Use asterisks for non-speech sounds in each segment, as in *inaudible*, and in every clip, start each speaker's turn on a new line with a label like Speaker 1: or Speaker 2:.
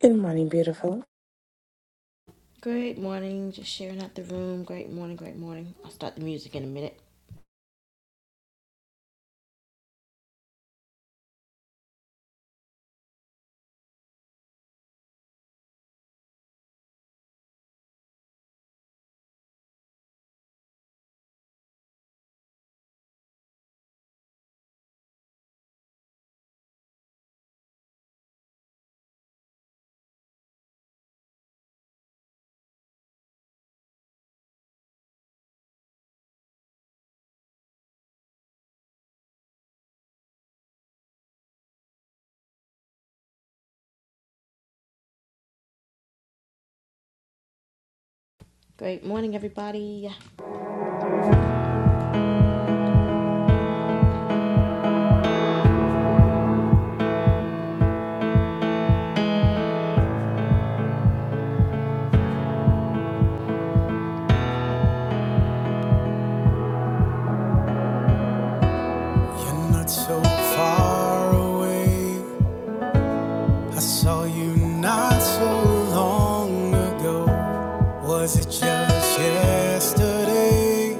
Speaker 1: Good morning, beautiful.
Speaker 2: Great morning, just sharing out the room. Great morning, great morning. I'll start the music in a minute. Great morning, everybody. You're not so far away. I saw you not so long ago. Was it just yesterday?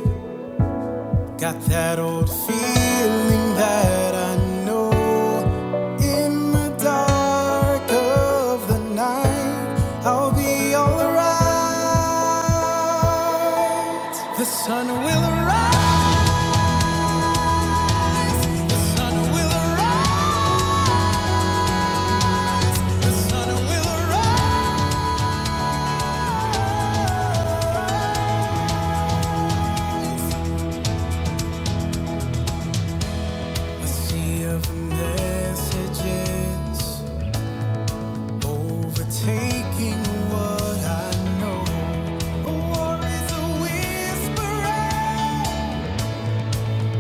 Speaker 2: Got that old feeling that I know in the dark of the night I'll be alright. The sun will arise. A sea of messages overtaking what I know. A war is a whisper.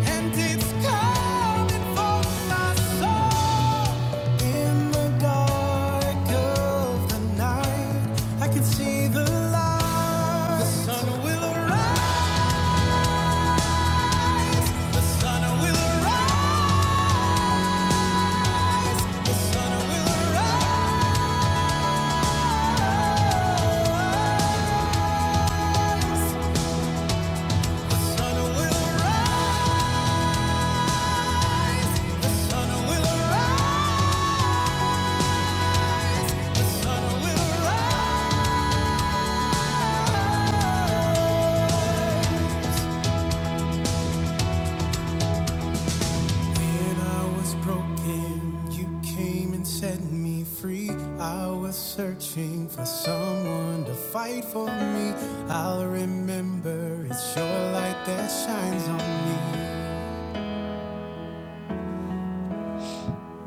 Speaker 2: And it's coming for my soul in the dark of the night. I can see the light. The sun will rise. Sun will rise. Sun will rise. Sun will rise. Sun Sun will rise. When I was broken, you came and set me free. I was searching for someone to fight for me. I'll remember it's your light that shines on me.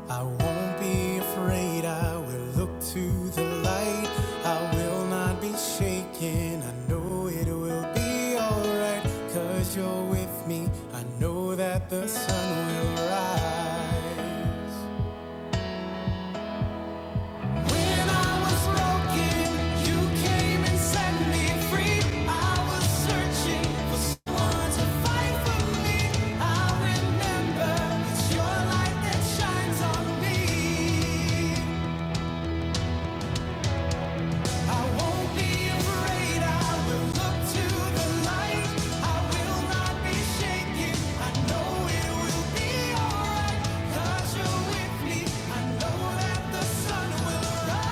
Speaker 2: I won't be afraid, I will look to the light. I will not be shaken, I know it will be alright. Cause you're with me, I know that the sun will rise. When I was broken, you came and set me free. I was searching for someone to fight for me. I remember it's your light that shines on me. I won't be afraid. I will look to the light. I will not be shaken. I know it will be alright. 'Cause you're with me. I know that the sun will rise.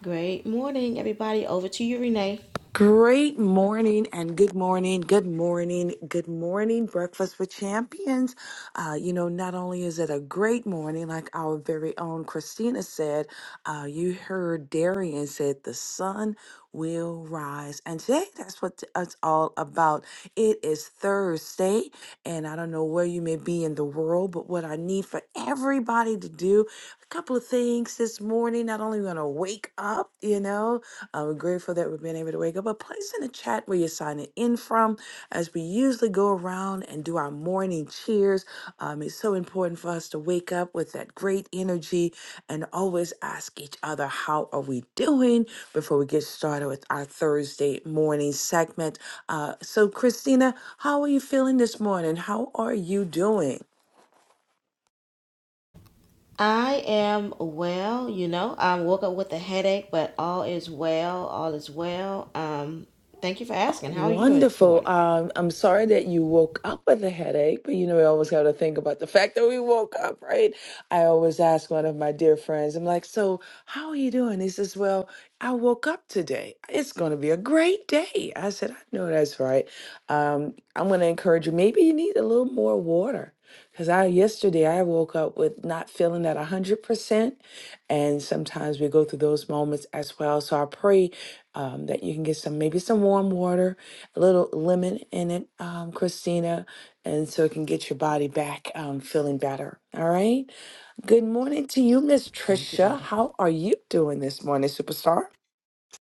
Speaker 2: Great morning, everybody. Over to you, Renee.
Speaker 1: Great morning and good morning, good morning, good morning, Breakfast with Champions. Uh, you know, not only is it a great morning, like our very own Christina said, uh, you heard Darian said the sun will rise. And today, that's what it's all about. It is Thursday, and I don't know where you may be in the world, but what I need for everybody to do, a couple of things this morning. Not only going to wake up, you know, Uh, we're grateful that we've been able to wake up. But place in the chat where you're signing in from as we usually go around and do our morning cheers. Um, it's so important for us to wake up with that great energy and always ask each other, How are we doing? before we get started with our Thursday morning segment. Uh, so, Christina, how are you feeling this morning? How are you doing?
Speaker 2: I am well, you know. I woke up with a headache, but all is well. All is well. Um, thank you for
Speaker 1: Oh,
Speaker 2: asking. How are you doing this
Speaker 1: wonderful.
Speaker 2: morning?
Speaker 1: Um, I'm sorry that you woke up with a headache, but you know, we always got to think about the fact that we woke up, right? I always ask one of my dear friends, I'm like, So, how are you doing? He says, Well, I woke up today. It's going to be a great day. I said, I know that's right. Um, I'm going to encourage you. Maybe you need a little more water. Because I yesterday I woke up with not feeling at a hundred percent, and sometimes we go through those moments as well. So I pray um, that you can get some maybe some warm water, a little lemon in it, um, Christina, and so it can get your body back um, feeling better. All right. Good morning to you, Miss
Speaker 2: Thank you,
Speaker 1: Trisha.
Speaker 2: lady.
Speaker 1: How are you doing this morning, superstar?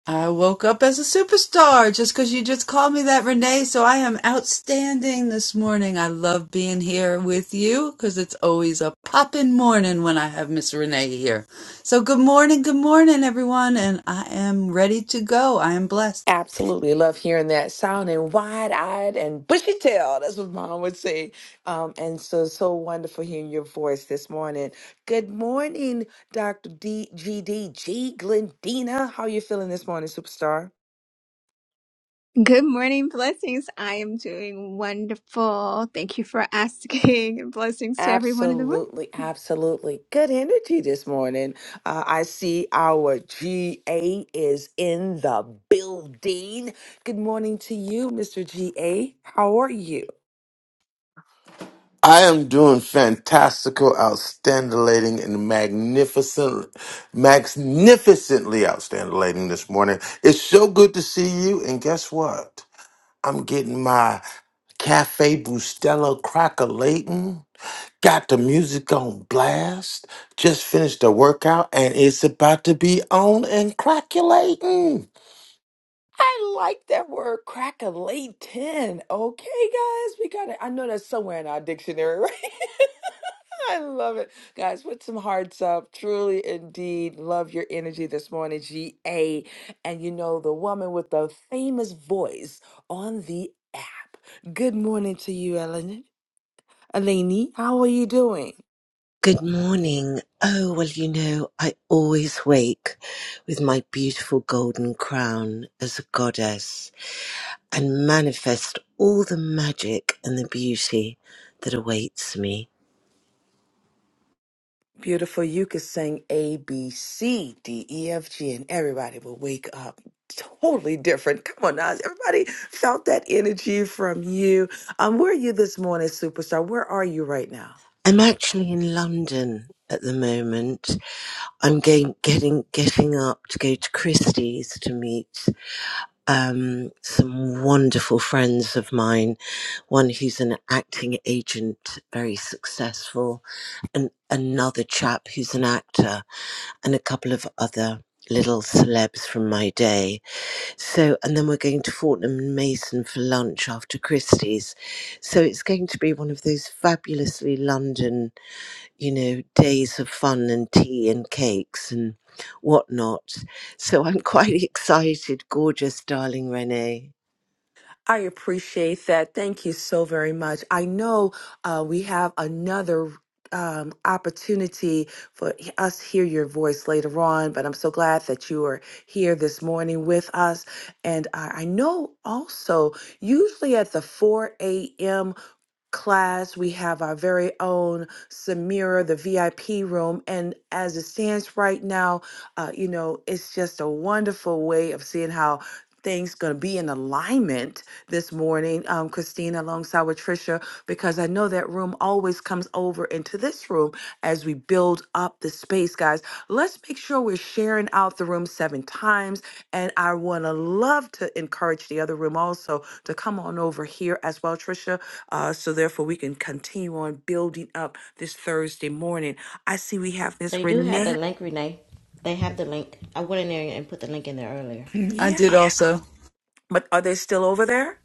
Speaker 3: I woke up as a superstar just because you just called me that, Renee. So I am outstanding this morning. I love being here with you because it's always a poppin' morning when I have Miss Renee here. So good morning, good morning, everyone. And I am ready to go. I am blessed.
Speaker 1: Absolutely love hearing that sound and wide eyed and bushy tailed. That's what mom would say. Um, and so, so wonderful hearing your voice this morning. Good morning, Dr. D G D G Glendina. How are you feeling this morning, superstar?
Speaker 4: Good morning, blessings. I am doing wonderful. Thank you for asking, *laughs* and blessings to everyone in the room.
Speaker 1: Absolutely, absolutely. Good energy this morning. Uh, I see our GA is in the building. Good morning to you, Mr. GA. How are you?
Speaker 5: I am doing fantastical, outstanding, and magnificent, magnificently outstanding this morning. It's so good to see you. And guess what? I'm getting my Cafe Bustelo Cracker Layton. Got the music on blast. Just finished the workout and it's about to be on and crackulating.
Speaker 1: I like that word crackalatin. Okay, guys, we got it. I know that's somewhere in our dictionary, *laughs* right? I love it. Guys, put some hearts up. Truly, indeed, love your energy this morning, GA. And you know, the woman with the famous voice on the app. Good morning to you, Ellen. Eleni, how are you doing?
Speaker 6: Good morning. Oh, well, you know, I always wake with my beautiful golden crown as a goddess and manifest all the magic and the beauty that awaits me.
Speaker 1: Beautiful. You could sing A, B, C, D, E, F, G, and everybody will wake up totally different. Come on, Nas. Everybody felt that energy from you. Um, where are you this morning, superstar? Where are you right now?
Speaker 6: I'm actually in London at the moment. I'm going, getting, getting up to go to Christie's to meet um, some wonderful friends of mine, one who's an acting agent, very successful, and another chap who's an actor, and a couple of other little celebs from my day. So, and then we're going to Fortnum and Mason for lunch after Christie's. So it's going to be one of those fabulously London, you know, days of fun and tea and cakes and whatnot. So I'm quite *laughs* excited. Gorgeous, darling Renee.
Speaker 1: I appreciate that. Thank you so very much. I know uh, we have another um, opportunity for us to hear your voice later on, but I'm so glad that you are here this morning with us. And I, I know also, usually at the 4 a.m class. We have our very own Samira, the VIP room. And as it stands right now, uh, you know, it's just a wonderful way of seeing how things going to be in alignment this morning um, christina alongside with trisha because i know that room always comes over into this room as we build up the space guys let's make sure we're sharing out the room seven times and i want to love to encourage the other room also to come on over here as well trisha uh, so therefore, we can continue on building up this Thursday morning. I see we have Miss
Speaker 2: They do have the
Speaker 1: Renee.
Speaker 2: link, Renee. They have the link. I went in there and put the link in there earlier.
Speaker 3: I
Speaker 1: Yeah,
Speaker 3: did also.
Speaker 1: but are they still over there?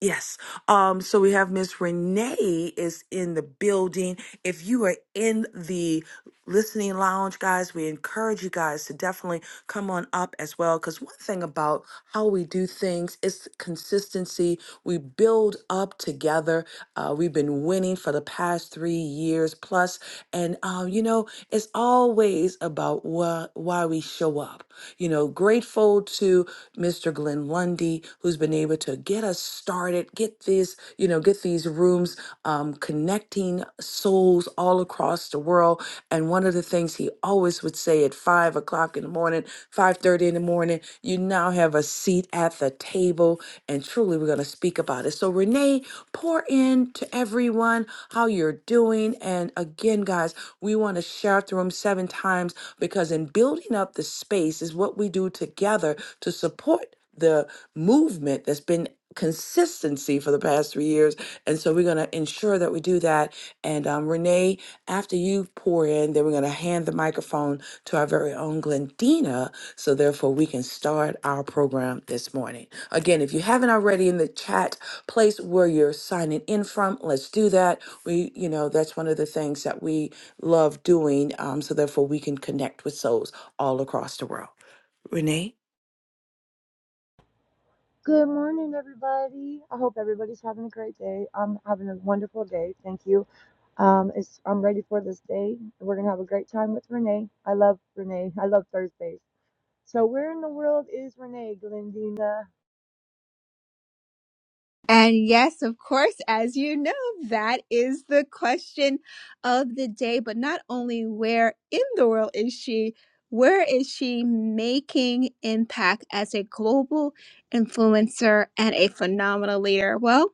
Speaker 1: Yes. Um, so we have Miss Renee is in the building. If you are in the listening lounge, guys, we encourage you guys to definitely come on up as well. Because one thing about how we do things is consistency. We build up together. Uh, we've been winning for the past three years plus, and um, you know It's always about why, why we show up. You know, grateful to Mr. Glenn Lundy, who's been able to get us started, get this, you know, get these rooms um, connecting souls all across the world. And one of the things he always would say at five o'clock in the morning, five thirty in the morning, you now have a seat at the table. And truly, we're going to speak about it. So, Renee, pour in to everyone how you're doing. And again, guys, we want to shout the room seven times because in building up the space is what we do together to support the movement that's been consistency for the past three years. And so we're going to ensure that we do that. And um, Renee, after you pour in, then we're going to hand the microphone to our very own Glendina. So therefore we can start our program this morning. Again, if you haven't already in the chat, place where you're signing in from, let's do that. We, you know, that's one of the things that we love doing um, so therefore we can connect with souls all across the world renee
Speaker 7: Good morning, everybody. I hope everybody's having a great day. I'm having a wonderful day. Thank you. Um, it's, I'm ready for this day. We're going to have a great time with Renee. I love Renee. I love Thursdays. So, where in the world is Renee, Glendina?
Speaker 4: And yes, of course, as you know, that is the question of the day. But not only where in the world is she, where is she making impact as a global influencer and a phenomenal leader? Well,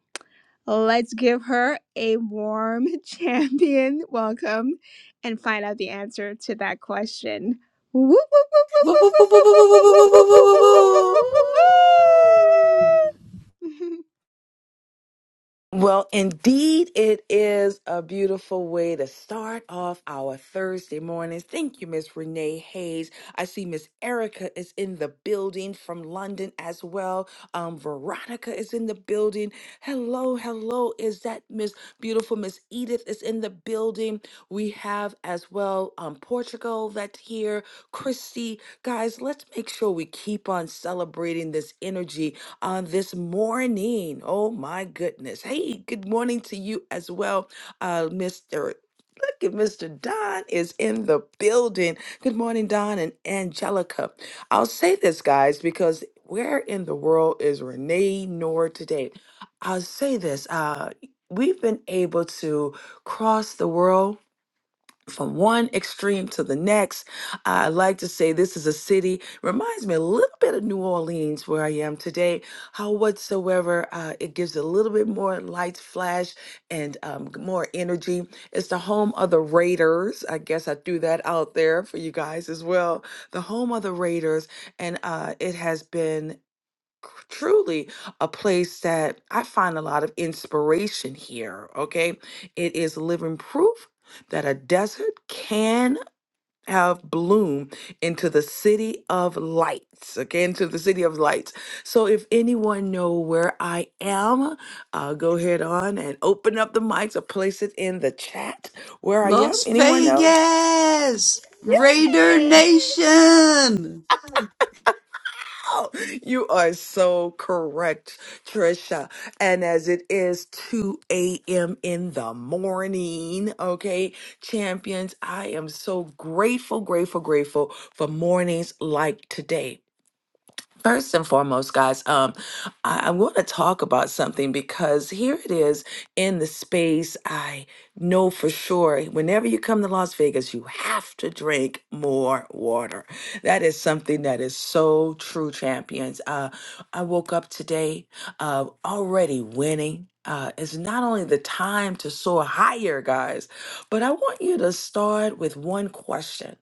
Speaker 4: Let's give her a warm *laughs* champion welcome and find out the answer to that question. Woo, woo, woo, woo, woo, woo, woo, woo,
Speaker 7: Whoop, whoop,
Speaker 4: woo, woo, woo,
Speaker 2: Woo,
Speaker 7: whoop,
Speaker 2: woo,
Speaker 4: woo,
Speaker 2: woo,
Speaker 7: whoop,
Speaker 2: woo,
Speaker 7: whoop.
Speaker 2: woo, woo, woo.
Speaker 4: woo, woo, woo, *laughs*
Speaker 1: Well, indeed, it is a beautiful way to start off our Thursday mornings. Thank you, Miss Renee Hayes. I see Miss Erica is in the building from London as well. Um, Veronica is in the building. Hello, hello. Is that Miss Beautiful? Miss Edith is in the building. We have as well um, Portugal that's here. Christy, guys, let's make sure we keep on celebrating this energy on this morning. Oh my goodness. Hey, good morning to you as well, uh, Mr. Look at Mr. Don is in the building. Good morning, Don and Angelica. I'll say this, guys, because where in the world is Renee Noor today? I'll say this. Uh, we've been able to cross the world from one extreme to the next. I like to say this is a city, reminds me a little bit of New Orleans, where I am today. How, whatsoever, uh, it gives a little bit more light flash and um, more energy. It's the home of the Raiders. I guess I threw that out there for you guys as well. The home of the Raiders. And uh, it has been truly a place that I find a lot of inspiration here. Okay. It is living proof that a desert can have bloom into the city of lights. Okay. Into the city of lights. So if anyone know where I am, uh, go ahead on and open up the mics or place it in the chat where I am.
Speaker 3: Las
Speaker 1: Anyone know?
Speaker 3: Vegas! Raider Nation!
Speaker 1: *laughs* Wow, You are so correct, Trisha. And as it is 2 a.m. in the morning, okay, champions, I am so grateful, grateful, grateful for mornings like today. First and foremost, guys, um, I, I want to talk about something because here it is in the space. I know for sure whenever you come to Las Vegas, you have to drink more water. That is something that is so true, champions. Uh, I woke up today uh, already winning. Uh, it's not only the time to soar higher, guys, but I want you to start with one question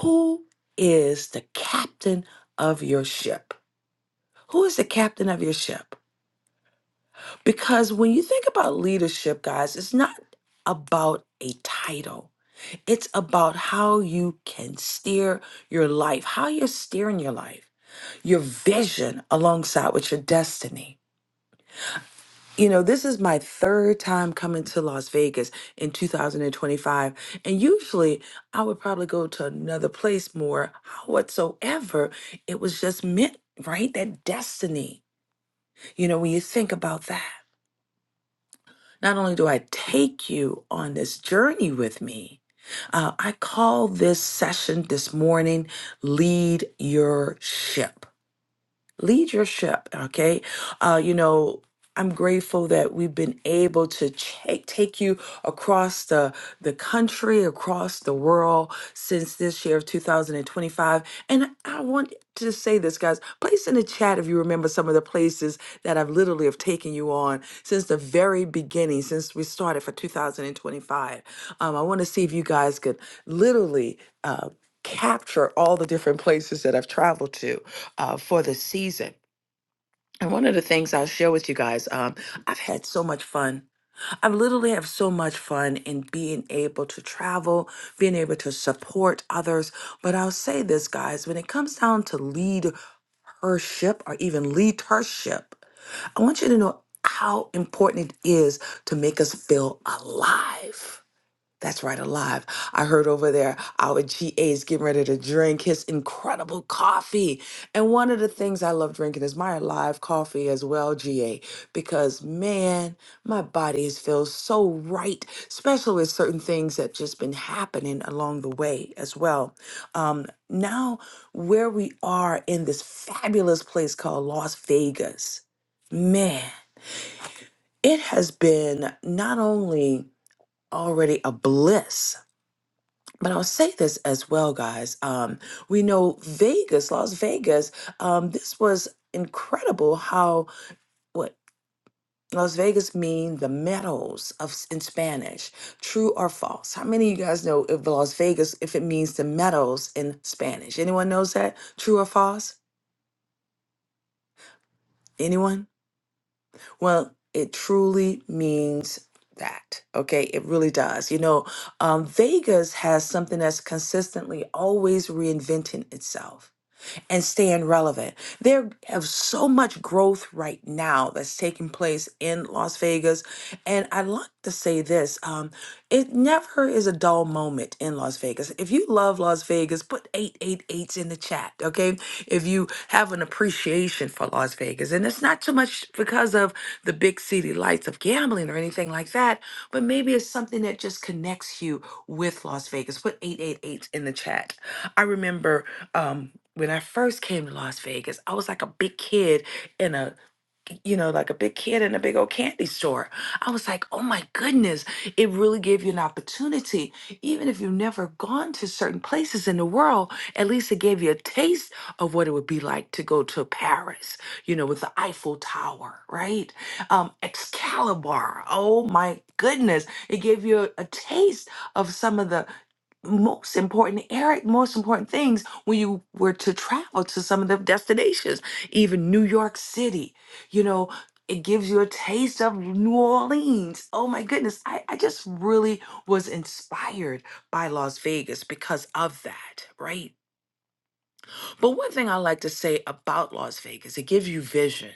Speaker 1: Who is the captain? of your ship? Who is the captain of your ship? Because when you think about leadership, guys, it's not about a title, it's about how you can steer your life, how you're steering your life, your vision alongside with your destiny. You know, this is my third time coming to Las Vegas in 2025. And usually I would probably go to another place more. whatsoever, it was just meant, right? That destiny You know, when you think about that, not only do I take you on this journey with me, uh, I call this session this morning Lead Your Ship lead your ship okay uh you know i'm grateful that we've been able to take take you across the the country across the world since this year of 2025 and i want to say this guys place in the chat if you remember some of the places that i've literally have taken you on since the very beginning since we started for 2025 um, i want to see if you guys could literally uh, capture all the different places that I've traveled to uh, for the season. And one of the things I'll share with you guys, um, I've had so much fun. I literally have so much fun in being able to travel, being able to support others. But I'll say this, guys, when it comes down to leadership or even leadership, I want you to know how important it is to make us feel alive that's right, alive. I heard over there our GA is getting ready to drink his incredible coffee. And one of the things I love drinking is my alive coffee as well, GA, because man, my body has feels so right, especially with certain things that just been happening along the way as well. Um, now, where we are in this fabulous place called Las Vegas, man, it has been not only already a bliss but I'll say this as well, guys. Um, we know Vegas, Las Vegas. Um, this was incredible. How what Las Vegas mean the meadows of s- in Spanish? True or false? How many of you guys know if Las Vegas if it means the meadows in Spanish? Anyone knows that? True or false? Anyone? Well, it truly means that. Okay, it really does. You know, um, Vegas has something that's consistently always reinventing itself and staying relevant. There is so much growth right now that's taking place in Las Vegas. And I like to say this um, it never is a dull moment in Las Vegas. If you love Las Vegas, put eight eight eights in the chat, okay? If you have an appreciation for Las Vegas, and it's not so much because of the big city lights of gambling or anything like that, but maybe it's something that just connects you with Las Vegas. Put eight eight eights in the chat. I remember um when I first came to Las Vegas, I was like a big kid in a you know, like a big kid in a big old candy store. I was like, "Oh my goodness, it really gave you an opportunity even if you've never gone to certain places in the world, at least it gave you a taste of what it would be like to go to Paris, you know, with the Eiffel Tower, right? Um Excalibur. Oh my goodness, it gave you a, a taste of some of the most important eric most important things when you were to travel to some of the destinations even new york city you know it gives you a taste of new orleans oh my goodness i, I just really was inspired by las vegas because of that right but one thing i like to say about las vegas it gives you vision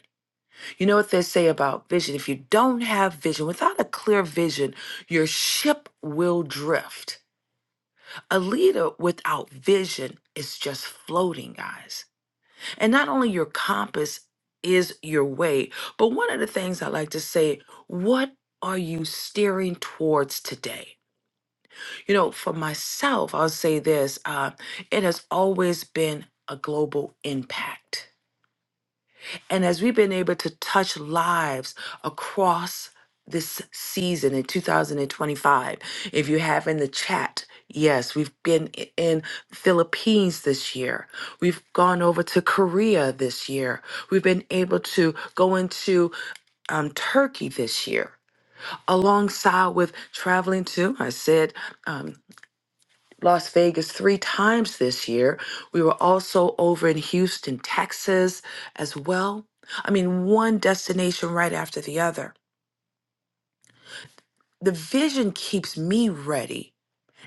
Speaker 1: you know what they say about vision if you don't have vision without a clear vision your ship will drift a leader without vision is just floating, guys. And not only your compass is your way, but one of the things I like to say, what are you steering towards today? You know, for myself, I'll say this uh, it has always been a global impact. And as we've been able to touch lives across this season in 2025, if you have in the chat, yes, we've been i- in Philippines this year. We've gone over to Korea this year. We've been able to go into um, Turkey this year, alongside with traveling to, I said, um, Las Vegas three times this year. We were also over in Houston, Texas as well. I mean, one destination right after the other. The vision keeps me ready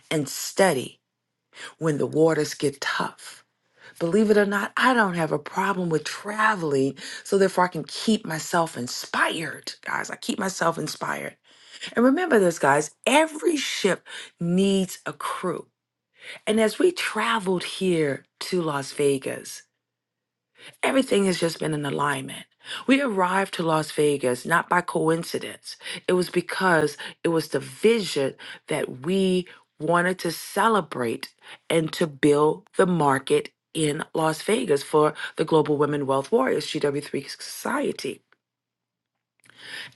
Speaker 1: and steady when the waters get tough. Believe it or not, I don't have a problem with traveling, so therefore I can keep myself inspired, guys. I keep myself inspired. And remember this, guys every ship needs a crew. And as we traveled here to Las Vegas, everything has just been in alignment. We arrived to Las Vegas not by coincidence, it was because it was the vision that we wanted to celebrate and to build the market in Las Vegas for the Global Women Wealth Warriors GW3 Society.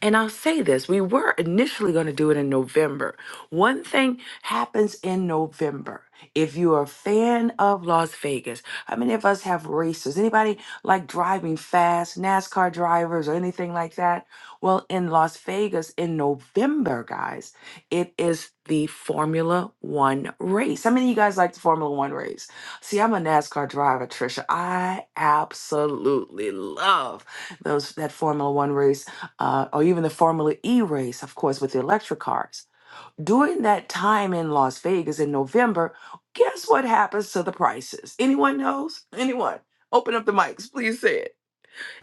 Speaker 1: And I'll say this we were initially going to do it in November. One thing happens in November. If you're a fan of Las Vegas, how many of us have races? Anybody like driving fast, NASCAR drivers, or anything like that? Well, in Las Vegas in November, guys, it is the Formula One race. How many of you guys like the Formula One race? See, I'm a NASCAR driver, Trisha. I absolutely love those that Formula One race uh, or even the Formula E race, of course, with the electric cars. During that time in Las Vegas in November, guess what happens to the prices? Anyone knows? Anyone? Open up the mics, please say it.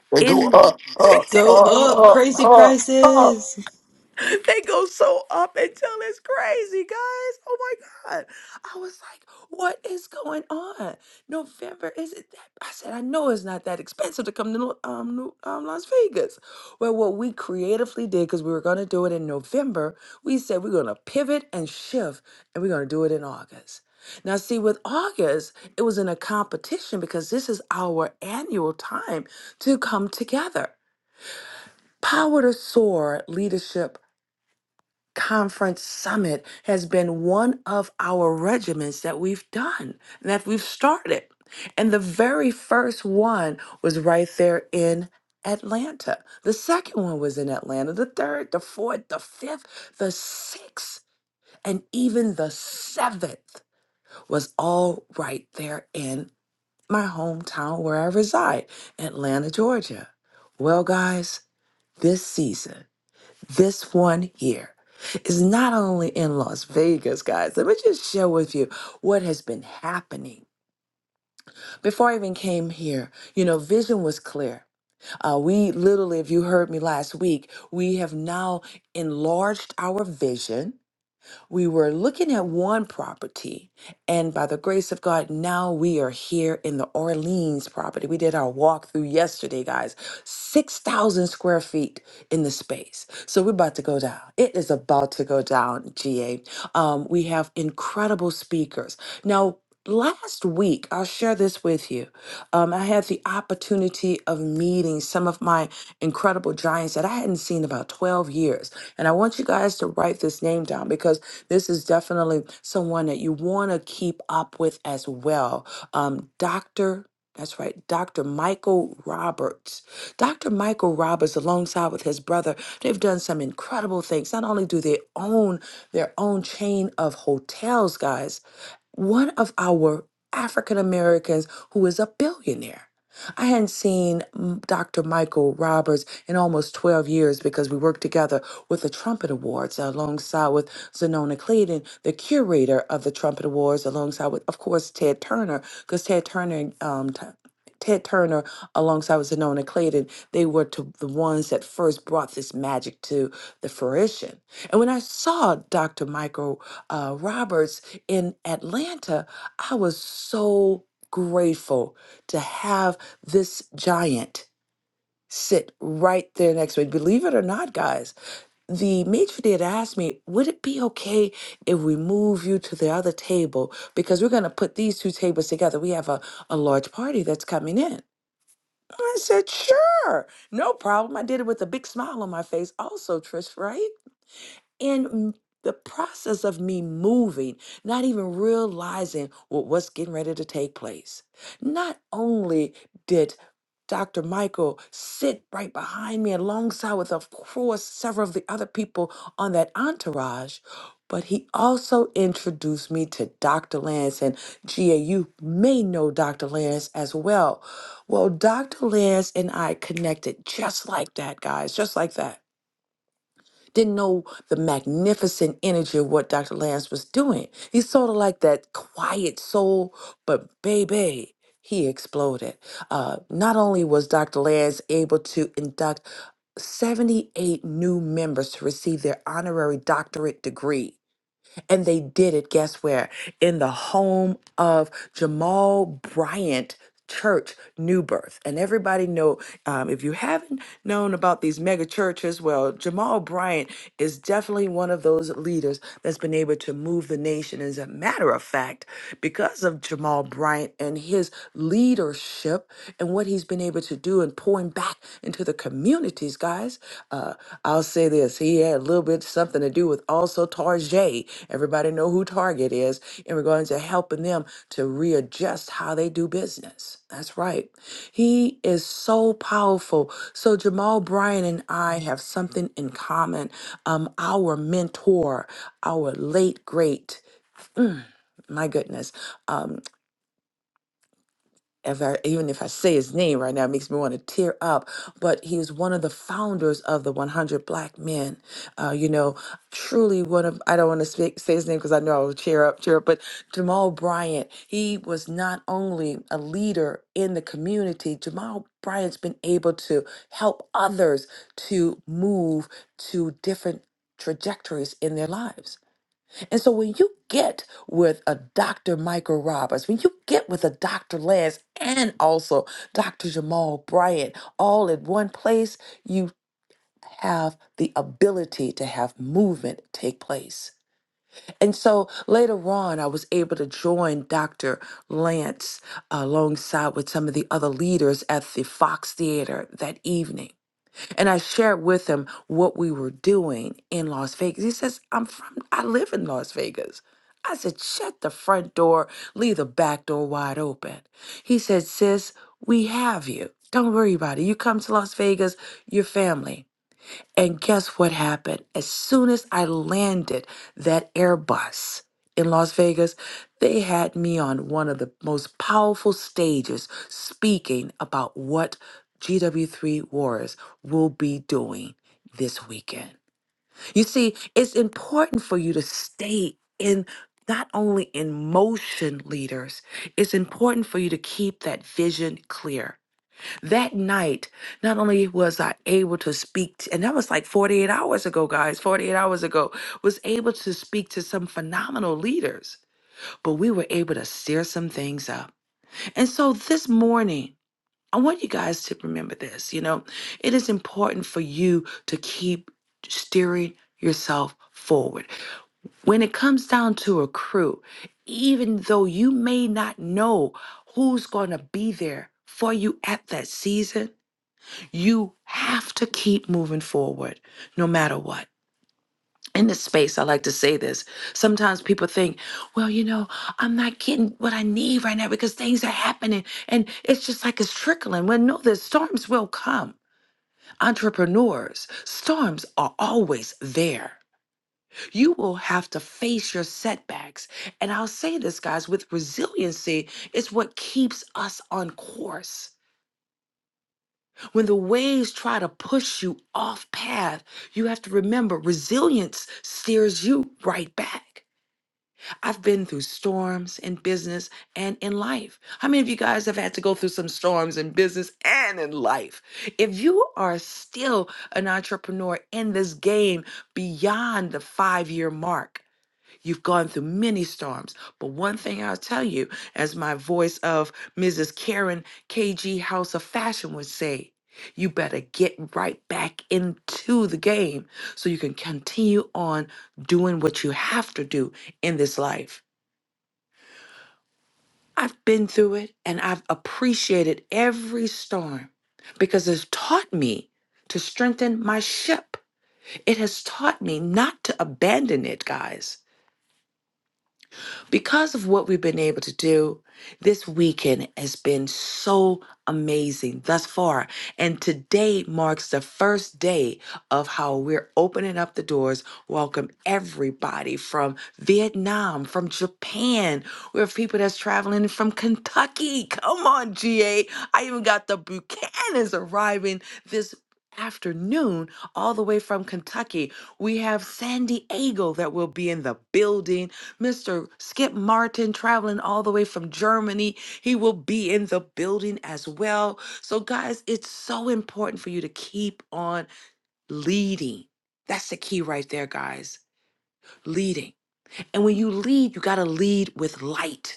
Speaker 1: *laughs*
Speaker 5: They go
Speaker 1: In.
Speaker 5: up, up,
Speaker 3: Go
Speaker 5: up,
Speaker 3: up,
Speaker 5: up,
Speaker 3: crazy
Speaker 5: up, up.
Speaker 3: prices!
Speaker 1: *laughs* they go so up until it's crazy, guys. Oh my God. I was like, what is going on? November, is it that? I said, I know it's not that expensive to come to Nor- um, New- um, Las Vegas. Well, what we creatively did, because we were going to do it in November, we said we're going to pivot and shift and we're going to do it in August. Now, see, with August, it was in a competition because this is our annual time to come together. Power to Soar Leadership Conference Summit has been one of our regiments that we've done and that we've started. And the very first one was right there in Atlanta. The second one was in Atlanta. The third, the fourth, the fifth, the sixth, and even the seventh was all right there in my hometown where I reside, Atlanta, Georgia. Well, guys, this season. This one here is not only in Las Vegas, guys. Let me just share with you what has been happening. Before I even came here, you know, vision was clear. Uh, we literally, if you heard me last week, we have now enlarged our vision we were looking at one property, and by the grace of God, now we are here in the Orleans property. We did our walkthrough yesterday, guys. 6,000 square feet in the space. So we're about to go down. It is about to go down, GA. Um, we have incredible speakers. Now, last week, I'll share this with you. Um, I had the opportunity of meeting some of my incredible giants that I hadn't seen in about 12 years. And I want you guys to write this name down because this is definitely someone that you want to keep up with as well. Um, Dr. That's right, Dr. Michael Roberts. Dr. Michael Roberts, alongside with his brother, they've done some incredible things. Not only do they own their own chain of hotels, guys, one of our African Americans who is a billionaire. I hadn't seen mm, Dr. Michael Roberts in almost 12 years because we worked together with the Trumpet Awards alongside with Zanona Clayton, the curator of the Trumpet Awards, alongside with, of course, Ted Turner, because Ted Turner, um, t- Ted Turner, alongside with Zanona Clayton, they were to the ones that first brought this magic to the fruition. And when I saw Dr. Michael uh, Roberts in Atlanta, I was so grateful to have this giant sit right there next to me. Believe it or not, guys, the matron did ask me, would it be okay if we move you to the other table? Because we're going to put these two tables together. We have a, a large party that's coming in. I said, sure, no problem. I did it with a big smile on my face, also, Trish, right? in m- the process of me moving, not even realizing what was getting ready to take place. Not only did Dr. Michael sit right behind me alongside with, of course, several of the other people on that entourage, but he also introduced me to Dr. Lance. And Gia, you may know Dr. Lance as well. Well, Dr. Lance and I connected just like that, guys, just like that didn't know the magnificent energy of what Dr. Lance was doing. He's sort of like that quiet soul, but baby, he exploded. Uh, not only was Dr. Lance able to induct 78 new members to receive their honorary doctorate degree and they did it, guess where? In the home of Jamal Bryant Church New Birth. And everybody know, um, if you haven't known about these mega churches, well, Jamal Bryant is definitely one of those leaders that's been able to move the nation. As a matter of fact, because of Jamal Bryant and his leadership and what he's been able to do and pouring back into the communities, guys. Uh, I'll say this: he had a little bit something to do with also Tarjay. Everybody know who Target is in regards to helping them to readjust how they do business. That's right. He is so powerful. So Jamal Bryant and I have something in common. Um, our mentor, our late great. Mm, my goodness. Um, if I, even if I say his name right now, it makes me want to tear up. But he was one of the founders of the 100 Black Men. Uh, you know, truly one of, I don't want to speak, say his name because I know I will cheer up, cheer up. But Jamal Bryant, he was not only a leader in the community, Jamal Bryant's been able to help others to move to different trajectories in their lives. And so when you get with a Dr. Michael Roberts, when you get with a Dr. Lance and also Dr. Jamal Bryant all in one place, you have the ability to have movement take place. And so later on, I was able to join Dr. Lance uh, alongside with some of the other leaders at the Fox Theater that evening. And I shared with him what we were doing in Las Vegas. He says, I'm from, I live in Las Vegas. I said, shut the front door, leave the back door wide open. He said, sis, we have you. Don't worry about it. You come to Las Vegas, your family. And guess what happened? As soon as I landed that Airbus in Las Vegas, they had me on one of the most powerful stages speaking about what GW3 Wars will be doing this weekend. You see, it's important for you to stay in not only in motion leaders, it's important for you to keep that vision clear that night, not only was I able to speak, t- and that was like 48 hours ago, guys, 48 hours ago, was able to speak to some phenomenal leaders, but we were able to steer some things up. And so this morning, I want you guys to remember this. You know, it is important for you to keep steering yourself forward. When it comes down to a crew, even though you may not know who's going to be there for you at that season, you have to keep moving forward no matter what. In this space, I like to say this. Sometimes people think, well, you know, I'm not getting what I need right now because things are happening and it's just like it's trickling. Well, no, the storms will come. Entrepreneurs, storms are always there. You will have to face your setbacks. And I'll say this, guys, with resiliency, it's what keeps us on course. When the waves try to push you off path, you have to remember resilience steers you right back. I've been through storms in business and in life. How many of you guys have had to go through some storms in business and in life? If you are still an entrepreneur in this game beyond the five year mark, You've gone through many storms. But one thing I'll tell you, as my voice of Mrs. Karen KG House of Fashion would say, you better get right back into the game so you can continue on doing what you have to do in this life. I've been through it and I've appreciated every storm because it's taught me to strengthen my ship. It has taught me not to abandon it, guys. Because of what we've been able to do, this weekend has been so amazing thus far. And today marks the first day of how we're opening up the doors, welcome everybody from Vietnam, from Japan. We have people that's traveling from Kentucky. Come on, GA. I even got the Buchanans arriving this afternoon all the way from Kentucky. We have San Diego that will be in the building. Mr. Skip Martin traveling all the way from Germany. He will be in the building as well. So, guys, it's so important for you to keep on leading. That's the key right there, guys. Leading. And when you lead, you got to lead with light.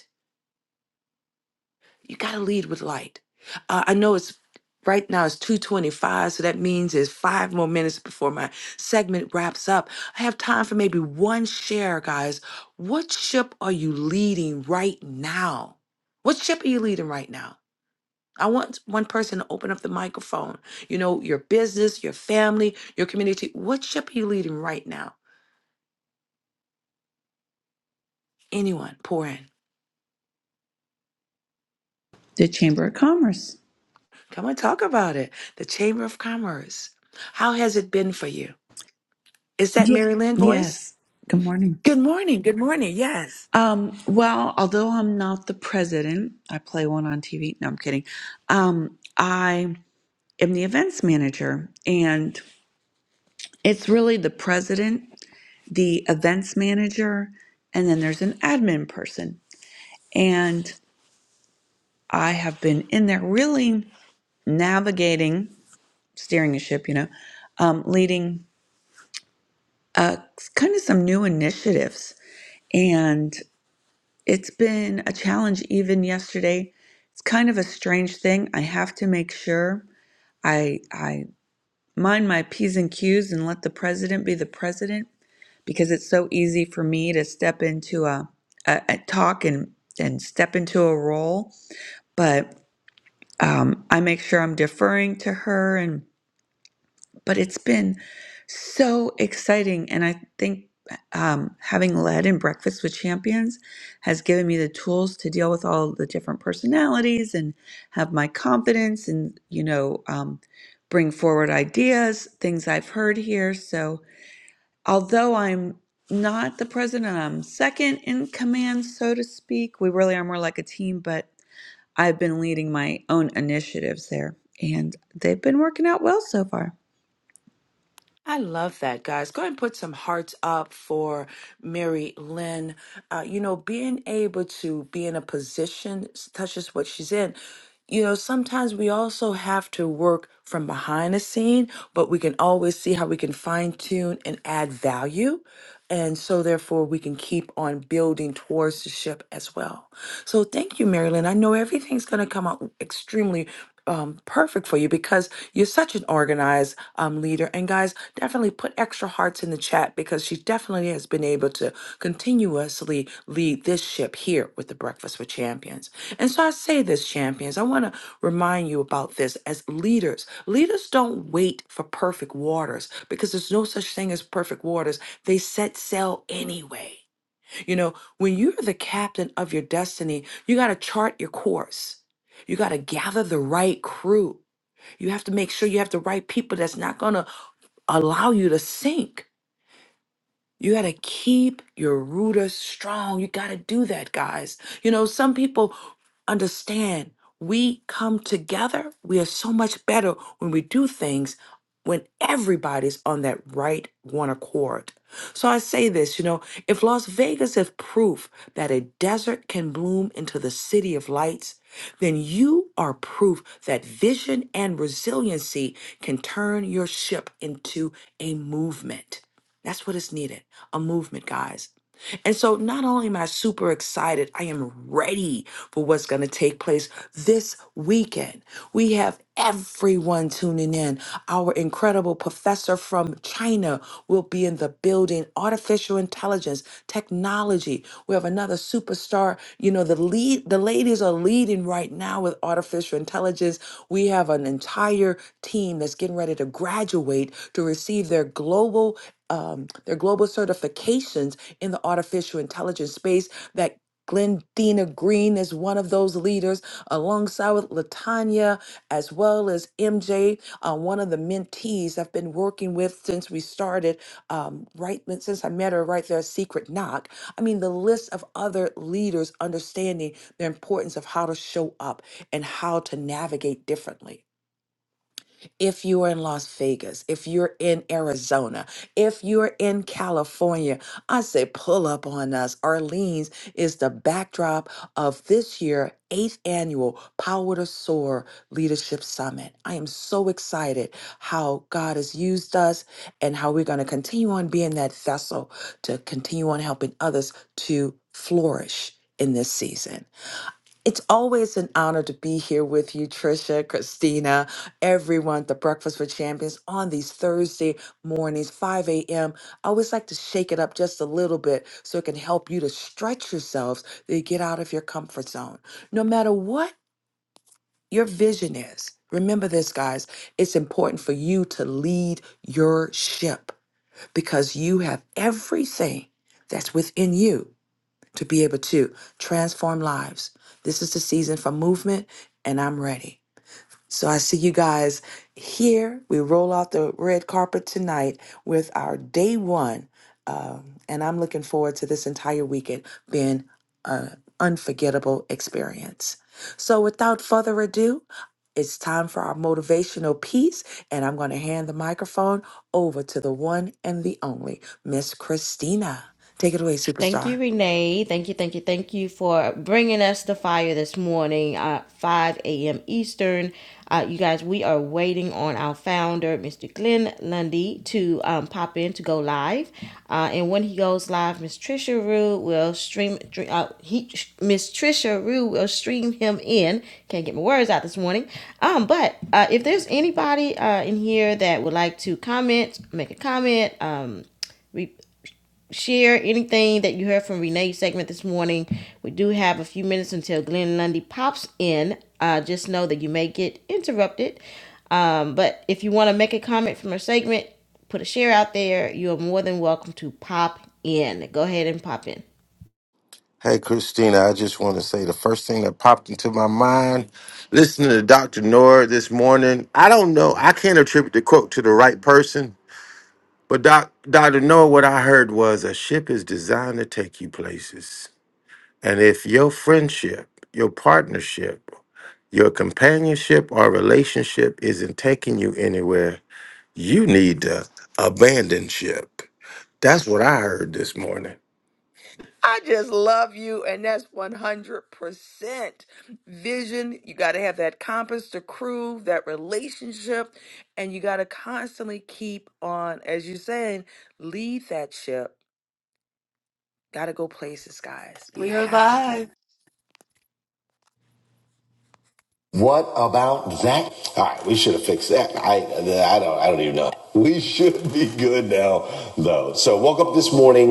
Speaker 1: You got to lead with light. Uh, I know it's right now it's 225 so that means it's five more minutes before my segment wraps up i have time for maybe one share guys what ship are you leading right now what ship are you leading right now i want one person to open up the microphone you know your business your family your community what ship are you leading right now anyone pour in
Speaker 8: The Chamber of Commerce.
Speaker 1: come on, talk about it the chamber of commerce how has it been for you is that
Speaker 8: Yeah.
Speaker 1: mary lynn voice
Speaker 8: Yes. Good morning.
Speaker 1: Good morning. Good morning. Yes.
Speaker 8: Um, well, although I'm not the president, I play one on TV. No, I'm kidding. Um, I am the events manager, and it's really the president, the events manager, and then there's an admin person. And I have been in there really navigating, steering a ship, you know, um, leading uh, kind of some new initiatives. And It's been a challenge even yesterday. It's kind of a strange thing. I have to make sure I I mind my P's and Q's and let the president be the president because it's so easy for me to step into a, a, a talk and and step into a role. But um, I make sure I'm deferring to her and. but it's been so exciting. And I think um, having led in Breakfast with Champions has given me the tools to deal with all the different personalities and have my confidence and, you know, um, bring forward ideas, things I've heard here. So although I'm not the president, I'm second in command, so to speak. We really are more like a team, but I've been leading my own initiatives there, and they've been working out well so far.
Speaker 1: I love that, guys. Go ahead and put some hearts up for Mary Lynn. Uh, you know, being able to be in a position such as what she's in, you know, sometimes we also have to work from behind the scene, but we can always see how we can fine tune and add value. And so, therefore, we can keep on building towards the ship as well. So, thank you, Marilyn. I know everything's going to come out extremely um, perfect for you because you're such an organized um, leader. And guys, definitely put extra hearts in the chat because she definitely has been able to continuously lead this ship here with the Breakfast with Champions. And so I say this, champions, I want to remind you about this as leaders. Leaders don't wait for perfect waters because there's no such thing as perfect waters, they set sail anyway. You know, when you're the captain of your destiny, you got to chart your course. You got to gather the right crew. You have to make sure you have the right people that's not going to allow you to sink you got to keep your rooters strong. You got to do that, guys. You know, some people understand we come together, we are so much better when we do things when everybody's on that right one accord. So I say this, you know, if Las Vegas is proof that a desert can bloom into the city of lights, then you are proof that vision and resiliency can turn your ship into a movement. That's what is needed a movement, guys. And so, not only am I super excited, I am ready for what's going to take place this weekend. We have everyone tuning in. Our incredible professor from China will be in the building, artificial intelligence, technology. We have another superstar. You know, the lead, the ladies are leading right now with artificial intelligence. We have an entire team that's getting ready to graduate to receive their global um, their global certifications in the artificial intelligence space that Glendina Green is one of those leaders, alongside with Latanya, as well as MJ, uh, one of the mentees I've been working with since we started, um, right since I met her right there at Secret Knock. I mean, the list of other leaders understanding the importance of how to show up and how to navigate differently. If you are in Las Vegas, if you're in Arizona, if you're in California, I say pull up on us. Arlene's is the backdrop of this year eighth annual Power to Soar Leadership Summit. I am so excited how God has used us and how we're going to continue on being that vessel to continue on helping others to flourish in this season. It's always an honor to be here with you, Trisha, Christina, everyone, the Breakfast with Champions on these Thursday mornings, 5 a.m. I always like to shake it up just a little bit so it can help you to stretch yourselves to get out of your comfort zone. No matter what your vision is, remember this, guys, it's important for you to lead your ship because you have everything that's within you to be able to transform lives. This is the season for movement, and I'm ready. So I see you guys here. We roll out the red carpet tonight with our day one. Um, and I'm looking forward to this entire weekend being an unforgettable experience. So without further ado, it's time for our motivational piece, and I'm going to hand the microphone over to the one and the only Miss Christina. Take it away,
Speaker 2: Thank
Speaker 1: superstar.
Speaker 2: you, Renee. Thank you, thank you, thank you for bringing us the fire this morning, uh, 5 a.m. Eastern. Uh, you guys, we are waiting on our founder, Mr. Glenn Lundy, to um, pop in to go live. Uh, and when he goes live, Miss Trisha Rue will stream. Uh, he Miss Trisha Rue will stream him in. Can't get my words out this morning. Um, but uh, if there's anybody uh, in here that would like to comment, make a comment, um, re- share anything that you heard from Renee's segment this morning. We do have a few minutes until Glenn Lundy pops in. Uh, just know that you may get interrupted. Um, but if you want to make a comment from her segment, put a share out there. You are more than welcome to pop in. Go ahead and pop in.
Speaker 5: Hey, Christina, I just want to say the first thing that popped into my mind listening to Dr. Nord this morning. I don't know, I can't attribute the quote to the right person, but Doc, Dr. Nord, what I heard was a ship is designed to take you places. And if your friendship, your partnership, your companionship or relationship isn't taking you anywhere, you need to abandon ship. That's what I heard this morning.
Speaker 1: I just love you, and that's 100% vision. You got to have that compass, the crew, that relationship, and you got to constantly keep on, as you're saying, lead that ship. Got to go places, guys. You
Speaker 3: We are
Speaker 1: have to.
Speaker 3: live. What about that? All right, we should have fixed that. I, I don't, I don't even know. We should be good now, though. So woke up this morning,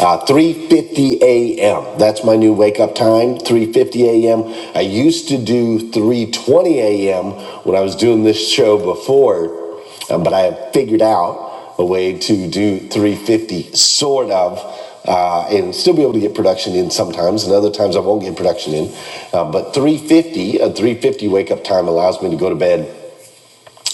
Speaker 3: uh, 3:50 a.m. That's my new wake up time, 3:50 a.m. I used to do 3:20 a.m. when I was doing this show before. Um, but I have figured out a way to do 350 sort of. Uh, and still be able to get production in sometimes, and other times I won't get production in. Uh, but 350, a 350 wake up time allows me to go to bed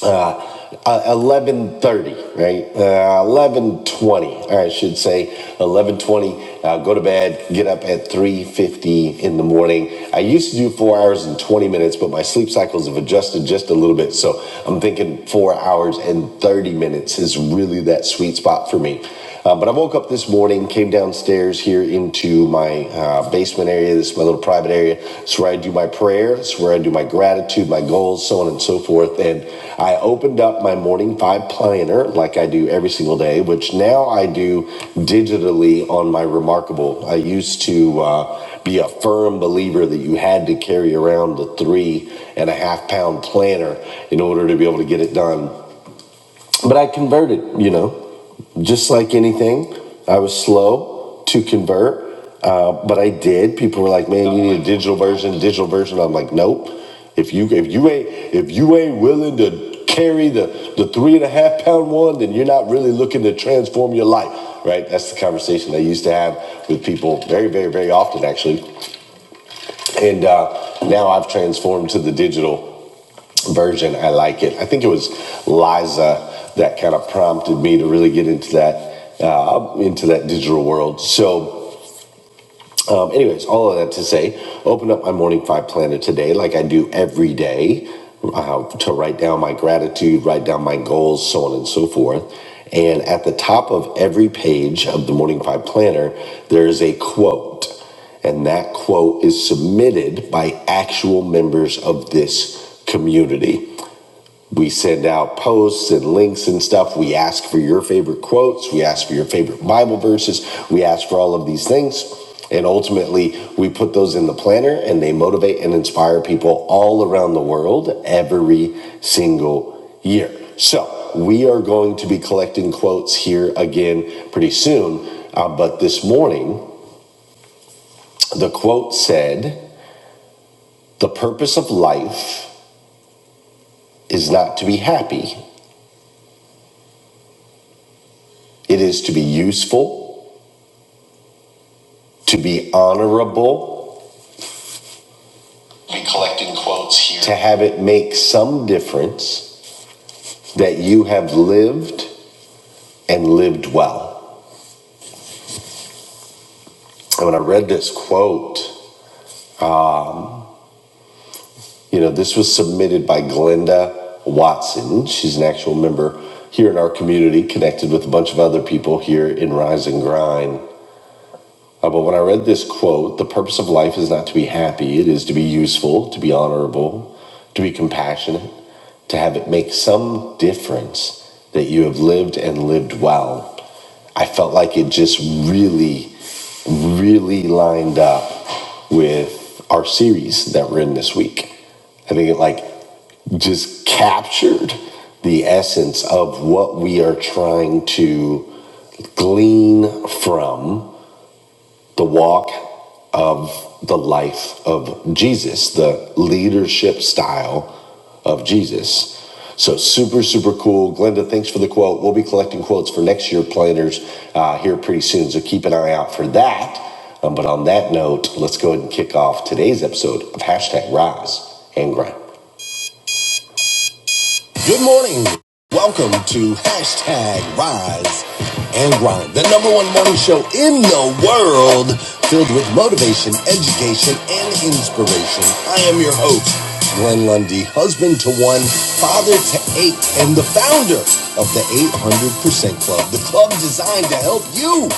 Speaker 3: uh, 11.30 right uh, 11.20 i should say 11.20 uh, go to bed get up at 3.50 in the morning i used to do four hours and 20 minutes but my sleep cycles have adjusted just a little bit so i'm thinking four hours and 30 minutes is really that sweet spot for me uh, but I woke up this morning, came downstairs here into my uh, basement area. This is my little private area. It's where I do my prayer. It's where I do my gratitude, my goals, so on and so forth. And I opened up my morning five planner like I do every single day, which now I do digitally on my Remarkable. I used to uh, be a firm believer that you had to carry around the three and a half pound planner in order to be able to get it done but I converted, you know just like anything, I was slow to convert, uh, but I did. People were like, "Man, you need a digital version, digital version." I'm like, "Nope. If you if you ain't if you ain't willing to carry the the three and a half pound one, then you're not really looking to transform your life, right?" That's the conversation I used to have with people very, very, very often, actually. And uh, now I've transformed to the digital version. I like it. I think it was Liza that kind of prompted me to really get into that uh, into that digital world. So, um, anyways, all of that to say, open up my morning five planner today, like I do every day, uh, to write down my gratitude, write down my goals, so on and so forth. And at the top of every page of the Morning Five Planner, there is a quote. And that quote is submitted by actual members of this community. We send out posts and links and stuff. We ask for your favorite quotes. We ask for your favorite Bible verses. We ask for all of these things. And ultimately, we put those in the planner and they motivate and inspire people all around the world every single year. So we are going to be collecting quotes here again pretty soon. Uh, but this morning, the quote said, The purpose of life is not to be happy, it is to be useful to be honorable, We collect quotes here. to have it make some difference that you have lived and lived well. And when I read this quote, you know, this was submitted by Glenda Watson. She's an actual member here in our community, connected with a bunch of other people here in Rise and Grind. Uh, but when I read this quote, the purpose of life is not to be happy, it is to be useful, to be honorable, to be compassionate, to have it make some difference that you have lived and lived well. I felt like it just really, really lined up with our series that we're in this week. I think it like just captured the essence of what we are trying to glean from the walk of the life of Jesus, the leadership style of Jesus. So super, super cool. Glenda, thanks for the quote. We'll be collecting quotes for next year planners uh, here pretty soon. So keep an eye out for that. Um, but on that note, let's go ahead and kick off today's episode of hashtag rise and grind. Good morning. Welcome to hashtag Rise and Grind, the number one morning show in the world, filled with motivation, education, and inspiration. I am your host, Glenn Lundy, husband to one, father to eight, and the founder of the 800% Club, the club designed to help you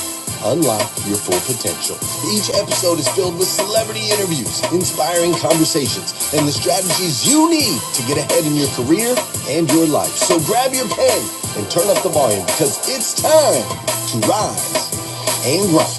Speaker 3: Unlock your full potential. Each episode is filled with celebrity interviews, inspiring conversations, and the strategies you need to get ahead in your career and your life. So grab your pen and turn up the volume because it's time to rise and rock.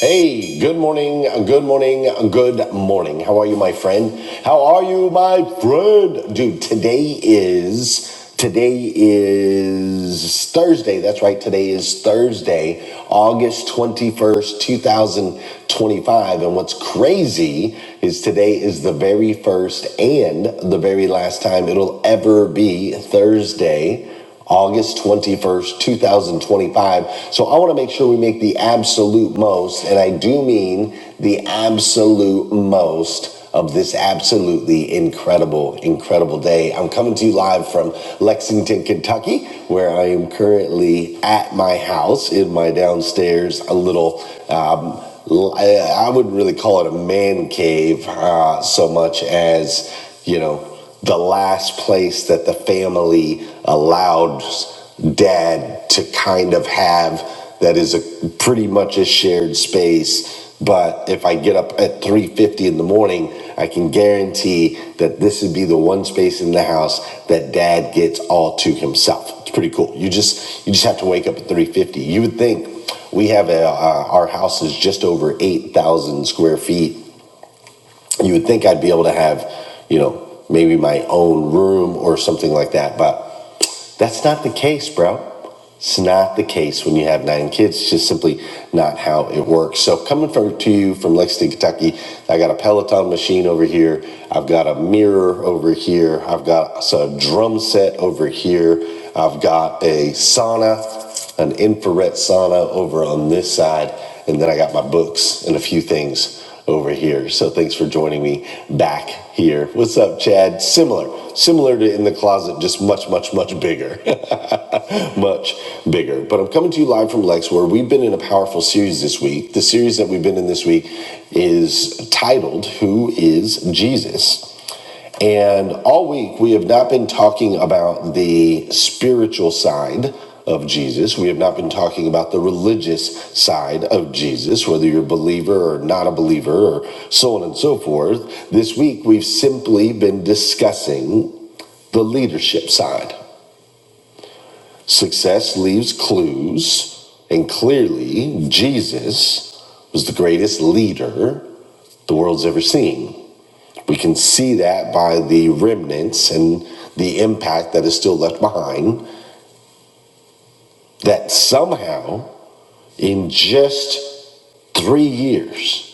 Speaker 3: Hey, good morning, good morning, good morning. How are you, my friend? How are you, my friend? Dude, today is today is Thursday. That's right. Today is Thursday, August 21st, 2025. And what's crazy is today is the very first and the very last time it'll ever be Thursday August 21st, 2025. So I want to make sure we make the absolute most, and I do mean the absolute most of this absolutely incredible, incredible day. I'm coming to you live from Lexington, Kentucky, where I am currently at my house in my downstairs, a little. Um, l- I I wouldn't really call it a man cave uh, so much as, you know, the last place that the family allows dad to kind of have that is a pretty much a shared space but if i get up at 3.50 in the morning i can guarantee that this would be the one space in the house that dad gets all to himself it's pretty cool you just you just have to wake up at 3.50 you would think we have a, uh, our house is just over 8,000 square feet you would think I'd be able to have, you know, maybe my own room or something like that, but that's not the case, bro. It's not the case when you have nine kids. It's just simply not how it works. So coming from to you from Lexington, Kentucky, I got a Peloton machine over here. I've got a mirror over here. I've got so a drum set over here. I've got a sauna an infrared sauna over on this side, and then I got my books and a few things over here. So thanks for joining me back here. What's up, Chad? Similar, similar to in the closet, just much, much, much bigger. *laughs* much bigger. But I'm coming to you live from Lex, where we've been in a powerful series this week. The series that we've been in this week is titled Who is Jesus? And all week, we have not been talking about the spiritual side of Jesus. We have not been talking about the religious side of Jesus, whether you're a believer or not a believer, or so on and so forth. This week, we've simply been discussing the leadership side. Success leaves clues, and clearly, Jesus was the greatest leader the world's ever seen. We can see that by the remnants and the impact that is still left behind, that somehow in just three years,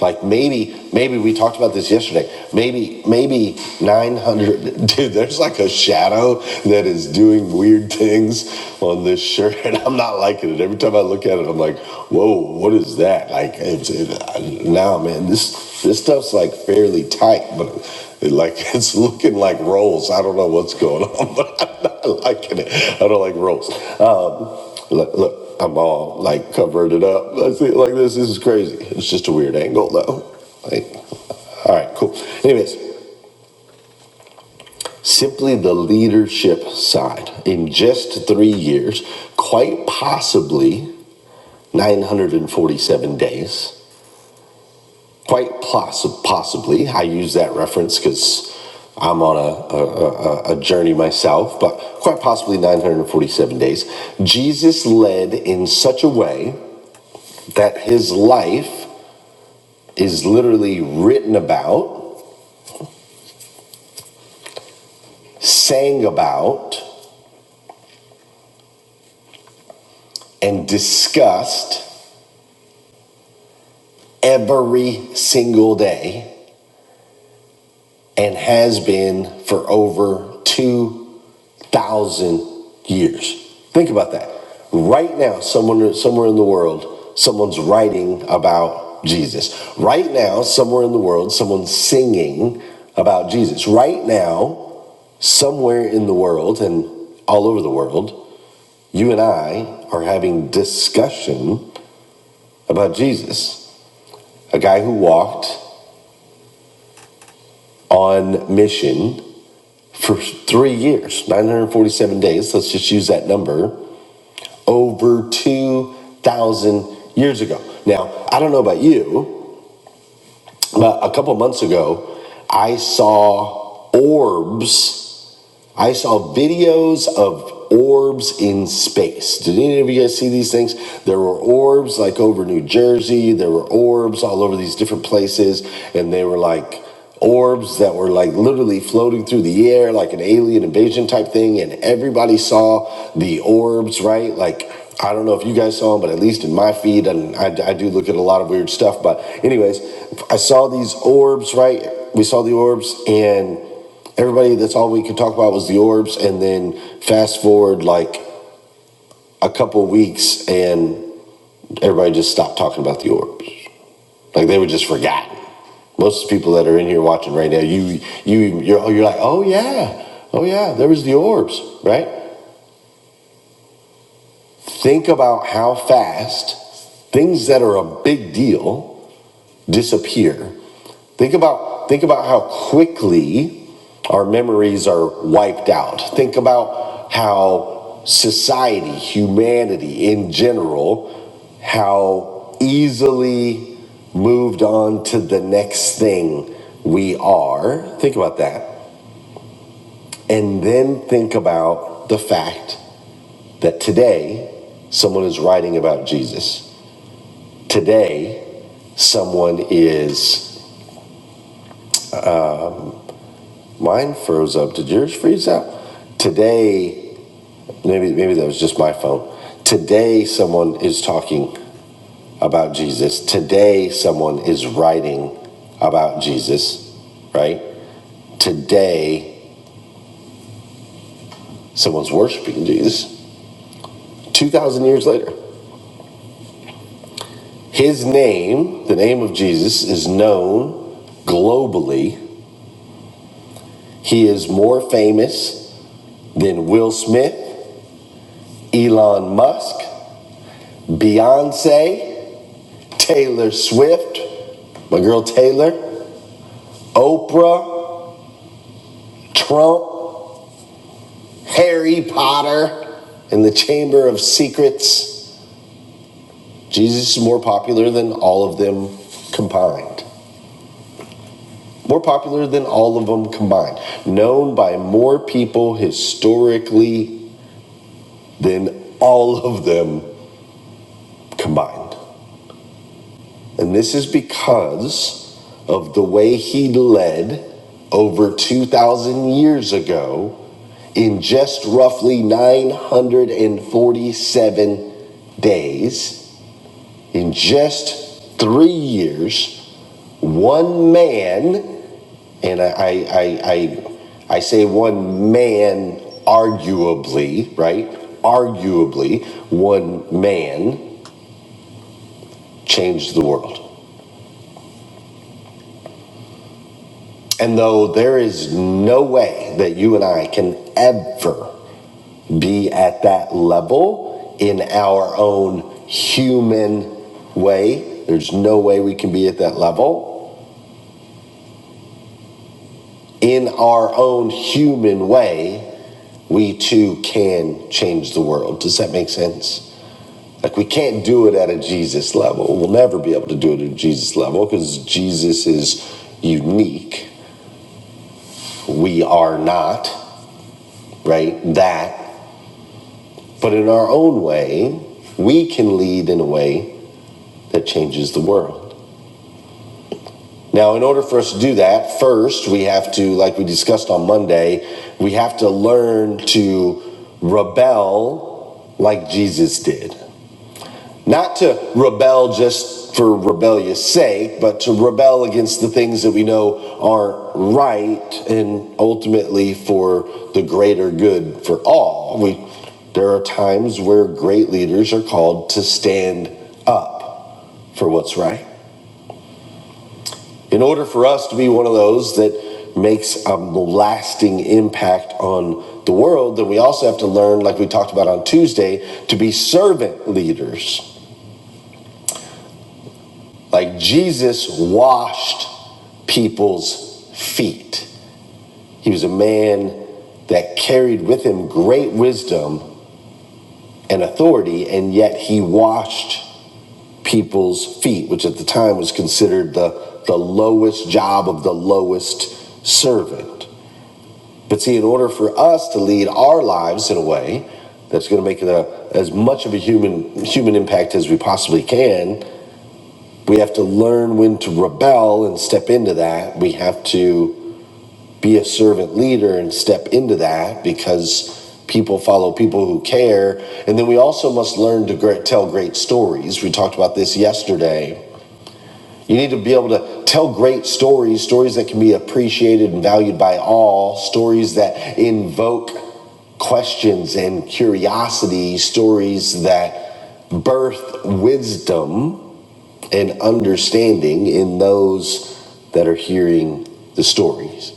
Speaker 3: Like maybe, maybe we talked about this yesterday. Maybe, maybe 900. *laughs* Dude, there's like a shadow that is doing weird things on this shirt, and I'm not liking it. Every time I look at it, I'm like, whoa, what is that? Like, it's it, now, man, this this stuff's like fairly tight, but it, like *laughs* it's looking like rolls. I don't know what's going on, *laughs* but I'm not liking it. I don't like rolls. Um, Look, look, I'm all like covered it up. Let's see, like this. This is crazy. It's just a weird angle, though. Like, all right, cool. Anyways, simply the leadership side. In just three years, quite possibly 947 days. Quite poss possibly, I use that reference because I'm on a, a, a, a journey myself, but quite possibly 947 days. Jesus led in such a way that his life is literally written about, sang about, and discussed every single day and has been for over 2,000 years. Think about that. Right now, someone somewhere in the world, someone's writing about Jesus. Right now, somewhere in the world, someone's singing about Jesus. Right now, somewhere in the world and all over the world, You and I are having discussion about Jesus, a guy who walked on mission for three years, 947 days. Let's just use that number over 2,000 years ago. Now, I don't know about you, But a couple months ago, I saw orbs. I saw videos of orbs in space. Did any of you guys see these things? There were orbs like over New Jersey, there were orbs all over these different places, and they were like orbs that were like literally floating through the air like an alien invasion type thing and everybody saw the orbs right like i don't know if you guys saw them but at least in my feed and i, I do look at a lot of weird stuff but anyways i saw these orbs right we saw the orbs and everybody that's all we could talk about was the orbs and then fast forward like a couple weeks and everybody just stopped talking about the orbs like they were just forgotten. Most people that are in here watching right now, you you you're, you're like, oh yeah, oh yeah, there was the orbs, right? Think about how fast things that are a big deal disappear. Think about think about how quickly our memories are wiped out. Think about how society, humanity in general, how easily moved on to the next thing we are. Think about that And then think about the fact that today someone is writing about Jesus. Today someone is mine froze up. Did yours freeze up? Today, maybe maybe that was just my phone. Today someone is talking about Jesus. Today someone is writing about Jesus, right? Today someone's worshiping Jesus. 2000 years later. His name, the name of Jesus, is known globally. He is more famous than Will Smith, Elon Musk, Beyonce, Taylor Swift, my girl Taylor, Oprah, Trump, Harry Potter, and the Chamber of Secrets. Jesus is more popular than all of them combined. more popular than all of them combined, known by more people historically than all of them combined. And this is because of the way he led over 2,000 years ago in just roughly 947 days In just three years, one man, and I, I, I, I, say one man, arguably, right? Arguably, one man changed the world. And though there is no way that you and I can ever be at that level in our own human way, there's no way we can be at that level in our own human way, we too can change the world. Does that make sense? Like, we can't do it at a Jesus level. We'll never be able to do it at a Jesus level because Jesus is unique. We are not, right? That. But in our own way, we can lead in a way that changes the world. Now, in order for us to do that, first, we have to, like we discussed on Monday, we have to learn to rebel like Jesus did. Not to rebel just for rebellious sake, but to rebel against the things that we know aren't right and ultimately for the greater good for all. We, there are times where great leaders are called to stand up for what's right. In order for us to be one of those that makes a lasting impact on the world, then we also have to learn, like we talked about on Tuesday, to be servant leaders. Like Jesus washed people's feet. He was a man that carried with him great wisdom and authority, and yet he washed people's feet, which at the time was considered the, the lowest job of the lowest servant. But see, in order for us to lead our lives in a way that's going to make it a, as much of a human human impact as we possibly can, we have to learn when to rebel and step into that. We have to be a servant leader and step into that because people follow people who care. And then we also must learn to great, tell great stories. We talked about this yesterday you need to be able to tell great stories, stories that can be appreciated and valued by all, stories that invoke questions and curiosity, stories that birth wisdom and understanding in those that are hearing the stories.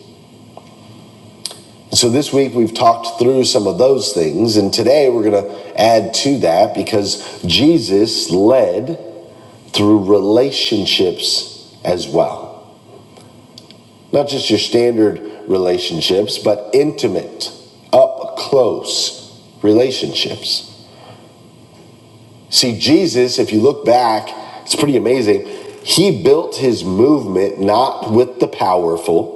Speaker 3: So this week we've talked through some of those things, and today we're going to add to that because Jesus led through relationships as well. not just your standard relationships, but intimate, up close relationships. See, Jesus, if you look back, it's pretty amazing. He built his movement not with the powerful,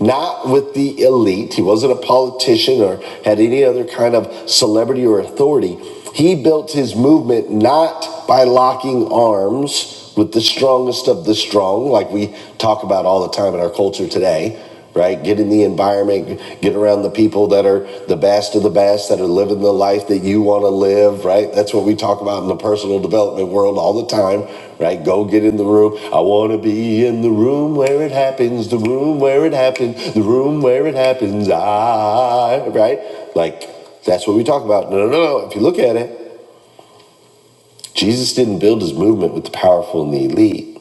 Speaker 3: not with the elite. He wasn't a politician or had any other kind of celebrity or authority. He built his movement not by locking arms with the strongest of the strong, like we talk about all the time in our culture today, right? Get in the environment, get around the people that are the best of the best, that are living the life that you want to live, right? That's what we talk about in the personal development world all the time, Right, go get in the room. I wanna be in the room where it happens, the room where it happens, the room where it happens. I right, like that's what we talk about. No, no, no. no. If you look at it, Jesus didn't build his movement with the powerful and the elite.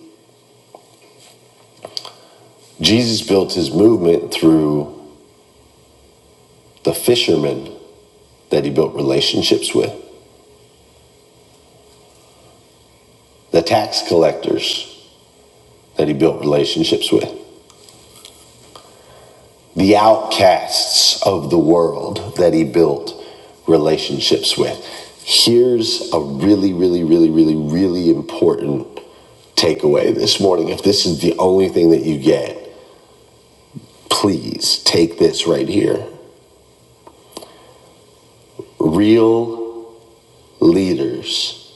Speaker 3: Jesus built his movement through the fishermen that he built relationships with, the tax collectors that he built relationships with. the outcasts of the world that he built relationships with. Here's a really, really, really, really, really important takeaway this morning. If this is the only thing that you get, please take this right here. Real leaders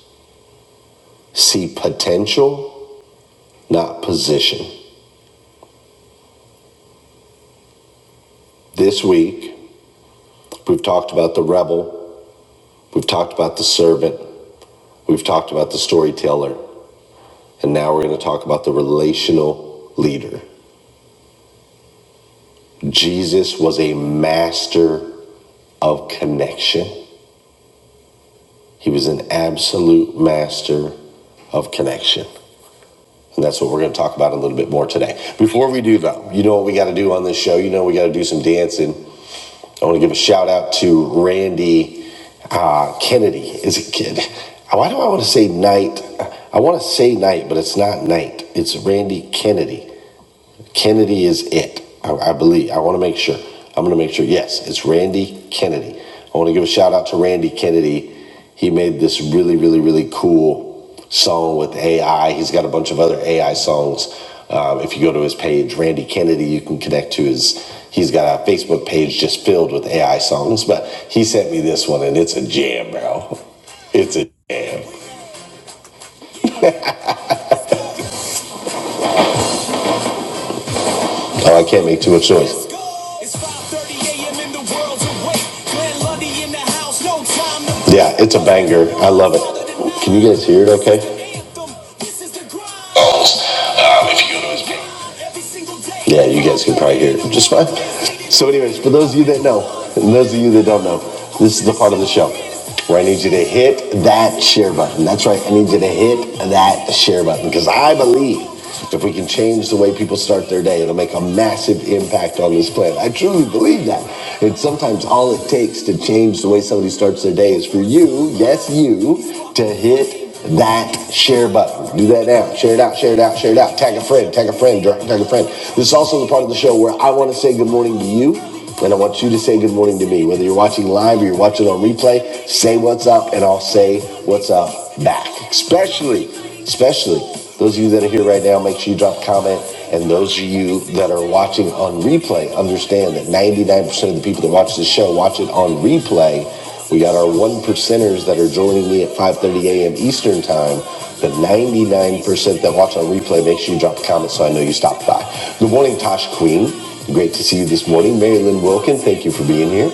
Speaker 3: see potential, not position. This week, we've talked about the rebel, we've talked about the servant, we've talked about the storyteller, and now we're going to talk about the relational leader. Jesus was a master of connection. He was an absolute master of connection. And that's what we're going to talk about a little bit more today. Before we do, though, you know what we got to do on this show? You know, we got to do some dancing. I want to give a shout out to Randy uh, Kennedy. Is it kid? Why do I want to say night? I want to say night, but it's not night. It's Randy Kennedy. Kennedy is it. I, I believe. I want to make sure. I'm going to make sure. Yes, it's Randy Kennedy. I want to give a shout out to Randy Kennedy. He made this really, really, really cool song with AI. He's got a bunch of other AI songs. Um, if you go to his page, Randy Kennedy, you can connect to his. He's got a Facebook page just filled with AI songs, but he sent me this one and it's a jam, bro. It's a jam. Oh, I can't make too much noise. no Yeah, it's a banger. I love it. Can you guys hear it okay? Yeah, you guys can probably hear it just fine. So, anyways, for those of you that know, and those of you that don't know, this is the part of the show where I need you to hit that share button. That's right, I need you to hit that share button because I believe if we can change the way people start their day, it'll make a massive impact on this planet. I truly believe that. And sometimes all it takes to change the way somebody starts their day is for you, yes, you, to hit that share button. Do that now. Share it out, share it out, share it out. Tag a friend, tag a friend, tag a friend. This is also the part of the show where I want to say good morning to you, and I want you to say good morning to me. Whether you're watching live or you're watching on replay, say what's up, and I'll say what's up back. Especially, especially those of you that are here right now, make sure you drop a comment. And those of you that are watching on replay, understand that 99% of the people that watch this show watch it on replay we got our one percenters that are joining me at 5:30 a.m. Eastern time. The 99% that watch on replay, make sure you drop a comment so I know you stopped by. Good morning, Tosh Queen. Great to see you this morning. Mary Lynn Wilkin, thank you for being here.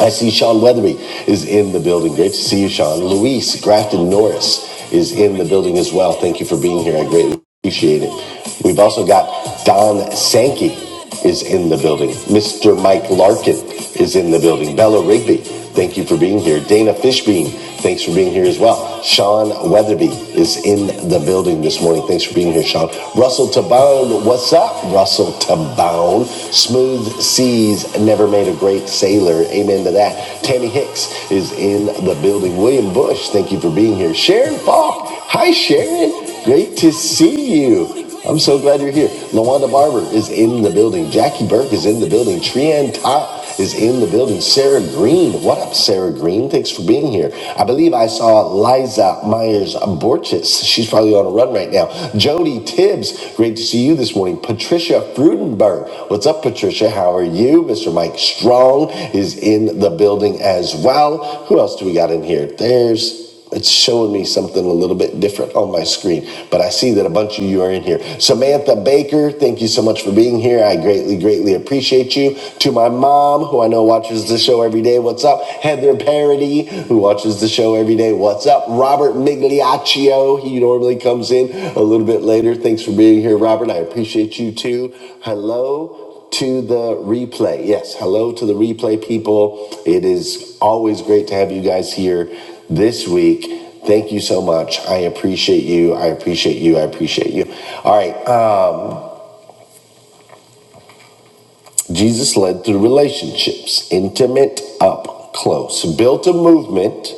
Speaker 3: I see Sean Weatherby is in the building. Great to see you, Sean. Luis Grafton Norris is in the building as well. Thank you for being here. I greatly appreciate it. We've also got Don Sankey is in the building. Mr. Mike Larkin is in the building. Bella Rigby Thank you for being here. Dana Fishbein, thanks for being here as well. Sean Weatherby is in the building this morning. Thanks for being here, Sean. Russell Tabone, what's up, Russell Tabone? Smooth seas never made a great sailor. Amen to that. Tammy Hicks is in the building. William Bush, thank you for being here. Sharon Falk, hi, Sharon. Great to see you. I'm so glad you're here. Lawanda Barber is in the building. Jackie Burke is in the building. Trian Top is in the building. Sarah Green. What up, Sarah Green? Thanks for being here. I believe I saw Liza Myers Borchis. She's probably on a run right now. Jody Tibbs. Great to see you this morning. Patricia Frudenberg. What's up, Patricia? How are you? Mr. Mike Strong is in the building as well. Who else do we got in here? There's it's showing me something a little bit different on my screen, but I see that a bunch of you are in here. Samantha Baker, thank you so much for being here. I greatly, greatly appreciate you. To my mom, who I know watches the show every day, what's up? Heather Parody, who watches the show every day, what's up? Robert Migliaccio, he normally comes in a little bit later. Thanks for being here, Robert. I appreciate you too. Hello to the replay. Yes, hello to the replay people. It is always great to have you guys here this week. Thank you so much. I appreciate you. I appreciate you. I appreciate you. All right. Um, Jesus led through relationships, intimate, up close, built a movement,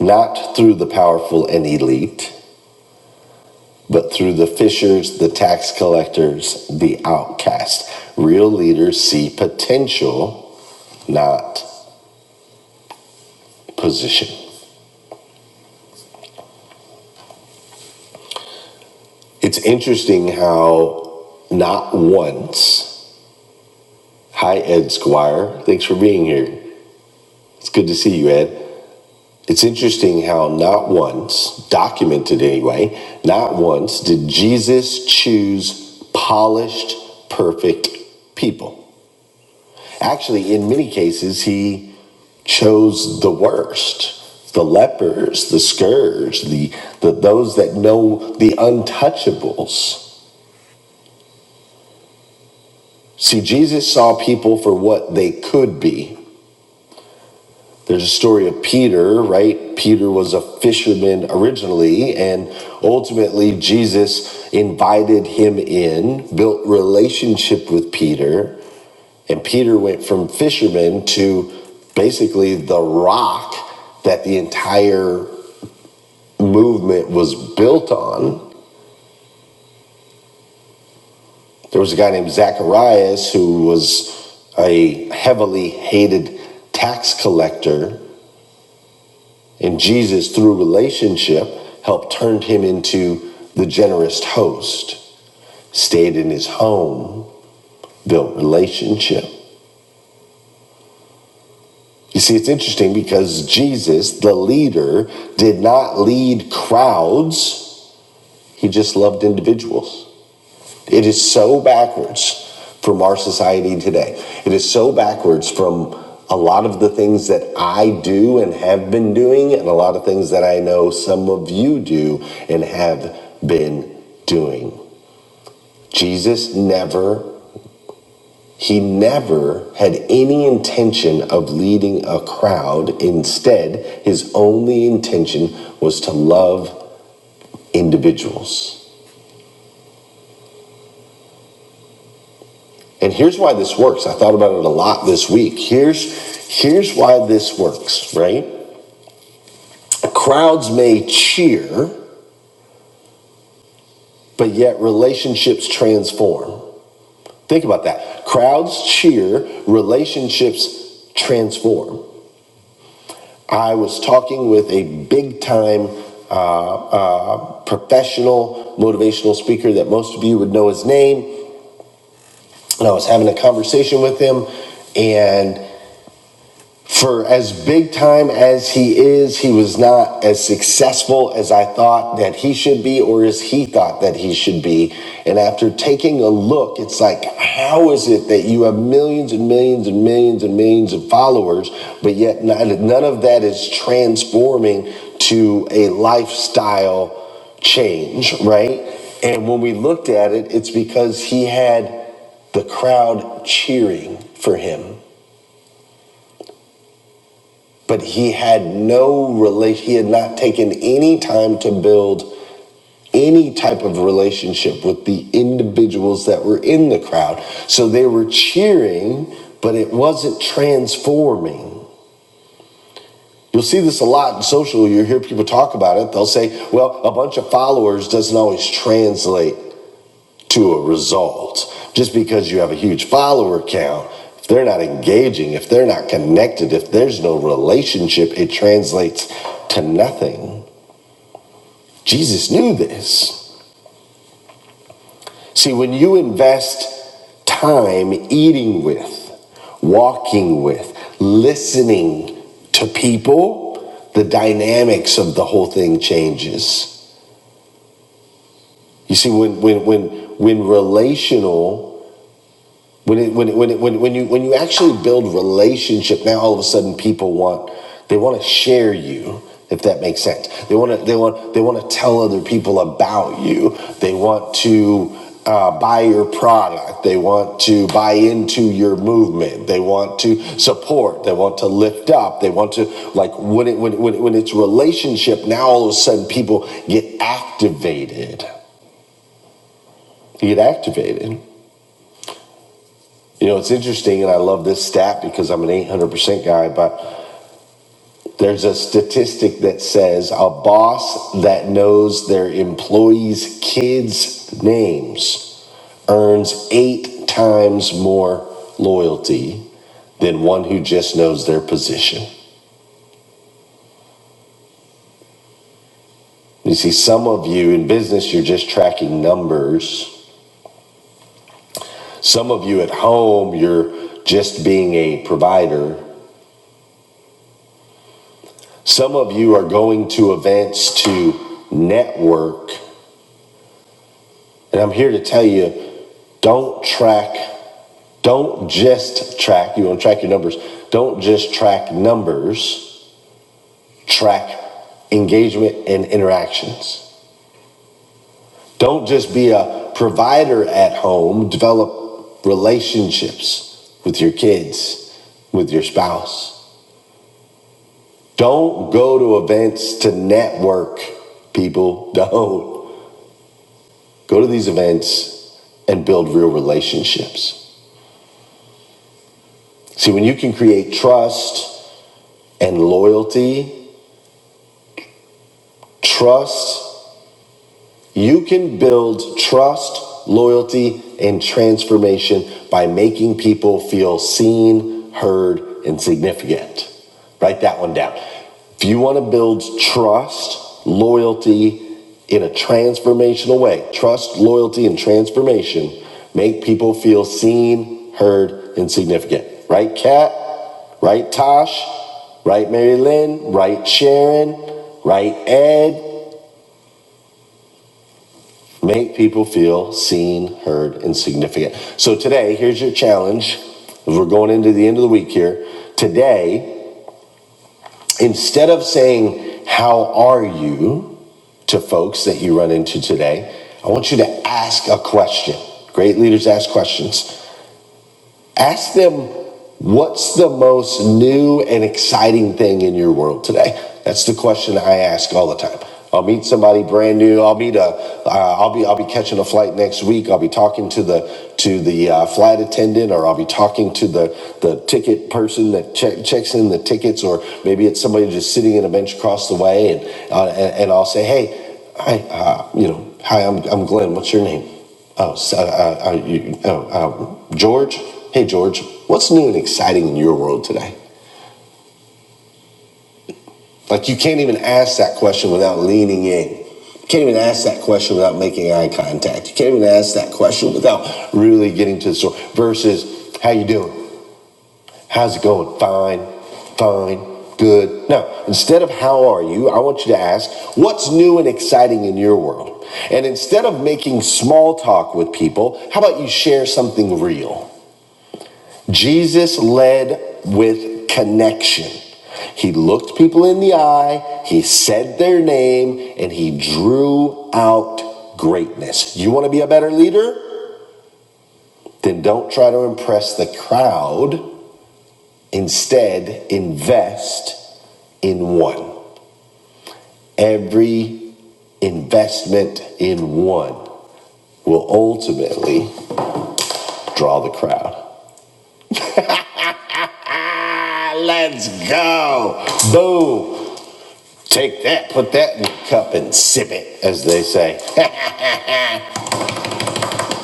Speaker 3: not through the powerful and elite, but through the fishers, the tax collectors, the outcast. Real leaders see potential, not position. It's interesting how not once. Hi, Ed Squire. Thanks for being here. It's good to see you, Ed. It's interesting how not once, documented anyway, not once did Jesus choose polished, perfect people. Actually, in many cases, he chose the worst the lepers, the scourge, the, the those that know the untouchables. See, Jesus saw people for what they could be There's a story of Peter, right? Peter was a fisherman originally, and ultimately Jesus invited him in, built relationship with Peter, and Peter went from fisherman to basically the rock that the entire movement was built on. There was a guy named Zacharias who was a heavily hated tax collector And Jesus, through relationship, helped turn him into the generous host, stayed in his home, built relationship. You see, it's interesting because Jesus, the leader, did not lead crowds, he just loved individuals. It is so backwards from our society today. It is so backwards from a lot of the things that I do and have been doing, and a lot of things that I know some of you do and have been doing. Jesus never, he never had any intention of leading a crowd. Instead, his only intention was to love individuals. And here's why this works. I thought about it a lot this week. Here's here's why this works, right? Crowds may cheer, but yet relationships transform. Think about that. Crowds cheer, relationships transform. I was talking with a big time uh, uh, professional motivational speaker that most of you would know his name, and I was having a conversation with him, and. for as big time as he is, he was not as successful as I thought that he should be or as he thought that he should be. And after taking a look, it's like, how is it that you have millions and millions and millions and millions of followers, but yet none none of that is transforming to a lifestyle change, right? And when we looked at it, it's because he had the crowd cheering for him but he had no rela- he had not taken any time to build any type of relationship with the individuals that were in the crowd so they were cheering but it wasn't transforming you'll see this a lot in social you hear people talk about it they'll say well a bunch of followers doesn't always translate to a result. Just because you have a huge follower count, if they're not engaging, if they're not connected, if there's no relationship, it translates to nothing. Jesus knew this. See, when you invest time eating with, walking with, listening to people, the dynamics of the whole thing changes. You see, when when when when relational When it, when it, when it, when when you when you actually build relationship, now all of a sudden people want they want to share you. If that makes sense, they want to they want they want to tell other people about you. They want to uh, buy your product. They want to buy into your movement. They want to support. They want to lift up. They want to like when it when it- when it, when it's relationship. Now all of a sudden people get activated. You get activated. You know, it's interesting, and I love this stat because I'm an 800% guy, but there's a statistic that says a boss that knows their employees' kids' names earns eight times more loyalty than one who just knows their position. You see, some of you in business, you're just tracking numbers. Some of you at home, you're just being a provider. Some of you are going to events to network And I'm here to tell you don't track, don't just track, you want to track your numbers, don't just track numbers, track engagement and interactions. Don't just be a provider at home, develop relationships with your kids, with your spouse. Don't go to events to network, people. *laughs* Don't go to these events and build real relationships. See, when you can create trust, and loyalty, trust. You can build trust, loyalty, and transformation by making people feel seen, heard, and significant. Write that one down. If you want to build trust, loyalty in a transformational way, trust, loyalty, and transformation, make people feel seen, heard, and significant. Right, Kat? Right, Tosh? Right, Mary Lynn? Right, Sharon? Right, Ed? Make people feel seen, heard, and significant. So today, here's your challenge. we're going into the end of the week here, today, instead of saying, How are you? to folks that you run into today, I want you to ask a question. Great leaders ask questions. Ask them what's the most new and exciting thing in your world today. That's the question I ask all the time. I'll meet somebody brand new. I'll meet a. Uh, I'll be. I'll be catching a flight next week. I'll be talking to the to the uh, flight attendant, or I'll be talking to the the ticket person that check, checks in the tickets, or maybe it's somebody just sitting in a bench across the way, and uh, and, and I'll say, hey, hi, uh, you know, hi, I'm I'm Glenn. What's your name? Oh, so, uh, uh, uh, you, oh uh, George? Hey, George, what's new and exciting in your world today? Like, you can't even ask that question without leaning in. You can't even ask that question without making eye contact. You can't even ask that question without really getting to the story. Versus, how you doing? How's it going? Fine, fine, good. No, instead of how are you, I want you to ask, what's new and exciting in your world? And instead of making small talk with people, how about you share something real? Jesus led with connection. He looked people in the eye, he said their name, and he drew out greatness. You want to be a better leader? Then don't try to impress the crowd. Instead, invest in one. Every investment in one will ultimately draw the crowd. *laughs* Let's go. Boom. Take that, put that in your cup and sip it, as they say.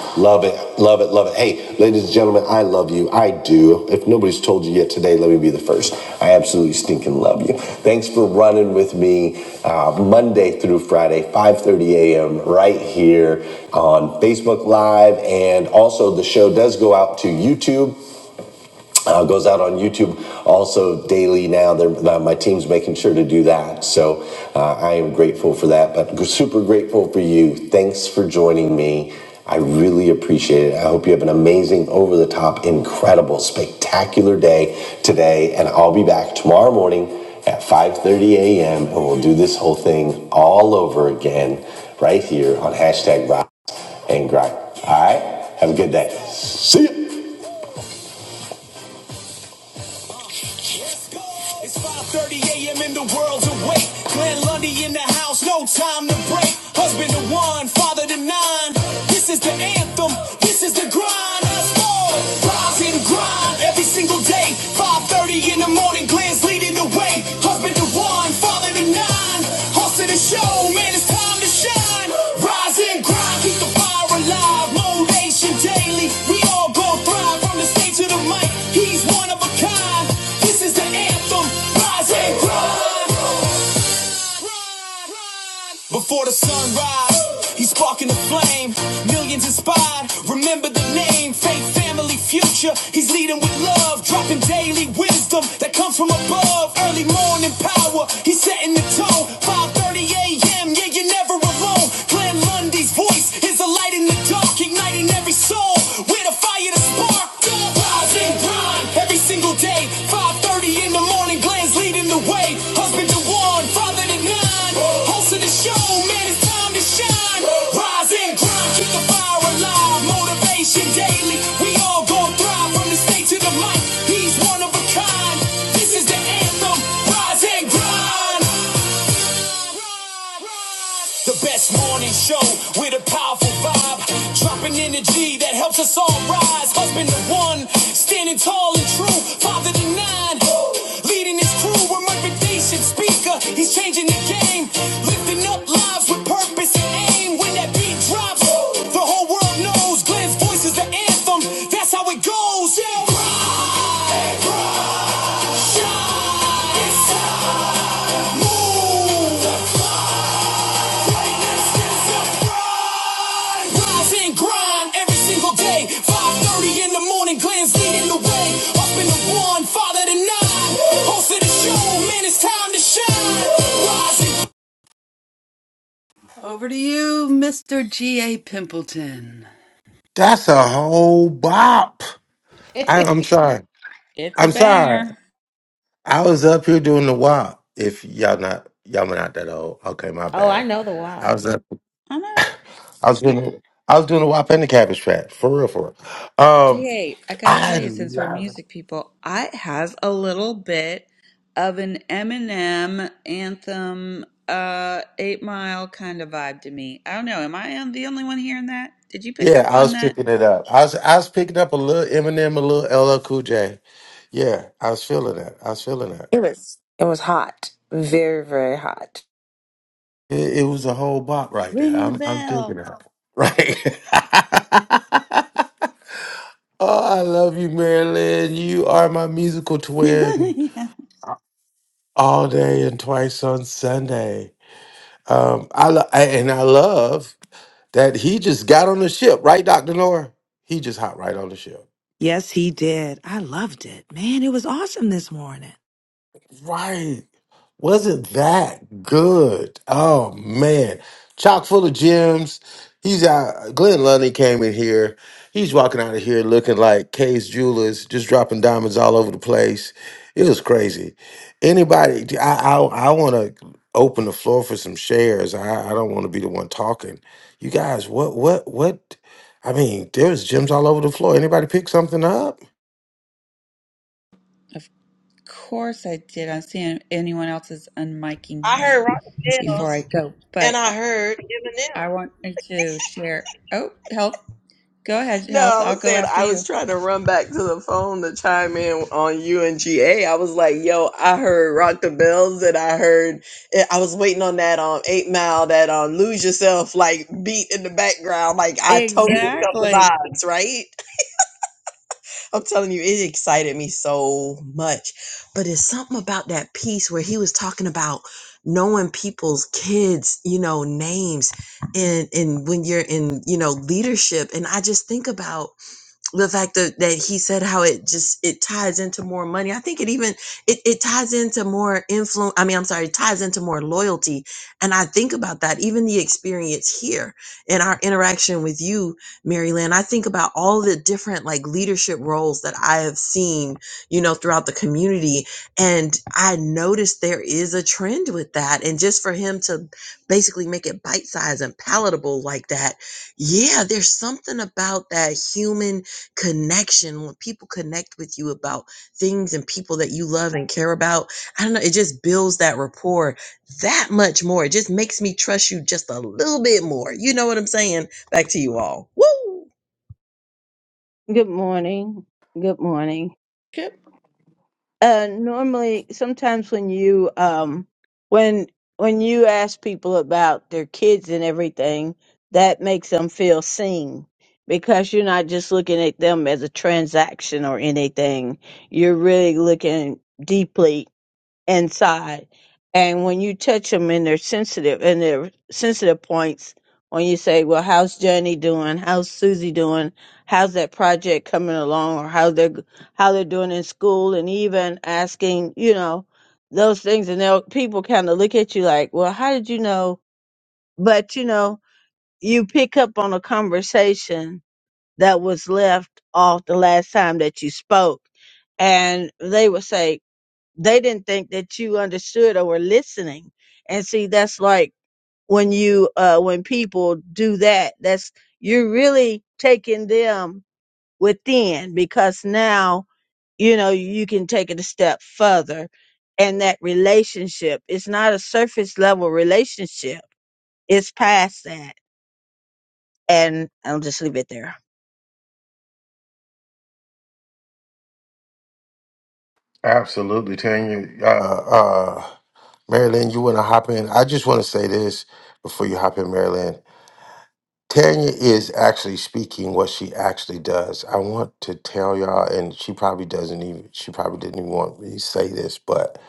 Speaker 3: *laughs* love it, love it, love it. Hey, ladies and gentlemen, I love you. I do. If nobody's told you yet today, let me be the first. I absolutely stinking love you. Thanks for running with me uh, Monday through Friday, 5:30 a.m. right here on Facebook Live, and also the show does go out to YouTube uh, goes out on YouTube also daily now. They're, my team's making sure to do that. So uh, I am grateful for that, but super grateful for you. Thanks for joining me. I really appreciate it. I hope you have an amazing, over the top, incredible, spectacular day today. And I'll be back tomorrow morning at 5.30 a.m. and we'll do this whole thing all over again right here on hashtag Rock and Grind. All right? Have a good day. See ya. Let's go. It's 5:30 a.m. and the world's awake. Glenn Lundy in the house, no time to break. Husband to one, father to nine. This is the anthem. This is the grind. Let's go. Rise and grind every single day. 5:30 in the morning, Glenn's leading the way. Husband to one, father to nine. Hustle to show, man, it's time to shine line. Rise and grind, keep the fire alive. Motivation daily. We all gon' thrive from the stage to the mic. He's one of a kind. This is the anthem. Rise and grind. Before the sunrise, he's sparking the flame. Millions inspired. Remember the name. Faith Family future, he's leading with love, dropping daily wisdom that comes from above. Early morning power, he's setting the tone. 5:30 a.m. Yeah, you're never alone. Glenn Lundy's voice is a light in the dark, igniting every soul with a fire to spark. Rise and grind every single day. 5:30 in the morning, Glenn's leading the way. Hey, husband to one, father to nine. host of the show, man, it's time to shine. Rise and grind, keep the fire alive. Motivation daily. We all gon' thrive from the stage to the mic. He's one of a kind. This is the anthem. Rise and grind. The best morning show with a powerful vibe. Dropping energy that helps us all rise. Husband to one, standing tall and true. Father to nine, leading his crew. A motivation speaker. He's changing the game. Lifting up lives with purpose and aim. When that beat drops, the whole world knows. Glenn's voice is the anthem. That's how it goes. Yeah, rise, shine, move. Rise and grind every single day. 5:30 in the morning, Glenn's leading the way. Up in the one, father to nine. Host of the show, man, it's time to shine. Rise and over to you, Mr. G.A. Pimpleton.
Speaker 5: That's a whole bop. I,
Speaker 2: *laughs*
Speaker 5: I'm sorry.
Speaker 8: It's a
Speaker 5: I'm sorry.
Speaker 8: banger.
Speaker 5: I was up here doing the walk. If y'all not y'all were not that old. Okay, my
Speaker 2: oh, I
Speaker 5: bad.
Speaker 2: know the
Speaker 5: I
Speaker 2: WAP.
Speaker 5: was up
Speaker 8: I know.
Speaker 5: I was doing I was doing the WAP and the cabbage patch. For real, for real. Um
Speaker 8: G8, I gotta
Speaker 5: I
Speaker 8: tell you, since we're
Speaker 5: love it.
Speaker 8: music people, I it has a little bit of an Eminem anthem, uh, Eight Mile kind of vibe to me. I don't know. Am I um, the only one hearing that? Did you pick
Speaker 5: Yeah,
Speaker 8: up
Speaker 5: I
Speaker 8: on
Speaker 5: was
Speaker 8: that?
Speaker 5: picking it up. I was I was picking up a little Eminem, a little LL Cool J. Yeah, I was feeling that. I was feeling that.
Speaker 1: It was. It was hot, very, very hot.
Speaker 5: It, it was a whole bop right there.
Speaker 8: Ring the
Speaker 5: I'm I'm
Speaker 8: bell.
Speaker 5: digging it. Right. *laughs* oh, I love you, Marilyn. You are my musical
Speaker 8: *laughs*
Speaker 5: twin.
Speaker 8: yeah.
Speaker 5: all day and twice on Sunday. Um, I lo- I- and I love that he just got on the ship, right, Doctor Nora? He just hopped right on the ship.
Speaker 1: Yes, he did. I loved it. Man, it was awesome this morning.
Speaker 5: Right. Wasn't that good? Oh man. Chock full of gems. He's out Glenn Lundy came in here. He's walking out of here looking like Kay's jewelers, just dropping diamonds all over the place. It was crazy. Anybody I I, I wanna open the floor for some shares. I, I don't want to be the one talking. You guys, what what what I mean, there's gems all over the floor. Anybody pick something up?
Speaker 8: Of course I did. I'm seeing anyone else's unmiking
Speaker 9: I
Speaker 8: here
Speaker 9: heard Rocket
Speaker 8: before I
Speaker 9: Bells
Speaker 8: go,
Speaker 9: and
Speaker 8: but
Speaker 9: I
Speaker 8: I,
Speaker 9: heard
Speaker 8: I
Speaker 9: Eminem.
Speaker 8: want to share. Oh, health. Go ahead,
Speaker 9: No,
Speaker 8: health.
Speaker 9: I
Speaker 8: I'll
Speaker 9: was
Speaker 8: go
Speaker 9: saying
Speaker 8: after
Speaker 9: I was
Speaker 8: you.
Speaker 9: trying to run back to the phone to chime in on you and G A. I was like, yo, I heard Rock the Bells and I heard I was waiting on that um eight mile, that um lose yourself like beat in the background. Like I totally felt the
Speaker 8: Exactly.
Speaker 9: vibes, right? I'm telling you, it excited me so much. But it's something about that piece where he was talking about knowing people's kids, you know, names and and when you're in, you know, leadership. And I just think about the fact that, that he said how it just it ties into more money i think it even it, it ties into more influence i mean i'm sorry it ties into more loyalty and i think about that even the experience here in our interaction with you mary lynn i think about all the different like leadership roles that i have seen you know throughout the community and i noticed there is a trend with that and just for him to basically make it bite-sized and palatable like that yeah there's something about that human connection when people connect with you about things and people that you love and care about i don't know it just builds that rapport that much more it just makes me trust you just a little bit more you know what i'm saying back to you all Woo!
Speaker 10: Good morning. Good morning. Uh, normally, sometimes when you um, when when you ask people about their kids and everything, that makes them feel seen because you're not just looking at them as a transaction or anything. You're really looking deeply inside. And when you touch them and they're sensitive and they're sensitive points, when you say, well, how's Johnny doing? How's Susie doing? How's that project coming along or how they're, how they're doing in school and even asking, you know, those things. And they'll, people kind of look at you like, well, how did you know? But you know, you pick up on a conversation that was left off the last time that you spoke and they would say they didn't think that you understood or were listening. And see, that's like when you, uh, when people do that, that's, you're really taking them within because now, you know, you can take it a step further. And that relationship, it's not a surface level relationship. It's past that. And I'll just leave it there.
Speaker 5: Absolutely, Tanya. Uh, Uh Marilyn, you want to hop in? I just want to say this before you hop in, Marilyn. Tanya is actually speaking what she actually does. I want to tell y'all, and she probably doesn't even, she probably didn't even want me to say this, but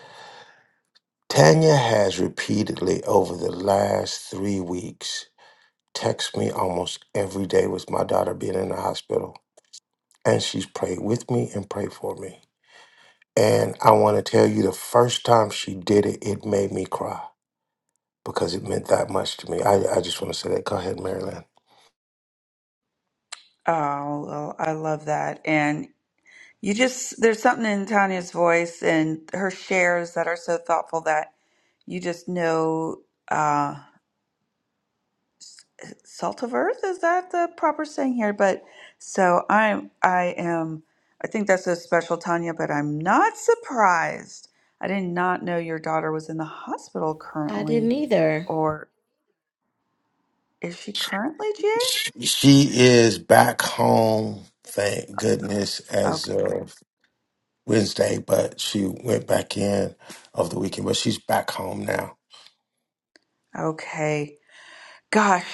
Speaker 5: Tanya has repeatedly over the last three weeks text me almost every day with my daughter being in the hospital. And she's prayed with me and prayed for me. And I want to tell you the first time she did it, it made me cry. because it meant that much to me. I, I just want to say that. Go ahead, Marilyn.
Speaker 8: Oh, well, I love that. And you just, there's something in Tanya's voice and her shares that are so thoughtful that you just know uh salt of earth is that the proper saying here but so i'm i am i think that's so special tanya but i'm not surprised i did not know your daughter was in the hospital
Speaker 2: I didn't
Speaker 8: currently
Speaker 2: either.
Speaker 8: or is she currently Jay?
Speaker 5: She is back home, thank goodness, as
Speaker 8: okay good
Speaker 5: of Wednesday, but she went back in over the weekend, but she's back home now.
Speaker 8: okay Gosh,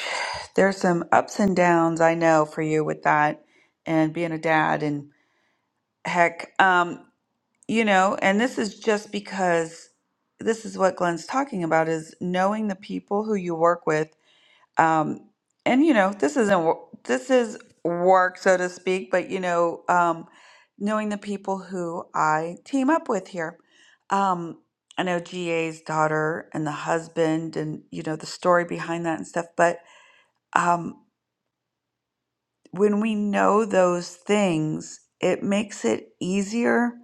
Speaker 8: there's some ups and downs I know for you with that and being a dad and heck, um, you know, and this is just because this is what Glenn's talking about is knowing the people who you work with. Um, and you know, this isn't wo- this is work so to speak, but you know, um, knowing the people who I team up with here. Um, I know GA's daughter and the husband and you know the story behind that and stuff, but Um, when we know those things, it makes it easier.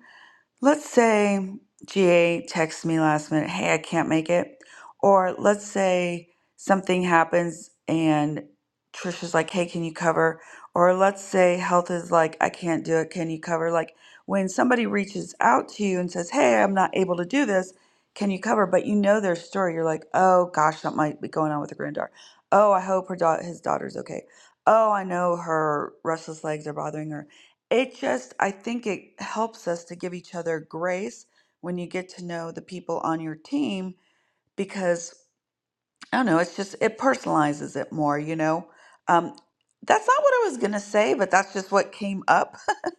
Speaker 8: Let's say GA texts me last minute, hey, I can't make it. Or let's say something happens and Trisha's like, hey, can you cover? Or let's say health is like, I can't do it, can you cover? Like when somebody reaches out to you and says, hey, I'm not able to do this, can you cover? But you know their story. You're like, oh gosh, something might be going on with her granddaughter. Oh, I hope her da- his daughter's okay. Oh, I know her restless legs are bothering her it just i think it helps us to give each other grace when you get to know the people on your team because i don't know it's just it personalizes it more you know um, that's not what i was going to say but that's just what came up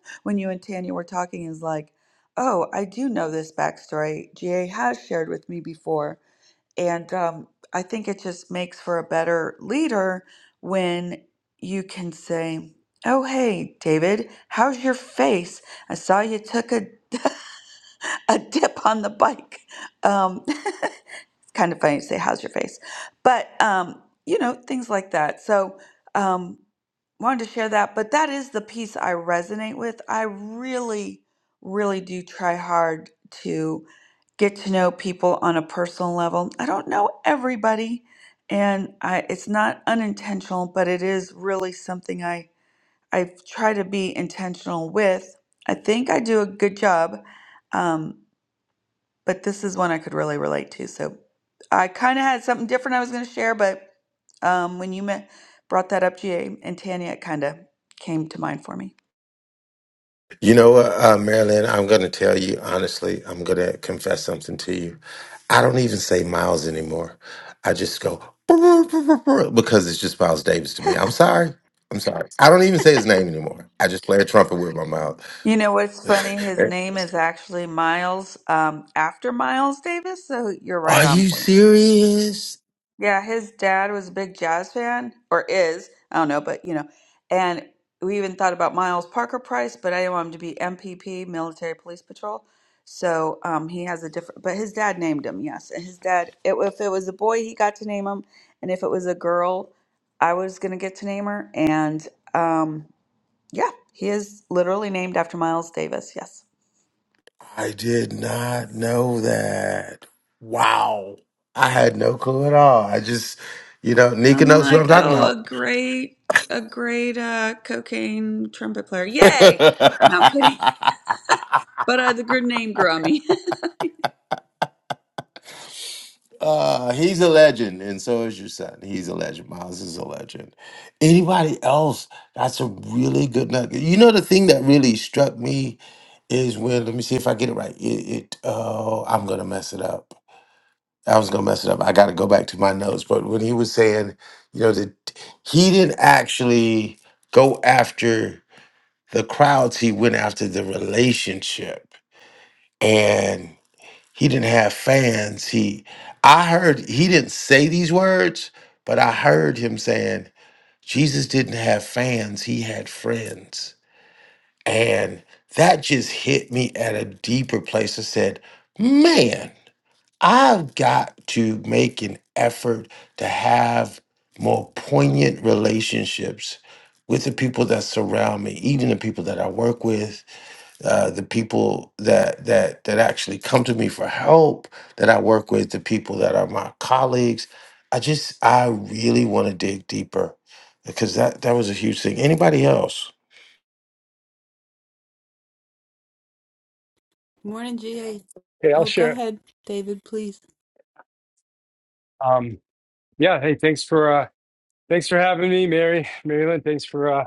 Speaker 8: *laughs* when you and tanya were talking is like oh i do know this backstory ga has shared with me before and um, I think it just makes for a better leader when you can say, Oh, hey, David, how's your face? I saw you took a, *laughs* a dip on the bike. Um, *laughs* kind of funny to say how's your face but um you know things like that so um wanted to share that but that is the piece i resonate with i really really do try hard to get to know people on a personal level i don't know everybody and i it's not unintentional but it is really something i i try to be intentional with i think i do a good job Um, but this is one I could really relate to. So I kind of had something different I was going to share, but um, when you met, brought that up, GA and Tanya, it kind of came to mind for me.
Speaker 5: You know what, uh, Marilyn, I'm going to tell you honestly, I'm going to confess something to you. I don't even say Miles anymore. I just go *laughs* because it's just Miles Davis to me. I'm sorry. I'm sorry. I don't even say his name anymore. I just play a trumpet with my mouth.
Speaker 8: You know what's funny?
Speaker 5: *laughs*
Speaker 8: His name is actually Miles um, after Miles Davis, so you're right
Speaker 5: Are
Speaker 8: on
Speaker 5: you
Speaker 8: point.
Speaker 5: serious?
Speaker 8: Yeah, his dad was a big jazz fan, or is, I don't know, but you know, and we even thought about Miles Parker Price, but I didn't want him to be MPP, Military Police Patrol. So um, he has a different, but his dad named him, yes. And his dad, it, if it was a boy, he got to name him, and if it was a girl, I was gonna get to name her. And um, yeah, he is literally named after Miles Davis, yes.
Speaker 5: I did not know that. Wow. I had no clue at all. I just, you know, Nika
Speaker 8: I'm
Speaker 5: knows who
Speaker 8: like,
Speaker 5: I'm talking
Speaker 8: oh, a
Speaker 5: about.
Speaker 8: great, a great uh, cocaine trumpet player. Yay! No, I'm kidding. *laughs*
Speaker 5: *laughs*
Speaker 8: But uh, the good name, Grammy. *laughs*
Speaker 5: uh, he's a legend, and so is your son. He's a legend. Miles is a legend. Anybody else? That's a really good nugget. You know, the thing that really struck me is when, let me see if I get it right. It, it oh, I'm going to mess it up I was gonna mess it up. I got to go back to my notes. But when he was saying, you know, that he didn't actually go after the crowds. He went after the relationship, and he didn't have fans. He, I heard he didn't say these words, but I heard him saying Jesus didn't have fans. He had friends, and that just hit me at a deeper place. I said, man. I've got to make an effort to have more poignant relationships with the people that surround me, even the people that I work with, uh, the people that that that actually come to me for help that I work with, the people that are my colleagues. I just I really want to dig deeper because that that was a huge thing. Anybody else?
Speaker 3: Morning, GA.
Speaker 11: Hey, I'll
Speaker 3: Oh, go
Speaker 11: share.
Speaker 3: ahead, David, please.
Speaker 11: Um, yeah, hey, thanks for uh thanks for having me, Mary. Marilyn, thanks for uh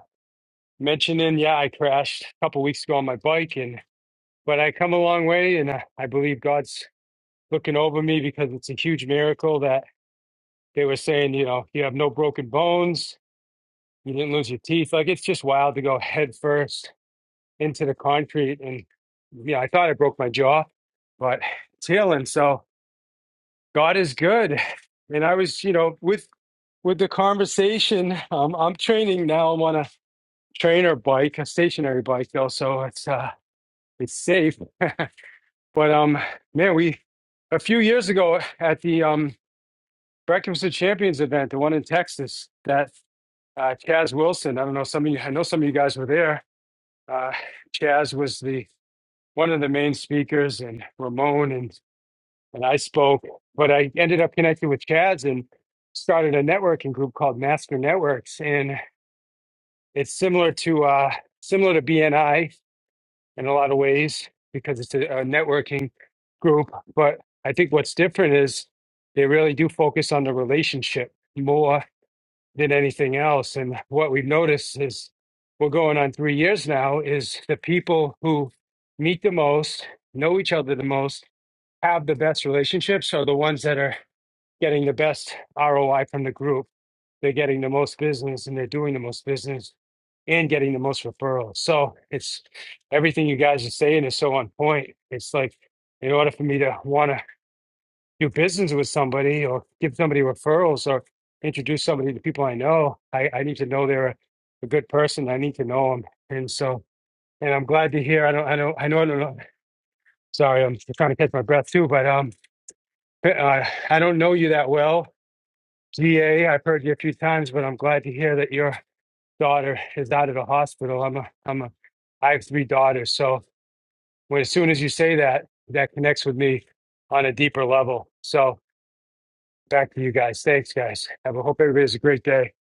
Speaker 11: mentioning. Yeah, I crashed a couple weeks ago on my bike and but I come a long way and I, I believe God's looking over me because it's a huge miracle that they were saying, you know, you have no broken bones, you didn't lose your teeth. Like it's just wild to go head first into the concrete and yeah, I thought I broke my jaw, but it's healing. So God is good. And I was, you know, with with the conversation, um, I'm training now. I'm on a trainer bike, a stationary bike though, so it's uh, it's safe. *laughs* But um, man, we a few years ago at the um, Breakfast of Champions event, the one in Texas, that uh, Chaz Wilson. I don't know some of you. I know some of you guys were there. Uh, Chaz was the one of the main speakers, and Ramon and and I spoke. But I ended up connecting with Chaz and started a networking group called Master Networks, and. It's similar to uh, similar to BNI in a lot of ways because it's a, a networking group. But I think what's different is they really do focus on the relationship more than anything else. And what we've noticed is we're going on three years now is the people who meet the most, know each other the most, have the best relationships are the ones that are getting the best ROI from the group they're getting the most business and they're doing the most business and getting the most referrals. So it's everything you guys are saying is so on point. It's like in order for me to want to do business with somebody or give somebody referrals or introduce somebody to people I know, I, I need to know they're a, a good person. I need to know them. And so, and I'm glad to hear, I don't, I don't, I know, I don't know. Sorry, I'm trying to catch my breath too, but um, uh, I don't know you that well, GA. I've heard you a few times, but I'm glad to hear that you're daughter is out of the hospital. I'm a, I'm a, I have three daughters. So when, as soon as you say that, that connects with me on a deeper level. So back to you guys. Thanks, guys. Have a hope everybody has a great day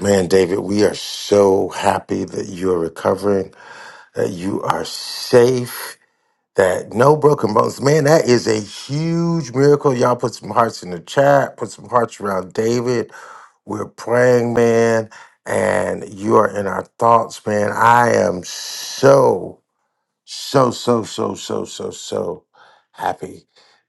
Speaker 5: Man, David, we are so happy that you are recovering, that you are safe that no broken bones man that is a huge miracle y'all put some hearts in the chat put some hearts around david we're praying man and you are in our thoughts man i am so so so so so so so happy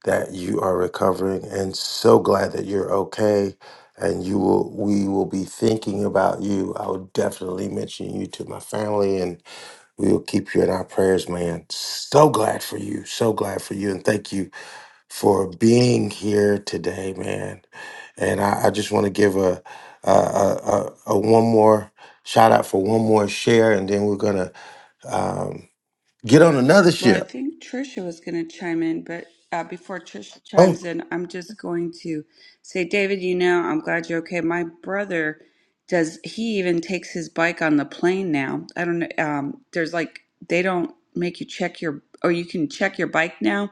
Speaker 5: that you are recovering and so glad that you're okay and you will we will be thinking about you i will definitely mention you to my family and. We will keep you in our prayers, man. So glad for you. So glad for you. And thank you for being here today, man. And I, I just want to give a, a, a, a, a one more shout out for one more share, and then we're going to um, get on another
Speaker 8: Well, I
Speaker 5: ship.
Speaker 8: think Tricia was going to chime in, but uh, before Tricia
Speaker 5: Oh,
Speaker 8: chimes in, I'm just going to say, David, you know, I'm glad you're okay. My brother does, he even takes his bike on the plane now. I don't know. Um, there's like, they don't make you check your, or you can check your bike now.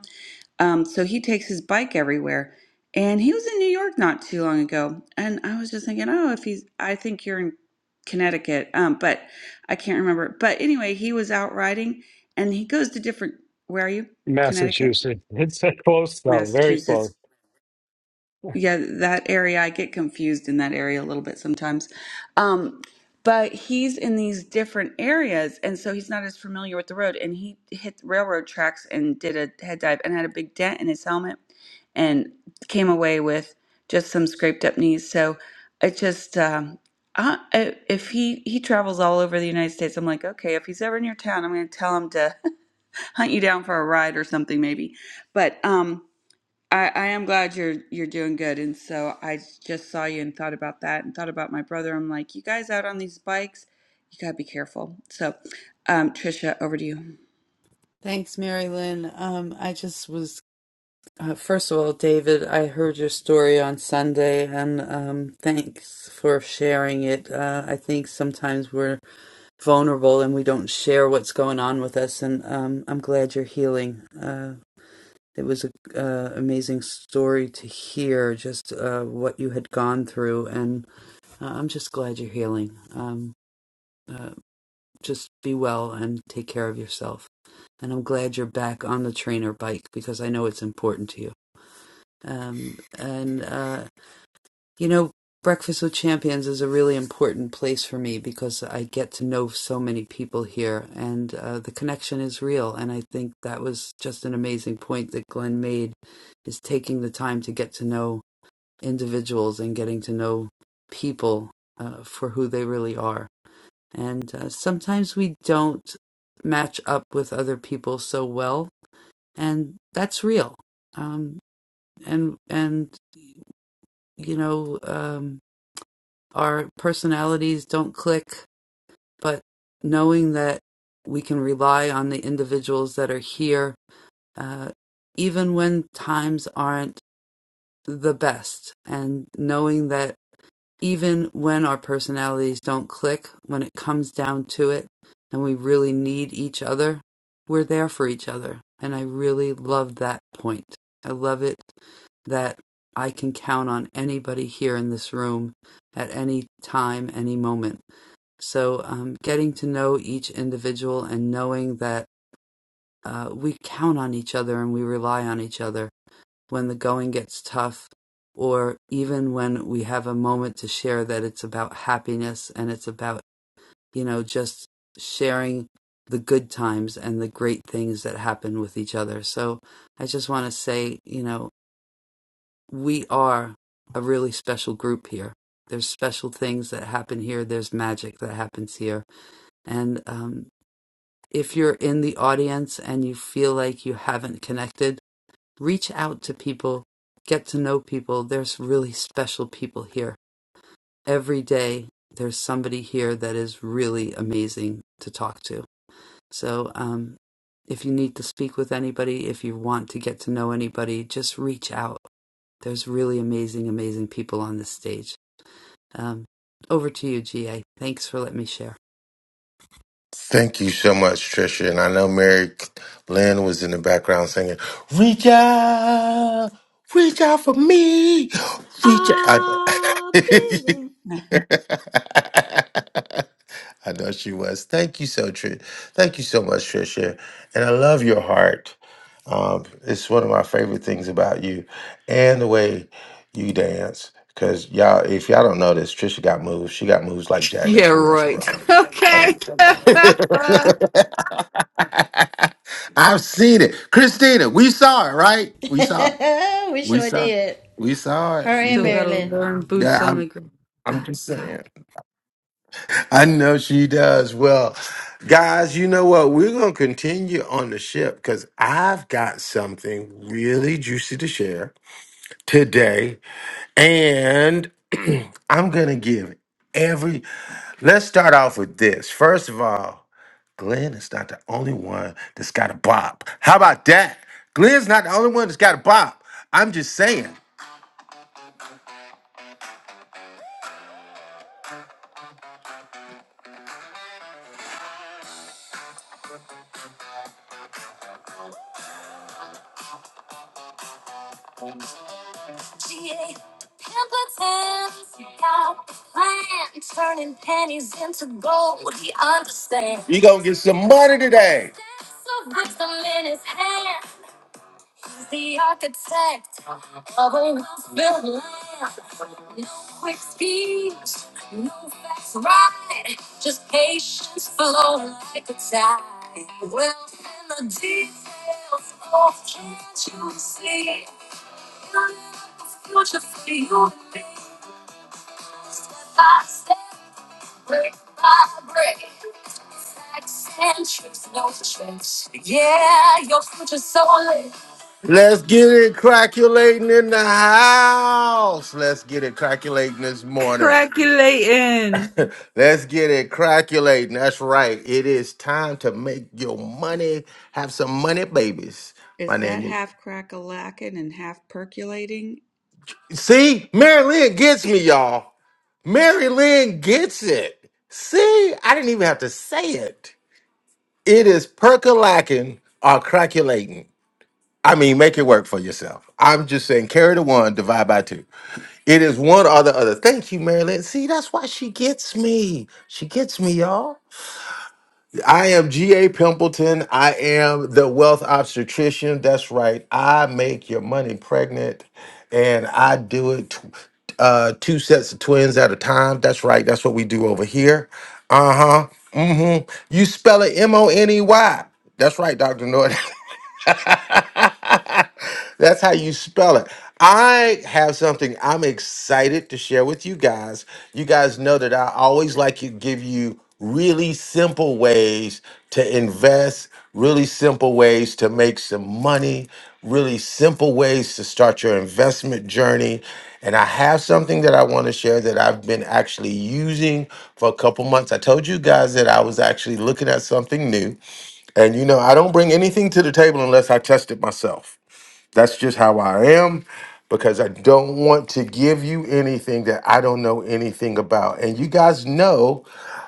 Speaker 8: Um, so he takes his bike everywhere. And he was in New York not too long ago. And I was just thinking, oh, if he's, I think you're in Connecticut, um, but I can't remember. But anyway, he was out riding and he goes to different, where are you?
Speaker 11: in
Speaker 8: Connecticut?
Speaker 11: Massachusetts. *laughs* It's uh, close though, very
Speaker 8: Massachusetts
Speaker 11: close.
Speaker 8: yeah, that area, I get confused in that area a little bit sometimes. Um, but he's in these different areas, and so he's not as familiar with the road. And he hit the railroad tracks and did a head dive and had a big dent in his helmet and came away with just some scraped up knees. So it just, um, I, I- if he, he travels all over the United States, I'm like, okay, if he's ever in your town, I'm going to tell him to *laughs* hunt you down for a ride or something, maybe. But, um, I, I am glad you're you're doing good. And so I just saw you and thought about that and thought about my brother. I'm like, you guys out on these bikes, you gotta be careful. So, um, Trisha, over to you.
Speaker 3: Thanks, Mary Lynn. Um, I just was Uh, first of all, David, I heard your story on Sunday, and um, thanks for sharing it. Uh, I think sometimes we're vulnerable and we don't share what's going on with us, and um, I'm glad you're healing. Uh, it was an uh, amazing story to hear, just uh, what you had gone through, and uh, I'm just glad you're healing. Um, just be well and take care of yourself. And I'm glad you're back on the trainer bike because I know it's important to you um, and uh, You know, Breakfast with Champions is a really important place for me because I get to know so many people here and uh, the connection is real. And I think that was just an amazing point that Glenn made is taking the time to get to know individuals and getting to know people uh, for who they really are. And uh, sometimes we don't match up with other people so well, and that's real. Um, and and you know, um, our personalities don't click, but knowing that we can rely on the individuals that are here, uh, even when times aren't the best, and knowing that even when our personalities don't click, when it comes down to it, and we really need each other, we're there for each other. And I really love that point. I love it that I can count on anybody here in this room at any time, any moment so, um, getting to know each individual and knowing that uh, we count on each other and we rely on each other when the going gets tough, or even when we have a moment to share that it's about happiness and it's about, you know, just sharing the good times and the great things that happen with each other. So, I just want to say, you know, we are a really special group here. There's special things that happen here, there's magic that happens here. And um, if you're in the audience and you feel like you haven't connected, reach out to people, get to know people. There's really special people here. Every day, there's somebody here that is really amazing to talk to. So, um, if you need to speak with anybody, if you want to get to know anybody, just reach out. There's really amazing, amazing people on this stage. Um, over to you, GA. Thanks for letting me share.
Speaker 5: Thank you so much, Trisha. And I know Mary Lynn was in the background singing, Reach out, reach out for me, reach out.
Speaker 8: I'll
Speaker 5: I,
Speaker 8: be there.
Speaker 5: *laughs* I know she was. Thank you so Tr- Thank you so much, Trisha. And I love your heart. Um, it's one of my favorite things about you and the way you dance. Cause y'all, if y'all don't know this, Trisha got moves. She got moves like Jagger,
Speaker 3: Yeah,
Speaker 5: for real, for
Speaker 3: right.
Speaker 5: real.
Speaker 3: *laughs*
Speaker 5: *laughs* I don't
Speaker 3: Okay. *laughs*
Speaker 5: know. *laughs* I've seen it. Christina, we saw it, right? We saw it.
Speaker 2: *laughs* we
Speaker 5: We
Speaker 2: sure
Speaker 5: saw it.
Speaker 2: did.
Speaker 5: We saw
Speaker 2: Her
Speaker 5: it. You
Speaker 2: and
Speaker 3: Still
Speaker 5: can-
Speaker 3: gotta
Speaker 2: Marilyn.
Speaker 3: learn boots
Speaker 5: yeah,
Speaker 3: on
Speaker 5: I'm
Speaker 3: the ground.
Speaker 5: I'm
Speaker 3: Ah,
Speaker 5: just
Speaker 3: God.
Speaker 5: saying. *laughs* I know she does. Well, guys, you know what? We're gonna continue on the ship because I've got something really juicy to share today. And *clears throat* I'm gonna give every let's start off with this. First of all. Glenn is not the only one that's got a bop. How about that? Glenn's not the only one that's got a bop. I'm just saying. You gonna get some money today. Let's get it calculating in the house. Let's get it calculating this morning.
Speaker 3: Craculating.
Speaker 5: *laughs* Let's get it calculating. That's right. It is time to make your money. Have some money, babies.
Speaker 8: *laughs*
Speaker 5: My
Speaker 8: Is that
Speaker 5: name
Speaker 8: half crack a lacking and half percolating?
Speaker 5: is. See, Mary Lynn gets me, y'all. Mary Lynn gets it. See, I didn't even have to say it. It is percolating or craculating. I mean, make it work for yourself. I'm just saying, carry the one, divide by two. It is one or the other. Thank you, Marilyn. See, that's why she gets me. She gets me, y'all. I am G.A. Pimpleton. I am the wealth obstetrician. That's right. I make your money pregnant and I do it tw- uh, two sets of twins at a time. That's right. That's what we do over here. Uh huh. Mm hmm. You spell it M O N E Y. That's right, Dr. Norton. *laughs* *laughs* That's how you spell it. I have something I'm excited to share with you guys. You guys know that I always like to give you really simple ways to invest, really simple ways to make some money, really simple ways to start your investment journey. And I have something that I want to share that I've been actually using for a couple months. I told you guys that I was actually looking at something new. And you know, I don't bring anything to the table unless I test it myself. That's just how I am because I don't want to give you anything that I don't know anything about. And you guys know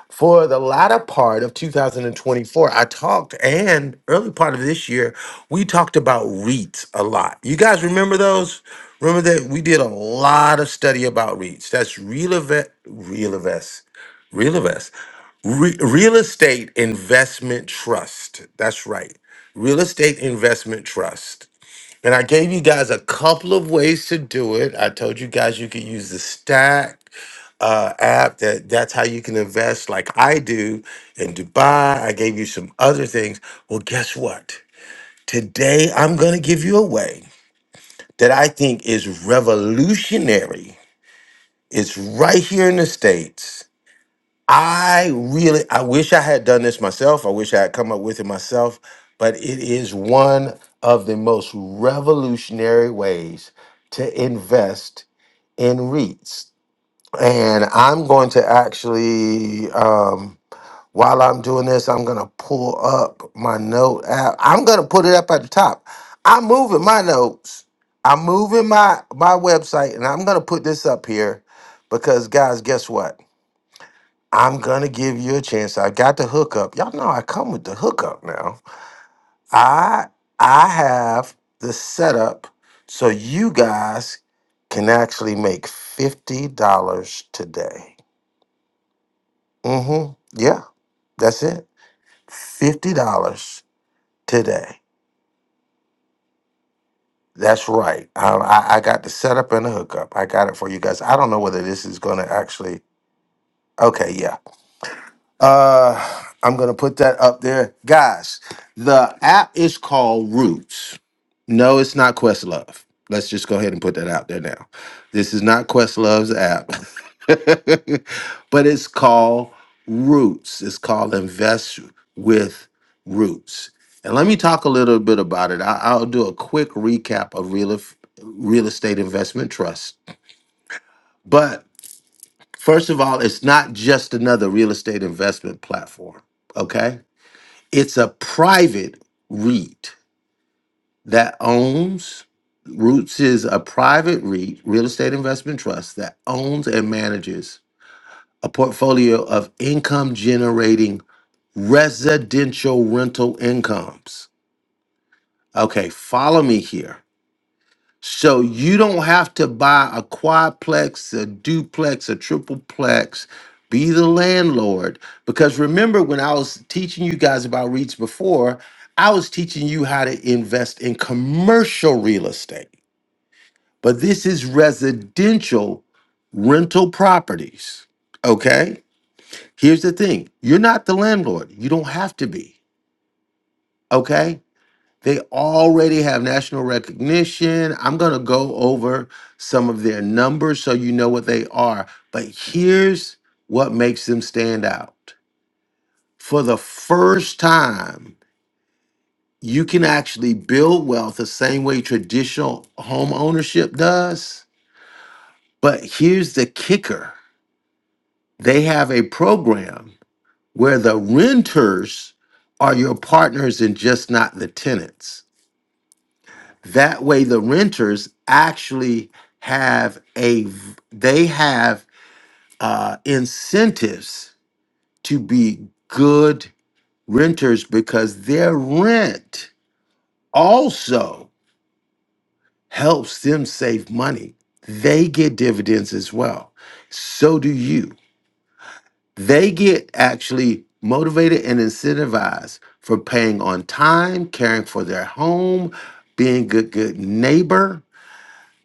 Speaker 5: for the latter part of 2024, I talked and early part of this year, we talked about REITs a lot. You guys remember those? Remember that we did a lot of study about REITs. That's real event, real invest, real invest, Re- real estate investment trust. That's right. Real estate investment trust. And I gave you guys a couple of ways to do it. I told you guys you could use the Stack uh, app. That that's how you can invest, like I do in Dubai. I gave you some other things. Well, guess what? Today I'm gonna give you a way that I think is revolutionary. It's right here in the states I really, I wish I had done this myself. I wish I had come up with it myself, but it is one of the most revolutionary ways to invest in REITs. And I'm going to actually, um, while I'm doing this, I'm going to pull up my note app. I'm going to put it up at the top. I'm moving my notes. I'm moving my my website, and I'm going to put this up here because, guys, guess what? I'm gonna give you a chance. I got the hookup. Y'all know I come with the hookup now. I I have the setup so you guys can actually make fifty dollars today. Mm-hmm. Yeah, that's it. Fifty dollars today. That's right. Um, I, I got the setup and the hookup. I got it for you guys. I don't know whether this is gonna actually. Okay, yeah. Uh, I'm gonna put that up there, guys. The app is called Roots. No, it's not Questlove. Let's just go ahead and put that out there now. This is not Questlove's app, *laughs* but it's called Roots. It's called Invest with Roots. And let me talk a little bit about it. I, I'll do a quick recap of real, real estate investment trust, but First of all, it's not just another real estate investment platform, okay? It's a private REIT that owns, Roots is a private REIT, real estate investment trust, that owns and manages a portfolio of income generating residential rental incomes. Okay, follow me here. So you don't have to buy a quadplex, a duplex, a tripleplex. Be the landlord. Because remember, when I was teaching you guys about REITs before, I was teaching you how to invest in commercial real estate. But this is residential rental properties. Okay? Here's the thing you're not the landlord. You don't have to be. Okay? They already have national recognition. I'm going to go over some of their numbers so you know what they are. But here's what makes them stand out. For the first time, you can actually build wealth the same way traditional home ownership does. But here's the kicker they have a program where the renters are your partners and just not the tenants. That way, the renters actually have a v- they have uh, incentives to be good renters because their rent also helps them save money. They get dividends as well. So do you. They get actually motivated and incentivized for paying on time, caring for their home, being good good neighbor.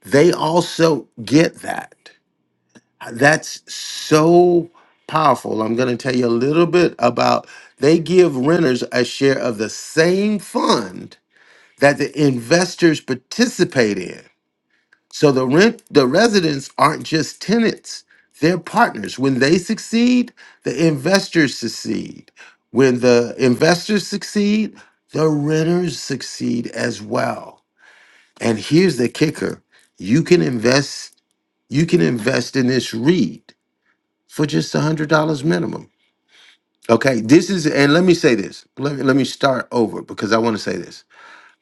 Speaker 5: They also get that. that's so powerful. I'm going to tell you a little bit about they give renters a share of the same fund that the investors participate in. So the rent the residents aren't just tenants, they're partners. When they succeed, the investors succeed. When the investors succeed, the renters succeed as well. And here's the kicker. You can invest you can invest in this REIT for just a hundred dollars minimum. Okay, this is and let me say this. Let me let me start over because I want to say this.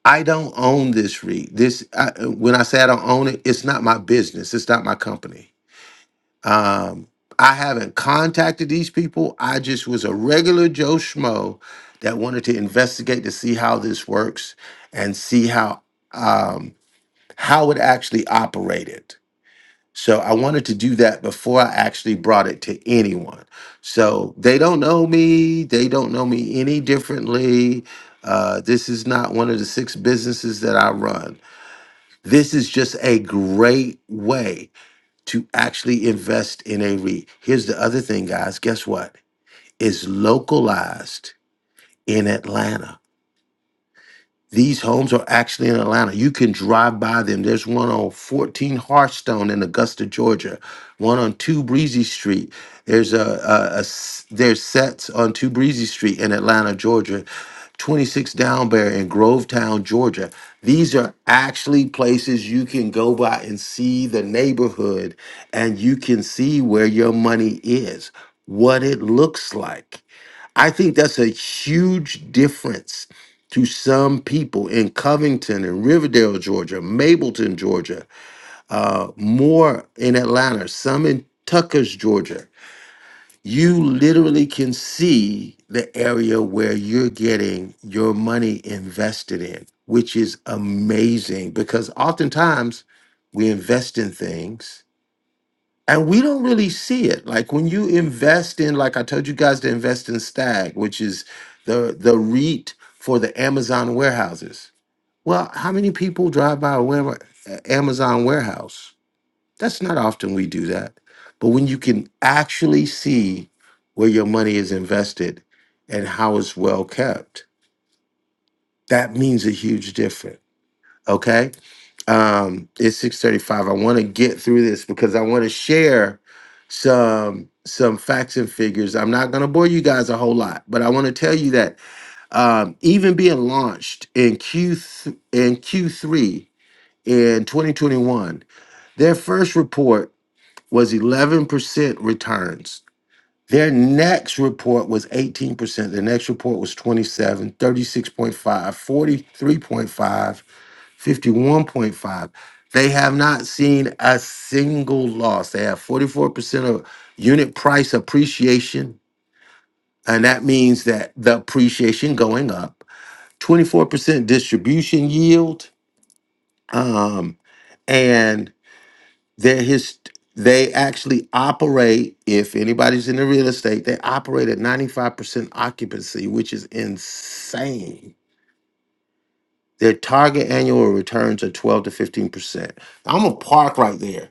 Speaker 5: I don't own this read. This I, when I say I don't own it, it's not my business. It's not my company. Um, I haven't contacted these people. I just was a regular Joe schmo that wanted to investigate to see how this works and see how um, how it actually operated. So I wanted to do that before I actually brought it to anyone. So they don't know me. They don't know me any differently. Uh, this is not one of the six businesses that I run. This is just a great way to actually invest in a REIT. Here's the other thing, guys. Guess what? It's localized in Atlanta. These homes are actually in Atlanta. You can drive by them. There's one on 14 Hearthstone in Augusta, Georgia. One on Two Breezy Street. There's a, a- a s- there's sets on Two Breezy Street in Atlanta, Georgia. 26 Downbear in Grovetown, Georgia. These are actually places you can go by and see the neighborhood, and you can see where your money is, what it looks like I think that's a huge difference to some people in Covington and Riverdale, Georgia, Mableton, Georgia, uh, more in Atlanta, some in Tucker's, Georgia. You literally can see the area where you're getting your money invested in, which is amazing because oftentimes we invest in things and we don't really see it like when you invest in like i told you guys to invest in stag which is the the reit for the amazon warehouses well how many people drive by a ware- a- amazon warehouse that's not often we do that but when you can actually see where your money is invested and how it's well kept that means a huge difference okay um it's 6:35 I want to get through this because I want to share some some facts and figures. I'm not going to bore you guys a whole lot, but I want to tell you that um even being launched in Q th- in Q3 in 2021, their first report was 11% returns. Their next report was 18%. The next report was twenty seven, thirty six point five, forty three point five. 51.5. They have not seen a single loss. They have 44% of unit price appreciation, and that means that the appreciation going up, 24% distribution yield, um, and they're his, they actually operate, if anybody's in the real estate, they operate at 95% occupancy, which is insane. Their target annual returns are 12 to 15%. I'm gonna park right there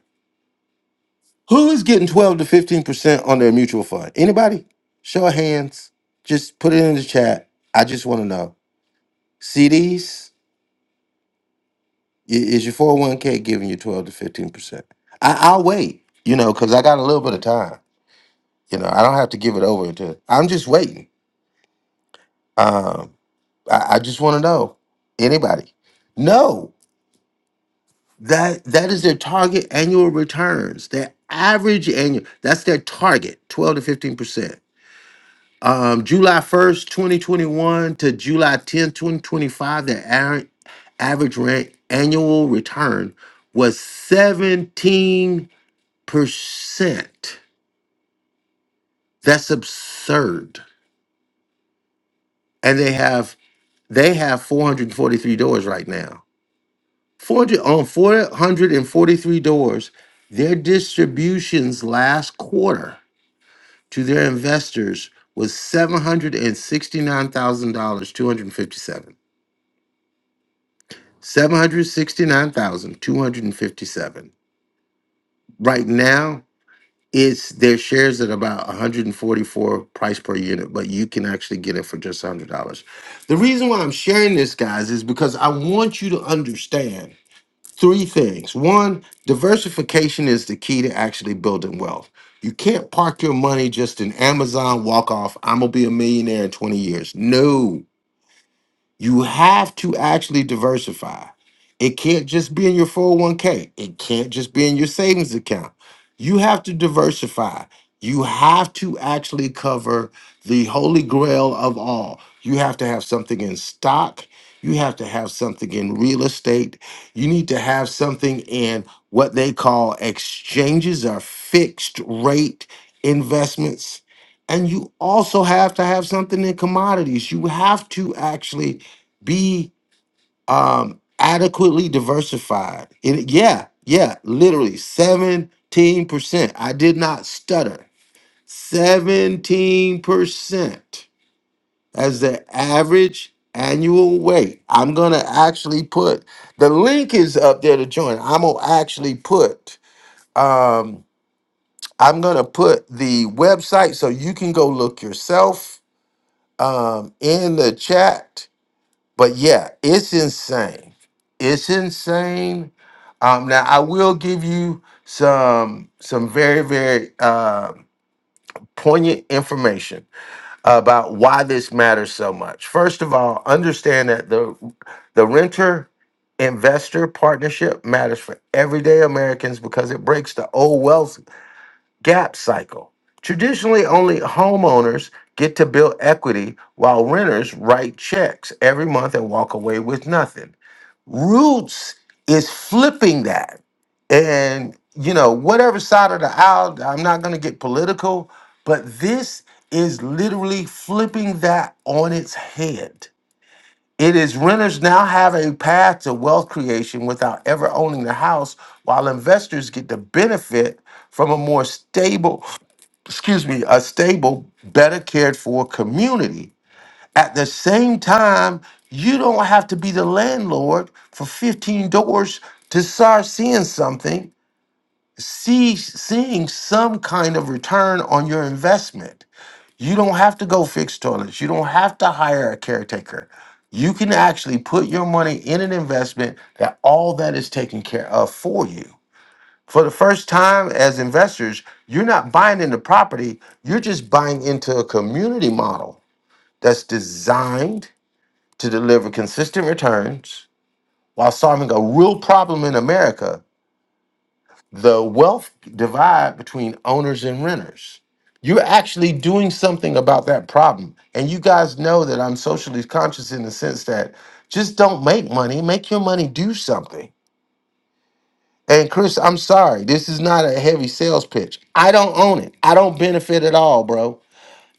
Speaker 5: Who is getting 12 to 15% on their mutual fund? Anybody? Show of hands. Just put it in the chat. I just want to know. CDs? I- Is your 401k giving you 12 to 15%? I, I'll wait, you know, because I got a little bit of time. You know, I don't have to give it over to, I'm just waiting. Um, I, I just want to know. Anybody? No. That that is their target annual returns. Their average annual. That's their target, twelve to fifteen percent. Um, July 1st, 2021 to July 10th, 2025, the ar- average rent annual return was 17%. That's absurd. And they have they have 443 doors right now. 400 on 443 doors, their distributions last quarter to their investors was $769,257. 769,257. Right now, it's their shares at about 144 price per unit, but you can actually get it for just $100. The reason why I'm sharing this, guys, is because I want you to understand three things. One, diversification is the key to actually building wealth. You can't park your money just in Amazon, walk off, I'm going to be a millionaire in 20 years. No. You have to actually diversify. It can't just be in your 401k. It can't just be in your savings account. You have to diversify. You have to actually cover the holy grail of all. You have to have something in stock. You have to have something in real estate. You need to have something in what they call exchanges or fixed rate investments. And you also have to have something in commodities. You have to actually be um adequately diversified. It, yeah, yeah, literally 17%. I did not stutter. 17% as the average annual weight. I'm going to actually put the link is up there to join. I'm going to actually put um I'm going to put the website so you can go look yourself um in the chat But yeah, it's insane. It's insane. Um, now I will give you some some very very uh, poignant information about why this matters so much. First of all, understand that the the renter investor partnership matters for everyday Americans because it breaks the old wealth gap cycle. Traditionally, only homeowners get to build equity while renters write checks every month and walk away with nothing. Roots is flipping that. And, you know, whatever side of the aisle, I'm not going to get political, but this is literally flipping that on its head. It is renters now have a path to wealth creation without ever owning the house, while investors get the benefit from a more stable, excuse me, a stable, better cared for community. At the same time, you don't have to be the landlord for 15 doors to start seeing something, see seeing some kind of return on your investment. You don't have to go fix toilets. You don't have to hire a caretaker. You can actually put your money in an investment that all that is taken care of for you. For the first time as investors, you're not buying into property, you're just buying into a community model that's designed to deliver consistent returns while solving a real problem in America the wealth divide between owners and renters. You're actually doing something about that problem. And you guys know that I'm socially conscious in the sense that just don't make money, make your money do something. And Chris, I'm sorry, this is not a heavy sales pitch. I don't own it, I don't benefit at all, bro.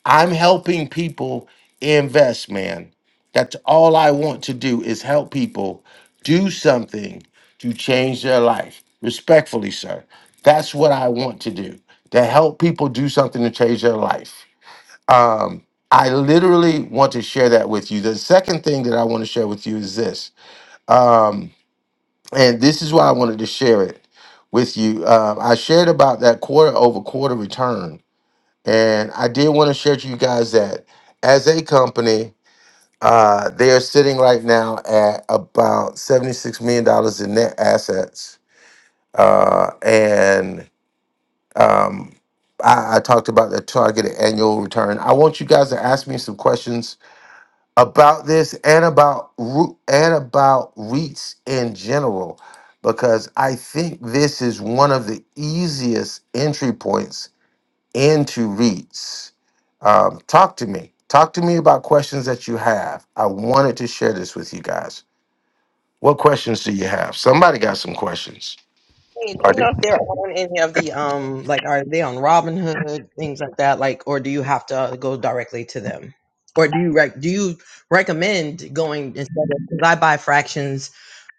Speaker 5: I'm helping people invest, man. That's all I want to do is help people do something to change their life. Respectfully, sir. That's what I want to do. To help people do something to change their life. Um, I literally want to share that with you. The second thing that I want to share with you is this. Um, and this is why I wanted to share it with you. Um, I shared about that quarter over quarter return and I did want to share to you guys that as a company, uh, they are sitting right now at about $76 million dollars in net assets. Uh, and um, I, I talked about the targeted annual return. I want you guys to ask me some questions about this and about Ru- and about REITs in general, because I think this is one of the easiest entry points into REITs Um, talk to me. Talk to me about questions that you have. I wanted to share this with you guys. What questions do you have? Somebody got some questions.
Speaker 9: Hey, do
Speaker 5: I
Speaker 9: you
Speaker 5: do.
Speaker 9: know if they're on any of the um like are they on Robinhood things like that like or do you have to uh, go directly to them or do you like do you recommend going instead of because I buy fractions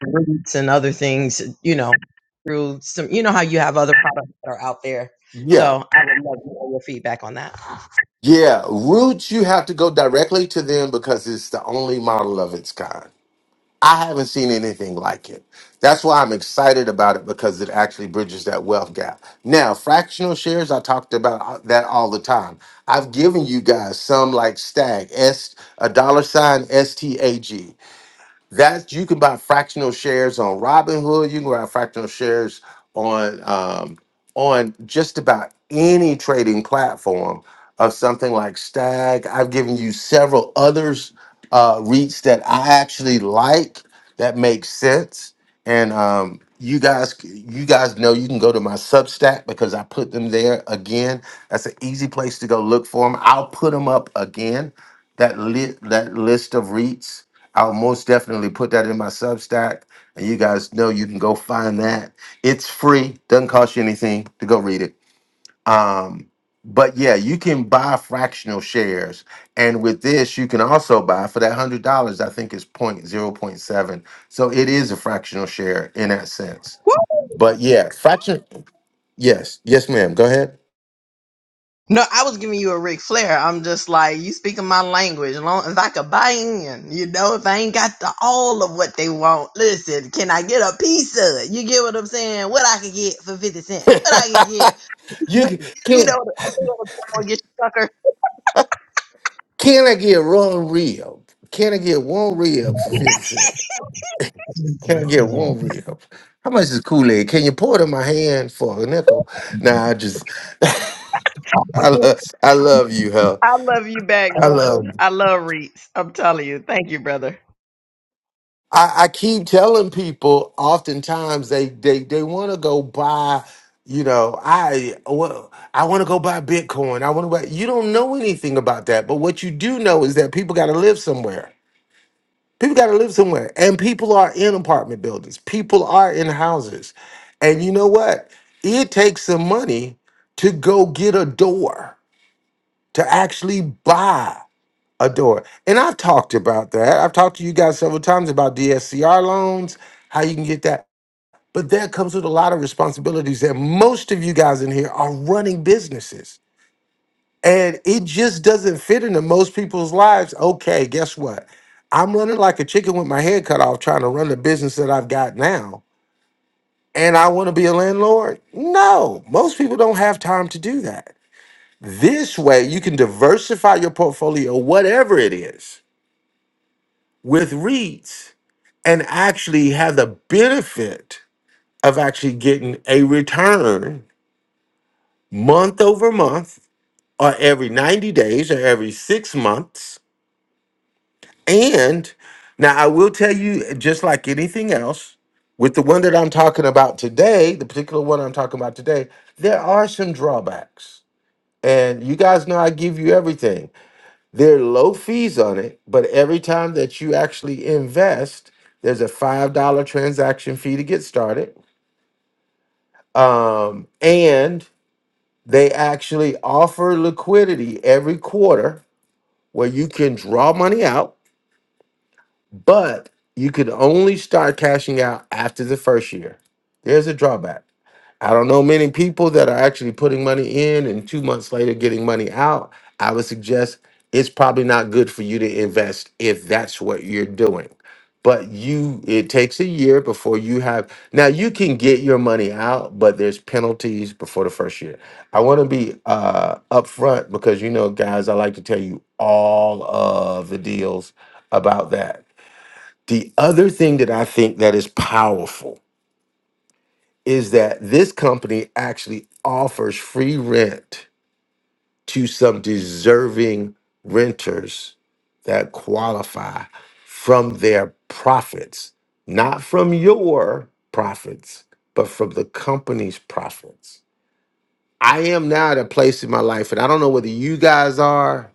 Speaker 9: roots and other things you know through some you know how you have other products that are out there
Speaker 5: Yeah.
Speaker 9: so I would love to know your feedback on that.
Speaker 5: Yeah. Roots, you have to go directly to them because it's the only model of its kind. I haven't seen anything like it. That's why I'm excited about it because it actually bridges that wealth gap. Now, fractional shares, I talked about uh, that all the time. I've given you guys some like Stag, S a dollar sign STAG. That's you can buy fractional shares on Robinhood. You can buy fractional shares on um, on just about any trading platform of something like Stag. I've given you several others uh, REITs that I actually like that make sense. And um, you guys, you guys know you can go to my Substack because I put them there again. That's an easy place to go look for them. I'll put them up again. That lit that list of REITs. I'll most definitely put that in my Substack, and you guys know you can go find that. It's free, doesn't cost you anything to go read it. Um, but yeah, you can buy fractional shares, and with this, you can also buy for that hundred dollars. I think it's point zero point seven, so it is a fractional share in that sense. But yeah, fraction. Yes, yes, ma'am. Go ahead.
Speaker 9: No, I was giving you a Ric Flair. I'm just like, you speaking my language. As long as I could buy in, you know, if I ain't got the all of what they want, listen, can I get a piece of it? You get what I'm saying? What I could get for 50 cents. What I could get.
Speaker 5: *laughs* you can,
Speaker 9: You know,
Speaker 5: can
Speaker 9: what- I know what I'm gonna get you, sucker.
Speaker 5: can I get one rib? Can I get one rib for fifty cents? Can I get one real? How much is Kool-Aid? Can you pour it in my hand for a nickel? Nah, I just *laughs* I love I love you, hell.
Speaker 9: I love you back.
Speaker 5: I love you.
Speaker 9: I love Reeds. I'm telling you. Thank you, brother.
Speaker 5: I, I keep telling people oftentimes they they they want to go buy, you know, I well, I want to go buy Bitcoin. I want to buy you don't know anything about that, but what you do know is that people gotta live somewhere. People got to live somewhere, and people are in apartment buildings. People are in houses, and you know what? It takes some money to go get a door to actually buy a door. And I've talked about that. I've talked to you guys several times about DSCR loans, how you can get that. But that comes with a lot of responsibilities that most of you guys in here are running businesses and it just doesn't fit into most people's lives. Okay, guess what? I'm running like a chicken with my head cut off trying to run the business that I've got now. And I want to be a landlord? No, most people don't have time to do that. This way, you can diversify your portfolio, whatever it is, with REITs and actually have the benefit of actually getting a return month over month or every 90 days or every six months And now I will tell you, just like anything else, with the one that I'm talking about today, the particular one I'm talking about today, there are some drawbacks. And you guys know I give you everything. There are low fees on it, but every time that you actually invest, there's a $5 transaction fee to get started. Um, and they actually offer liquidity every quarter where you can draw money out But you could only start cashing out after the first year. There's a drawback. I don't know many people that are actually putting money in and two months later getting money out. I would suggest it's probably not good for you to invest if that's what you're doing. But you, it takes a year before you have. Now you can get your money out, but there's penalties before the first year. I want to be uh, upfront because you know, guys, I like to tell you all of the deals about that the other thing that I think that is powerful is that this company actually offers free rent to some deserving renters that qualify from their profits, not from your profits, but from the company's profits. I am now at a place in my life, and I don't know whether you guys are.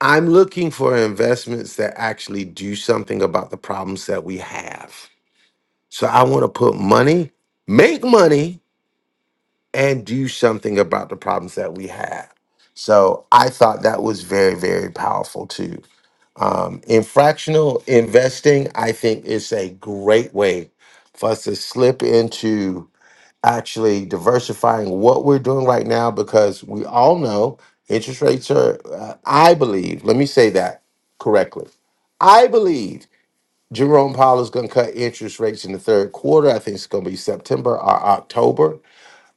Speaker 5: I'm looking for investments that actually do something about the problems that we have So I want to put money, make money, and do something about the problems that we have. So I thought that was very, very powerful too. Um, in fractional investing, I think is a great way for us to slip into actually diversifying what we're doing right now because we all know interest rates are, uh, I believe, let me say that correctly. I believe Jerome Powell is going to cut interest rates in the third quarter. I think it's going to be September or October.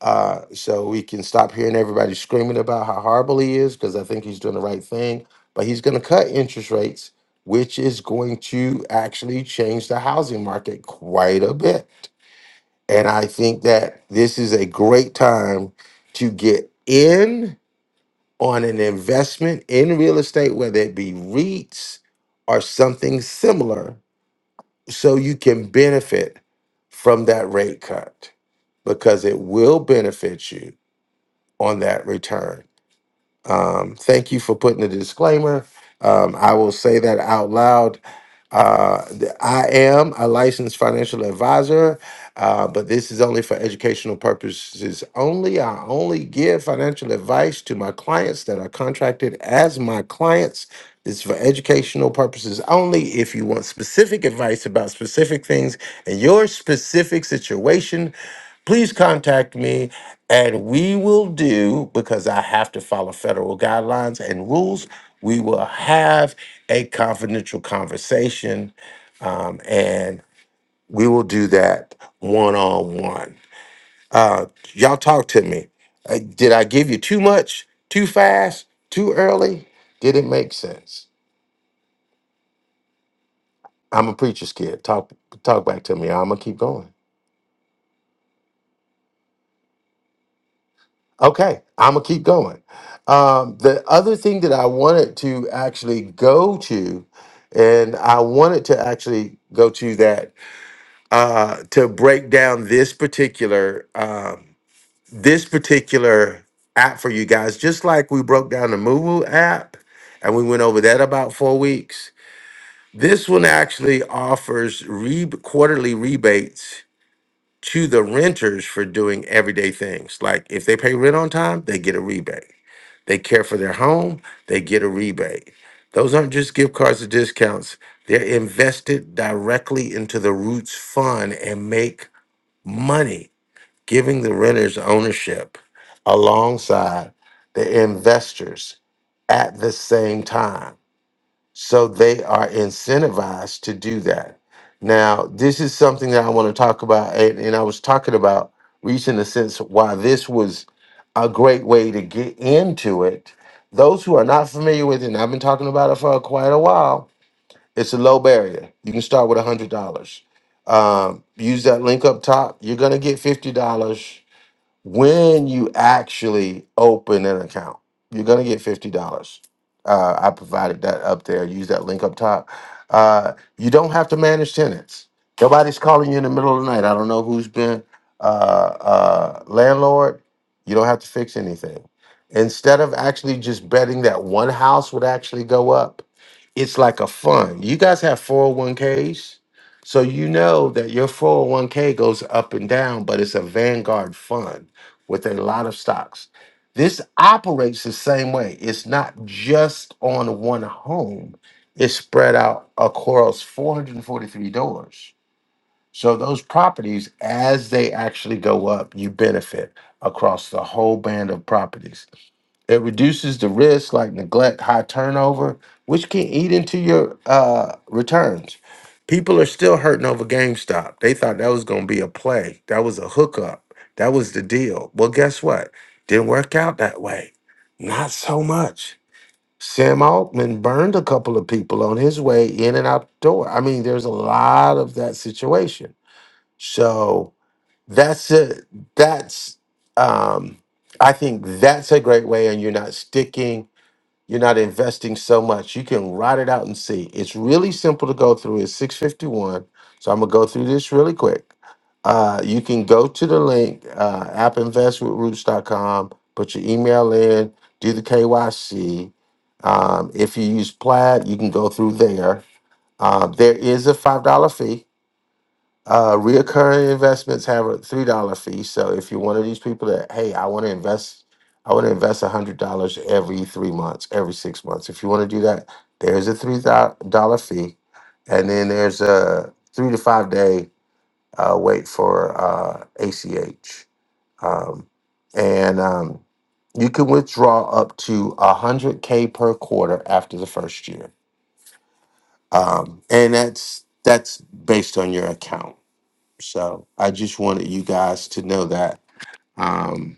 Speaker 5: Uh, so we can stop hearing everybody screaming about how horrible he is because I think he's doing the right thing. But he's going to cut interest rates, which is going to actually change the housing market quite a bit. And I think that this is a great time to get in on an investment in real estate, whether it be REITs or something similar so you can benefit from that rate cut because it will benefit you on that return. Um, thank you for putting the disclaimer. Um, I will say that out loud uh, the- I am a licensed financial advisor, uh, but this is only for educational purposes only. I only give financial advice to my clients that are contracted as my clients. This is for educational purposes only. If you want specific advice about specific things in your specific situation, please contact me and we will do because i have to follow federal guidelines and rules we will have a confidential conversation um, and we will do that one-on-one uh, y'all talk to me Uh, did i give you too much too fast too early did it make sense i'm a preacher's kid talk talk back to me i'm gonna keep going Okay, I'm gonna keep going. Um, the other thing that I wanted to actually go to, and I wanted to actually go to that uh, to break down this particular um, this particular app for you guys, just like we broke down the Moomoo app, and we went over that about four weeks. This one actually offers re- quarterly rebates to the renters for doing everyday things. Like if they pay rent on time, they get a rebate they care for their home, they get a rebate. Those aren't just gift cards or discounts. They're invested directly into the Roots Fund and make money, giving the renters ownership alongside the investors at the same time. So they are incentivized to do that. Now, this is something that I want to talk about, and, and I was talking about reason, in a sense, why this was a great way to get into it. Those who are not familiar with it, and I've been talking about it for quite a while, it's a low barrier. You can start with $100. Um, use that link up top. You're going to get $50. when you actually open an account, you're gonna get fifty dollars. Uh, I provided that up there. Use that link up top. Uh, you don't have to manage tenants. Nobody's calling you in the middle of the night. I don't know who's been uh, uh, landlord. You don't have to fix anything. Instead of actually just betting that one house would actually go up, it's like a fund. You guys have 401ks. So you know that your 401k goes up and down, but it's a Vanguard fund with a lot of stocks. This operates the same way. It's not just on one home. It's spread out across 443 doors. So those properties as they actually go up, you benefit across the whole band of properties. It reduces the risk like neglect, high turnover, which can eat into your uh, returns. People are still hurting over GameStop. They thought that was going to be a play. That was a hookup. That was the deal. Well, guess what? Didn't work out that way. Not so much. Sam Altman burned a couple of people on his way in and out the door. I mean, there's a lot of that situation. So that's a that's um i think that's a great way and you're not sticking you're not investing so much you can write it out and see it's really simple to go through it's 651 so i'm gonna go through this really quick uh you can go to the link uh app invest with roots dot com. put your email in do the kyc um, if you use plaid you can go through there uh, there is a five dollar fee uh, reoccurring investments have a three dollar fee. So if you're one of these people that, hey, I want to invest, I want to invest a hundred dollars every three months, every six months. If you want to do that, there's a three dollar fee, and then there's a three to five day uh, wait for uh, ACH, um, and um, you can withdraw up to a hundred k per quarter after the first year, um, and that's that's based on your account. So I just wanted you guys to know that um,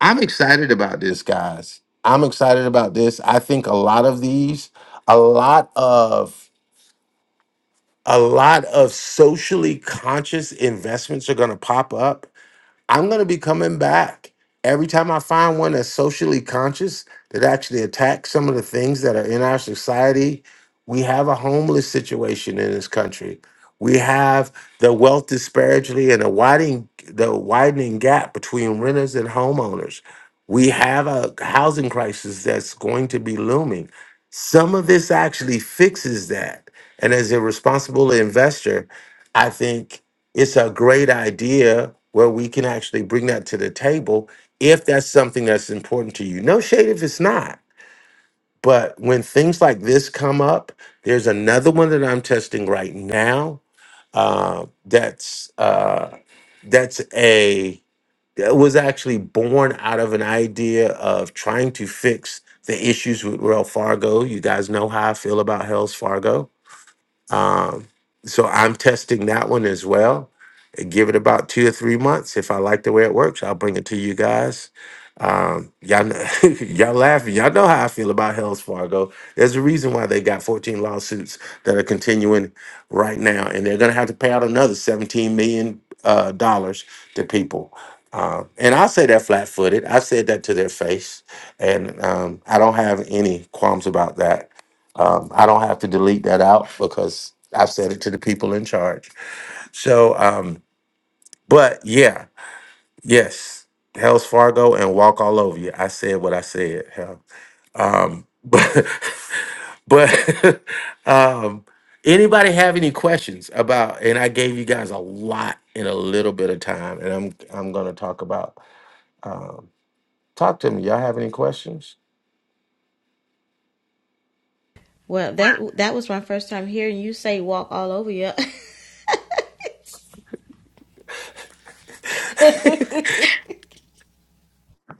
Speaker 5: I'm excited about this, guys. I'm excited about this. I think a lot of these, a lot of a lot of socially conscious investments are going to pop up I'm going to be coming back every time I find one that's socially conscious that actually attacks some of the things that are in our society. We have a homeless situation in this country. We have the wealth disparity and a widening the widening gap between renters and homeowners. We have a housing crisis that's going to be looming. Some of this actually fixes that. And as a responsible investor, I think it's a great idea where we can actually bring that to the table if that's something that's important to you. No shade if it's not. But when things like this come up, there's another one that I'm testing right now. Uh, that's uh, that's a that was actually born out of an idea of trying to fix the issues with Wells Fargo. You guys know how I feel about Hells Fargo. Um, so I'm testing that one as well give it about two or three months. If I like the way it works, I'll bring it to you guys. Um, y'all, kn- *laughs* y'all laughing. Y'all know how I feel about Hells Fargo. There's a reason why they got 14 lawsuits that are continuing right now, and they're going to have to pay out another 17 million uh, dollars to people. Uh, and I say that flat-footed. I said that to their face, and um, I don't have any qualms about that. Um, I don't have to delete that out because I've said it to the people in charge. So. Um, but yeah, yes, Hell's Fargo and Walk All Over You. I said what I said. Hell, um, *laughs* but but *laughs* um, anybody have any questions about? And I gave you guys a lot in a little bit of time, and I'm I'm gonna talk about. Um, talk to me. Y'all have any questions?
Speaker 2: Well, that that was my first time hearing you say "walk all over you."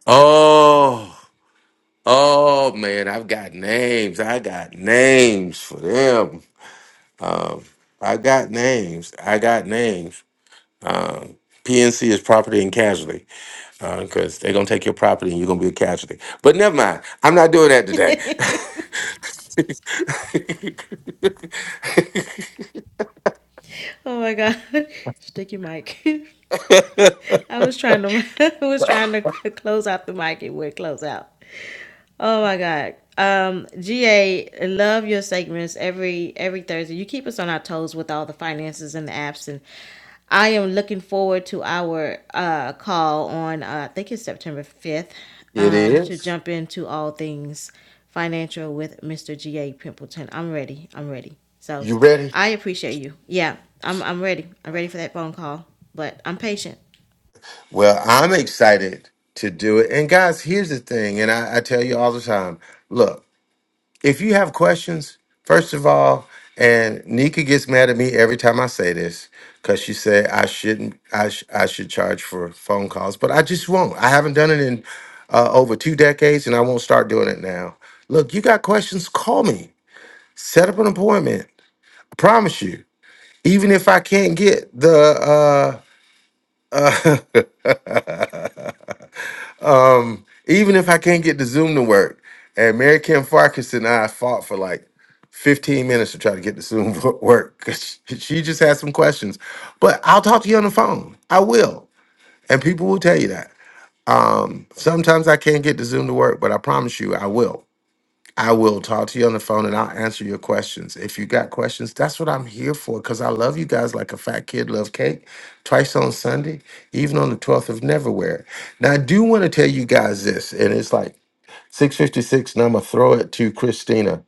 Speaker 5: Oh. Oh man, I've got names. I got names for them. Um, I got names. I got names. Um, PNC is property and casualty because they're gonna take your property and you're gonna be a casualty. But never mind, I'm not doing that today. *laughs*
Speaker 2: *laughs* oh my god! *laughs* Stick your mic. *laughs* I was trying to *laughs* I was trying to c- close out the mic. It would close out. Oh my God. Um, GA, love your segments every every Thursday. You keep us on our toes with all the finances and the apps, and I am looking forward to our uh, call on uh, I think it's September fifth
Speaker 5: it
Speaker 2: um, to
Speaker 5: is.
Speaker 2: jump into all things financial with Mr. GA Pimpleton. I'm ready. I'm ready. So
Speaker 5: You ready?
Speaker 2: I appreciate you. Yeah, I'm I'm ready. I'm ready for that phone call, but I'm patient.
Speaker 5: Well, I'm excited to do it. And guys, here's the thing, and I, I tell you all the time. Look. if you have questions, first of all, and Nika gets mad at me every time I say this because she said I shouldn't, I, sh- I should charge for phone calls, but I just won't. I haven't done it in uh, over two decades and I won't start doing it now. Look, you got questions, call me, set up an appointment. I promise you. Even if I can't get the uh, *laughs* Um, even if I can't get the Zoom to work, and Mary Kim Farkas and I fought for like 15 minutes to try to get the Zoom *laughs* to work because she just had some questions. But I'll talk to you on the phone. I will. And people will tell you that. Sometimes I can't get the Zoom to work, but I promise you I will. I will talk to you on the phone and I'll answer your questions. If you got questions, that's what I'm here for because I love you guys like a fat kid love cake twice on Sunday, even on the 12th of Neverwhere. Now, I do want to tell you guys this, and it's like 656, and I'm going to throw it to Christina.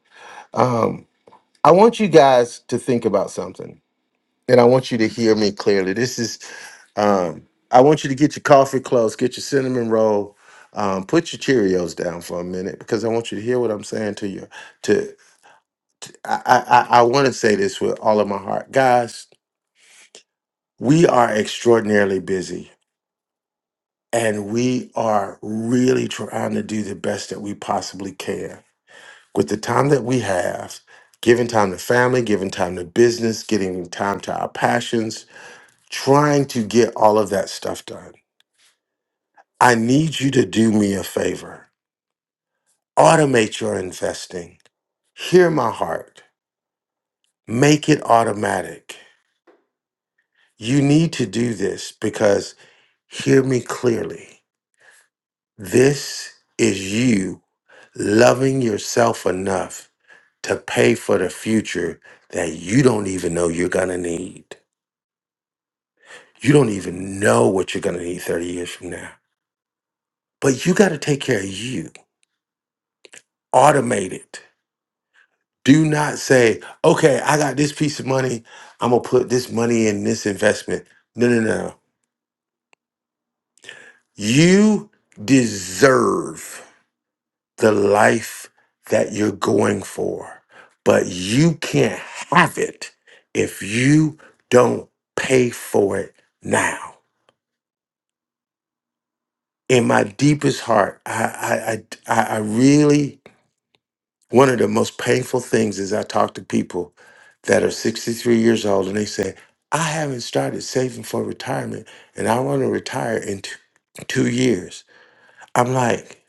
Speaker 5: Um, I want you guys to think about something, and I want you to hear me clearly. This is, um, I want you to get your coffee close, get your cinnamon roll, um, put your Cheerios down for a minute because I want you to hear what I'm saying to you. To I, I, I want to say this with all of my heart. Guys, we are extraordinarily busy, and we are really trying to do the best that we possibly can with the time that we have, giving time to family, giving time to business, giving time to our passions, trying to get all of that stuff done. I need you to do me a favor. Automate your investing. Hear my heart. Make it automatic. You need to do this because hear me clearly. This is you loving yourself enough to pay for the future that you don't even know you're going to need. You don't even know what you're going to need 30 years from now. But you got to take care of you. Automate it. Do not say, okay, I got this piece of money. I'm going to put this money in this investment. No, no, no. You deserve the life that you're going for, but you can't have it if you don't pay for it now. In my deepest heart, I, I, I, I I really One of the most painful things is I talk to people that are 63 years old and they say, I haven't started saving for retirement and I want to retire in two, two years. I'm like,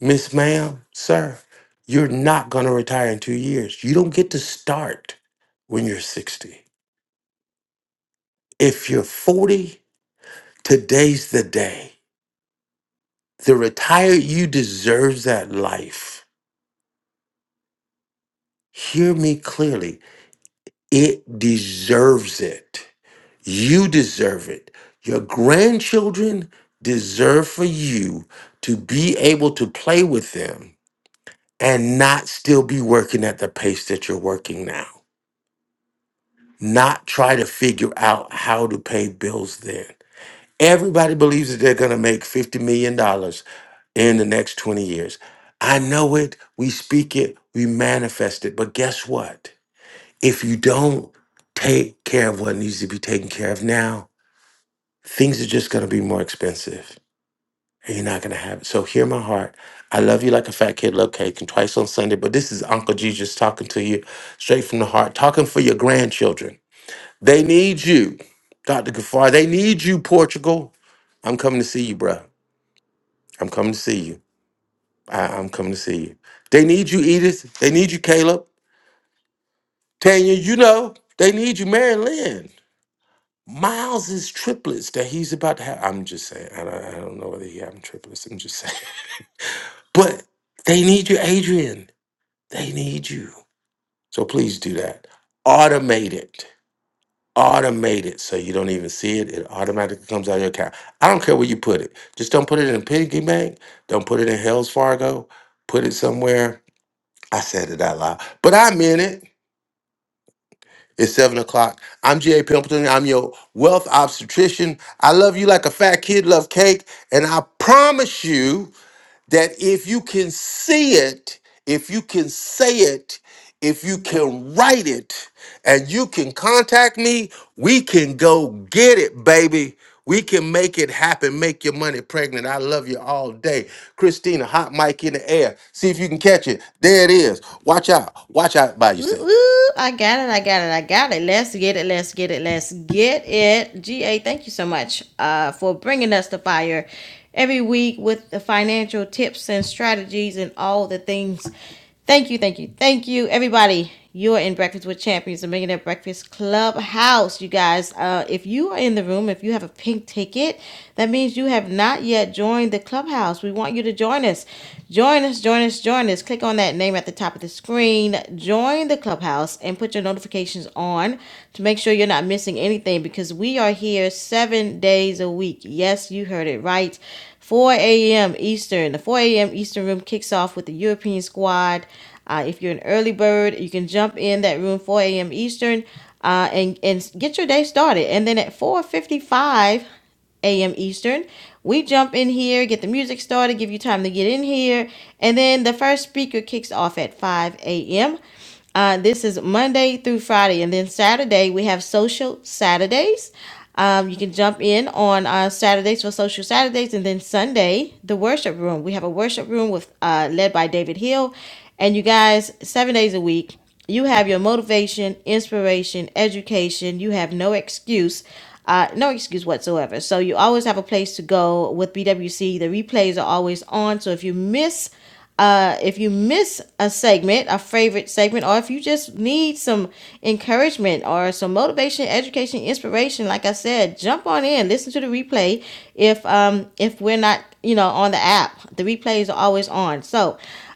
Speaker 5: Miss Ma'am, sir, you're not going to retire in two years. You don't get to start when you're 60. If you're 40, today's the day. The retired you deserves that life. Hear me clearly. It deserves it. You deserve it. Your grandchildren deserve for you to be able to play with them and not still be working at the pace that you're working now. Not try to figure out how to pay bills then. Everybody believes that they're going to make $50 million dollars in the next 20 years. I know it. We speak it. We manifest it. But guess what? If you don't take care of what needs to be taken care of now, things are just going to be more expensive and you're not going to have it. So hear my heart. I love you like a fat kid love cake and twice on Sunday, but this is Uncle Jesus talking to you straight from the heart, talking for your grandchildren. They need you, Dr. Gafar. They need you, Portugal. I'm coming to see you, bruh. I'm coming to see you. I- I'm coming to see you. They need you, Edith. They need you, Caleb. Tanya, you know, they need you, Mary Lynn. Miles' triplets that he's about to have. I'm just saying. I don't, I don't know whether he having triplets. I'm just *laughs* saying. But they need you, Adrian. They need you. So please do that. Automate it. Automate it so you don't even see it. It automatically comes out of your account. I don't care where you put it. Just don't put it in a piggy bank. Don't put it in Hells Fargo. Put it somewhere. I said it out loud, but I meant it. It's seven o'clock. I'm G.A. Pimpleton. I'm your wealth obstetrician. I love you like a fat kid love cake. And I promise you. that if you can see it, if you can say it, if you can write it, and you can contact me, we can go get it, baby. We can make it happen. Make your money pregnant. I love you all day. Christina, hot mic in the air. See if you can catch it. There it is. Watch out. Watch out by
Speaker 2: Woo
Speaker 5: yourself.
Speaker 2: woo. I got it. I got it. I got it. Let's get it. Let's get it. Let's get it. GA, thank you so much uh, for bringing us to fire every week with the financial tips and strategies and all the things. Thank you. Thank you. Thank you, everybody. You're in Breakfast with Champions, the Millionaire Breakfast Clubhouse. You guys, uh, if you are in the room, if you have a pink ticket, that means you have not yet joined the clubhouse. We want you to join us. Join us, join us, join us. Click on that name at the top of the screen. Join the clubhouse and put your notifications on to make sure you're not missing anything because we are here seven days a week. Yes, you heard it right. 4 a.m. Eastern. The 4 a.m. Eastern room kicks off with the European squad. Uh, if you're an early bird, you can jump in that room 4 a.m. Eastern uh, and, and get your day started. And then at 4.55 a.m. Eastern, we jump in here, get the music started, give you time to get in here. And then the first speaker kicks off at 5 a.m. Uh, this is Monday through Friday, and then Saturday we have social Saturdays. Um, you can jump in on uh, Saturdays for social Saturdays, and then Sunday the worship room. We have a worship room with uh, led by David Hill, and you guys seven days a week. You have your motivation, inspiration, education. You have no excuse, uh, no excuse whatsoever. So you always have a place to go with BWC. The replays are always on. So if you miss uh, if you miss a segment, a favorite segment, or if you just need some encouragement or some motivation, education, inspiration, like I said, jump on in, listen to the replay. If um if we're not you know on the app, the replays are always on. So,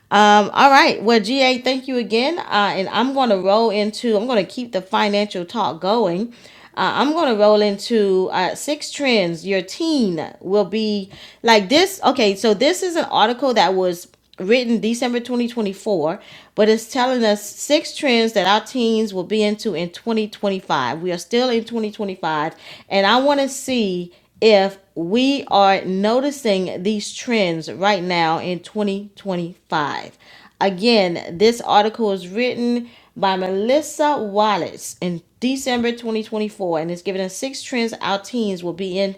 Speaker 2: um, all right. Well, GA, thank you again. Uh, and I'm going to roll into, I'm going to keep the financial talk going. Uh, I'm going to roll into uh, six trends your teen will be like this. Okay. So, this is an article that was written December 2024, but it's telling us six trends that our teens will be into in 2025. We are still in 2025, and I want to see if we are noticing these trends right now in 2025. Again, this article is written by Melissa Wallace in December 2024, and it's giving us six trends our teens will be in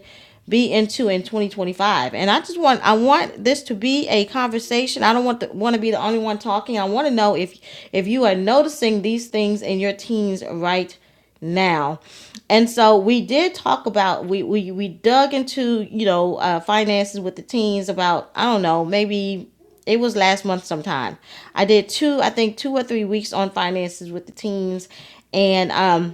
Speaker 2: be into in 2025 and i just want i want this to be a conversation i don't want to want to be the only one talking i want to know if if you are noticing these things in your teens right now and so we did talk about we we, we dug into you know uh, finances with the teens about i don't know maybe it was last month sometime i did two i think two or three weeks on finances with the teens and um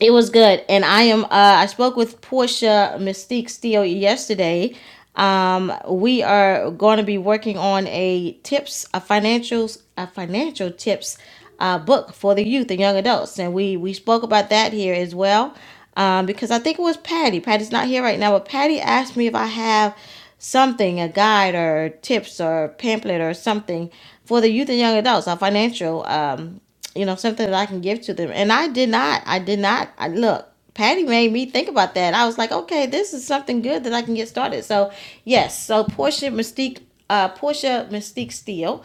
Speaker 2: it was good and i am uh i spoke with portia mystique steele yesterday um we are going to be working on a tips a financials a financial tips uh book for the youth and young adults and we we spoke about that here as well um because i think it was patty patty's not here right now but patty asked me if i have something a guide or tips or pamphlet or something for the youth and young adults a financial um you know something that i can give to them and i did not i did not I, look patty made me think about that i was like okay this is something good that i can get started so yes so portia mystique uh, portia mystique steele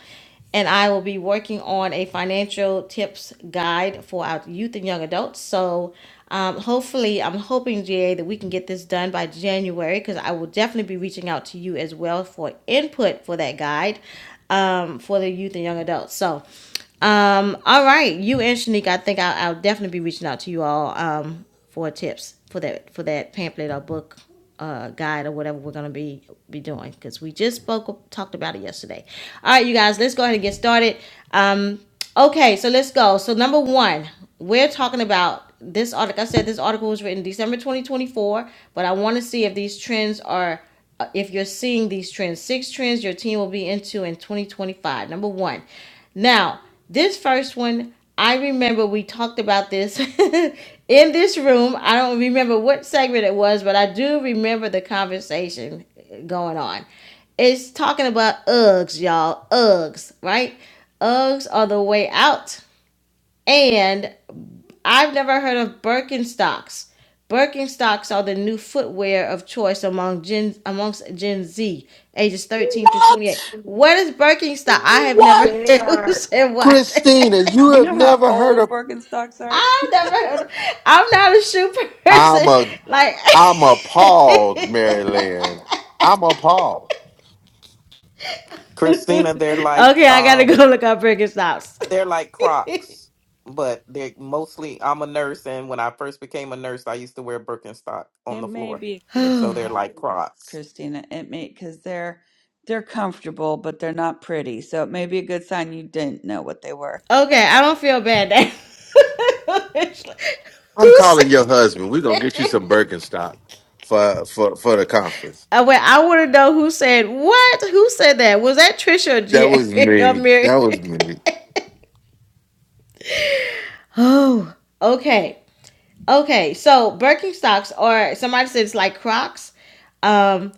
Speaker 2: and i will be working on a financial tips guide for our youth and young adults so um, hopefully i'm hoping ga that we can get this done by january because i will definitely be reaching out to you as well for input for that guide um, for the youth and young adults so um, all right, you and Shanique, I think I'll, I'll definitely be reaching out to you all um, for tips for that for that pamphlet or book uh, guide or whatever we're gonna be be doing because we just spoke talked about it yesterday. All right, you guys, let's go ahead and get started. Um, okay, so let's go. So number one, we're talking about this article. I said this article was written December 2024, but I want to see if these trends are uh, if you're seeing these trends. Six trends your team will be into in 2025. Number one. Now, this first one, I remember we talked about this *laughs* in this room. I don't remember what segment it was, but I do remember the conversation going on. It's talking about Uggs, y'all. Uggs, right? Uggs are the way out. And I've never heard of Birkenstocks. Birkenstocks are the new footwear of choice among Gen amongst Gen Z, ages 13 through 28.
Speaker 5: What?
Speaker 2: What is Birkenstock? I have never *laughs*
Speaker 8: They
Speaker 5: What?
Speaker 2: heard who
Speaker 8: are.
Speaker 2: said what.
Speaker 5: Christina, you
Speaker 8: You
Speaker 5: have
Speaker 8: know how
Speaker 5: never heard
Speaker 8: old
Speaker 5: of
Speaker 8: Birkenstocks
Speaker 2: *laughs*
Speaker 8: are?
Speaker 2: I've never heard of, I'm not a shoe
Speaker 5: I'm
Speaker 2: person. *laughs*
Speaker 5: a
Speaker 2: Like
Speaker 5: I'm appalled, Maryland. I'm appalled.
Speaker 12: Christina,
Speaker 2: *laughs*
Speaker 12: they're like
Speaker 2: okay, I gotta go
Speaker 12: um
Speaker 2: look up Birkenstocks.
Speaker 12: they're like Crocs, but they're mostly I'm a nurse and when I first became a nurse I used to wear Birkenstock on
Speaker 8: It
Speaker 12: the
Speaker 8: may
Speaker 12: floor.
Speaker 8: be
Speaker 2: *sighs*
Speaker 8: a good
Speaker 12: So
Speaker 2: okay,
Speaker 12: they're like
Speaker 8: sign,
Speaker 12: Crocs.
Speaker 8: Christina. It may because they're they're comfortable, but they're not pretty. So it may be a good sign you didn't know what they were.
Speaker 2: I don't feel bad now. *laughs*
Speaker 5: I'm
Speaker 2: who
Speaker 5: calling your
Speaker 2: said?
Speaker 5: husband. We're gonna get you some Birkenstock for for for the conference.
Speaker 2: I well, I want to know who said what? Who said that? Was that Trisha or,
Speaker 5: That was
Speaker 2: G- *laughs* or
Speaker 5: me. That
Speaker 2: Mary?
Speaker 5: was me.
Speaker 2: *laughs* oh, okay, okay. So Birkenstocks or somebody said it's like Crocs. Um,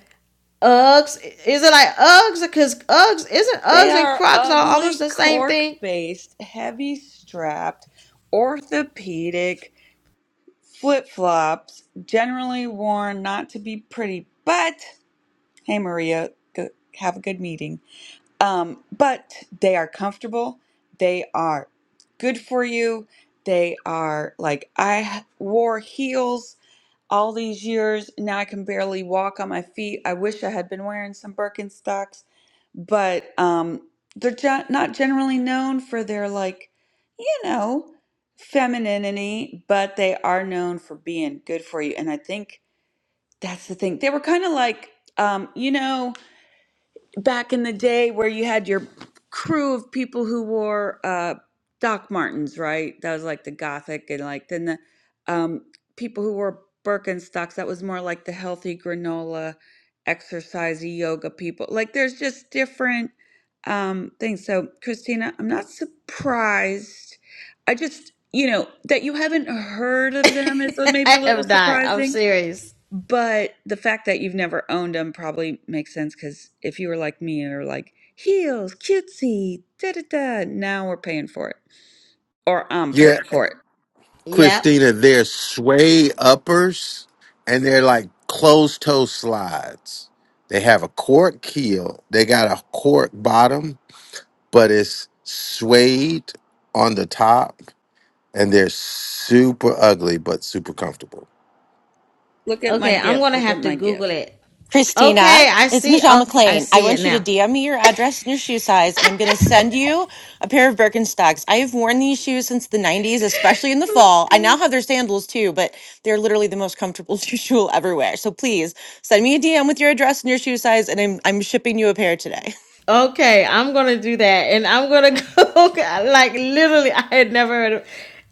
Speaker 2: Uggs is it like Uggs? Because Uggs isn't
Speaker 8: They
Speaker 2: Uggs and
Speaker 8: are
Speaker 2: Crocs are almost
Speaker 8: ugly,
Speaker 2: the same thing.
Speaker 8: cork-based, heavy-strapped, orthopedic flip-flops, generally worn not to be pretty. But hey, Maria, go, have a good meeting. um, but they are comfortable. They are good for you. They are like I wore heels all these years. Now I can barely walk on my feet. I wish I had been wearing some Birkenstocks, but um, they're gen- not generally known for their like, you know, femininity. But they are known for being good for you. And I think that's the thing. They were kind of like, um, you know back in the day where you had your crew of people who wore uh Doc Martens, right? That was like the gothic and like then the um people who wore Birkenstocks, that was more like the healthy granola, exercisey yoga people. Like there's just different um things. So Christina, I'm not surprised. I just you know that you haven't heard
Speaker 2: *laughs*
Speaker 8: of them is maybe
Speaker 2: I
Speaker 8: a little
Speaker 2: have not. I'm
Speaker 8: surprising
Speaker 2: serious.
Speaker 8: but the fact that you've never owned them probably makes sense because if you were like me you're like, heels, cutesy, da da da, now we're paying for it. Or I'm
Speaker 5: Yeah,
Speaker 8: paying for it.
Speaker 2: Yep.
Speaker 5: Christina, they're suede uppers and they're like closed toe slides. They have a cork heel. They got a cork bottom, but it's suede on the top, and they're super ugly but super comfortable.
Speaker 8: Look at my
Speaker 2: Okay, I'm
Speaker 8: gift.
Speaker 2: gonna
Speaker 8: Look at
Speaker 2: have to
Speaker 8: my
Speaker 2: Google
Speaker 8: gift.
Speaker 2: it.
Speaker 13: Christina,
Speaker 2: Okay, I
Speaker 13: it's
Speaker 2: see.
Speaker 13: Michelle
Speaker 2: Oh, I
Speaker 13: McLean. I
Speaker 2: see it
Speaker 13: want you to
Speaker 2: now.
Speaker 13: DM me your address and your shoe size, and I'm going to send you a pair of Birkenstocks. I have worn these shoes since the 90s, especially in the
Speaker 2: Oh my
Speaker 13: fall. I now
Speaker 2: god.
Speaker 13: have their sandals too, but they're literally the most comfortable *laughs* shoes you'll ever wear. So please send me a DM with your address and your shoe size, and I'm, I'm shipping you a pair today.
Speaker 2: Okay, I'm gonna do that, and I'm gonna *laughs* go like literally. I had never heard of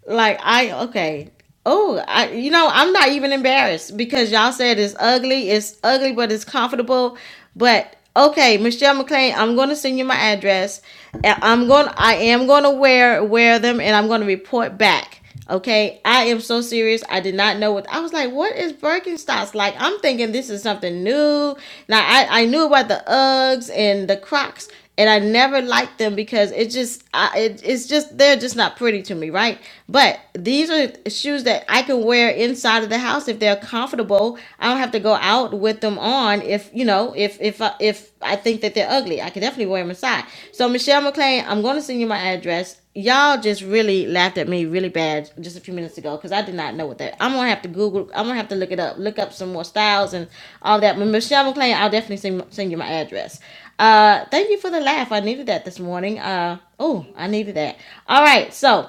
Speaker 2: like I okay. Oh, I you know I'm not even embarrassed because y'all said it's ugly. It's ugly, but it's comfortable. But okay, Michelle McLean, I'm gonna send you my address. and I'm going. to I am gonna wear wear them, and I'm gonna report back. Okay, I am so serious. I did not know what I was like. What is Birkenstocks like? I'm thinking this is something new. Now I I knew about the Uggs and the Crocs, and I never liked them because it just I, it, it's just they're just not pretty to me, right? But these are shoes that I can wear inside of the house if they're comfortable. I don't have to go out with them on if you know if if I- if I think that they're ugly. I can definitely wear them inside. So Michelle McLean, I'm going to send you my address y'all just really laughed at me really bad just a few minutes ago because I did not know what that. I'm gonna have to Google. I'm gonna have to look it up. Look up some more styles and all that. But Michelle McClain, I'll definitely send send you my address. Uh, thank you for the laugh. I needed that this morning. Uh, oh, I needed that. All right, so.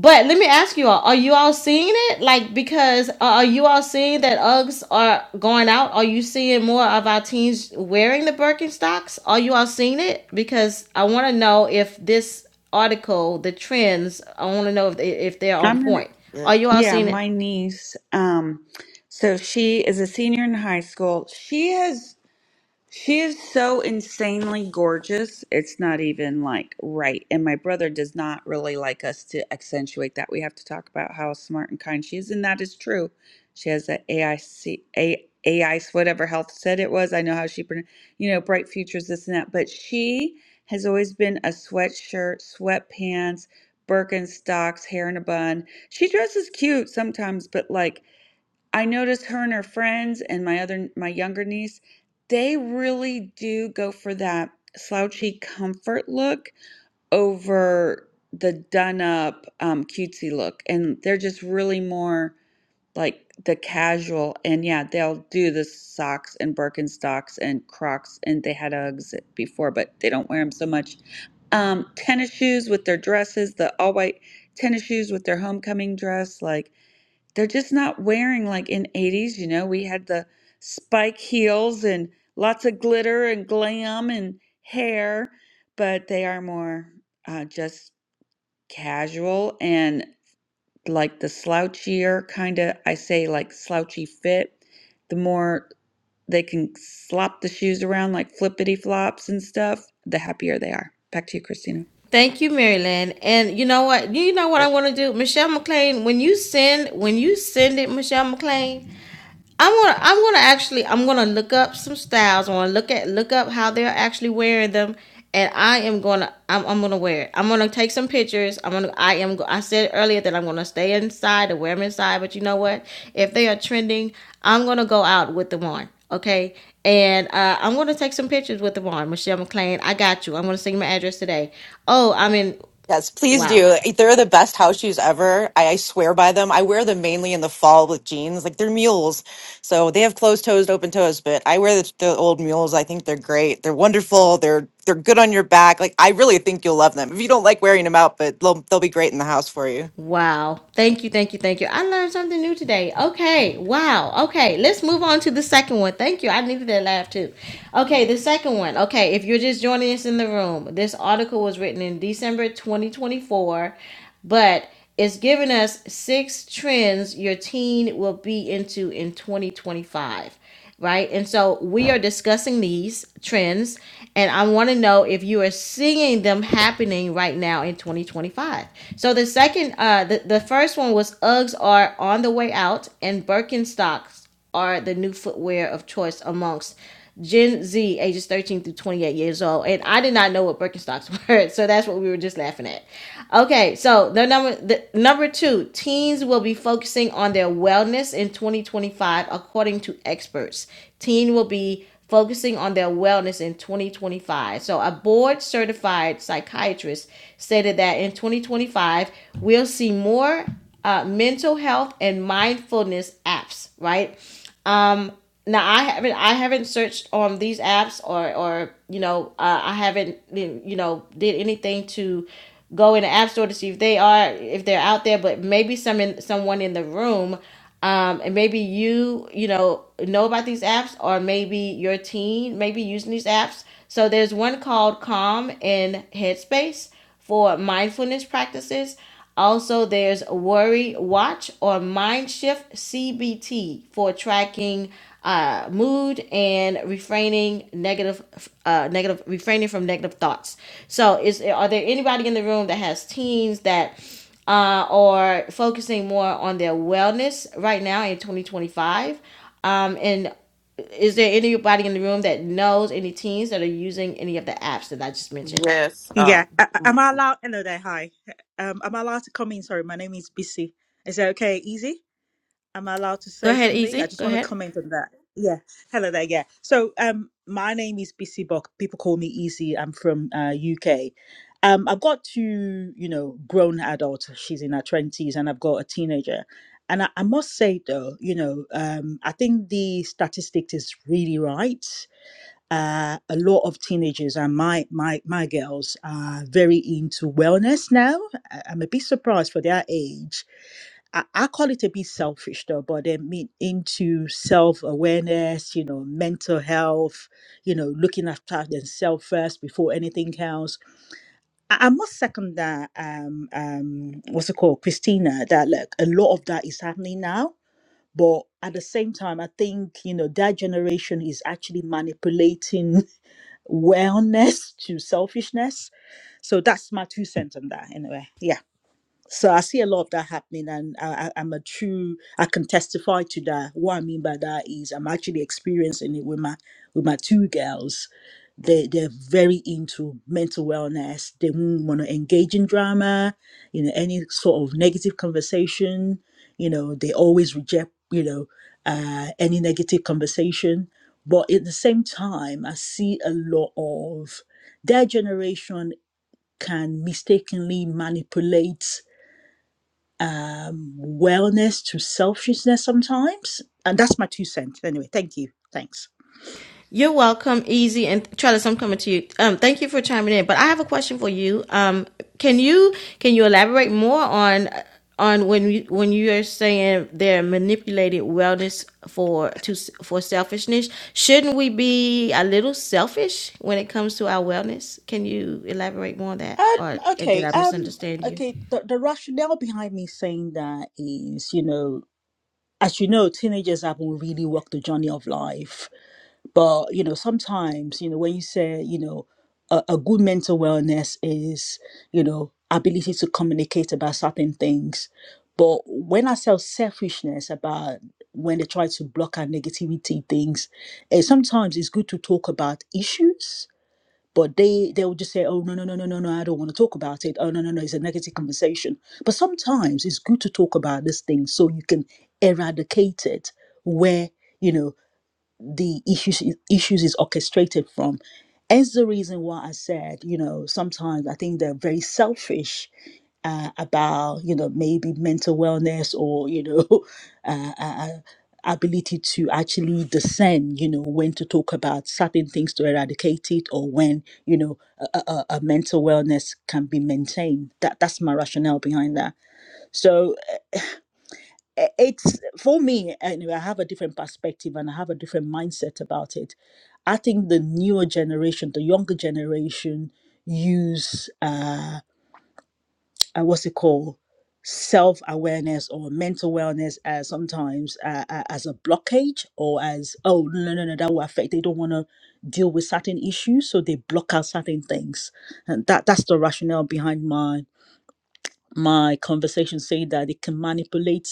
Speaker 2: But let me ask you all: Are you all seeing it? Like, because uh, are you all seeing that Uggs are going out? Are you seeing more of our teens wearing the Birkenstocks? Are you all seeing it? Because I want to know if this article, the trends, I want to know if they, if they're on
Speaker 8: I'm gonna
Speaker 2: point.
Speaker 12: Yeah.
Speaker 2: Are you all
Speaker 8: Yeah,
Speaker 2: seeing it?
Speaker 8: my niece. Um, so she is a senior in high school. She has. She is so insanely gorgeous. It's not even like right. And my brother does not really like us to accentuate that. We have to talk about how smart and kind she is, and that is true. She has that AIC, A, AIC, whatever health said it was. I know how she, pron- you know, bright futures, this and that. But she has always been a sweatshirt, sweatpants, Birkenstocks, hair in a bun. She dresses cute sometimes, but like I notice her and her friends and my other my younger niece, they really do go for that slouchy comfort look over the done up um, cutesy look, and they're just really more like the casual. And yeah, they'll do the socks and Birkenstocks and Crocs, and they had Uggs before, but they don't wear them so much. Um, tennis shoes with their dresses, the all white tennis shoes with their homecoming dress, like they're just not wearing like in 80s you know we had the spike heels and lots of glitter and glam and hair but they are more uh, just casual and like the slouchier kind of i say like slouchy fit the more they can slop the shoes around like flippity flops and stuff the happier they are back to you christina
Speaker 2: Thank you, Maryland. And you know what? You know what I'm going to do, Michelle McLean. When you send, when you send it, Michelle McLean. I'm gonna I'm gonna actually I'm gonna look up some styles. I'm gonna look at look up how they're actually wearing them, and I am gonna I'm, I'm gonna wear it. I'm gonna take some pictures. I'm gonna I am go- I said earlier that I'm gonna stay inside and wear them inside. But you know what? If they are trending, I'm gonna go out with them on. Okay, and uh, I'm gonna take some pictures with them on. Michelle McClain, I got you. I'm gonna send you my address today. Oh, I'm in.
Speaker 13: Yes, please
Speaker 2: Wow.
Speaker 13: do. They're the best house shoes ever. I, I swear by them. I wear them mainly in the fall with jeans. Like they're mules. So they have closed toes, open toes, but I wear the, the old mules. I think they're great. They're wonderful. They're they're good on your back. Like I really think you'll love them. If you don't like wearing them out, but they'll they'll be great in the house for you.
Speaker 2: Wow. Thank you, thank you, thank you. I learned something new today. Okay. Wow. Okay. Let's move on to the second one. Thank you. I needed that laugh too. Okay. The second one. Okay. If you're just joining us in the room, this article was written in December 2024, but it's giving us six trends your teen will be into in 2025 right? And so we are discussing these trends, and I want to know if you are seeing them happening right now in 2025. So the second, uh, the, the first one was Uggs are on the way out, and Birkenstocks are the new footwear of choice amongst Gen Z, ages 13 through 28 years old. And I did not know what Birkenstocks *laughs* were, so that's what we were just laughing at. Okay, so the number the number two, teens will be focusing on their wellness in 2025, according to experts. Teen will be focusing on their wellness in 2025. So a board certified psychiatrist stated that in 2025 we'll see more uh, mental health and mindfulness apps, right? Um, now I haven't I haven't searched on these apps or or you know uh, I haven't you know did anything to go in the app store to see if they are if they're out there, but maybe some in, someone in the room. Um, and maybe you you know know about these apps or maybe your teen maybe using these apps so there's one called calm and headspace for mindfulness practices. Also, there's Worry Watch or Mind Shift CBT for tracking uh, mood and refraining negative, uh, negative, refraining from negative thoughts. So, is are there anybody in the room that has teens that uh, are focusing more on their wellness right now in 2025? Um, and is there anybody in the room that knows any teens that are using any of the apps that I just mentioned?
Speaker 12: Yes,
Speaker 14: Yeah.
Speaker 12: um
Speaker 14: A- a- am I allowed? Hello there. Hi. Um, am I allowed to come in? Sorry, my name is Busy. Is that okay? Easy? Am I allowed to
Speaker 2: Go
Speaker 14: say
Speaker 2: ahead,
Speaker 14: something? I
Speaker 2: Easy.
Speaker 14: just
Speaker 2: Go
Speaker 14: want to
Speaker 2: ahead.
Speaker 14: comment on that. Yeah. Hello there. Yeah. So, um, my name is Busy Bok. People call me Easy. I'm from uh, UK. Um, I've got two, you know, grown adults. She's in her twenties, and I've got a teenager. And I, I must say though, you know, um, I think the statistic is really right uh, a lot of teenagers and my my my girls are very into wellness now. I- I'm a bit surprised for their age. I, I call it a bit selfish though, but they mean into self awareness, you know, mental health, you know, looking after themselves first before anything else. I, I must second that. Um, um, what's it called, Christina? That like a lot of that is happening now. But at the same time, I think you know that generation is actually manipulating wellness to selfishness. So that's my two cents on that anyway. yeah. So I see a lot of that happening, and I, I, I'm a true. I can testify to that. What I mean by that is, I'm actually experiencing it with my with my two girls. They they're very into mental wellness. They won't want to engage in drama, you know, any sort of negative conversation. You know, they always reject, you know, uh, any negative conversation. But at the same time, I see a lot of their generation can mistakenly manipulate um, wellness to selfishness sometimes. And that's my two cents. Anyway, thank you. Thanks.
Speaker 2: You're welcome, Easy, and Travis. I'm coming to you. Um, thank you for chiming in, but I have a question for you. Um, can you can you elaborate more on on when you when you are saying they're manipulating wellness for to for selfishness? Shouldn't we be a little selfish when it comes to our wellness? Can you elaborate more on that,
Speaker 14: Um,
Speaker 2: or did
Speaker 14: okay.
Speaker 2: I
Speaker 14: Um,
Speaker 2: misunderstand you?
Speaker 14: okay. The, the rationale behind me saying that is, you know, as you know, teenagers haven't really walked the journey of life But you know, sometimes you know when you say you know a, a good mental wellness is you know ability to communicate about certain things. But when I say selfishness about when they try to block our negativity things, eh, sometimes it's good to talk about issues. But they they will just say, oh no no no no no no, I don't want to talk about it. Oh no no no, it's a negative conversation. But sometimes it's good to talk about this thing so you can eradicate it where you know the issues issues is orchestrated from. Hence the reason why I said, you know, sometimes I think they're very selfish uh, about, you know, maybe mental wellness or, you know, *laughs* uh, uh, ability to actually discern, you know, when to talk about certain things to eradicate it or when, you know, a, a, a a mental wellness can be maintained. That that's my rationale behind that. So i- it's for me anyway i have a different perspective and i have a different mindset about it i think the newer generation the younger generation use uh, uh what's it called self-awareness or mental wellness as sometimes uh, uh, as a blockage or as oh no no no no, that will affect they don't want to deal with certain issues so they block out certain things and that that's the rationale behind my my conversation saying that it can manipulate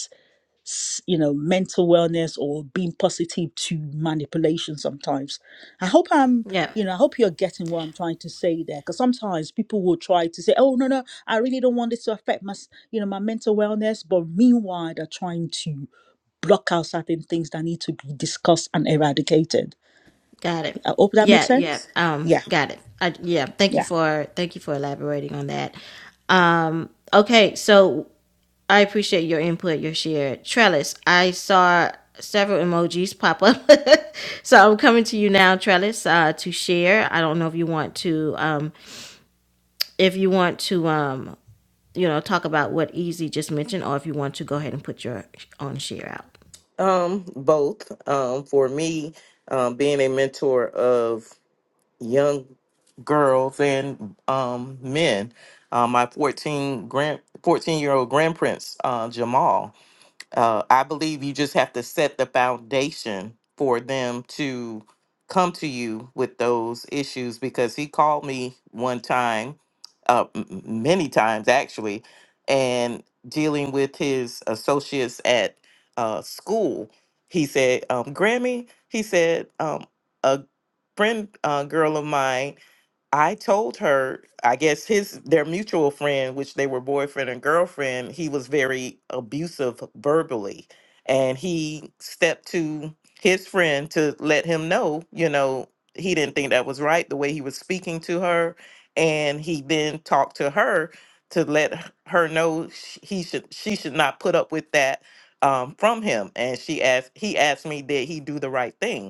Speaker 14: s- you know mental wellness or being positive to manipulation sometimes i hope i'm
Speaker 2: Yeah.
Speaker 14: you know i hope you're getting what i'm trying to say there because sometimes people will try to say oh no no i really don't want this to affect my s- you know my mental wellness but meanwhile they're trying to block out certain things that need to be discussed and eradicated
Speaker 2: Got it.
Speaker 14: i hope that makes
Speaker 2: Yeah, yeah.
Speaker 14: sense
Speaker 2: Um,
Speaker 14: yeah
Speaker 2: got it. I, yeah. Thank you
Speaker 14: yeah
Speaker 2: for thank you for elaborating on that. Um, okay, so I appreciate your input, your share. Trellis, I saw several emojis pop up. *laughs* so I'm coming to you now, Trellis, uh, to share. I don't know if you want to um if you want to um you know talk about what Easy just mentioned or if you want to go ahead and put your own share out.
Speaker 12: um both um for me um being a mentor of young girls and um men. Um my 14 grand 14 year old grandprince uh Jamal uh, I believe you just have to set the foundation for them to come to you with those issues because he called me one time, uh, m- m- many times actually, and dealing with his associates at uh, school. He said, um, Grammy, he said, um, a friend uh, girl of mine I told her, I guess his their mutual friend, which they were boyfriend and girlfriend, he was very abusive verbally. And he stepped to his friend to let him know, you know, he didn't think that was right the way he was speaking to her. And he then talked to her to let h- her know sh- he should she should not put up with that um, from him. And she asked he asked me, did he do the right thing?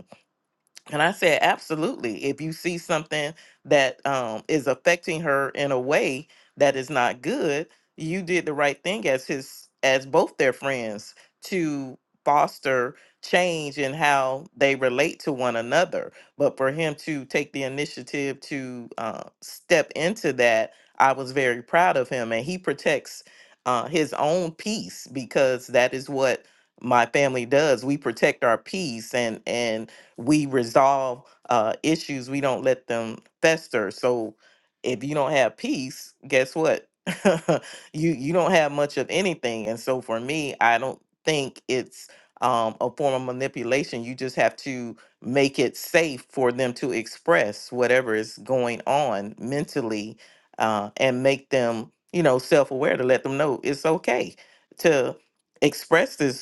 Speaker 12: And I said, absolutely. If you see something that um, is affecting her in a way that is not good, you did the right thing as his, as both their friends to foster change in how they relate to one another. But for him to take the initiative to uh, step into that, I was very proud of him. And he protects uh, his own peace because that is what my family does. We protect our peace and and we resolve uh, issues. We don't let them fester. So if you don't have peace, guess what? *laughs* you you don't have much of anything. And so for me, I don't think it's um, a form of manipulation. You just have to make it safe for them to express whatever is going on mentally, uh, and make them you know self aware to let them know it's okay to express this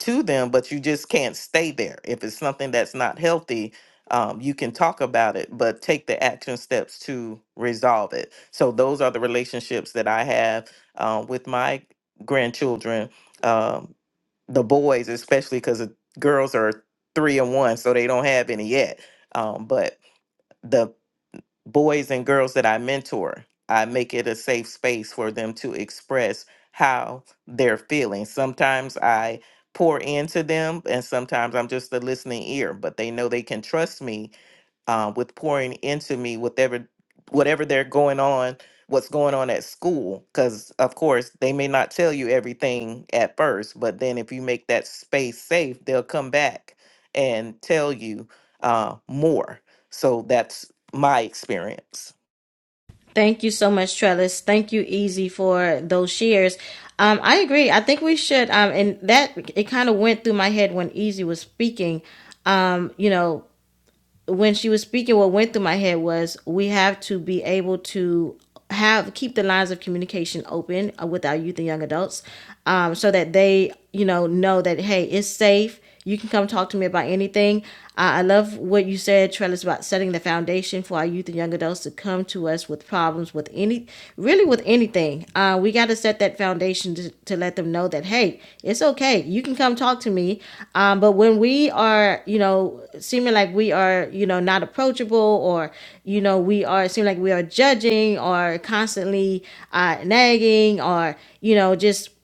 Speaker 12: to them, but you just can't stay there. If it's something that's not healthy, um, you can talk about it, but take the action steps to resolve it. So those are the relationships that I have uh, with my grandchildren, um, the boys especially, because the girls are three and one, so they don't have any yet. Um, but the boys and girls that I mentor, I make it a safe space for them to express how they're feeling. Sometimes I pour into them, and sometimes I'm just the listening ear, but they know they can trust me uh, with pouring into me whatever whatever they're going on what's going on at school because of course they may not tell you everything at first but then if you make that space safe they'll come back and tell you uh, more so that's my experience
Speaker 2: Thank you so much, Trellis. Thank you, Easy, for those shares. Um, I agree. I think we should. Um, and that it kind of went through my head when Easy was speaking. Um, you know, when she was speaking, what went through my head was we have to be able to have keep the lines of communication open uh, with our youth and young adults, um, so that they, you know, know that hey, it's safe. You can come talk to me about anything. Uh, I love what you said, Trellis, about setting the foundation for our youth and young adults to come to us with problems problems with any, really with anything, uh, we got to set that foundation to, to let them know that, hey, it's okay. You can come talk to me. Um, but when we are, you know, seeming like we are, you know, not approachable or, you know, we are, seem like we are judging or constantly uh, nagging or, you know, just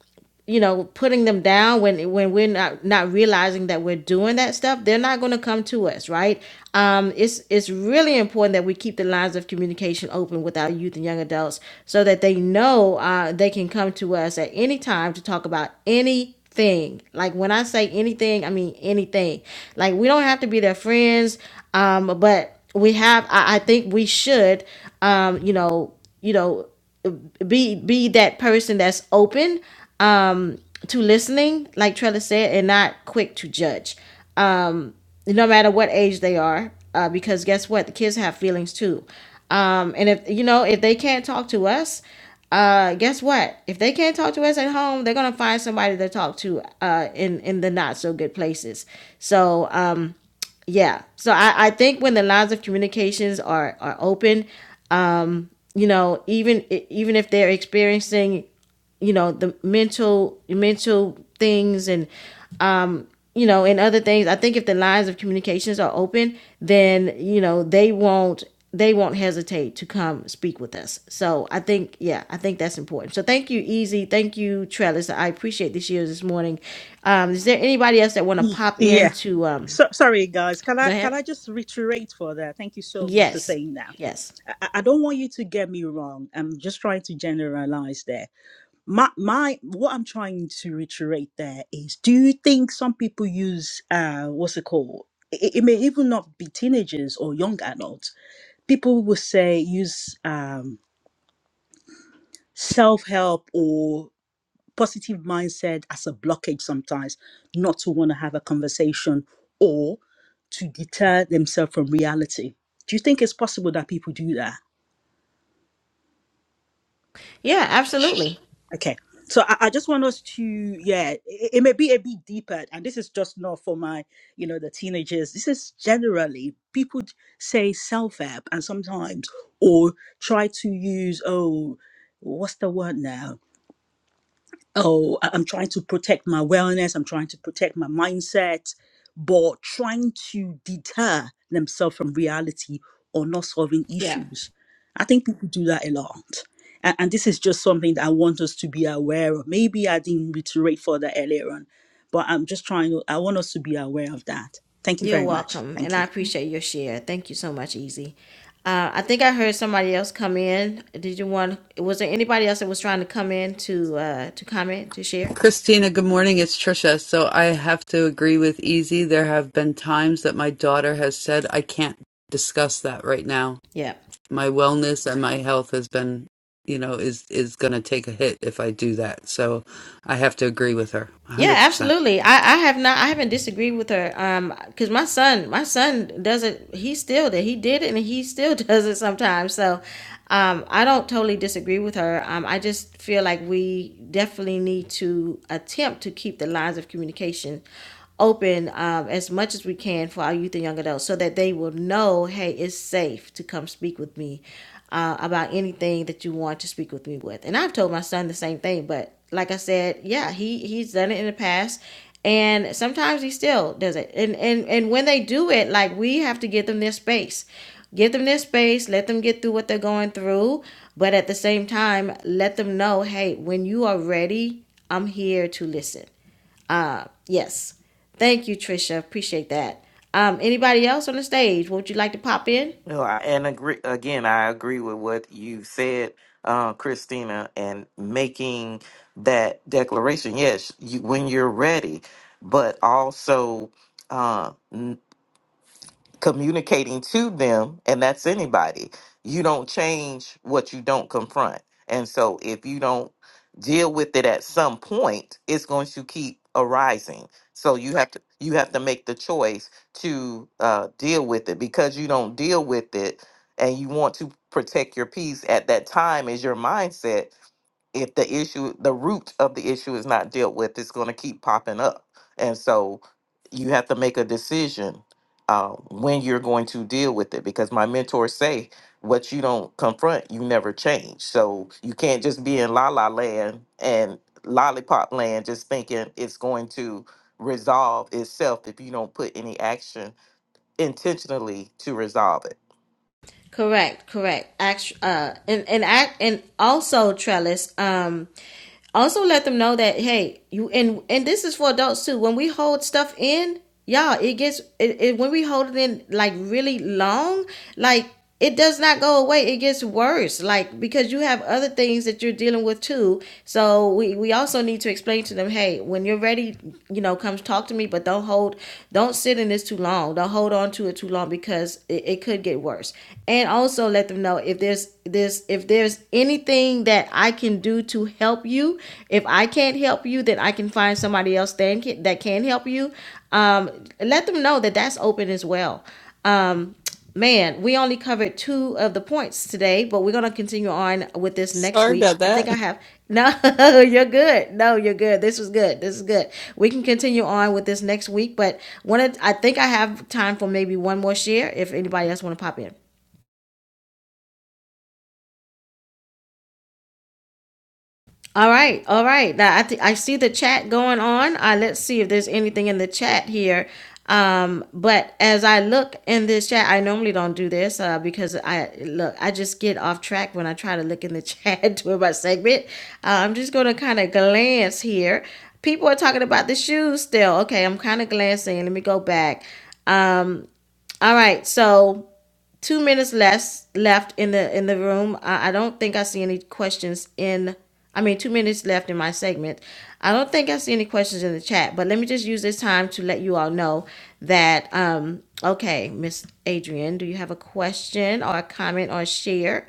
Speaker 2: you know putting them down when when we're not not realizing that we're doing that stuff they're not going to come to us right um it's it's really important that we keep the lines of communication open with our youth and young adults so that they know uh they can come to us at any time to talk about anything. Like when I say anything, I mean anything. Like we don't have to be their friends, um, but we have. I, I think we should, um, you know, you know be be that person that's open um to listening like trella said and not quick to judge um no matter what age they are uh because guess what the kids have feelings too um and if you know if they can't talk to us uh guess what if they can't talk to us at home they're gonna find somebody to talk to uh in in the not so good places so um yeah so i i think when the lines of communications are are open you know even e, even if they're experiencing you know the mental mental things and you know and other things i think if the lines of communications are open then you know they won't they won't hesitate to come speak with us so i think yeah i think that's important so thank you easy thank you trellis i appreciate the shares this morning um is there anybody else that want to pop in
Speaker 14: Yeah.
Speaker 2: to um
Speaker 14: So sorry, guys. Can
Speaker 2: go
Speaker 14: I
Speaker 2: ahead
Speaker 14: can I just reiterate for that? Thank you so much for
Speaker 2: yes
Speaker 14: saying that.
Speaker 2: yes
Speaker 14: I, I I don't want you to get me wrong. I'm just trying to generalize there. My my what I'm trying to reiterate there is: Do you think some people use uh what's it called? It, it may even not be teenagers or young adults. People will say use um self help or positive mindset as a blockage sometimes not to want to have a conversation or to deter themselves from reality. Do you think it's possible that people do that?
Speaker 2: yeah absolutely
Speaker 14: Okay. So I, I just want us to, yeah, it, it may be a bit deeper. And this is just not for my, you know, the teenagers. This is generally people d- say self help and sometimes, or try to use, oh, what's the word now? oh, I- I'm trying to protect my wellness, I'm trying to protect my mindset, but trying to deter themselves from reality or not solving
Speaker 2: yeah
Speaker 14: issues. I think people do that a lot. And, and this is just something that I want us to be aware of. Maybe I didn't reiterate further earlier on, but I'm just trying to, I want us to be aware of that. Thank you
Speaker 2: You're
Speaker 14: very much.
Speaker 2: welcome, and
Speaker 14: Thank you.
Speaker 2: I appreciate your share. Thank you so much, Easy. Uh, I think I heard somebody else come in. Did you want? Was there anybody else that was trying to come in to uh, to comment to share?
Speaker 3: Christina, good morning. It's Trisha. So I have to agree with Easy. There have been times that my daughter has said, I can't discuss that right now.
Speaker 2: Yeah,
Speaker 3: My wellness and my health has been, you know, is is gonna take a hit if I do that. So I have to agree with her. one
Speaker 2: yeah,
Speaker 3: hundred percent.
Speaker 2: absolutely. I, I have not. I haven't disagreed with her. Um, because my son, my son does it. He still did. He did it, and he still *laughs* does it sometimes. So, um, I don't totally disagree with her. Um, I just feel like we definitely need to attempt to keep the lines of communication open um, as much as we can for our youth and young adults so that they will know hey it's safe to come speak with me uh, about anything that you want to speak with me with and i've told my son the same thing but like i said yeah he he's done it in the past and sometimes he still does it and and and when they do it like we have to give them their space give them their space let them get through what they're going through but at the same time let them know hey when you are ready i'm here to listen uh, yes. Thank you, Trisha. Appreciate that. Um, anybody else on the stage? Would you like to pop in?
Speaker 12: No, I, and agree again. I agree with what you said, uh, Christina, and making that declaration. Yes, you, when you're ready, but also uh, communicating to them, and that's anybody, you don't change what you don't confront. And so if you don't deal with it at some point, it's going to keep arising. So you have to you have to make the choice to uh, deal with it because you don't deal with it and you want to protect your peace at that time is your mindset if the issue the root of the issue is not dealt with it's going to keep popping up and so you have to make a decision uh, when you're going to deal with it because my mentors say what you don't confront you never change so you can't just be in la la land and lollipop land just thinking it's going to resolve itself if you don't put any action intentionally to resolve it
Speaker 2: Correct, correct. Act, uh, and and act, and also Trellis. Um, Also let them know that hey, you and and this is for adults too. When we hold stuff in, y'all, it gets it, it when we hold it in like really long, like it does not go away. It gets worse, like because you have other things that you're dealing with too. So we we also need to explain to them, hey, when you're ready, you know, come talk to me, but don't hold, don't sit in this too long. Don't hold on to it too long because it, it could get worse. And also let them know if there's this if there's there's anything that I can do to help you, if I can't help you, then I can find somebody else that can, that can help you. Um, let them know that that's open as well. Um, man, we only covered two of the points today, but we're gonna continue on with this next
Speaker 3: Sorry
Speaker 2: week.
Speaker 3: about
Speaker 2: I think I
Speaker 3: that.
Speaker 2: have no, *laughs* you're good. No, you're good. This was good. This is good. We can continue on with this next week, but one, of- I think I have time for maybe one more share if anybody else want to pop in. All right, all right. Now, I th- I see the chat going on. Uh, let's see if there's anything in the chat here. Um, but as I look in this chat, I normally don't do this uh, because I look. I just get off track when I try to look in the *laughs* chat during my segment. Uh, I'm just gonna kind of glance here. People are talking about the shoes still. Okay, I'm kind of glancing. Let me go back Um, all right, so two minutes less left in the in the room. I, I don't think I see any questions in. I mean, two minutes left in my segment. I don't think I see any questions in the chat, but let me just use this time to let you all know that. Um, okay, Miss Adrian, do you have a question or a comment or a share?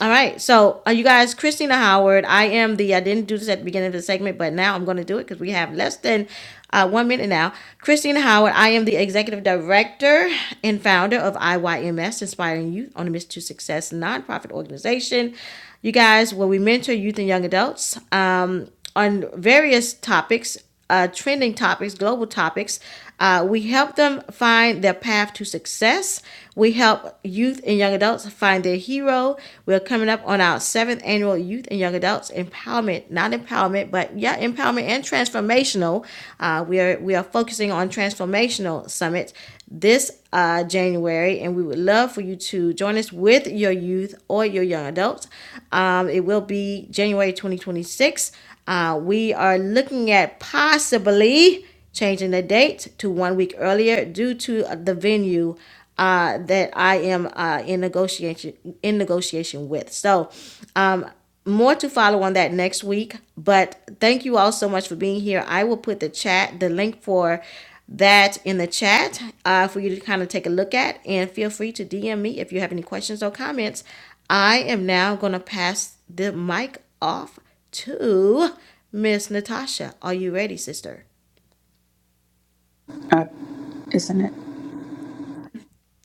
Speaker 2: All right. So, are you guys, Christina Howard, I am the, I didn't do this at the beginning of the segment, but now I'm going to do it because we have less than uh, one minute now. Christina Howard, I am the executive director and founder of IYMS, Inspiring Youth on a Mission to Success nonprofit organization. You guys, where we mentor youth and young adults um, on various topics, uh, trending topics, global topics. Uh, we help them find their path to success we help youth and young adults find their hero. We're coming up on our seventh annual Youth and Young Adults Empowerment, not empowerment, but yeah, empowerment and transformational. Uh, we are we are focusing on transformational summits this uh, January, and we would love for you to join us with your youth or your young adults. Um, it will be January 2026. Uh, we are looking at possibly changing the date to one week earlier due to uh, the venue uh, that I am uh, in negotiation in negotiation with. So, um, more to follow on that next week. But thank you all so much for being here. I will put the chat the link for that in the chat uh, for you to kind of take a look at, and feel free to DM me if you have any questions or comments. I am now going to pass the mic off to Miss Natasha. Are you ready, sister?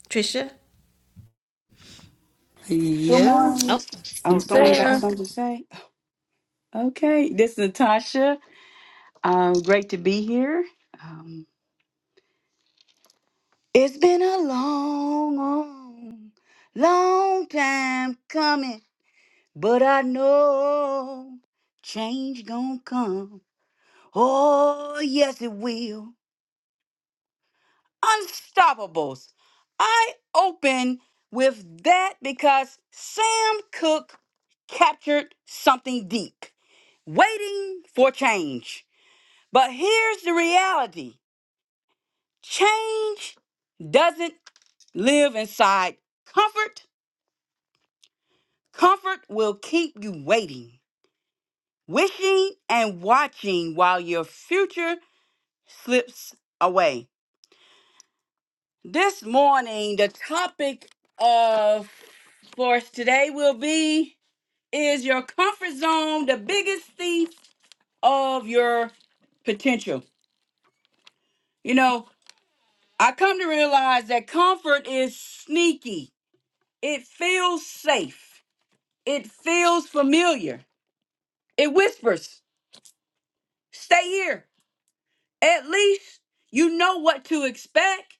Speaker 2: Trisha?
Speaker 15: Good
Speaker 3: Yeah,
Speaker 15: morning. Oh,
Speaker 3: she's
Speaker 15: someone got
Speaker 3: there.
Speaker 15: something to say? Okay, this is Natasha. Um, great to be here. Um, it's been a long, long, long time coming, but I know change gonna come. Oh, yes, it will. Unstoppables. I open with that because Sam Cooke captured something deep waiting for change. But here's the reality change doesn't live inside comfort. Comfort will keep you waiting, wishing, and watching while your future slips away. This morning, the topic of for today will be is your comfort zone the biggest thief of your potential? You know, I come to realize that comfort is sneaky. It feels safe. It feels familiar. It whispers, "Stay here." At least you know what to expect.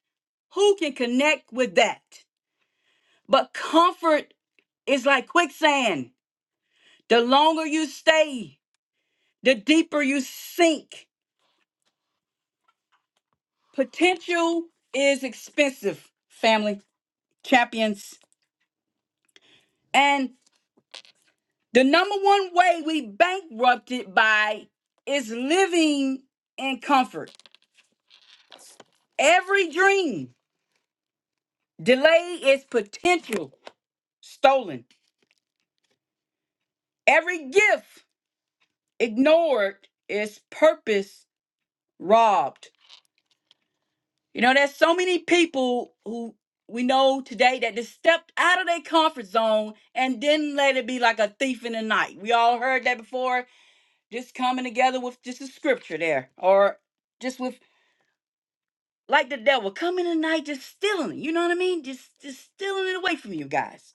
Speaker 15: Who can connect with that? But comfort is like quicksand. The longer you stay, the deeper you sink. Potential is expensive, family champions. And the number one way we bankrupted by is living in comfort. Every dream delayed is potential stolen. Every gift ignored is purpose robbed. You know, there's so many people who we know today that just stepped out of their comfort zone and didn't let it be like a thief in the night. We all heard that before, just coming together with just a scripture there, or just with like the devil coming tonight, just stealing. You know what I mean? Just just stealing it away from you guys.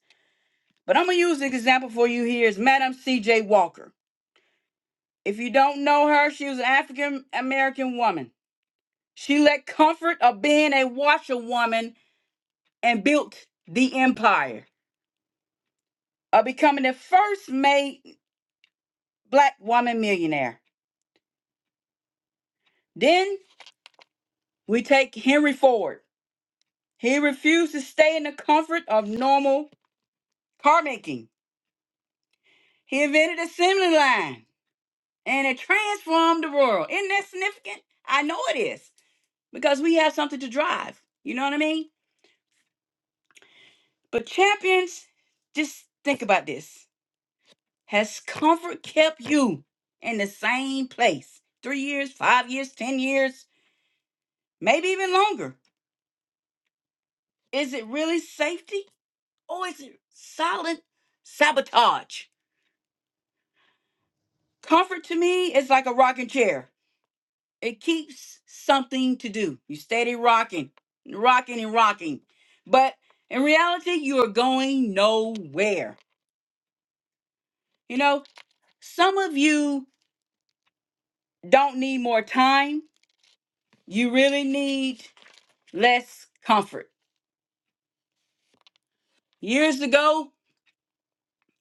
Speaker 15: But I'm gonna use an example for you here is Madam C.J. Walker. If you don't know her, she was an African American woman. She let comfort of being a washerwoman and built the empire of becoming the first made black woman millionaire. Then we take Henry Ford. He refused to stay in the comfort of normal car making. He invented the assembly line and it transformed the world. Isn't that significant? I know it is because we have something to drive. You know what I mean? But champions, just think about this. Has comfort kept you in the same place? Three years, five years, 10 years, maybe even longer. Is it really safety or is it silent sabotage? Comfort to me is like a rocking chair. It keeps something to do. You steady rocking, rocking and rocking. But in reality, you are going nowhere. You know, some of you don't need more time. You really need less comfort. Years ago,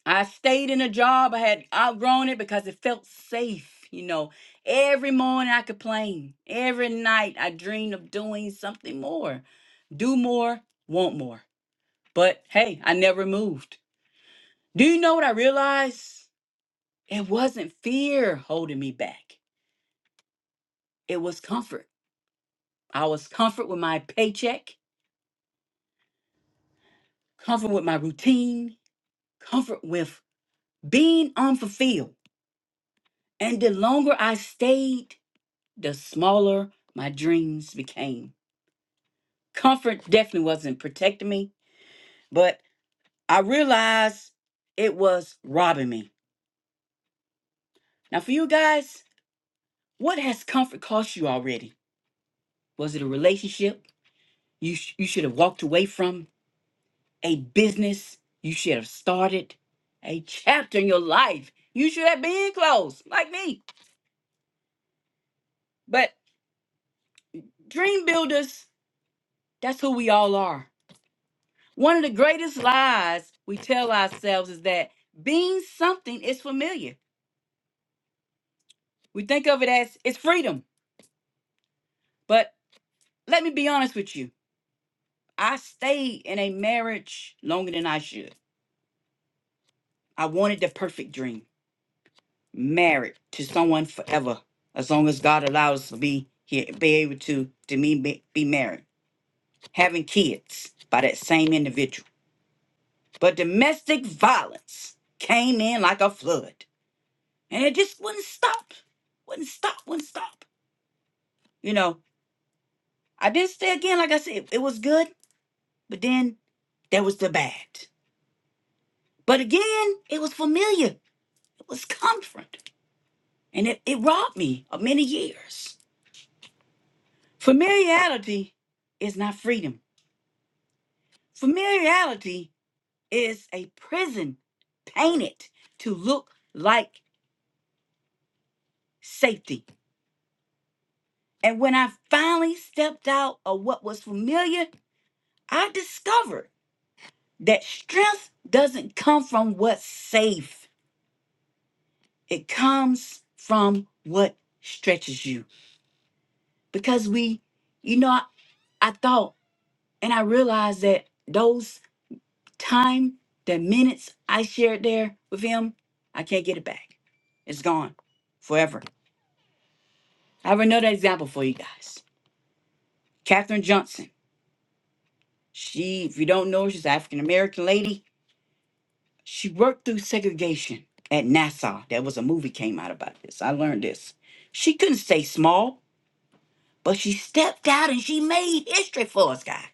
Speaker 15: I stayed in a job. I had outgrown it because it felt safe. You know, every morning I complained. Every night I dreamed of doing something more. Do more, want more. But hey, I never moved. Do you know what I realized? It wasn't fear holding me back, it was comfort. I was comfort with my paycheck, comfort with my routine, comfort with being unfulfilled. And the longer I stayed, the smaller my dreams became. Comfort definitely wasn't protecting me, but I realized it was robbing me. Now, for you guys, what has comfort cost you already? Was it a relationship you, sh- you should have walked away from? A business you should have started? A chapter in your life you should have been closed, like me. But dream builders, that's who we all are. One of the greatest lies we tell ourselves is that being something is familiar. We think of it as it's freedom. But let me be honest with you. I stayed in a marriage longer than I should. I wanted the perfect dream, married to someone forever, as long as God allows us to be here, be able to to me be, be married, having kids by that same individual. But domestic violence came in like a flood, and it just wouldn't stop, wouldn't stop, wouldn't stop. You know, I did say again, like I said, it, it was good, but then there was the bad. But again, it was familiar, it was comfort, and it, it robbed me of many years. Familiarity is not freedom, familiarity is a prison painted to look like safety. And when I finally stepped out of what was familiar, I discovered that strength doesn't come from what's safe. It comes from what stretches you. Because we, you know, I, I thought and I realized that those time, the minutes I shared there with him, I can't get it back. It's gone forever. I have another example for you guys. Katherine Johnson. She, if you don't know, her, she's an African American lady. She worked through segregation at Nassau. There was a movie came out about this. I learned this. She couldn't stay small. But she stepped out and she made history for us, guys.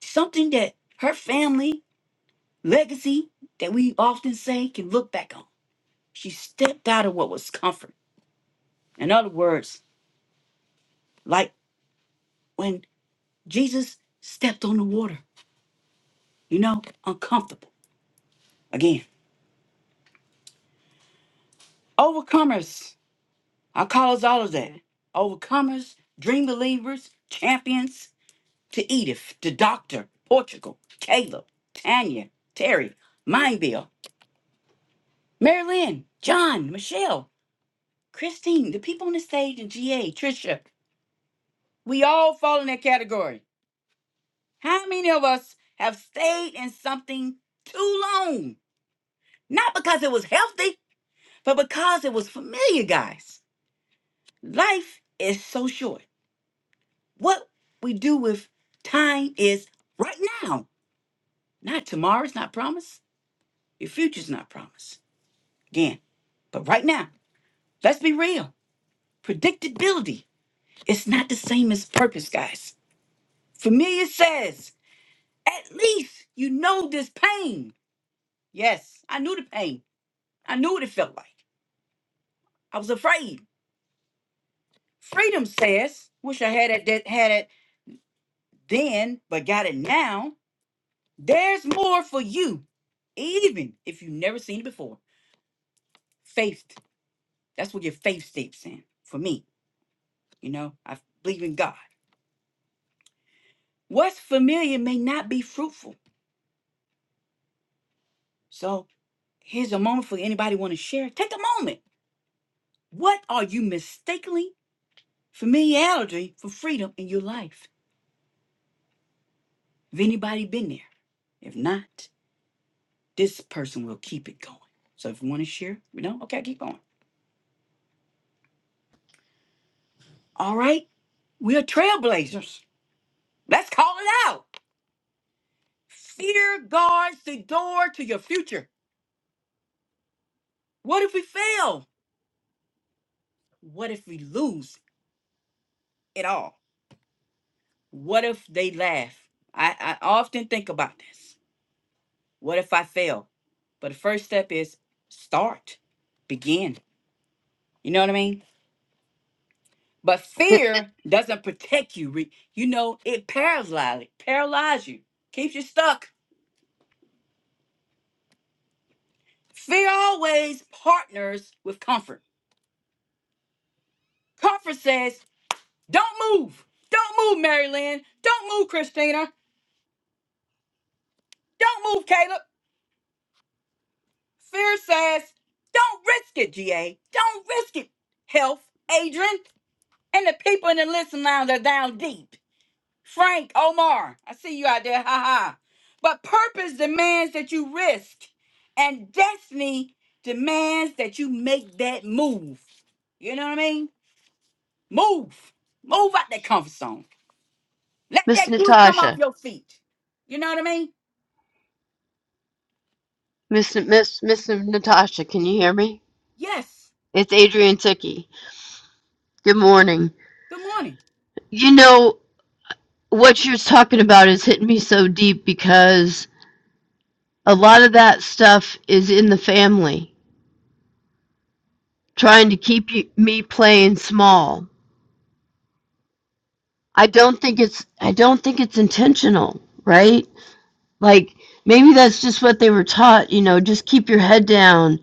Speaker 15: Something that her family legacy that we often say can look back on. She stepped out of what was comfort. In other words, like when Jesus stepped on the water, you know, uncomfortable. Again, overcomers. I call us all of that. Overcomers, dream believers, champions. To Edith, to Doctor, Portugal, Caleb, Tanya, Terry, Mindville. Marilyn, John, Michelle, Christine, the people on the stage, and GA, Trisha, we all fall in that category. How many of us have stayed in something too long? Not because it was healthy, but because it was familiar, guys. Life is so short. What we do with time is right now. Not tomorrow's not promised. Your future's not promised. Again, but right now, let's be real. Predictability is not the same as purpose, guys. Familiar says, at least you know this pain. Yes, I knew the pain. I knew what it felt like. I was afraid. Freedom says, wish I had it that had it then, but got it now. There's more for you, even if you've never seen it before. Faith. That's what your faith steps in. For me, you know, I believe in God. What's familiar may not be fruitful. So here's a moment for anybody want to share. Take a moment. What are you mistakenly familiarity for freedom in your life. Have anybody been there? If not, this person will keep it going. So if you want to share, we know. Okay, keep going. All right, we are trailblazers. Let's call it out. Fear guards the door to your future. What if we fail? What if we lose it all? What if they laugh? I, I often think about this. What if I fail? But the first step is start, begin. You know what I mean? But fear doesn't protect you. Re- You know, it paralyzes, paralyzes you, keeps you stuck. Fear always partners with comfort. Comfort says, don't move. Don't move, Mary Lynn. Don't move, Christina. Don't move, Caleb. Fear says, don't risk it, GA. Don't risk it, health, Adrian, and the people in the listening lounge are down deep. Frank Omar, I see you out there. Ha ha. But purpose demands that you risk, and destiny demands that you make that move. You know what I mean? Move. Move out that comfort zone. Let
Speaker 16: Miss
Speaker 15: that goo come off
Speaker 16: Natasha,
Speaker 15: your feet. You know what I mean?
Speaker 16: Miss Miss Miss Natasha, can you hear me?
Speaker 15: Yes.
Speaker 16: It's Adrian Tookie. Good morning.
Speaker 15: Good morning.
Speaker 16: You know what you're talking about is hitting me so deep because a lot of that stuff is in the family, trying to keep you, me playing small. I don't think it's I don't think it's intentional, right? Like maybe that's just what they were taught. You know, just keep your head down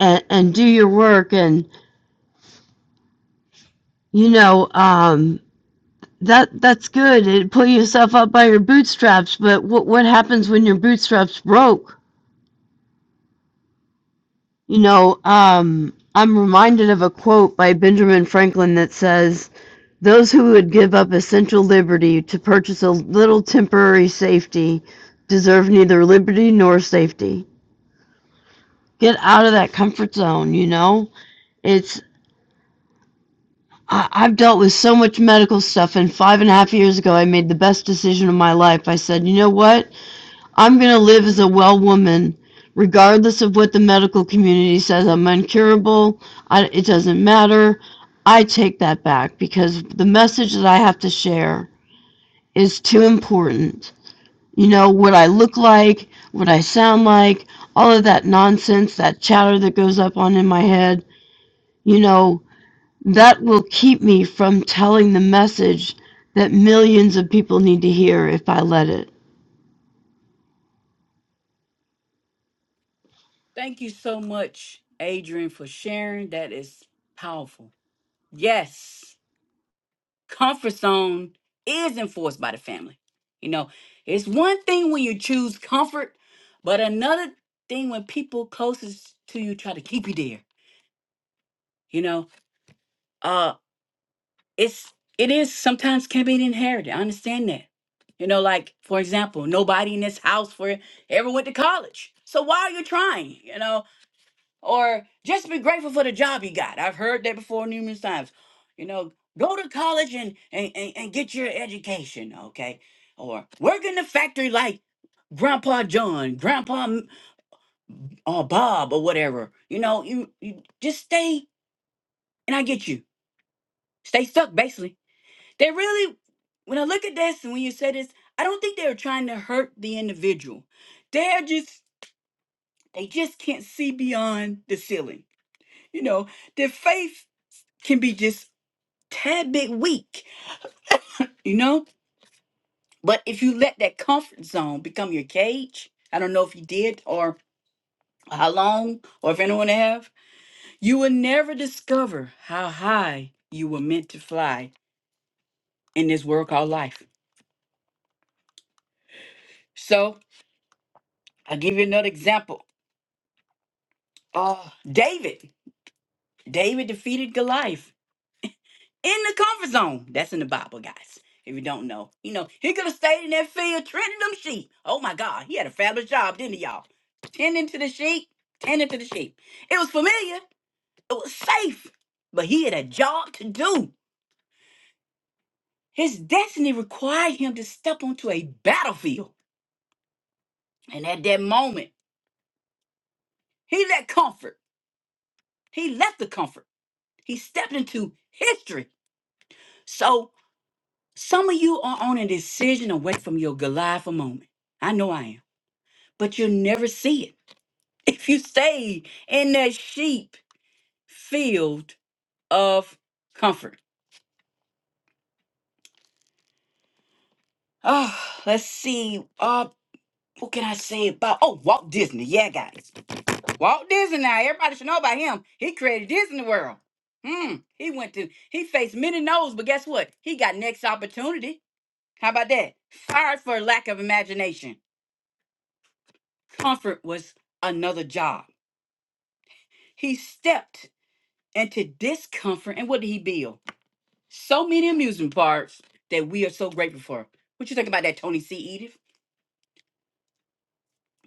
Speaker 16: and and do your work and you know um That that's good. It pull yourself up by your bootstraps, but what what happens when your bootstraps broke? You know, um, I'm reminded of a quote by Benjamin Franklin that says, "Those who would give up essential liberty to purchase a little temporary safety deserve neither liberty nor safety." Get out of that comfort zone. You know, it's I, I've dealt with so much medical stuff, and five and a half years ago, I made the best decision of my life. I said, "You know what? I'm going to live as a well woman, regardless of what the medical community says. I'm incurable. I, it doesn't matter. I take that back because the message that I have to share is too important. You know, what I look like, what I sound like, all of that nonsense, that chatter that goes up on in my head, you know, that will keep me from telling the message that millions of people need to hear if I let it.
Speaker 15: Thank you so much, Adrian, for sharing. That is powerful. Yes. comfort zone is enforced by the family. You know, it's one thing when you choose comfort, but another thing when people closest to you try to keep you there. You know, uh, it's it is sometimes can be inherited. I understand that. You know, like for example, nobody in this house for ever went to college. So why are you trying? You know, or just be grateful for the job you got. I've heard that before numerous times. You know, go to college and and, and, and get your education, okay? Or work in the factory like Grandpa John, Grandpa M- uh, Bob, or whatever. You know, you, you just stay, and I get you. Stay stuck, basically. They really, when I look at this and when you say this, I don't think they're trying to hurt the individual. They're just, they just can't see beyond the ceiling. You know, their faith can be just tad bit weak, you know? But if you let that comfort zone become your cage, I don't know if you did or how long or if anyone have, you will never discover how high you were meant to fly in this world called life. So I'll give you another example. Uh David. David defeated Goliath in the comfort zone. That's in the Bible, guys. If you don't know, you know, he could have stayed in that field tending them sheep. Oh my God, he had a fabulous job, didn't he, y'all? Tending to the sheep, tending to the sheep. It was familiar, it was safe, but he had a job to do. His destiny required him to step onto a battlefield. And at that moment, he left comfort. He left the comfort. He stepped into history. So some of you are on a decision away from your Goliath moment. I know I am. but you'll never see it *laughs* if you stay in that sheep field of comfort. Oh, let's see. Uh, what can I say about? Oh, Walt Disney. Yeah, guys, Walt Disney. Now everybody should know about him. He created Disney World. Hmm. He went to. He faced many no's, but guess what? He got next opportunity. How about that? Fired for lack of imagination. Comfort was another job. He stepped into discomfort, and what did he build? So many amusement parks that we are so grateful for. What you think about that, Tony C. Edith?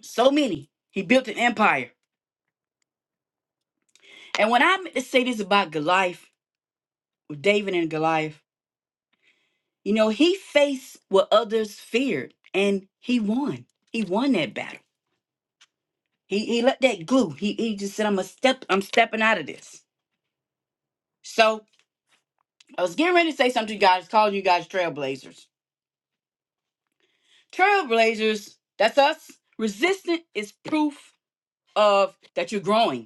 Speaker 15: So many. He built an empire. And when I meant to say this about Goliath, with David and Goliath, you know, he faced what others feared and he won. He won that battle. He he let that glue. He he just said, I'm a step, I'm stepping out of this. So I was getting ready to say something to you guys, calling you guys trailblazers. Trailblazers, that's us. Resistant is proof of that you're growing.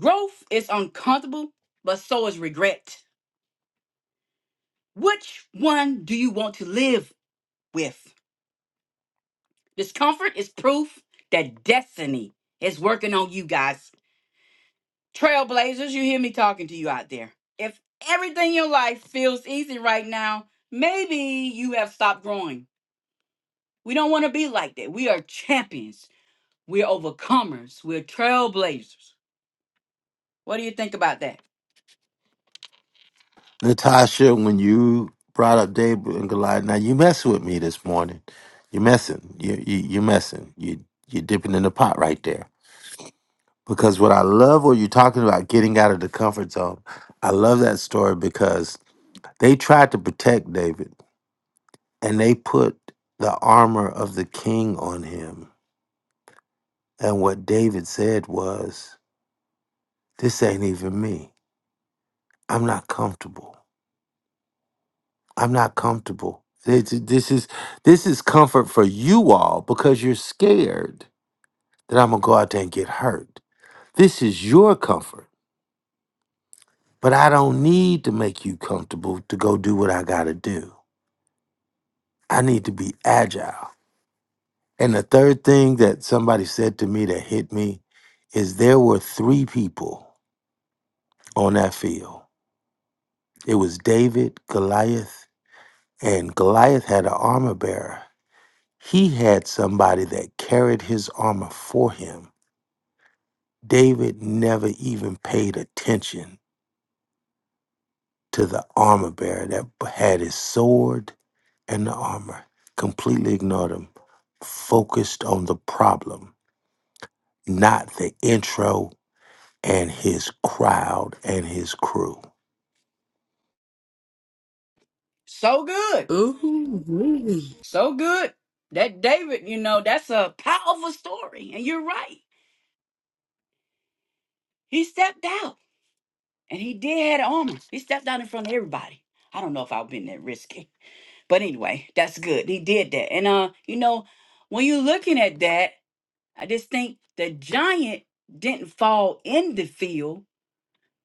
Speaker 15: Growth is uncomfortable, but so is regret. Which one do you want to live with? Discomfort is proof that destiny is working on you guys. Trailblazers, you hear me talking to you out there. If everything in your life feels easy right now, maybe you have stopped growing. We don't want to be like that. We are champions. We're overcomers. We're trailblazers. What do you think about that?
Speaker 5: Natasha, when you brought up David and Goliath, now you messing with me this morning. You messing. You you you messing. You you dipping in the pot right there. Because what I love what you're talking about, getting out of the comfort zone. I love that story because they tried to protect David and they put the armor of the king on him. And what David said was, This ain't even me. I'm not comfortable. I'm not comfortable. This, this is this is comfort for you all because you're scared that I'm gonna go out there and get hurt. This is your comfort, but I don't need to make you comfortable to go do what I gotta do. I need to be agile. And the third thing that somebody said to me that hit me is there were three people on that field. It was David, Goliath, and Goliath had an armor bearer He had somebody that carried his armor for him. David never even paid attention to the armor bearer that had his sword and the armor, completely ignored him, focused on the problem, not the intro and his crowd and his crew.
Speaker 15: So good.
Speaker 3: Ooh.
Speaker 15: So good. That David, you know, that's a powerful story. And you're right. He stepped out and he did have armor. He stepped out in front of everybody. I don't know if I've been that risky. But anyway, that's good. He did that. And uh, you know, when you're looking at that, I just think the giant didn't fall in the field.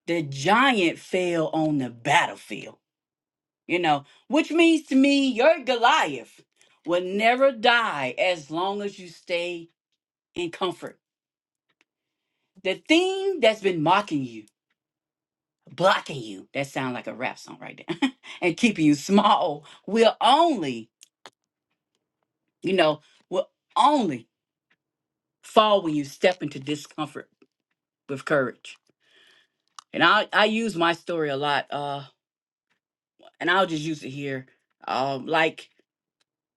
Speaker 15: The giant fell on the battlefield. You know, which means to me, your Goliath will never die as long as you stay in comfort The thing that's been mocking you, blocking you, that sounds like a rap song right there, *laughs* and keeping you small will only, you know, will only fall when you step into discomfort with courage. And I, I use my story a lot, uh, and I'll just use it here. Um, like,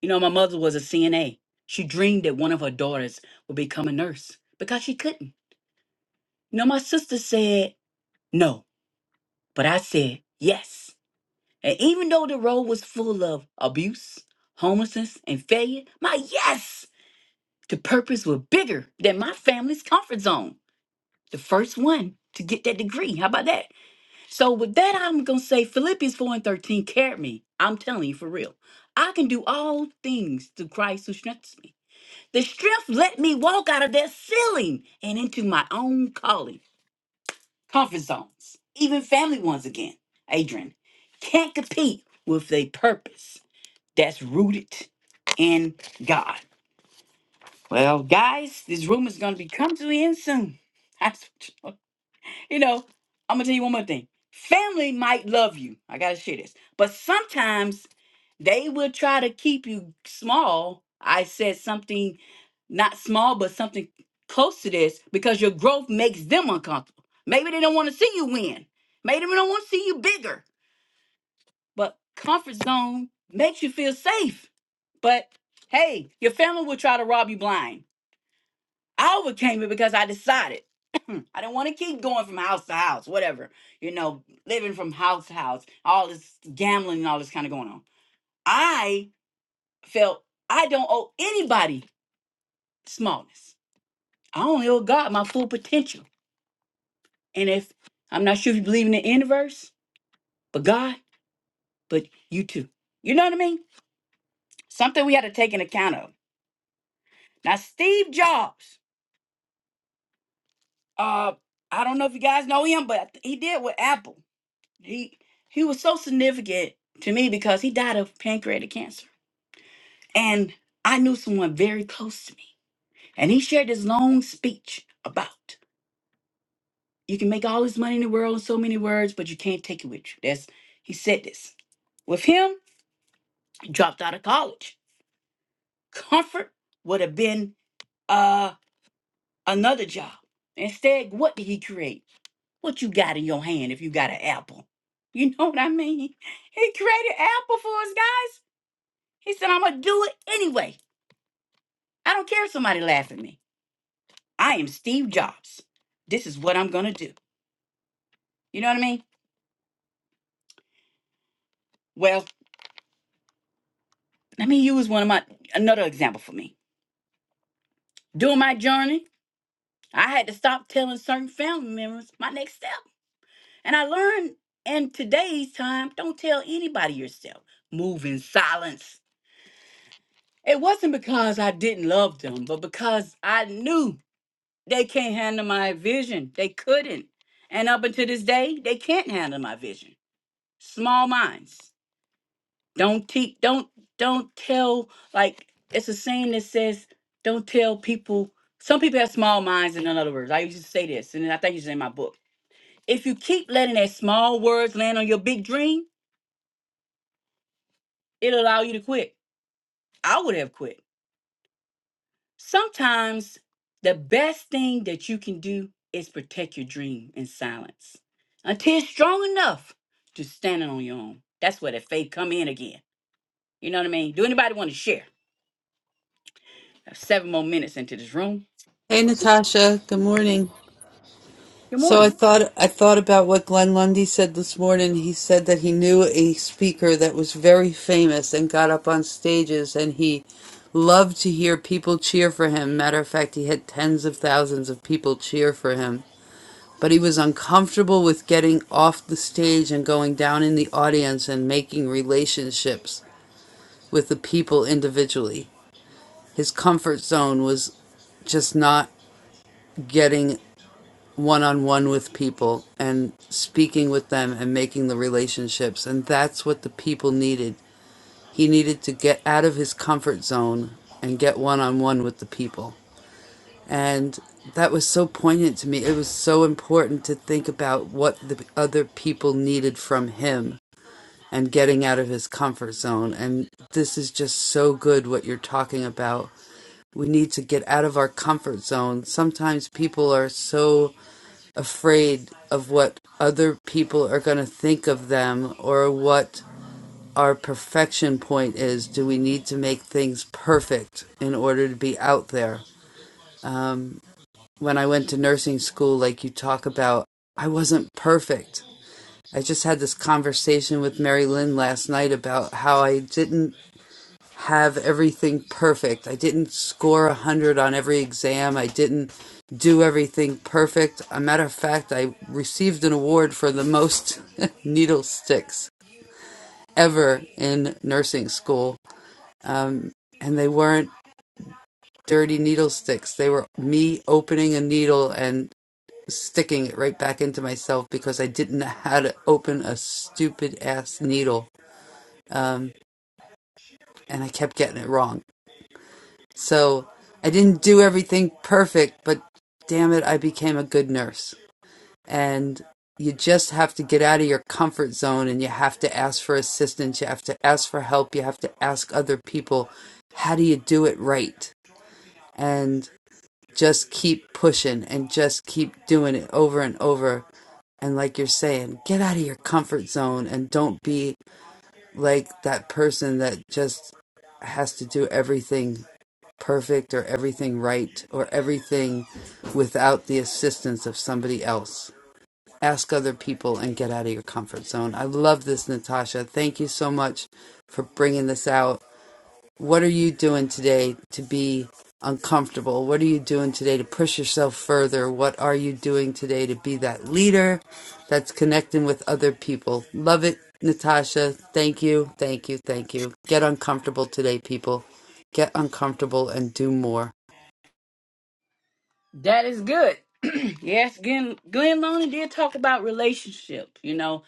Speaker 15: you know, my mother was a CNA. She dreamed that one of her daughters would become a nurse because she couldn't. You know, my sister said no, but I said yes. And even though the road was full of abuse, homelessness, and failure, my yes to purpose was bigger than my family's comfort zone. The first one to get that degree. How about that? So with that, I'm gonna say Philippians 4 and 13 carried me. I'm telling you for real. I can do all things through Christ who strengthens me. The strength let me walk out of that ceiling and into my own calling, comfort zones, even family ones again. Adrian can't compete with a purpose that's rooted in God. Well, guys, this room is going to be coming to an end soon. *laughs* That's you know, I'm going to tell you one more thing. Family might love you. I got to share this. But sometimes they will try to keep you small. I said something not small, but something close to this because your growth makes them uncomfortable. Maybe they don't want to see you win. Maybe they don't want to see you bigger. But comfort zone makes you feel safe. But hey, your family will try to rob you blind. I overcame it because I decided *clears throat* I didn't want to keep going from house to house, whatever, you know, living from house to house, all this gambling and all this kind of going on. I felt I don't owe anybody smallness. I only owe God my full potential. And if I'm not sure if you believe in the universe, but God, but you too. You know what I mean? Something we had to take into account of. Now, Steve Jobs, uh, I don't know if you guys know him, but he did with Apple. He he was so significant to me because he died of pancreatic cancer, and I knew someone very close to me, and he shared this long speech about you can make all this money in the world in so many words, but you can't take it with you. That's he said this. With him, he dropped out of college. Comfort would have been uh another job. Instead, what did he create? What you got in your hand if you got an apple? You know what I mean? He created apple for us guys. He said, I'm gonna do it anyway. I don't care if somebody laugh at me. I am Steve Jobs. This is what I'm gonna do. You know what I mean? Well, let me use one of my another example for me. During my journey, I had to stop telling certain family members my next step. And I learned in today's time, don't tell anybody yourself. Move in silence. It wasn't because I didn't love them, but because I knew they can't handle my vision. They couldn't. And up until this day, they can't handle my vision. Small minds. Don't te- don't don't tell like it's a saying that says don't tell people some people have small minds in other words. I used to say this, and I think it's in my book. If you keep letting that small words land on your big dream, it'll allow you to quit. I would have quit. Sometimes the best thing that you can do is protect your dream in silence until it's strong enough to stand it on your own. That's where the faith come in again. You know what I mean? Do anybody want to share? I have seven more minutes into this room.
Speaker 3: Hey Natasha, good morning.
Speaker 15: Good
Speaker 3: So I
Speaker 15: morning.
Speaker 3: thought I thought about what Glenn Lundy said this morning. He said that he knew a speaker that was very famous and got up on stages and he loved to hear people cheer for him. Matter of fact, he had tens of thousands of people cheer for him. But he was uncomfortable with getting off the stage and going down in the audience and making relationships with the people individually. His comfort zone was just not getting one on one with people and speaking with them and making the relationships. And that's what the people needed. He needed to get out of his comfort zone and get one on one with the people. And that was so poignant to me. It was so important to think about what the other people needed from him and getting out of his comfort zone. And this is just so good what you're talking about. We need to get out of our comfort zone. Sometimes people are so afraid of what other people are going to think of them or what our perfection point is. Do we need to make things perfect in order to be out there? Um, when I went to nursing school, like you talk about, I wasn't perfect. I just had this conversation with Mary Lynn last night about how I didn't have everything perfect. I didn't score a 100 on every exam. I didn't do everything perfect. A matter of fact, I received an award for the most *laughs* needle sticks ever in nursing school, and they weren't dirty needle sticks. They were me opening a needle and sticking it right back into myself because I didn't know how to open a stupid ass needle and I kept getting it wrong. So I didn't do everything perfect, but damn it, I became a good nurse. And you just have to get out of your comfort zone and you have to ask for assistance. You have to ask for help. You have to ask other people, how do you do it right? And just keep pushing and just keep doing it over and over. And like you're saying, get out of your comfort zone and don't be like that person that just has to do everything perfect or everything right or everything without the assistance of somebody else. Ask other people and get out of your comfort zone. I love this, Natasha. Thank you so much for bringing this out. What are you doing today to be uncomfortable? What are you doing today to push yourself further? What are you doing today to be that leader that's connecting with other people? Love it, Natasha. Thank you, thank you, thank you. Get uncomfortable today, people. Get uncomfortable and do more.
Speaker 15: That is good. *clears throat* yes, Glenn, Glenn Loney did talk about relationship. You know,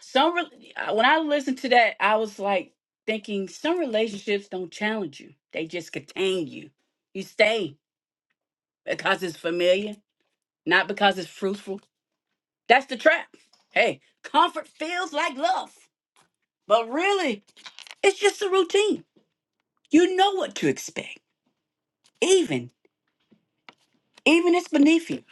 Speaker 15: some re- I- when I listened to that, I was like thinking some relationships don't challenge you; they just contain you. You stay because it's familiar. not because it's fruitful. That's the trap. Hey, comfort feels like love, but really, it's just a routine. You know what to expect, even even it's beneath you.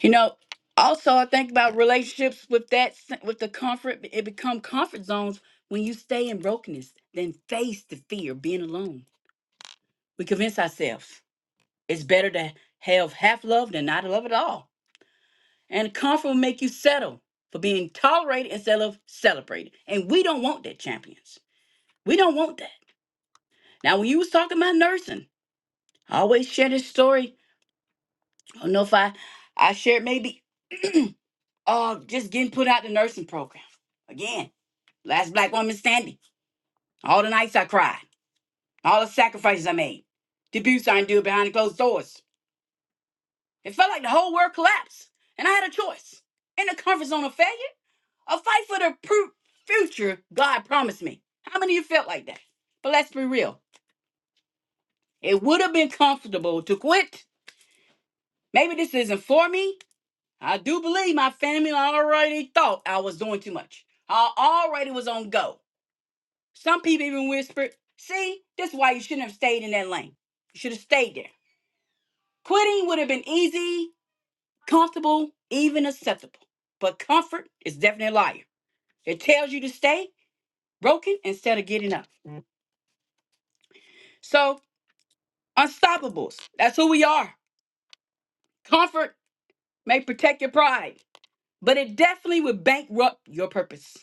Speaker 15: You know. Also, I think about relationships with that s- with the comfort. It become comfort zones when you stay in brokenness, then face the fear of being alone. We convince ourselves it's better to have half love than not love at all. And comfort will make you settle for being tolerated instead of celebrated. And we don't want that, champions. We don't want that. Now, when you was talking about nursing, I always share this story. I don't know if I, I shared maybe *clears throat* uh, just getting put out the nursing program. Again, last black woman standing. All the nights I cried. All the sacrifices I made. The abuse I endured behind closed doors. It felt like the whole world collapsed. And I had a choice. In the comfort zone of failure A fight for the pru- future God promised me. How many of you felt like that? But let's be real. It would have been comfortable to quit. Maybe this isn't for me. I do believe my family already thought I was doing too much. I already was on go. Some people even whispered, see, this is why you shouldn't have stayed in that lane. You should have stayed there. Quitting would have been easy, comfortable, even acceptable. But comfort is definitely a liar. It tells you to stay broken instead of getting up. So Unstoppables. That's who we are. Comfort may protect your pride, but it definitely would bankrupt your purpose.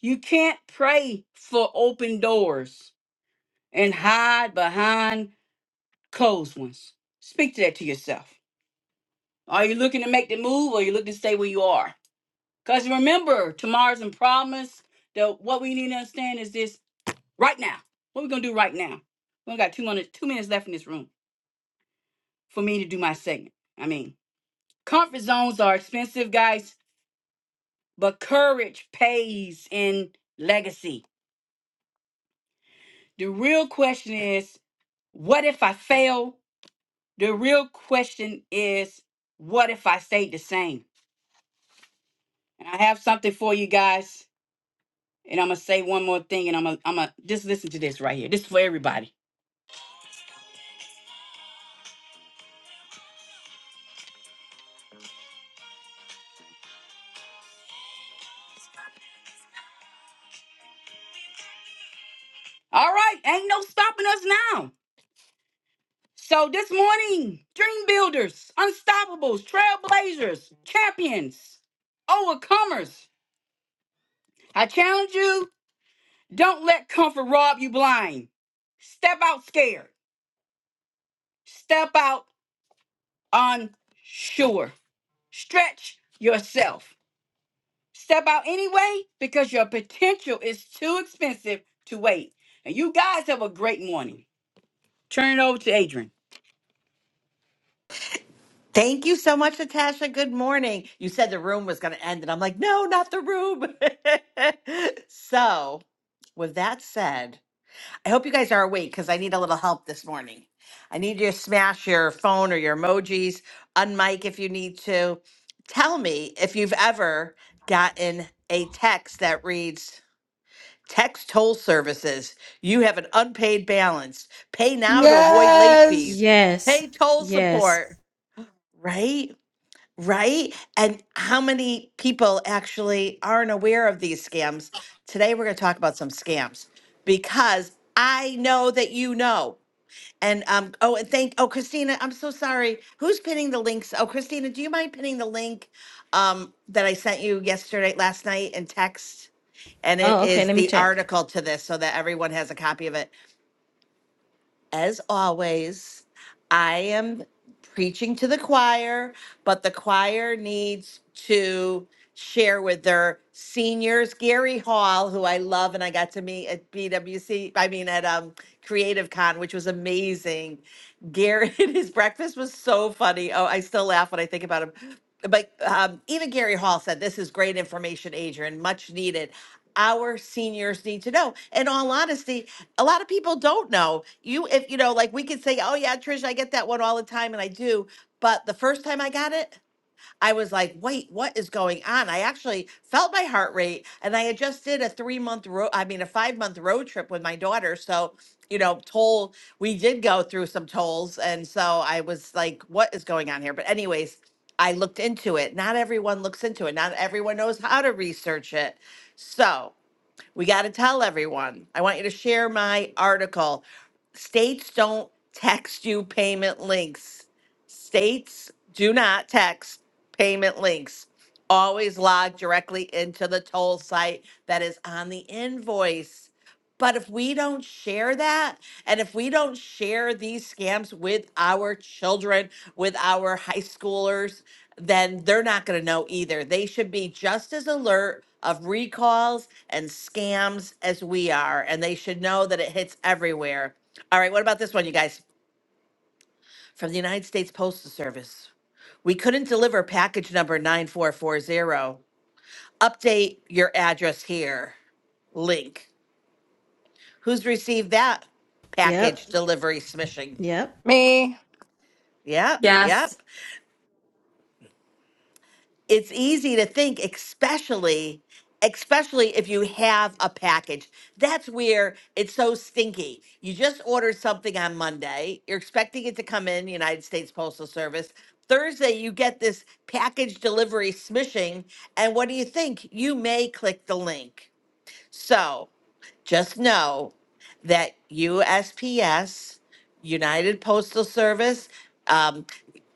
Speaker 15: You can't pray for open doors and hide behind closed ones. Speak to that to yourself. Are you looking to make the move or you looking to stay where you are? Because remember, tomorrow's in promise. The, what we need to understand is this right now. What we going to do right now? We only got two minutes, two minutes left in this room for me to do my segment. I mean, comfort zones are expensive, guys but courage pays in legacy. The real question is, what if I fail? The real question is, what if I stayed the same? And I have something for you guys. And I'm gonna say one more thing, and I'm gonna, I'm gonna just listen to this right here. This is for everybody. All right, ain't no stopping us now. So this morning, dream builders, unstoppables, trailblazers, champions, overcomers. I challenge you Don't let comfort rob you blind. Step out scared. Step out unsure. Stretch yourself. Step out anyway because your potential is too expensive to wait. And you guys have a great morning. Turn it over to Adrian.
Speaker 17: Thank you so much, Natasha. Good morning. You said the room was going to end, and I'm like, no, not the room. *laughs* so, with that said, I hope you guys are awake because I need a little help this morning. I need you to smash your phone or your emojis, unmic if you need to. Tell me if you've ever gotten a text that reads, Text toll services. You have an unpaid balance. Pay now to
Speaker 3: Yes.
Speaker 17: avoid late fees.
Speaker 2: Yes.
Speaker 17: Pay toll
Speaker 2: Yes.
Speaker 17: support, right? Right? And how many people actually aren't aware of these scams? Today, we're going to talk about some scams because I know that you know. And um, oh, and thank oh, Christina, I'm so sorry. Who's pinning the links? Oh, Christina, do you mind pinning the link um that I sent you yesterday, last night in text? And it
Speaker 2: Oh, okay.
Speaker 17: is
Speaker 2: Let me
Speaker 17: the
Speaker 2: check.
Speaker 17: article to this so that everyone has a copy of it as always, I am preaching to the choir, but the choir needs to share with their seniors. Gary Hall, who I love and I got to meet at BWC, I mean at um Creative Con, which was amazing. Gary *laughs* his breakfast was so funny. Oh, I still laugh when I think about him. But um, even Gary Hall said, This is great information, Adrian, much needed. Our seniors need to know. In all honesty, a lot of people don't know you if you know like we could say oh yeah trish i get that one all the time and i do but the first time i got it i was like wait what is going on i actually felt my heart rate and i had just did a three month road i mean a five month road trip with my daughter so you know toll we did go through some tolls and so i was like what is going on here but anyways i looked into it not everyone looks into it not everyone knows how to research it so we got to tell everyone. I want you to share my article. States don't text you payment links. States do not text payment links. Always log directly into the toll site that is on the invoice. But if we don't share that, and if we don't share these scams with our children, with our high schoolers, then they're not going to know either. They should be just as alert of recalls and scams as we are, and they should know that it hits everywhere. All right, what about this one, you guys? From the United States Postal Service. We couldn't deliver package number 9440. Update your address here. Link. Who's received that package
Speaker 2: Yep.
Speaker 17: delivery smishing?
Speaker 2: Yep.
Speaker 18: Me.
Speaker 17: Yep,
Speaker 19: Yes.
Speaker 17: yep. it's easy to think especially especially if you have a package that's where it's so stinky you just ordered something on monday you're expecting it to come in united states postal service thursday you get this package delivery smishing and what do you think you may click the link so just know that USPS, United Postal Service, um,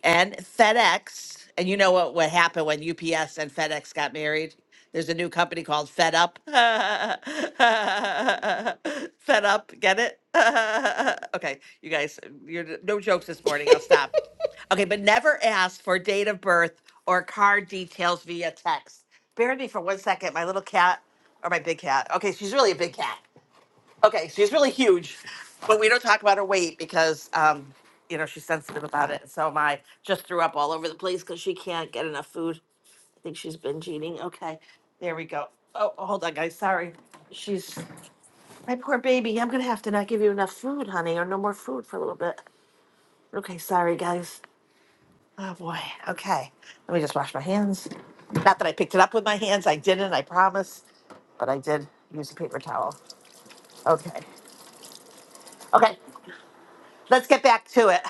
Speaker 17: and FedEx, and you know what, what happened when UPS and FedEx got married? There's a new company called Fed Up. *laughs* Fed Up, get it? *laughs* okay, you guys, you're no jokes this morning. I'll stop. Okay, but never ask for date of birth or car details via text. Bear with me for one second. My little cat, or my big cat. Okay, she's really a big cat. Okay, she's really huge, but we don't talk about her weight because, um, you know, she's sensitive about it. So my just threw up all over the place because she can't get enough food think she's been cheating. Okay, there we go. Oh, hold on, guys. Sorry. She's my poor baby. I'm gonna have to not give you enough food, honey, or no more food for a little bit. Okay, sorry, guys. Oh boy. Okay, let me just wash my hands. Not that I picked it up with my hands. I didn't. I promise. But I did use a paper towel. Okay. Okay. let's get back to it.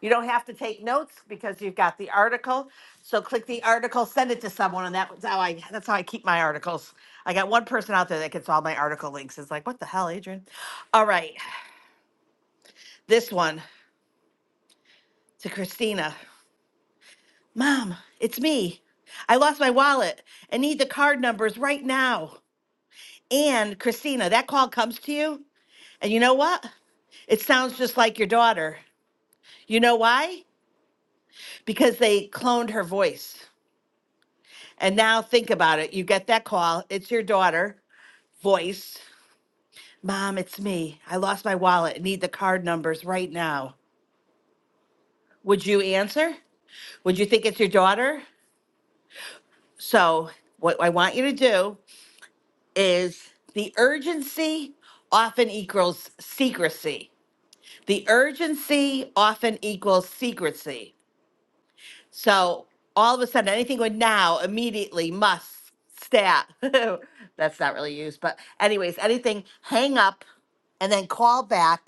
Speaker 17: You don't have to take notes because you've got the article. So click the article, send it to someone, and that's how I that's how I keep my articles. I got one person out there that gets all my article links. It's like, what the hell, Adrian? All right, this one to Christina. Mom, it's me. I lost my wallet. and need the card numbers right now. And Christina, that call comes to you. And you know what? It sounds just like your daughter. You know why? Because they cloned her voice. And now think about it. You get that call. It's your daughter voice. Mom, it's me. I lost my wallet. I need the card numbers right now. Would you answer? Would you think it's your daughter? So, what I want you to do is the urgency often equals secrecy. The urgency often equals secrecy. So all of a sudden, anything with now immediately must stat. *laughs* That's not really used, but anyways, anything hang up and then call back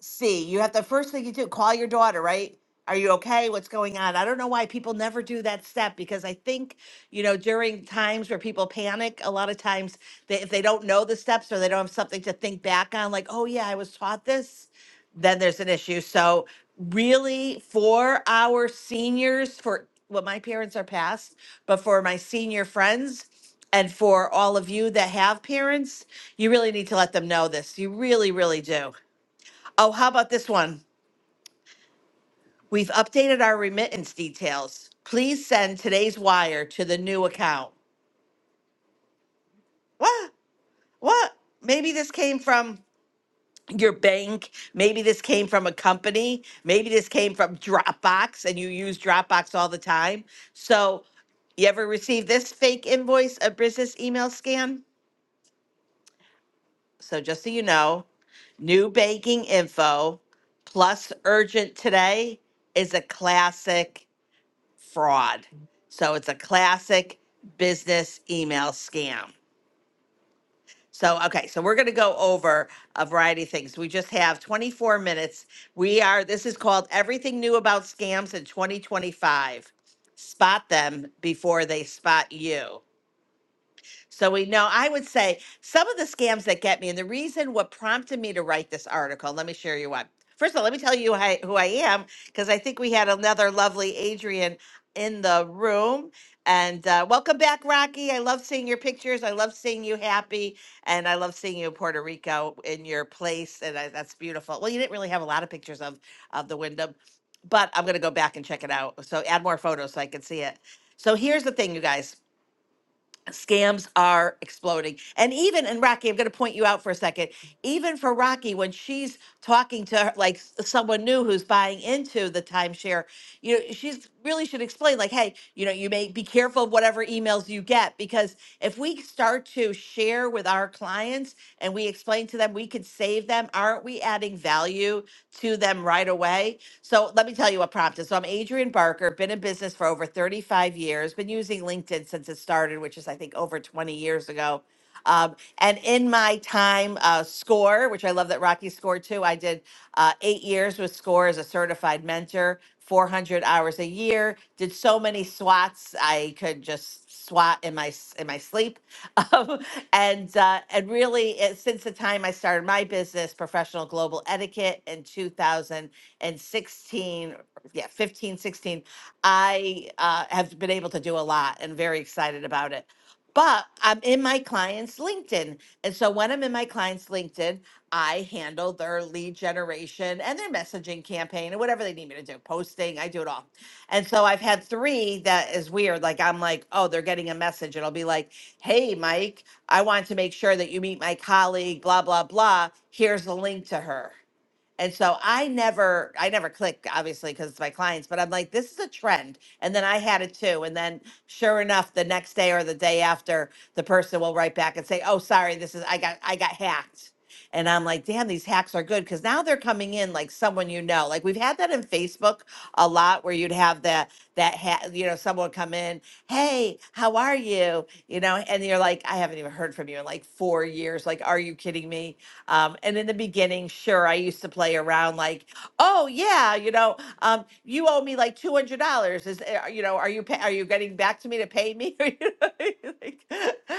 Speaker 17: see. You have the first thing you do, call your daughter, right? Are you okay? What's going on? I don't know why people never do that step because I think, you know, during times where people panic, a lot of times they, if they don't know the steps or they don't have something to think back on, like, oh, yeah, I was taught this, then there's an issue. So, really, for our seniors, for well, my parents are past, but for my senior friends and for all of you that have parents, you really need to let them know this. You really, really do Oh, how about this one? We've updated our remittance details. Please send today's wire to the new account. What? What? Maybe this came from your bank. Maybe this came from a company. Maybe this came from Dropbox and you use Dropbox all the time. So, you ever receive this fake invoice, a business email scan? So, just so you know, new banking info plus urgent today is a classic fraud. So it's a classic business email scam. So, okay, so we're going to go over a variety of things. We just have 24 minutes. We are, this is called Everything New About Scams in 2025. Spot them before they spot you. So we know, I would say some of the scams that get me, and the reason what prompted me to write this article, let me share you what. First of all, let me tell you hi- who I am, because I think we had another lovely Adrian in the room. And uh, welcome back, Rocky. I love seeing your pictures. I love seeing you happy. And I love seeing you in Puerto Rico in your place. And I, that's beautiful. Well, you didn't really have a lot of pictures of, of the Wyndham, but I'm going to go back and check it out. So add more photos so I can see it. So here's the thing, you guys scams are exploding. And even and Rocky, I'm going to point you out for a second. Even for Rocky, when she's talking to her, like s- someone new who's buying into the timeshare, you know she's really should explain like hey you know you may be careful of whatever emails you get because if we start to share with our clients and we explain to them we could save them aren't we adding value to them right away so let me tell you what prompted so i'm adrian barker been in business for over 35 years been using linkedin since it started which is i think over 20 years ago um, and in my time, uh, SCORE, which I love that Rocky scored too, I did uh, eight years with SCORE as a certified mentor, 400 hours a year. Did so many SWATs, I could just SWAT in my s- in my sleep. *laughs* Um, and uh, and really, it, since the time I started my business, professional global etiquette in 2016, yeah, 15, 16, I uh, have been able to do a lot and very excited about it but I'm in my client's LinkedIn. And so when I'm in my client's LinkedIn, I handle their lead generation and their messaging campaign and whatever they need me to do, posting, I do it all. And so I've had three that is weird. Like I'm like, oh, they're getting a message. And I'll be like, hey, Mike, I want to make sure that you meet my colleague, blah, blah, blah. Here's a link to her. And so I never, I never clicked, obviously, because it's my clients, but I'm like, this is a trend. And then I had it too. And then sure enough, the next day or the day after, the person will write back and say, Oh, sorry, this is I got I got hacked. And I'm like, damn, these hacks are good because now they're coming in like someone you know. Like we've had that in Facebook a lot where you'd have that that ha- you know, someone would come in, hey, how are you? You know, and you're like, I haven't even heard from you in like four years. Like, are you kidding me? Um, and in the beginning, sure, I used to play around like, oh yeah, you know, um, you owe me like two hundred dollars. Is uh, you know, are you pay, are you getting back to me to pay me? *laughs* You know, like,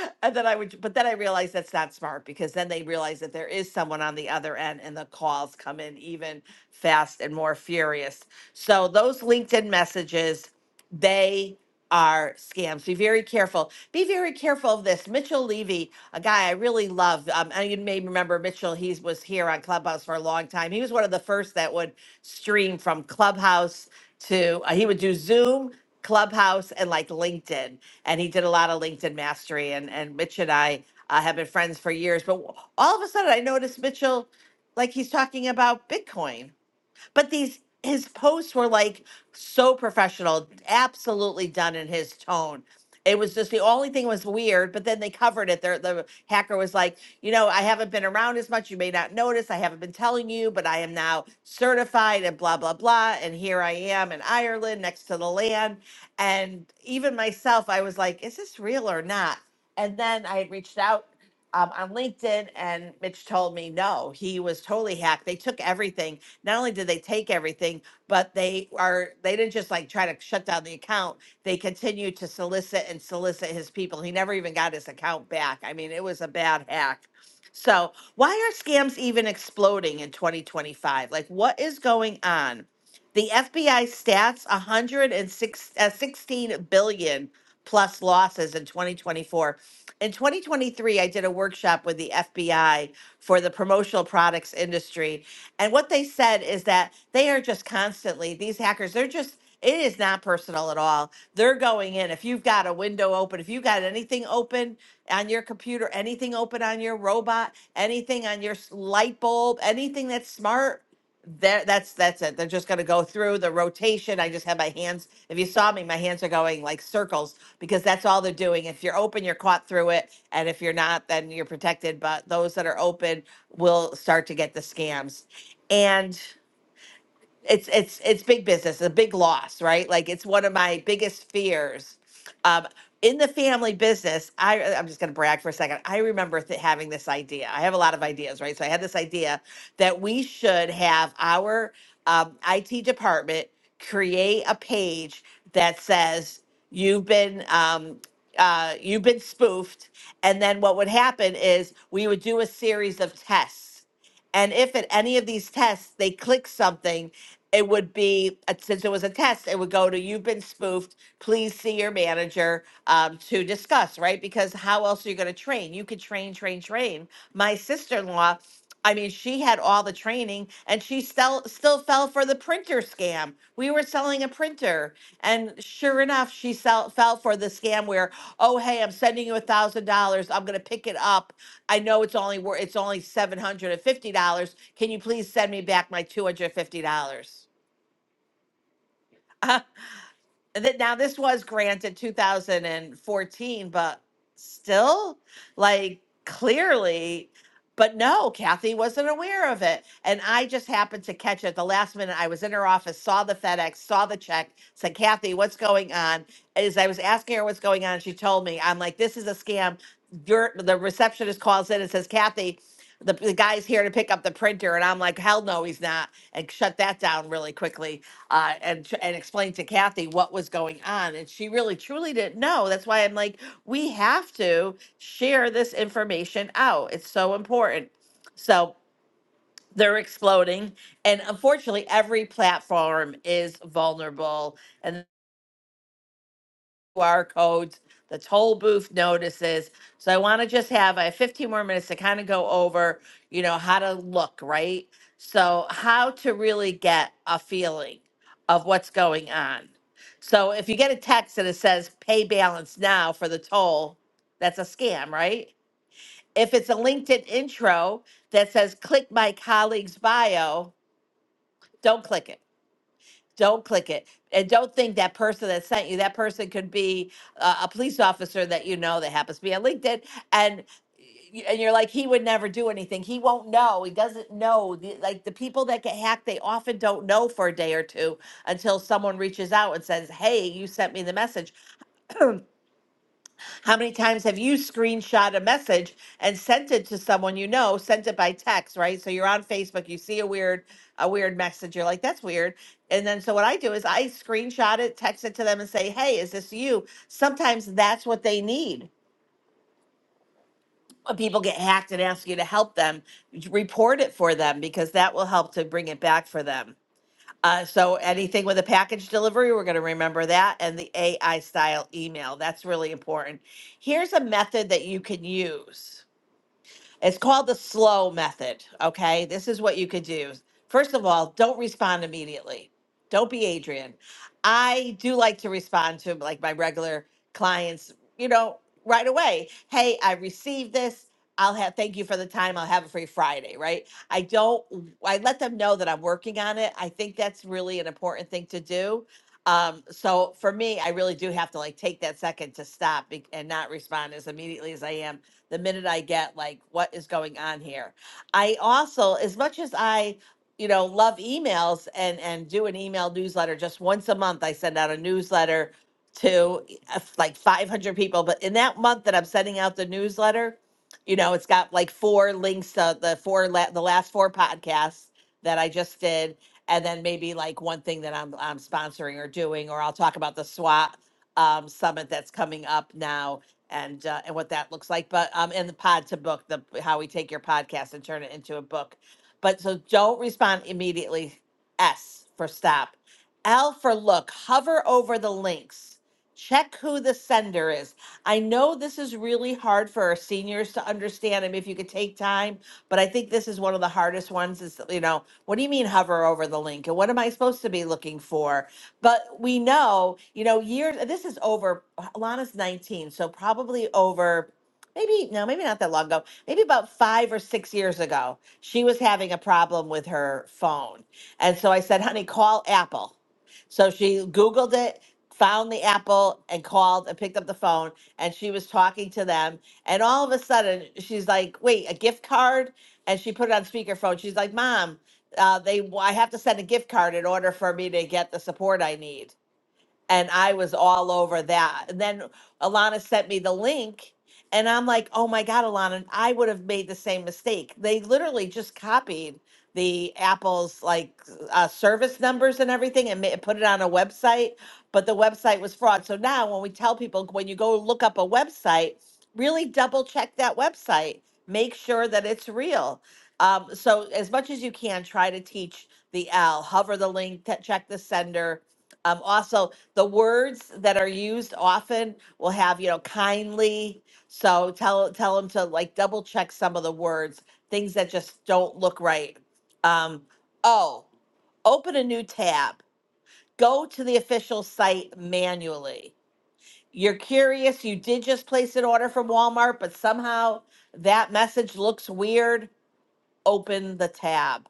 Speaker 17: *laughs* and then I would, but then I realized that's not smart because then they realize that there is someone on the other end, and the calls come in even fast and more furious. So those LinkedIn messages, they are scams. Be very careful. Be very careful of this. Mitchell Levy, a guy I really love. Um, and you may remember Mitchell. He was here on Clubhouse for a long time. He was one of the first that would stream from Clubhouse to. uh, he would do Zoom, Clubhouse, and like LinkedIn. And he did a lot of LinkedIn mastery. And and Mitch and I uh, have been friends for years. But all of a sudden, I noticed Mitchell, like he's talking about Bitcoin but these his posts were like so professional, absolutely done in his tone. It was just the only thing was weird, but then they covered it. There, the hacker was like, you know, I haven't been around as much. You may not notice. I haven't been telling you, but I am now certified and blah blah blah. And here I am in Ireland, next to the land. And even myself, I was like, is this real or not? And then I had reached out um, on LinkedIn, and Mitch told me no, he was totally hacked. They took everything not only did they take everything, but they are they didn't just like try to shut down the account. They continued to solicit and solicit his people. He never even got his account back. I mean, it was a bad hack. So, why are scams even exploding in 2025? Like what is going on? The FBI stats 106 uh, 16 billion plus losses in 2024. In 2023, I did a workshop with the FBI for the promotional products industry and what they said is that they are just constantly, these hackers, they're just, it is not personal at all. They're going in. If you've got a window open, if you've got anything open on your computer, anything open on your robot, anything on your s- light bulb, anything that's smart, there that's that's it they're just going to go through the rotation i just have my hands if you saw me my hands are going like circles because that's all they're doing if you're open you're caught through it and if you're not then you're protected but those that are open will start to get the scams and it's it's it's big business, a big loss, right? Like it's one of my biggest fears. Um, in the family business, I uh, I'm just going to brag for a second. I remember th- having this idea. I have a lot of ideas, right? So I had this idea that we should have our um, IT department create a page that says you've been um, uh, you've been spoofed, and then what would happen is we would do a series of tests. And if at any of these tests they click something it would be uh, since it was a test it would go to you've been spoofed please see your manager um, to discuss right because how else are you going to train you could train train train my sister-in-law i mean she had all the training and she still still fell for the printer scam we were selling a printer and sure enough she sell, fell for the scam where oh hey i'm sending you a thousand dollars i'm going to pick it up i know it's only wor- it's only $750 can you please send me back my $250 *laughs* Uh, that now this was granted 2014, but still, like clearly, but no, Kathy wasn't aware of it. And I just happened to catch it at the last minute. I was in her office, saw the FedEx, saw the check, said, Kathy, what's going on? As I was asking her what's going on, she told me, I'm like, this is a scam. Your the receptionist calls in and says, Kathy, the, the guy's here to pick up the printer. And I'm like, hell no, he's not. And shut that down really quickly uh, and tr- and explained to Kathy what was going on, and she really truly didn't know. That's why I'm like, we have to share this information out. It's so important. So they're exploding, and unfortunately, every platform is vulnerable, QR codes, the toll booth notices. So I want to just have I have 15 more minutes to kind of go over, you know, how to look, right? So how to really get a feeling of what's going on. So if you get a text and it says pay balance now for the toll, that's a scam, right? If it's a LinkedIn intro that says click my colleague's bio, don't click it don't click it. And don't think that person that sent you, that person could be uh, a police officer that you know that happens to be on LinkedIn. And y- and you're like he would never do anything he won't know he doesn't know the, like the people that get hacked they often don't know for a day or two until someone reaches out and says hey you sent me the message how many times have you screenshot a message and sent it to someone you know, sent it by text, right? So you're on Facebook, you see a weird a weird message, you're like, that's weird. And then so what I do is I screenshot it, text it to them and say, "Hey, is this you?" Sometimes that's what they need. When people get hacked and ask you to help them, report it for them because that will help to bring it back for them. Uh, so anything with a package delivery, we're going to remember that and the AI style email. That's really important. Here's a method that you can use. It's called the slow method. Okay. This is what you could do. First of all, don't respond immediately. Don't be Adrian. I do like to respond to like my regular clients, you know, right away. Hey, I received this. I'll have thank you for the time. I'll have it for you Friday, right? I don't I let them know that I'm working on it. I think that's really an important thing to do. Um, so for me, I really do have to like take that second to stop be- and not respond as immediately as I am the minute I get like what is going on here. I also, as much as I, you know, love emails and and do an email newsletter just once a month. I send out a newsletter to uh, like 500 people, but in that month that I'm sending out the newsletter, you know, it's got like four links to the four la- the last four podcasts that I just did and then maybe like one thing that I'm I'm sponsoring or doing, or I'll talk about the SWAT um, summit that's coming up now and uh, and what that looks like. But um, and the pod to book the how we take your podcast and turn it into a book. But so don't respond immediately. S for stop. L for look. Hover over the links. Check who the sender is. I know this is really hard for our seniors to understand. I mean, if you could take time, but I think this is one of the hardest ones. Is you know, what do you mean hover over the link, and what am I supposed to be looking for? But we know, you know, years, this is over, Lana's 19, so probably over maybe, no, maybe not that long ago, maybe about five or six years ago, she was having a problem with her phone. And so I said, honey, call Apple. So she Googled it, found the Apple, and called and picked up the phone. And she was talking to them. And all of a sudden, she's like, wait, a gift card? And she put it on speakerphone. She's like, Mom, uh, they, I have to send a gift card in order for me to get the support I need and I was all over that. And then Alana sent me the link, and I'm like, oh my God, Alana, I would have made the same mistake. They literally just copied the Apple's like uh, service numbers and everything and ma- put it on a website, but the website was fraud. So now when we tell people, when you go look up a website, really double check that website, make sure that it's real. Um, so as much as you can, try to teach the L, hover the link, t- check the sender. Um, also, the words that are used often will have you know kindly so tell tell them to like double check some of the words things that just don't look right um oh open a new tab go to the official site manually you're curious you did just place an order from walmart but somehow that message looks weird open the tab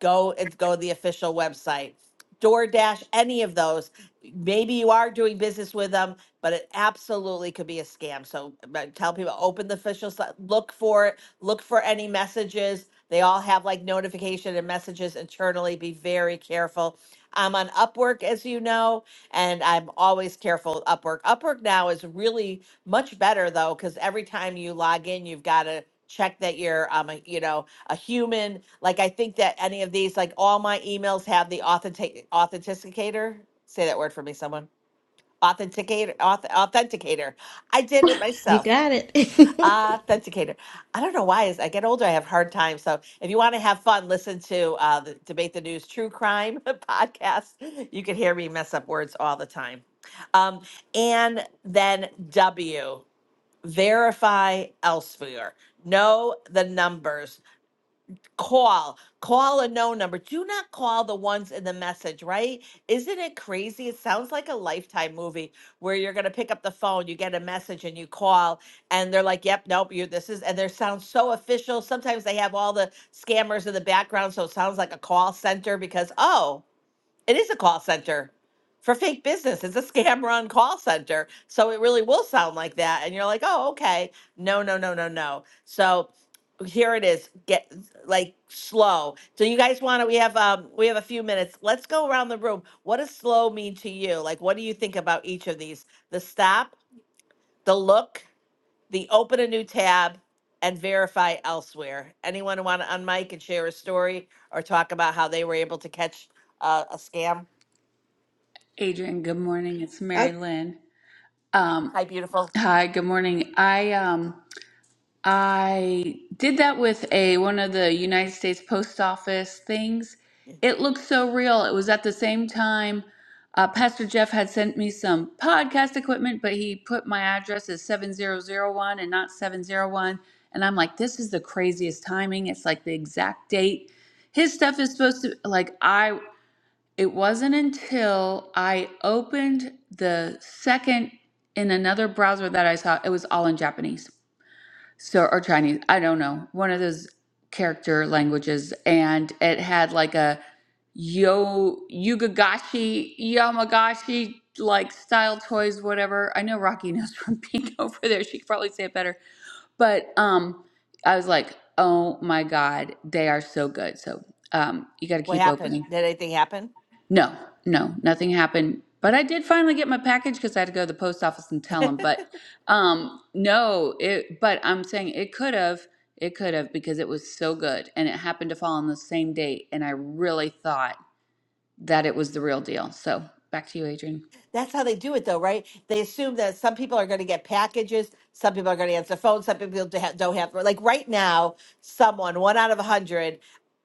Speaker 17: go and go to the official website. DoorDash, any of those. Maybe you are doing business with them, but it absolutely could be a scam. So but tell people open the official site, look for it, look for any messages. They all have like notification and messages internally. Be very careful. I'm on Upwork, as you know, and I'm always careful with Upwork. Upwork now is really much better though, because every time you log in, you've got to check that you're um you know a human. Like I think that any of these, like all my emails have the authentic authenticator. Say that word for me, someone. Authenticator, auth, authenticator. I did it
Speaker 2: You
Speaker 17: myself.
Speaker 2: got it.
Speaker 17: Authenticator. I don't know why. As I get older, I have hard time. So if you want to have fun, listen to uh, the Debate the News True Crime *laughs* podcast. You can hear me mess up words all the time. Um, and then W, verify elsewhere. Know the numbers Call, call a no number. Do not call the ones in the message, right? Isn't it crazy? It sounds like a lifetime movie where you're going to pick up the phone, you get a message, and you call, and they're like, yep, nope, you this is, and they sound so official. Sometimes they have all the scammers in the background, so it sounds like a call center because, oh, it is a call center for fake business. It's a scam run call center. So it really will sound like that. And you're like, oh, okay. No, no, no, no, no. So here it is. Get like slow. So you guys want to, we have, um, we have a few minutes. Let's go around the room. What does slow mean to you? Like, what do you think about each of these? The stop, the look, the open a new tab and verify elsewhere. Anyone want to unmic and share a story or talk about how they were able to catch uh, a scam?
Speaker 8: Adrian, good morning. It's
Speaker 20: Uh,
Speaker 8: Mary Lynn. Um,
Speaker 17: Hi, beautiful.
Speaker 8: hi, good morning. I um I did with a one of the United States Post Office things.
Speaker 17: Yeah.
Speaker 8: It looked so real. It was at the same time uh, Pastor Jeff had sent me some podcast equipment, but he put my address as 7001 and not 701. And I'm like, this is the craziest timing. It's like the exact date. His stuff is supposed to, like, I, it wasn't until I opened the second in another browser that I saw, it was all in Japanese so or Chinese, I don't know, one of those character languages, and it had like a yo yugagashi yamagashi like style toys, whatever. I know Rocky *laughs* knows from being *laughs* over there; she could probably say it better. But um, I was like, oh my god, they are so good. So um, you got to
Speaker 17: What
Speaker 8: keep
Speaker 17: happened?
Speaker 8: opening.
Speaker 17: Did anything happen?
Speaker 8: No, no, nothing happened. But I did finally get my package because I had to go to the post office and tell them. But um, no, it. But I'm saying it could have, it could have because it was so good and it happened to fall on the same date, and I really thought that it was the real deal. So back to you, Adrian.
Speaker 17: That's how they do it, though, right? They assume that some people are going to get packages, some people are going to answer phones, some people don't have, don't have. Like right now, someone one out of a hundred,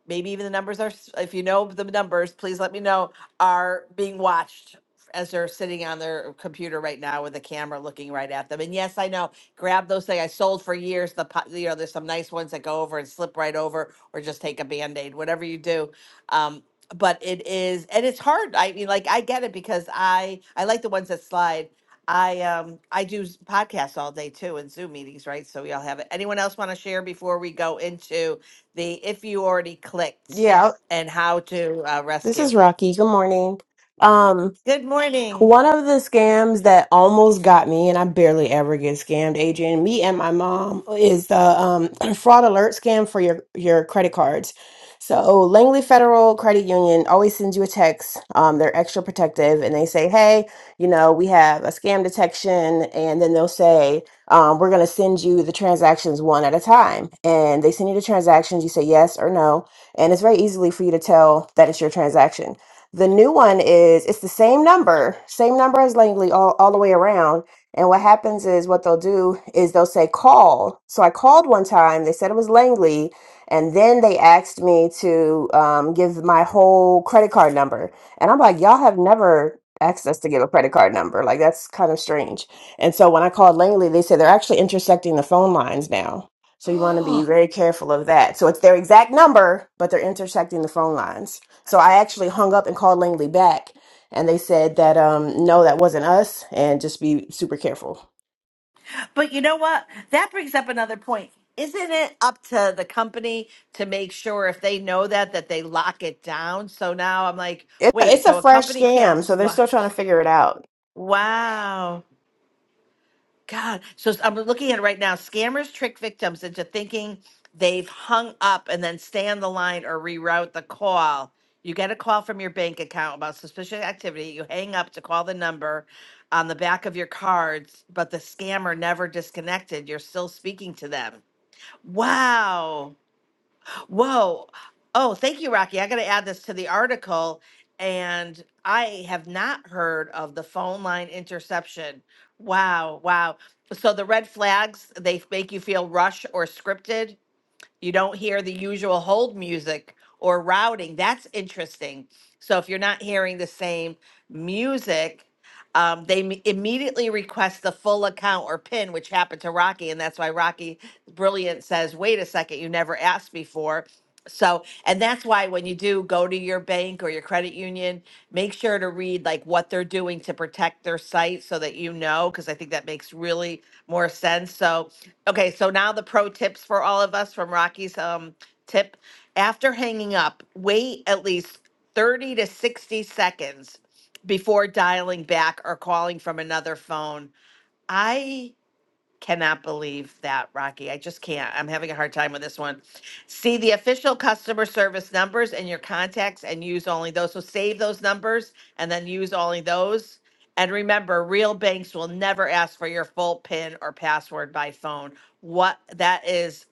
Speaker 17: maybe even the numbers are. s- If you know the numbers, please let me know. Are being watched as they're sitting on their computer right now with a camera looking right at them. And yes, I know. Grab those things I sold for years. The po- you know, there's some nice ones that go over and slip right over, or just take a band aid, whatever you do. um, but it is and it's hard i mean like i get it because i i like the ones that slide i um i do s- podcasts all day too and zoom meetings right so we all have it anyone else want to share before we go into the if you already clicked
Speaker 20: yeah,
Speaker 17: and how to uh,
Speaker 20: this
Speaker 17: rescue
Speaker 20: is Rocky. Good morning. Um,
Speaker 17: good morning
Speaker 20: One of the scams that almost got me, and I barely ever get scammed, Adrian, me and my mom, is the um, *clears throat* fraud alert scam for your, your credit cards. So Langley Federal Credit Union always sends you a text. Um, they're extra protective, and they say, "Hey, you know, we have a scam detection," and then they'll say, um, "We're going to send you the transactions one at a time." And they send you the transactions. You say yes or no, and it's very easily for you to tell that it's your transaction. The new one is it's the same number, same number as Langley all, all the way around. And what happens is what they'll do is they'll say call. So I called one time, they said it was Langley, and then they asked me to um, give my whole credit card number. And I'm like, y'all have never asked us to give a credit card number. Like that's kind of strange. And so when I called Langley, they said they're actually intersecting the phone lines now. So you want to be
Speaker 17: *gasps*
Speaker 20: very careful of that. So it's their exact number, but they're intersecting the phone lines. So I actually hung up and called Langley back, and they said that um, no, that wasn't us, and just be super careful.
Speaker 17: but you know what that brings up another point isn't it up to the company to make sure if they know that that they lock it down so now i'm like
Speaker 20: It's a,
Speaker 17: wait
Speaker 20: it's a
Speaker 17: so a
Speaker 20: fresh
Speaker 17: company can't
Speaker 20: scam, so they're
Speaker 17: lo-
Speaker 20: still trying to figure it out.
Speaker 17: wow God. So s- I'm looking at it right now. Scammers trick victims into thinking they've hung up and then stay on the line or reroute the call. You get a call from your bank account about suspicious activity. You hang up to call the number on the back of your cards, but the scammer never disconnected. You're still speaking to them. Wow. Whoa. Oh, thank you, Rocky. I got to add this to the article. And I have not heard of the phone line interception. Wow. Wow. So the red flags, they make you feel rushed or scripted. You don't hear the usual hold music or routing. That's interesting. So if you're not hearing the same music, um, they m- immediately request the full account or PIN, which happened to Rocky, and that's why Rocky Brilliant says, "Wait a second, you never asked before." So, and that's why when you do go to your bank or your credit union, make sure to read like what they're doing to protect their site so that you know, because I think that makes really more sense. So, Okay, so now the pro tips for all of us from Rocky's um tip. After hanging up, wait at least 30 to 60 seconds before dialing back or calling from another phone. I cannot believe that, Rocky. I just can't. I'm having a hard time with this one. See the official customer service numbers and your contacts and use only those. So save those numbers and then use only those. And remember, real banks will never ask for your full PIN or password by phone. What that is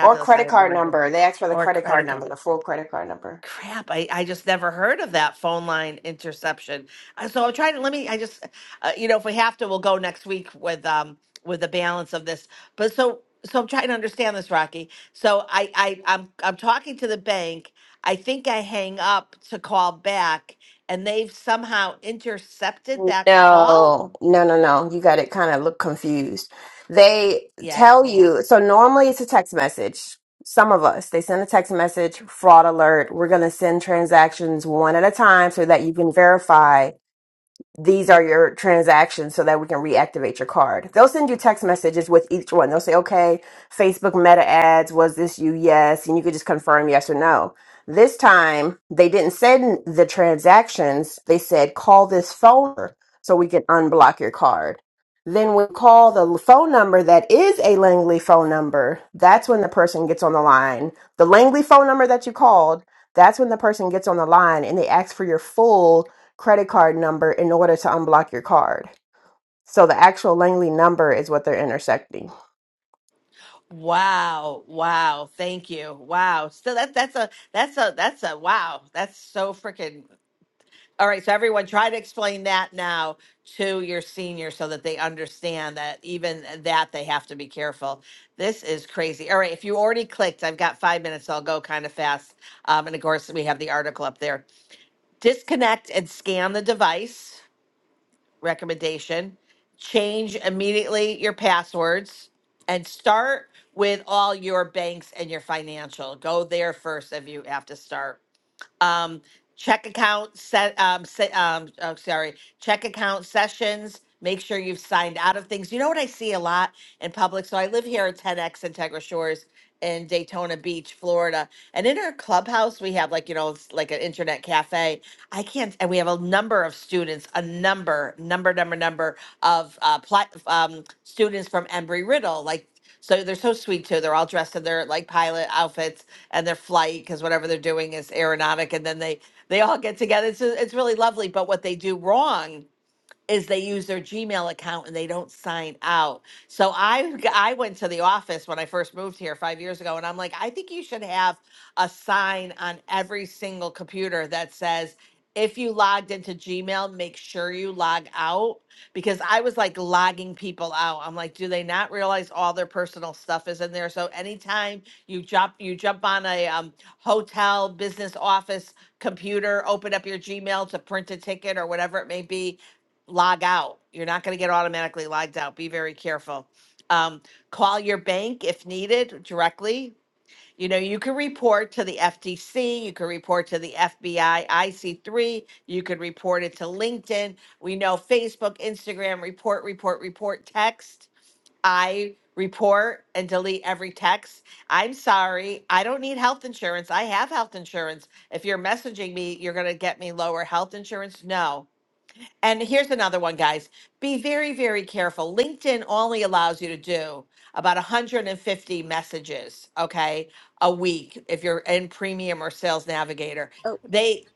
Speaker 20: Or
Speaker 17: I
Speaker 20: credit
Speaker 17: had no
Speaker 20: card
Speaker 17: idea.
Speaker 20: number. They asked for the
Speaker 17: Or
Speaker 20: credit card
Speaker 17: credit
Speaker 20: number, the full credit card number.
Speaker 17: crap I, I just never heard of that phone line interception Uh, so i'm trying to let me i just uh, you know if we have to we'll go next week with um with the balance of this but so so i'm trying to understand this rocky so i i i'm i'm talking to the bank i think i hang up to call back and they've somehow intercepted that call
Speaker 20: No, no, no, no. You got it kind of look confused. They
Speaker 17: yeah
Speaker 20: tell
Speaker 17: i am
Speaker 20: you, so normally it's a text message. Some of us, they send a text message, fraud alert. We're going to send transactions one at a time so that you can verify these are your transactions so that we can reactivate your card. They'll send you text messages with each one. They'll say, okay, Facebook meta ads, was this you? Yes. And you could just confirm yes or no. This time, they didn't send the transactions. They said, call this phone number so we can unblock your card. Then we call the phone number that is a Langley phone number. That's when the person gets on the line. The Langley phone number that you called, that's when the person gets on the line and they ask for your full credit card number in order to unblock your card. So the actual Langley number is what they're intersecting.
Speaker 17: wow wow thank you wow so that that's a that's a that's a wow that's so freaking All right, so everyone try to explain that now to your senior so that they understand that even that they have to be careful. This is crazy. All right, if you already clicked, I've got five minutes, so I'll go kind of fast. Um, and of course, we have the article up there. Disconnect and scan the device recommendation, change immediately your passwords, and start with all your banks and your financial. Go there first if you have to start um, check account set, um, se- um, oh, sorry, check account sessions. Make sure you've signed out of things. You know what I see a lot in public? So I live here at 10X Integra Shores in Daytona Beach, Florida. And in our clubhouse, we have like, you know, it's like an internet cafe. I can't, and we have a number of students, a number, number, number, number of uh, pla- um, students from Embry Riddle. Like so they're so sweet too. They're all dressed in their like pilot outfits and their flight because whatever they're doing is aeronautic. And then they they all get together. It's it's really lovely. But what they do wrong is they use their Gmail account and they don't sign out. So I g- I went to the office when I first moved here 5 years ago and I'm like I think you should have a sign on every single computer that says if you logged into Gmail make sure you log out because I was like logging people out. I'm like do they not realize all their personal stuff is in there? So anytime you jump you jump on a um, hotel business office computer, open up your Gmail to print a ticket or whatever it may be, log out. You're not going to get automatically logged out. Be very careful. Um, call your bank if needed directly. You know, you can report to the FTC, you can report to the FBI, IC3, you could report it to LinkedIn. We know Facebook, Instagram, report, report, report, text. I report and delete every text. I'm sorry, I don't need health insurance. I have health insurance. If you're messaging me, you're going to get me lower health insurance. No and here's another one, guys. Be very, very careful. LinkedIn only allows you to do about 150 messages, okay, a week if you're in Premium or Sales Navigator. They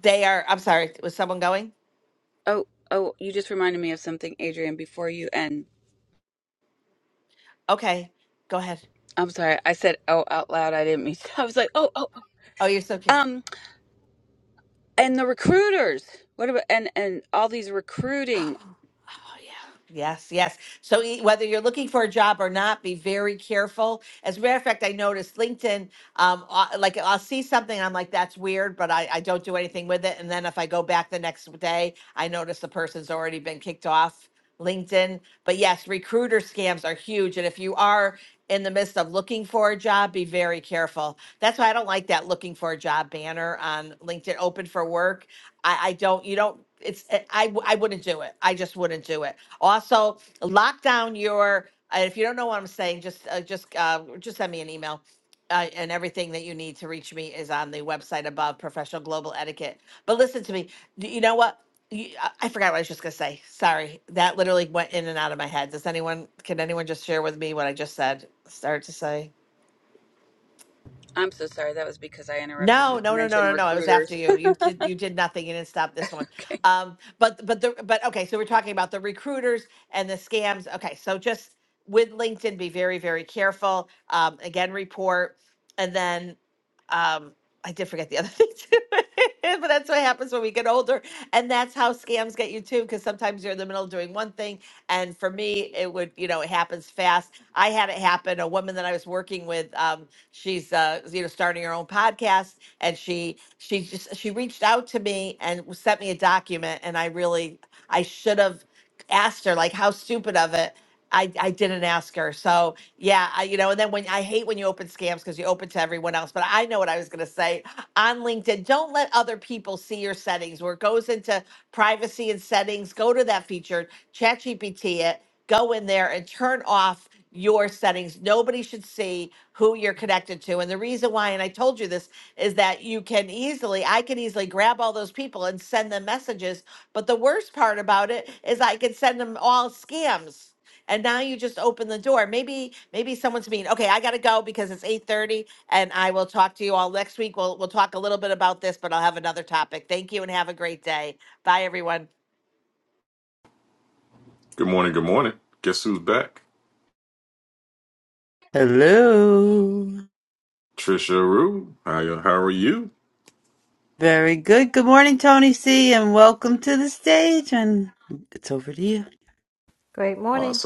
Speaker 17: they are I'm sorry, was someone going?
Speaker 8: Oh, oh, you just reminded me of something, Adrian, before you end.
Speaker 17: Okay. Go ahead.
Speaker 8: I'm sorry, I said oh out loud. I didn't mean to. *laughs* I was like, oh, oh.
Speaker 17: Oh, you're so cute.
Speaker 8: Um, and the recruiters. What about and and all these recruiting?
Speaker 17: *gasps* Oh, yeah. Yes, yes. So e- whether you're looking for a job or not, be very careful. As a matter of fact, I noticed LinkedIn, um, uh, like I'll see something, I'm like, that's weird, but I, I don't do anything with it. And then if I go back the next day, I notice the person's already been kicked off LinkedIn. But yes, recruiter scams are huge. And if you are in the midst of looking for a job, be very careful. That's why I don't like that looking for a job banner on LinkedIn, open for work I, I don't, you don't, it's, I. I I w- I wouldn't do it. I just wouldn't do it. Also, lock down your, uh, if you don't know what I'm saying, just, uh, just, uh, just send me an email. Uh, and everything that you need to reach me is on the website above professional global etiquette. But listen to me. D- You know what? You, I I forgot what I was just gonna say. Sorry, that literally went in and out of my head. Does anyone? Can anyone just share with me what I just said? Start to say.
Speaker 8: I'm so sorry. That was because I interrupted you.
Speaker 17: No,
Speaker 8: You
Speaker 17: no, no,
Speaker 8: mentioned
Speaker 17: no, no, no. It was after
Speaker 8: recruiters. *laughs*
Speaker 17: you. You did you did nothing. You didn't stop this one.
Speaker 8: Okay.
Speaker 17: Um, but but the but okay, so we're talking about the recruiters and the scams. Okay, so just with LinkedIn, be very, very careful. Um, again, report. And then um I did forget the other *laughs* thing too. but that's what happens when we get older. And that's how scams get you too, because sometimes you're in the middle of doing one thing. And for me, it would, you know, it happens fast. I had it happen. A woman that I was working with, um, She's uh, you know starting her own podcast, and she she just she reached out to me and sent me a document, and I really I should have asked her like how stupid of it. I, I didn't ask her. So yeah, I, you know, and then when I hate when you open scams because you open to everyone else, but I know what I was going to say on LinkedIn. Don't let other people see your settings where it goes into privacy and settings. Go to that feature ChatGPT it, go in there and turn off your settings. Nobody should see who you're connected to. And the reason why, and I told you this, is that you can easily, I can easily grab all those people and send them messages. But the worst part about it is I can send them all scams. And now you just open the door. Maybe, maybe someone's mean. Okay, I gotta go because it's eight thirty, and I will talk to you all next week. We'll we'll talk a little bit about this, but I'll have another topic. Thank you, and have a great day. Bye, everyone.
Speaker 3: Hello. Very good. Good morning, Tony C, and welcome to the stage. And it's over to you.
Speaker 2: *laughs* Great morning.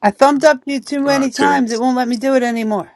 Speaker 3: I thumbed up you too many times. It won't let me do it anymore.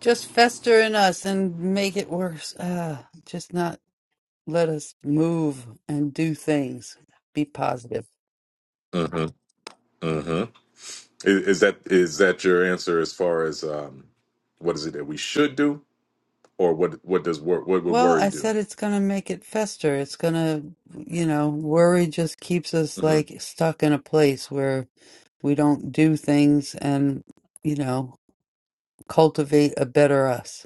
Speaker 3: Just fester in us and make it worse. Uh, just not let us move and do things. Be positive. Well, I said it's going to make it fester. It's going to, you know, worry just keeps us like stuck in a place where we don't do things and you know cultivate a better us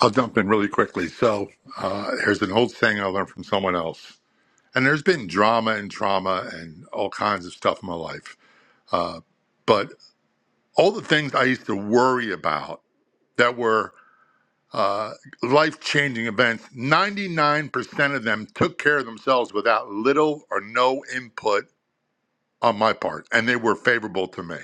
Speaker 21: I'll jump in really quickly. So uh, here's an old saying I learned from someone else. And there's been drama and trauma and all kinds of stuff in my life. But all the things I used to worry about that were uh, life changing events, 99% of them took care of themselves without little or no input on my part. And they were favorable to me.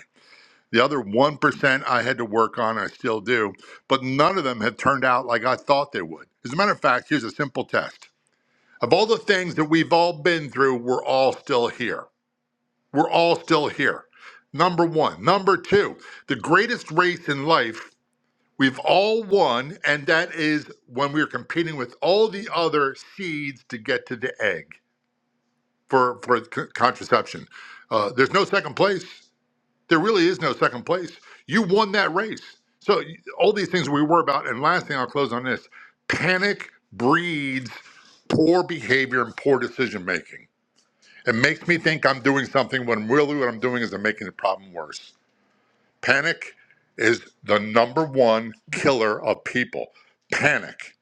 Speaker 21: The other 1% I had to work on, I still do, but none of them have turned out like I thought they would. As a matter of fact, here's a simple test. Of all the things that we've all been through, we're all still here. We're all still here. Number one. Number two, the greatest race in life we've all won, and that is when we're competing with all the other seeds to get to the egg for, for c- contraception. Uh, there's no second place. There really is no second place. You won that race. So, y- all these things we worry about. And last thing I'll close on this panic breeds poor behavior and poor decision making it makes me think I'm doing something when really what I'm doing is I'm making the problem worse. Panic is the number one killer of people. Panic.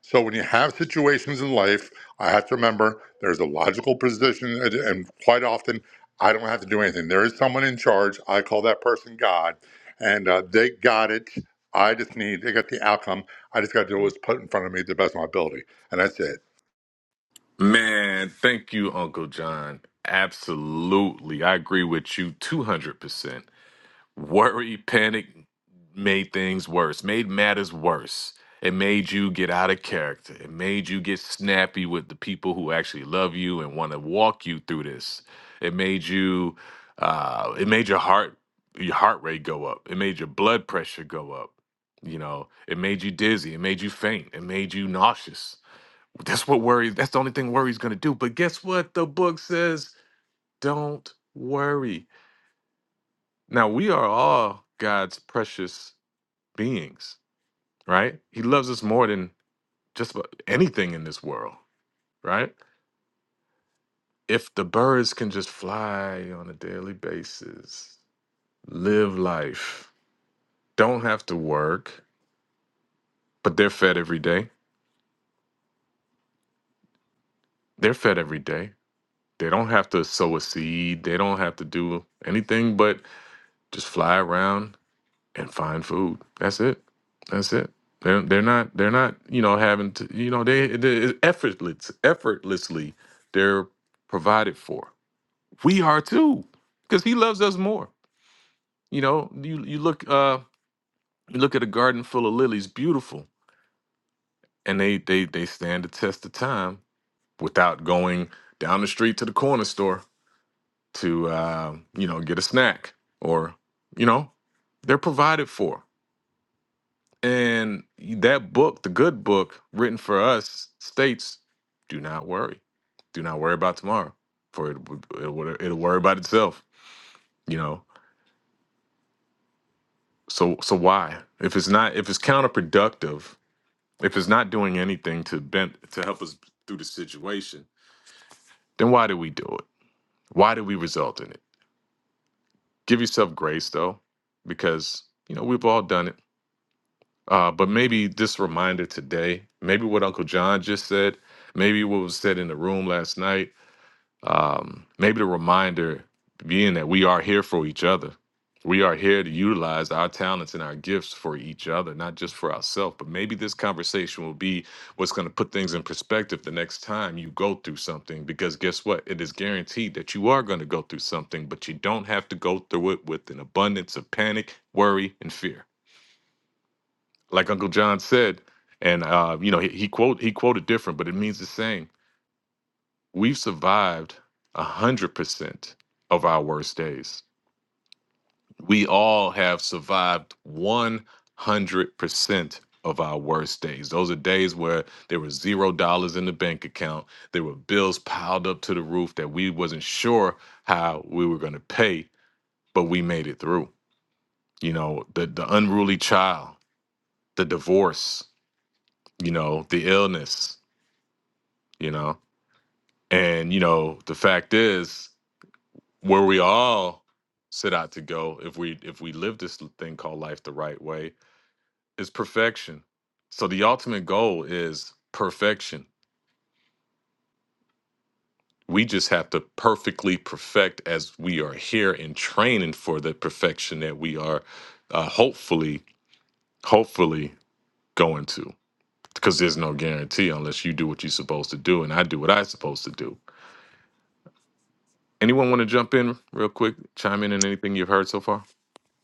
Speaker 21: So when you have situations in life, I have to remember there's a logical position, and and quite often I don't have to do anything. There is someone in charge. I call that person God, and uh, they got it. I just need they got the outcome. I just got to do what's put in front of me to the best of my ability, and that's it.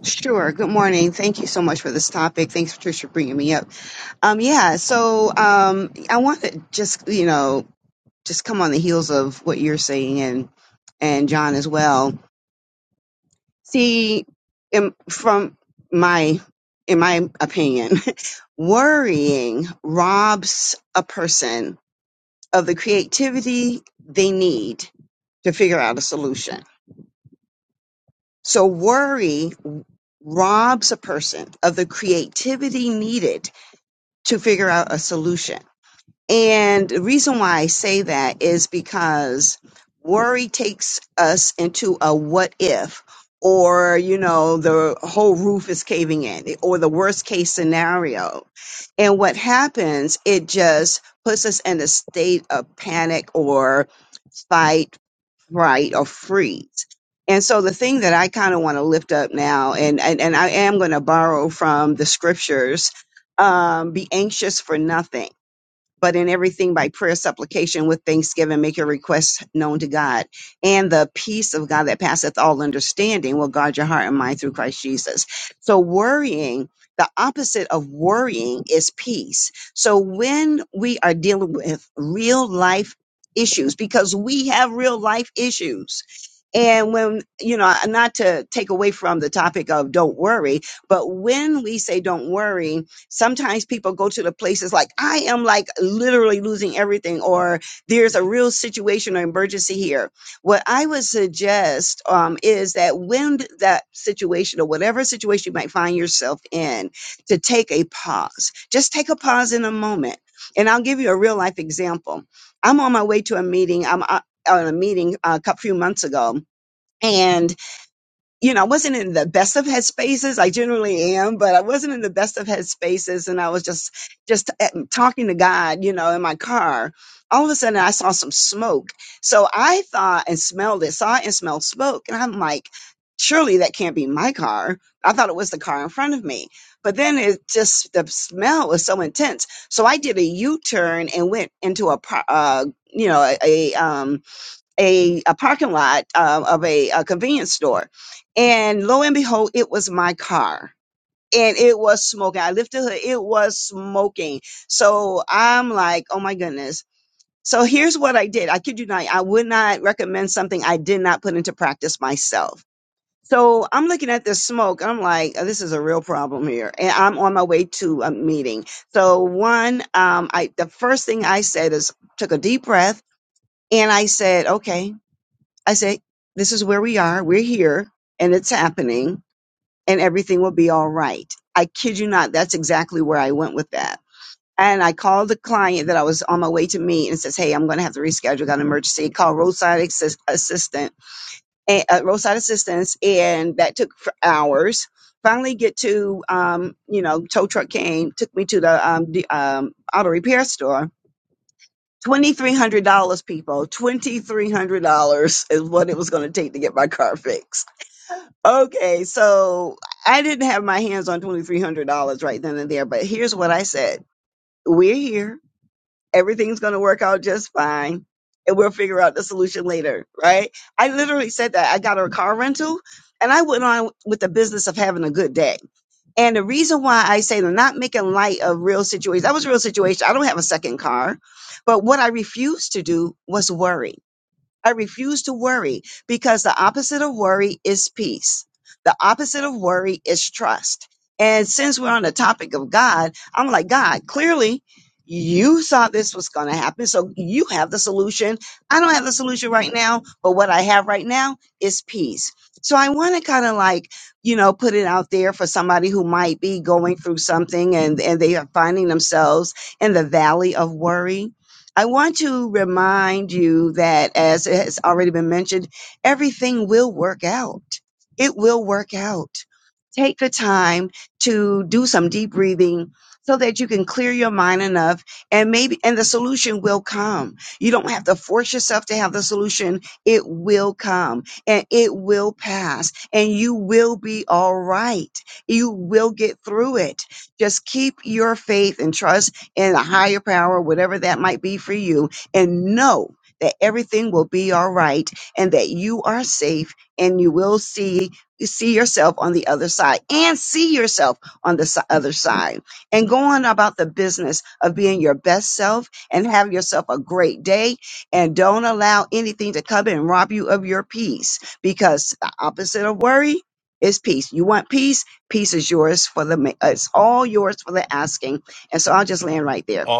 Speaker 22: Sure. Good morning. Thank you so much for this topic. Thanks, Patricia, for bringing me up. Um, yeah. So, um, I want to just, you know, just come on the heels of what you're saying and, and John as well. See, in, from my, in my opinion, *laughs* worrying robs a person of the creativity they need to figure out a solution. So worry robs a person of the creativity needed to figure out a solution. And the reason why I say that is because worry takes us into a what if, or, you know, the whole roof is caving in, or the worst case scenario. And what happens, it just puts us in a state of panic or fight right or freeze and so the thing that i kind of want to lift up now and, and and i am going to borrow from the scriptures um be anxious for nothing but in everything by prayer supplication with thanksgiving make your requests known to god and the peace of god that passeth all understanding will guard your heart and mind through christ jesus so worrying the opposite of worrying is peace so when we are dealing with real life issues because we have real life issues and when, you know, not to take away from the topic of don't worry, but when we say don't worry, sometimes people go to the places like i am like literally losing everything or there's a real situation or emergency here what i would suggest um, is that when that situation or whatever situation you might find yourself in to take a pause just take a pause in a moment and i'll give you a real life example i'm on my way to a meeting i'm uh, on a meeting uh, a cou- few months ago and you know, I wasn't in the best of headspaces. I generally am, but I wasn't in the best of headspaces, And I was just, just at- talking to God, you know, in my car. All of a sudden I saw some smoke. So I thought and smelled it, saw and smelled smoke. And I'm like, surely that can't be my car. I thought it was the car in front of me. But then it just, the smell was so intense. So I did a U-turn and went into a, par- uh, you know, a, a, um, a, a parking lot um, of a, a convenience store. And lo and behold, it was my car. And it was smoking. I lifted her, it was smoking. So I'm like, oh my goodness. So here's what I did. I kid you not, I would not recommend something I did not put into practice myself. So I'm looking at this smoke. and I'm like, oh, this is a real problem here. And I'm on my way to a meeting. So one, um, I the first thing I said is took a deep breath and I said, okay, I say, this is where we are. We're here and it's happening and everything will be all right. I kid you not. That's exactly where I went with that. And I called the client that I was on my way to meet and says, Hey, I'm going to have to reschedule. Got an emergency. Called roadside assist- assistant, and, uh, roadside assistance. And that took for hours. Finally get to, um, you know, tow truck came, took me to the, um, the um, auto repair store $2,300, people. $2,300 is what it was going to take to get my car fixed. Okay, so I didn't have my hands on $2,300 right then and there, but here's what I said We're here. Everything's going to work out just fine, and we'll figure out the solution later, right? I literally said that. I got a car rental, and I went on with the business of having a good day and the reason why I say I'm not making light of real situations, that was a real situation. I don't have a second car. But what I refused to do was worry. I refuse to worry because the opposite of worry is peace. The opposite of worry is trust. And since we're on the topic of God, I'm like, God, clearly you thought this was going to happen. So you have the solution. I don't have the solution right now, but what I have right now is peace. So I want to kind of like, you know, put it out there for somebody who might be going through something and, and they are finding themselves in the valley of worry I want to remind you that, as has already been mentioned, everything will work out. It will work out take the time to do some deep breathing so that you can clear your mind enough and maybe and the solution will come you don't have to force yourself to have the solution it will come and it will pass and you will be all right you will get through it just keep your faith and trust in a higher power whatever that might be for you and know that everything will be all right and that you are safe and you will see you see yourself on the other side and see yourself on the si- other side and go on about the business of being your best self and have yourself a great day and don't allow anything to come and rob you of your peace because the opposite of worry is peace. You want peace? Peace is yours for the, ma- uh, it's all yours for the asking. And so I'll just land right there.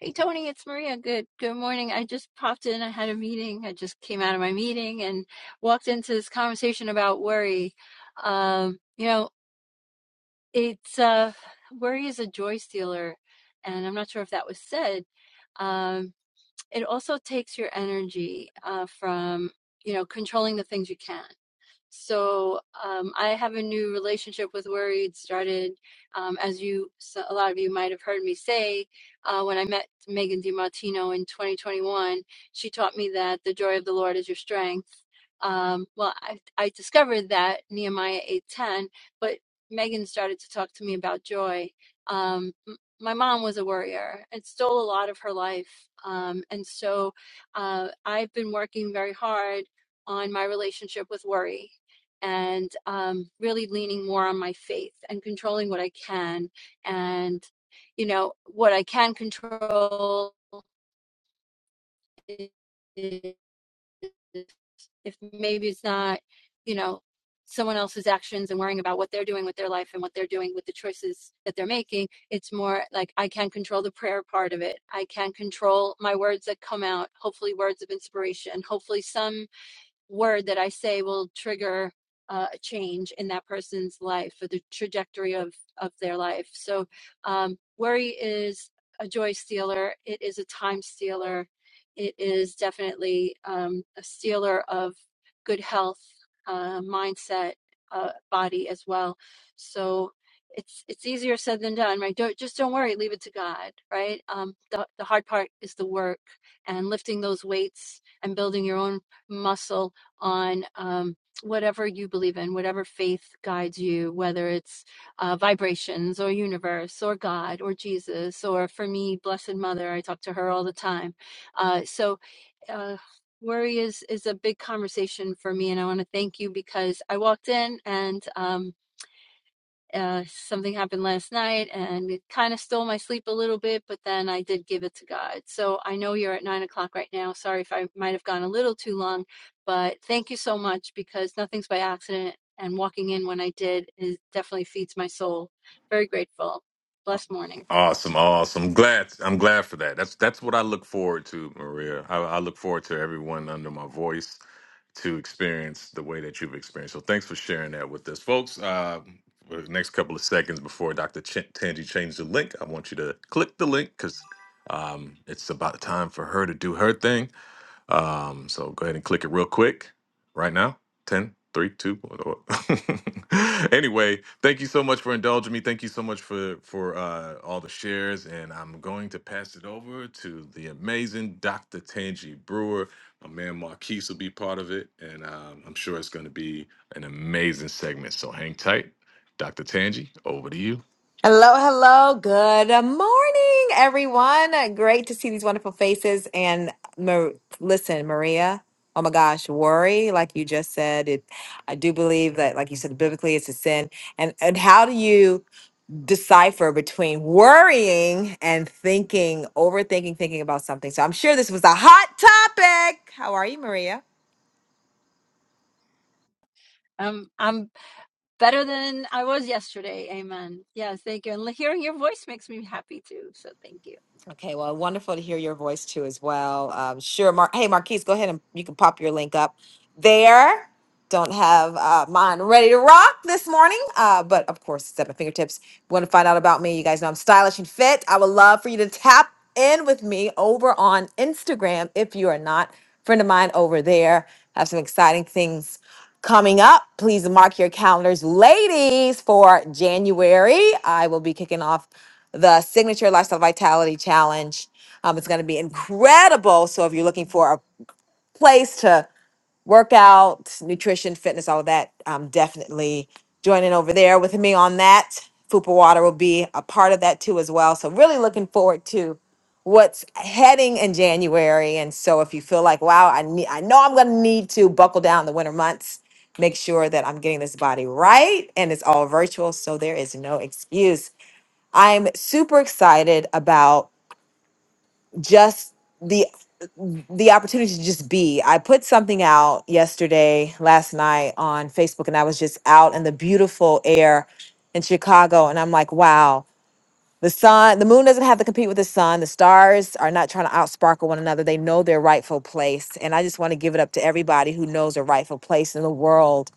Speaker 23: Hey Tony, it's Maria. Good good morning. I just popped in. I had a meeting. I just came out of my meeting and walked into this conversation about worry. Um, you know, it's uh worry is a joy stealer, and I'm not sure if that was said. Um, it also takes your energy uh from, you know, controlling the things you can. So um, I have a new relationship with worry. It started, um, as you, so- a lot of you might have heard me say, uh, when I met Megan DiMartino in 2021, she taught me that the joy of the Lord is your strength. Um, well, I, I discovered that Nehemiah 8:10, but Megan started to talk to me about joy. Um, m- my mom was a worrier and stole a lot of her life. Um, and so uh, I've been working very hard on my relationship with worry and um, really leaning more on my faith and controlling what I can. And, you know, what I can control is if maybe it's not, you know, someone else's actions and worrying about what they're doing with their life and what they're doing with the choices that they're making. It's more like I can control the prayer part of it. I can control my words that come out, hopefully, words of inspiration, hopefully, some word that I say will trigger uh, a change in that person's life or the trajectory of of their life. So um, worry is a joy stealer. It is a time stealer. It is definitely um, a stealer of good health, uh, mindset, uh, body as well. So it's it's easier said than done, right? Don't just don't worry. Leave it to God, right? Um, the the hard part is the work and lifting those weights and building your own muscle on um, whatever you believe in, whatever faith guides you, whether it's uh, vibrations or universe or God or Jesus, or for me, Blessed Mother, I talk to her all the time. Uh, so, uh, worry is is a big conversation for me and i want to thank you because i walked in and um, uh, something happened last night and it kind of stole my sleep a little bit, but then I did give it to God. So I know you're at nine o'clock right now. Sorry if I might have gone a little too long, but thank you so much because nothing's by accident. And walking in when I did is definitely feeds my soul. Very grateful. Blessed morning.
Speaker 24: Hello, hello. Good morning, everyone. Great to see these wonderful faces. And Mar- listen, Maria, oh my gosh, worry, like you just said, it, I do believe that, like you said, biblically, it's a sin. And, and how do you decipher between worrying and thinking, overthinking, thinking about something? So I'm sure this was a hot topic. How are you, Maria?
Speaker 23: Um, I'm better than I was yesterday. Amen. Yes, thank you. And hearing your voice makes me happy too. So thank you.
Speaker 24: Okay, well, wonderful to hear your voice too, as well. Um, sure, Mar- hey, Marquise, go ahead and you can pop your link up there. Don't have uh, mine ready to rock this morning, uh, but of course, it's at my fingertips. If you want to find out about me? You guys know I'm stylish and fit. I would love for you to tap in with me over on Instagram if you are not. Friend of mine over there. I have some exciting things coming up. Please mark your calendars, ladies, for January. I will be kicking off the Signature Lifestyle Vitality Challenge. Um, it's going to be incredible. So if you're looking for a place to workout, nutrition, fitness, all of that, um, definitely joining over there with me on that. Fupa Water will be a part of that too as well. So really looking forward to what's heading in January. And so if you feel like, wow, I need, I know I'm going to need to buckle down in the winter months, make sure that I'm getting this body right and it's all virtual. So there is no excuse. I'm super excited about just the the opportunity to just be. I put something out yesterday, last night on Facebook, and I was just out in the beautiful air in Chicago. And I'm like, wow, the sun, the moon doesn't have to compete with the sun. The stars are not trying to outsparkle one another. They know their rightful place. And I just want to give it up to everybody who knows their rightful place in the world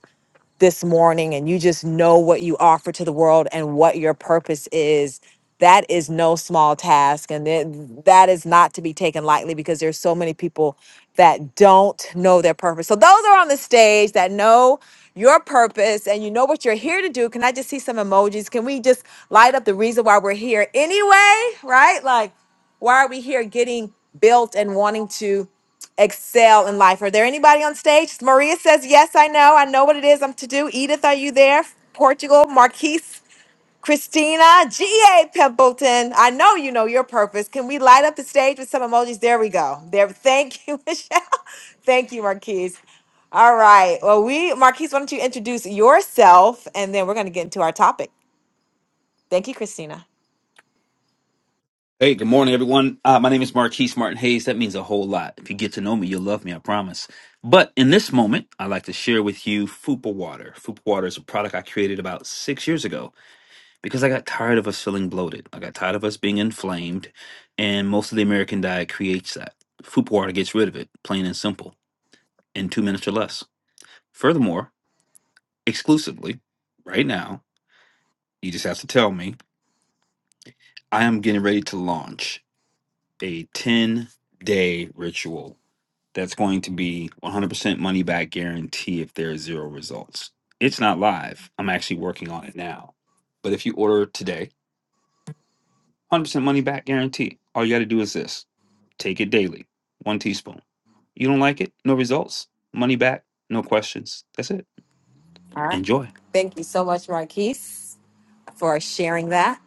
Speaker 24: this morning and you just know what you offer to the world and what your purpose is that is no small task and then that is not to be taken lightly because there's so many people that don't know their purpose so those are on the stage that know your purpose and you know what you're here to do can i just see some emojis can we just light up the reason why we're here anyway right like why are we here getting built and wanting to excel in life. Are there anybody on stage? Maria says, Yes, I know. I know what it is I'm to do. Edith, are you there? Portugal, Marquise, Christina, G.A. Pimpleton. I know you know your purpose. Can we light up the stage with some emojis? There we go. There. Thank you, *laughs* Michelle. Thank you, Marquise. All right. Well, we, Marquise, why don't you introduce yourself and then we're going to get into our topic. Thank you, Christina.
Speaker 25: Hey, good morning, everyone. Uh, my name is Marquise Martin Hayes. That means a whole lot. If you get to know me, you'll love me, I promise. But in this moment, I'd like to share with you Fupa Water. Fupa Water is a product I created about six years ago because I got tired of us feeling bloated. I got tired of us being inflamed, and most of the American diet creates that. Fupa Water gets rid of it, plain and simple, in two minutes or less. Furthermore, exclusively, right now, you just have to tell me, I am getting ready to launch a 10 day ritual that's going to be 100% money back guarantee if there are zero results. It's not live. I'm actually working on it now. But if you order today, 100% money back guarantee. All you got to do is this take it daily, one teaspoon. You don't like it? No results. Money back, no questions. That's it.
Speaker 24: All right.
Speaker 25: Enjoy.
Speaker 24: Thank you so much, Marquise. for sharing that.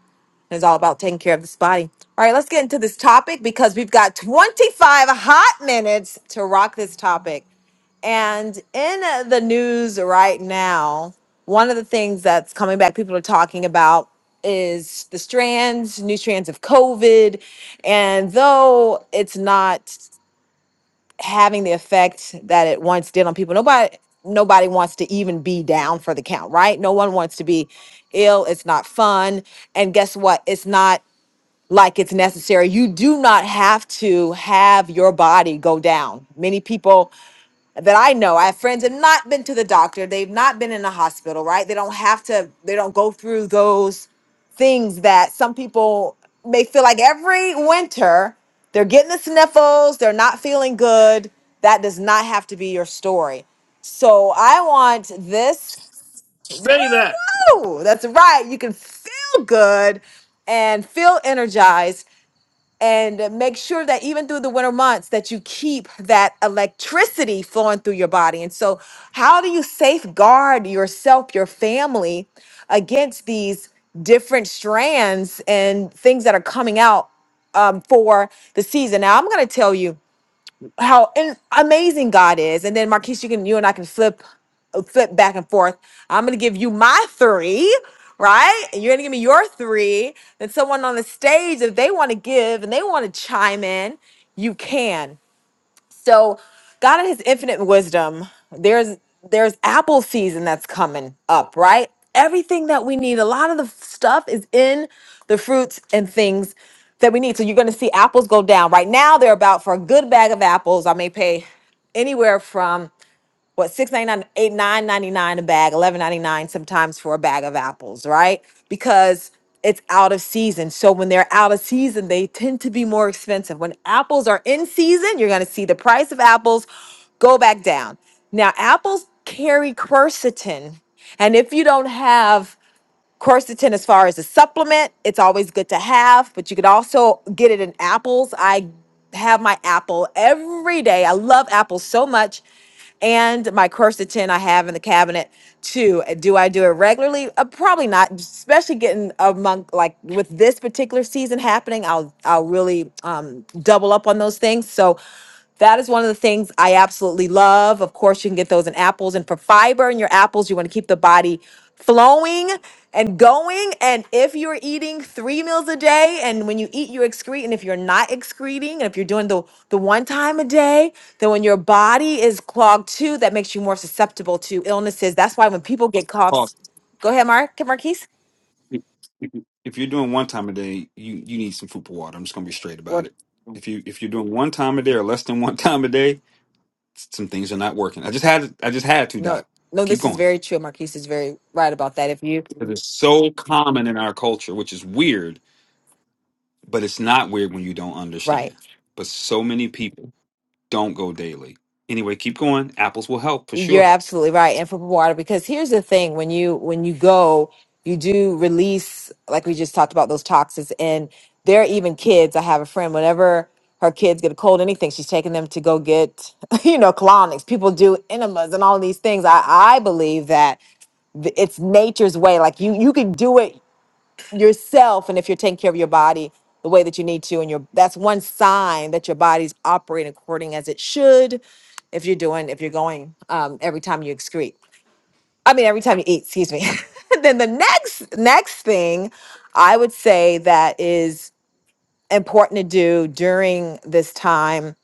Speaker 24: It's all about taking care of this body. All right, let's get into this topic because we've got 25 hot minutes to rock this topic. And in uh, the news right now, one of the things that's coming back, people are talking about is the strands, new strands of COVID. And though it's not having the effect that it once did on people. Nobody nobody wants to even be down for the count, right? No one wants to be ill. It's not fun. And guess what? It's not like it's necessary. You do not have to have your body go down. Many people that I know, I have friends that have not been to the doctor. They've not been in the hospital, right? They don't have to, they don't go through those things that some people may feel like every winter they're getting the sniffles, they're not feeling good. That does not have to be your story. So I want this. Woo, woo! That's right. You can feel good and feel energized and make sure that even through the winter months that you keep that electricity flowing through your body and so how do you safeguard yourself your family against these different strands and things that are coming out um, for the season now i'm going to tell you how and amazing God is. And then Marquise, you can you and I can flip flip back and forth. I'm gonna give you my three, right? And you're gonna give me your three. Then someone on the stage, if they want to give and they want to chime in, you can. So God in his infinite wisdom, there's there's apple season that's coming up, right? Everything that we need, a lot of the stuff is in the fruits and things that we need. So you're going to see apples go down. Right now they're about for a good bag of apples, I may pay anywhere from what six ninety nine, eight nine ninety nine a bag, eleven ninety nine sometimes for a bag of apples, right? Because it's out of season. So when they're out of season, they tend to be more expensive. When apples are in season, you're gonna see the price of apples go back down. Now apples carry quercetin, and if you don't have Quercetin, as far as a supplement, it's always good to have, but you could also get it in apples. I have my apple every day. I love apples so much. And my quercetin I have in the cabinet too. Do I do it regularly? Uh, probably not, especially getting among like with this particular season happening. I'll I'll really um, double up on those things. So that is one of the things I absolutely love. Of course, you can get those in apples. And for fiber in your apples, you want to keep the body flowing and going. And if you're eating three meals a day, and when you eat, you excrete. And if you're not excreting, and if you're doing the, the one time a day, then when your body is clogged too, that makes you more susceptible to illnesses. That's why when people get coughs,
Speaker 25: Pause.
Speaker 24: go ahead, Mark, Marquise.
Speaker 25: If if you're doing one time a day, you, you need some food for water. I'm just gonna be straight about
Speaker 24: What?
Speaker 25: it. If you if you're doing one time a day or less than *laughs* one time a day, s- some things are not working. I just had I just had to
Speaker 24: No,
Speaker 25: doc.
Speaker 24: no,
Speaker 25: Keep
Speaker 24: this is
Speaker 25: going.
Speaker 24: very true. Marquise is very right about that. If you,
Speaker 25: Because it's so common in our culture, which is weird, but it's not weird when you don't
Speaker 24: right.
Speaker 25: understand. But so many people don't go daily. Anyway, keep going. Apples will help for
Speaker 24: You're
Speaker 25: sure.
Speaker 24: absolutely right. And for water, because here's the thing: when you when you go, you do release, like we just talked about, those toxins. And there are even kids. I have a friend. Whenever her kids get a cold, anything, she's taking them to go get, *laughs* you know, colonics. People do enemas and all these things. I I believe that th- it's nature's way. Like you you can do it yourself and if you're taking care of your body the way that you need to and your that's one sign that your body's operating according as it should if you're doing if you're going um, every time you excrete i mean every time you eat excuse me *laughs* then the next next thing i would say that is important to do during this time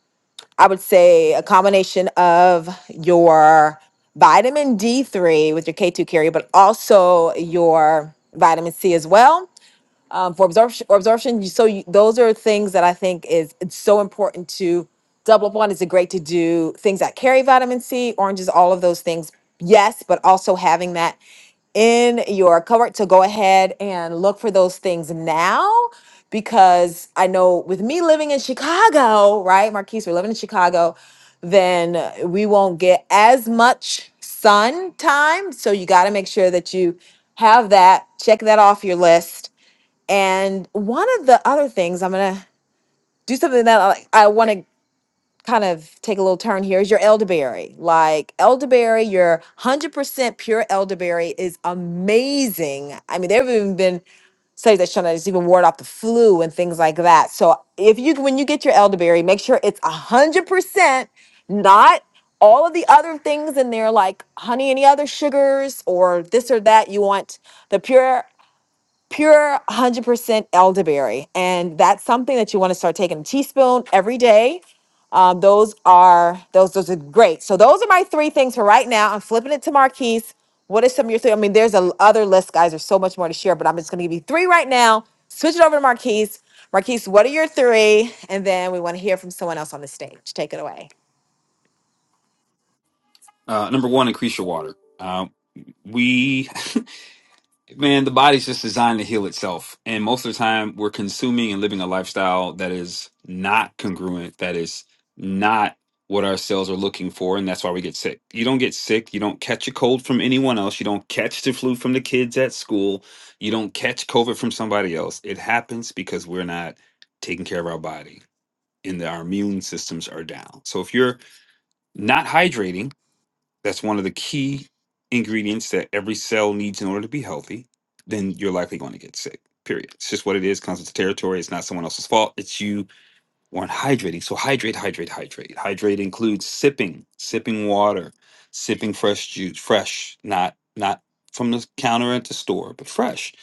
Speaker 24: i would say a combination of your vitamin d3 with your k2 carrier but also your vitamin c as well um, for absorption, or absorption. you- So you, those are things that I think is it's so important to double up on. Is it great to do things that carry vitamin C, oranges, all of those things? Yes, but also having that in your cupboard to go ahead and look for those things now because I know with me living in Chicago, right, Marquise, we're living in Chicago, then uh, we won't get as much sun time. So you got to make sure that you have that. Check that off your list and one of the other things I'm gonna do something that I, I want to kind of take a little turn here is your elderberry. Like elderberry, your 100% pure elderberry is amazing. I mean, there have even been studies that show that it's even ward off the flu and things like that. So if you when you get your elderberry, make sure it's 100%, not all of the other things in there like honey any other sugars or this or that you want the pure pure 100% elderberry. And that's something that you want to start taking a teaspoon every day. Um, those are those those are great. So those are my three things for right now. I'm flipping it to Marquise. What are some of your three? I mean, there's a other list, guys. There's so much more to share, but I'm just gonna give you three right now. Switch it over to Marquise. Marquise, what are your three? And then we want to hear from someone else on the stage. Take it away.
Speaker 25: Uh, number one, increase your water. Uh, we *laughs* Man, the body's just designed to heal itself. And most of the time, we're consuming and living a lifestyle that is not congruent, that is not what our cells are looking for. And that's why we get sick. You don't get sick. You don't catch a cold from anyone else. You don't catch the flu from the kids at school. You don't catch COVID from somebody else. It happens because we're not taking care of our body and that our immune systems are down. So if you're not hydrating, that's one of the key ingredients that every cell needs in order to be healthy. Then you're likely going to get sick. Period. It's just what it is. Comes with the territory. It's not someone else's fault. It's you or on hydrating. So hydrate, hydrate, hydrate. Hydrate includes sipping, sipping water, sipping fresh juice, fresh, not not from the counter at the store, but fresh.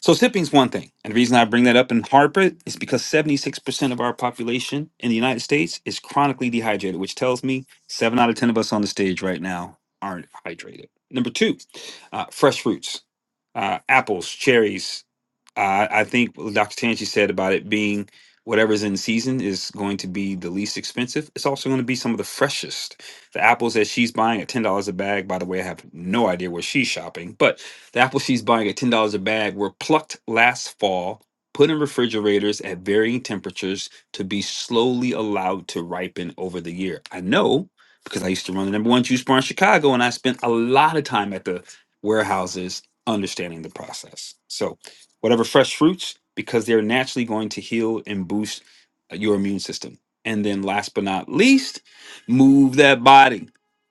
Speaker 25: So sipping's one thing. And the reason I bring that up and harp it is because 76% of our population in the United States is chronically dehydrated, which tells me seven out of 10 of us on the stage right now aren't hydrated. Number two, uh, fresh fruits, uh, apples, cherries. Uh, I think Dr. Tanji said about it being whatever's in season is going to be the least expensive. It's also going to be some of the freshest. The apples that she's buying at ten dollars a bag. By the way, I have no idea where she's shopping, but the apples she's buying at ten dollars a bag were plucked last fall, put in refrigerators at varying temperatures to be slowly allowed to ripen over the year. I know because I used to run the number one juice bar in Chicago, and I spent a lot of time at the warehouses understanding the process. So whatever fresh fruits because they're naturally going to heal and boost uh, your immune system. And then last but not least, move that body.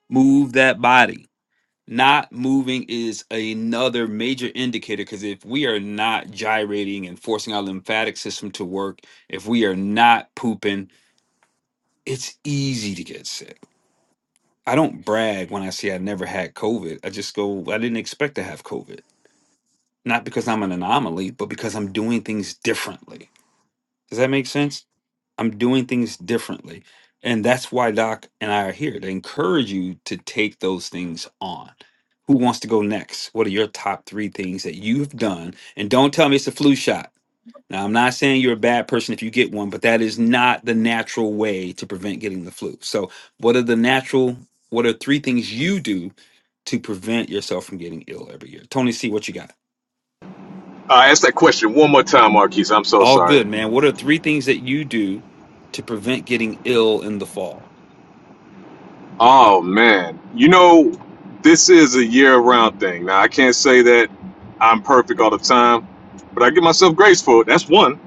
Speaker 25: Move that body. Not moving is another major indicator because if we are not gyrating and forcing our lymphatic system to work, if we are not pooping, it's easy to get sick. I don't brag when I say I never had COVID. I just go, "Well, I didn't expect to have COVID. Not because I'm an anomaly, but because I'm doing things differently Does that make sense? I'm doing things differently. And that's why Doc and I are here to encourage you to take those things on. Who wants to go next? What are your top three things that you've done? And don't tell me it's a flu shot. Now, I'm not saying you're a bad person if you get one, but that is not the natural way to prevent getting the flu. So, what are the natural, what are three things you do to prevent yourself from getting ill every year? Tony, see what you got. All good, man. What are three things that you do to prevent getting ill in the fall?
Speaker 26: Oh man, you know, this is a year-round thing. Now I can't say that I'm perfect all the time, but I give myself grace for it. That's one.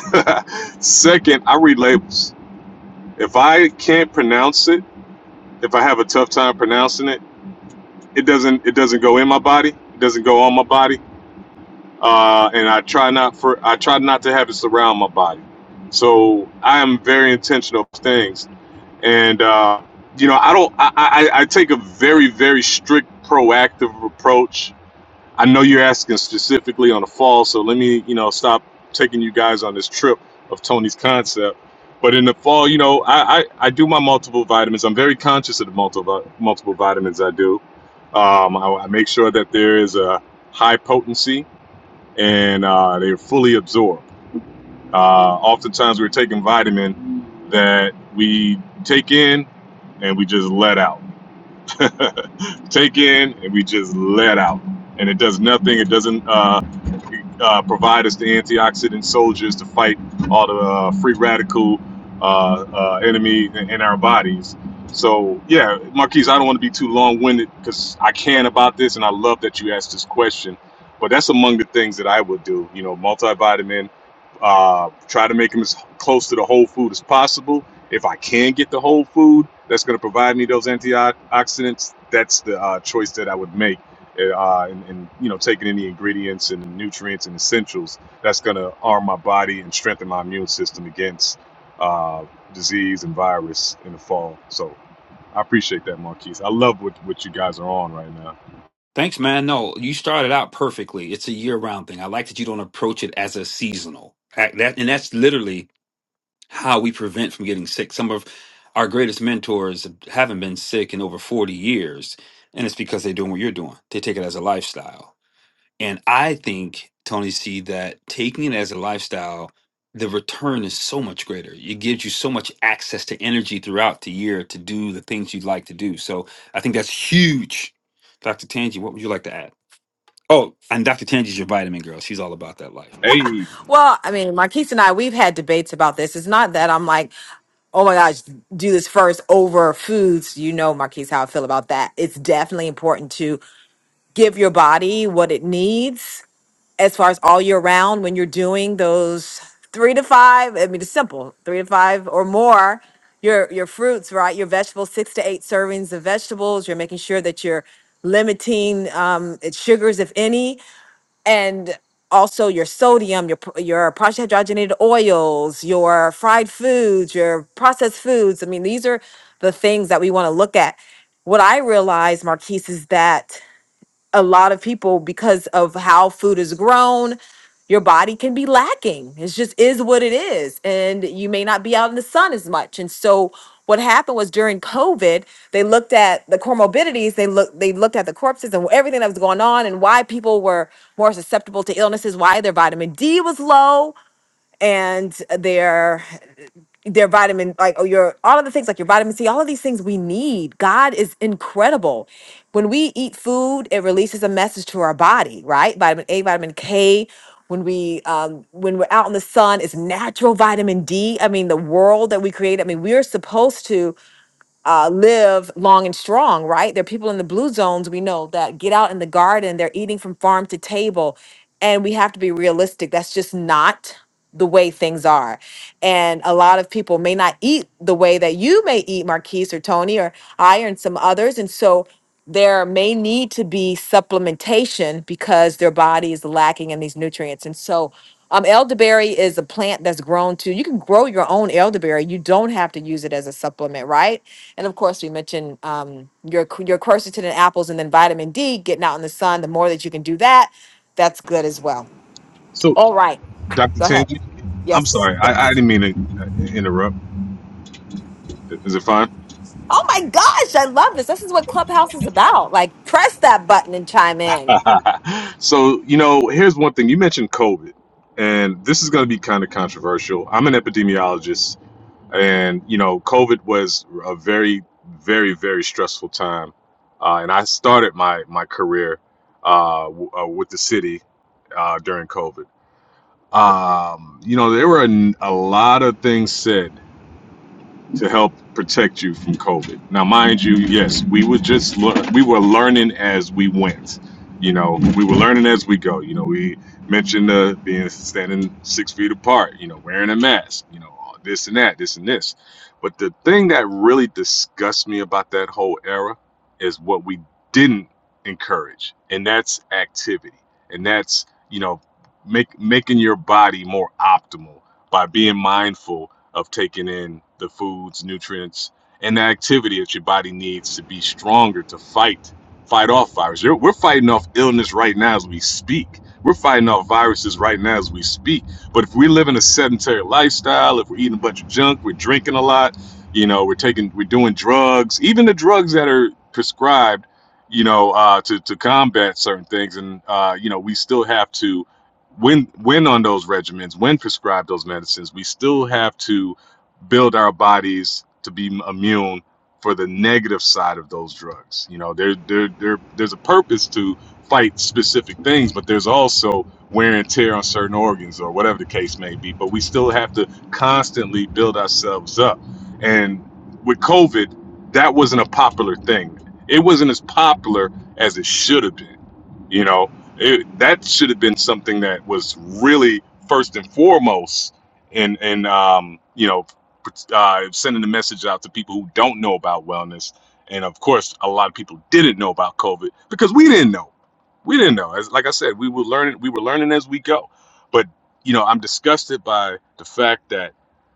Speaker 26: *laughs* Second, I read labels. If I can't pronounce it, if I have a tough time pronouncing it, it doesn't it doesn't go in my body. It doesn't go on my body. uh, and I try not for I try not to have it surround my body. So I am very intentional of things, and uh, you know I don't I, I, I take a very very strict proactive approach. I know you're asking specifically on the fall, so let me you know stop taking you guys on this trip of Tony's concept. But in the fall, you know, I, I, I do my multiple vitamins. I'm very conscious of the multiple multiple vitamins I do. Um, I, I make sure that there is a high potency and uh, they're fully absorbed. Uh, oftentimes, we're taking vitamin that we take in and we just let out. *laughs* take in and we just let out. And it does nothing. It doesn't uh, uh, provide us the antioxidant soldiers to fight all the uh, free radical uh, uh, enemy in, in our bodies. So yeah, Marquise, I don't want to be too long-winded because I can about this, and I love that you asked this question. But that's among the things that I would do. You know, multivitamin. Uh, try to make them as close to the whole food as possible if I can get the whole food that's going to provide me those antioxidants, that's the uh, choice that I would make. Uh, and, and you know, taking in the ingredients and the nutrients and essentials that's going to arm my body and strengthen my immune system against uh, disease and virus in the fall. So I appreciate that, Marquise. I love what what you guys are on right now.
Speaker 25: Thanks, man. No, you started out perfectly. It's a year-round thing. I like that you don't approach it as a seasonal. Act- That and that's literally how we prevent from getting sick. Some of our greatest mentors haven't been sick in over 40 years, and it's because they're doing what you're doing. They take it as a lifestyle. And I think, Tony C, that taking it as a lifestyle, the return is so much greater. It gives you so much access to energy throughout the year to do the things you'd like to do. So I think that's huge. Dr. Tangi, what would you like to add? Oh, and Dr. Tangi's your vitamin girl. She's all about that life.
Speaker 26: Hey,
Speaker 24: Well, I mean, Marquise and I, we've had debates about this. It's not that I'm like, oh my gosh, do this first over foods. You know, Marquise, how I feel about that. It's definitely important to give your body what it needs as far as all year round when you're doing those three to five. I mean, it's simple three to five or more. Your, your fruits, right? Your vegetables, six to eight servings of vegetables. You're making sure that you're limiting um, its sugars, if any and also your sodium, your pro- your partially hydrogenated oils, your fried foods, your processed foods. I mean, these are the things that we want to look at. What I realize, Marquise, is that a lot of people because of how food is grown your body can be lacking It just is what it is and you may not be out in the sun as much and so what happened was during covid they looked at the comorbidities they looked they looked at the corpses and everything that was going on and why people were more susceptible to illnesses why their vitamin d was low and their their vitamin like or your all of the things like your vitamin c all of these things we need god is incredible when we eat food it releases a message to our body right vitamin a vitamin k when we um when we're out in the sun it's natural vitamin d i mean the world that we create i mean we're supposed to uh, live long and strong, right? There are people in the blue zones we know that get out in the garden, they're eating from farm to table. And we have to be realistic. That's just not the way things are. And a lot of people may not eat the way that you may eat, Marquise or Tony or I and some others. And so there may need to be supplementation because their body is lacking in these nutrients. And so um, elderberry is a plant that's grown to, you can grow your own elderberry. You don't have to use it as a supplement, right? And of course, we mentioned um, your c- your quercetin and apples, and then vitamin D. Getting out in the sun, the more that you can do that, that's good as well.
Speaker 26: so
Speaker 24: All right,
Speaker 26: Dr.
Speaker 24: go ahead.
Speaker 26: Tangi, I'm
Speaker 24: Yes,
Speaker 26: sorry,
Speaker 24: yes.
Speaker 26: I, I didn't mean to uh, interrupt. Is it fine?
Speaker 24: Oh my gosh, I love this. This is what Clubhouse is about. Like, press that button and chime in.
Speaker 26: And you know, COVID was a very by being mindful of taking in the foods, nutrients, and the activity that your body needs to be stronger to fight fight off viruses. We're fighting off illness right now as we speak. We're fighting off viruses right now as we speak. But if we live in a sedentary lifestyle, if we're eating a bunch of junk, we're drinking a lot, you know, we're taking, we're doing drugs, even the drugs that are prescribed, you know, uh, to to combat certain things, and uh, you know, we still have to when when on those regimens, when prescribed those medicines, we still have to build our bodies to be immune for the negative side of those drugs. You know, there there there there's a purpose to fight specific things, but there's also wear and tear on certain organs or whatever the case may be. But we still have to constantly build ourselves up. And with COVID, that wasn't a popular thing. It wasn't as popular as it should have been you know, it, that should have been something that was really first and foremost in in um, you know uh, sending the message out to people who don't know about wellness, and of course, a lot of people didn't know about COVID because we didn't know. We didn't know. As like I said, we were learning. We were learning as we go. But you know, I'm disgusted by the fact that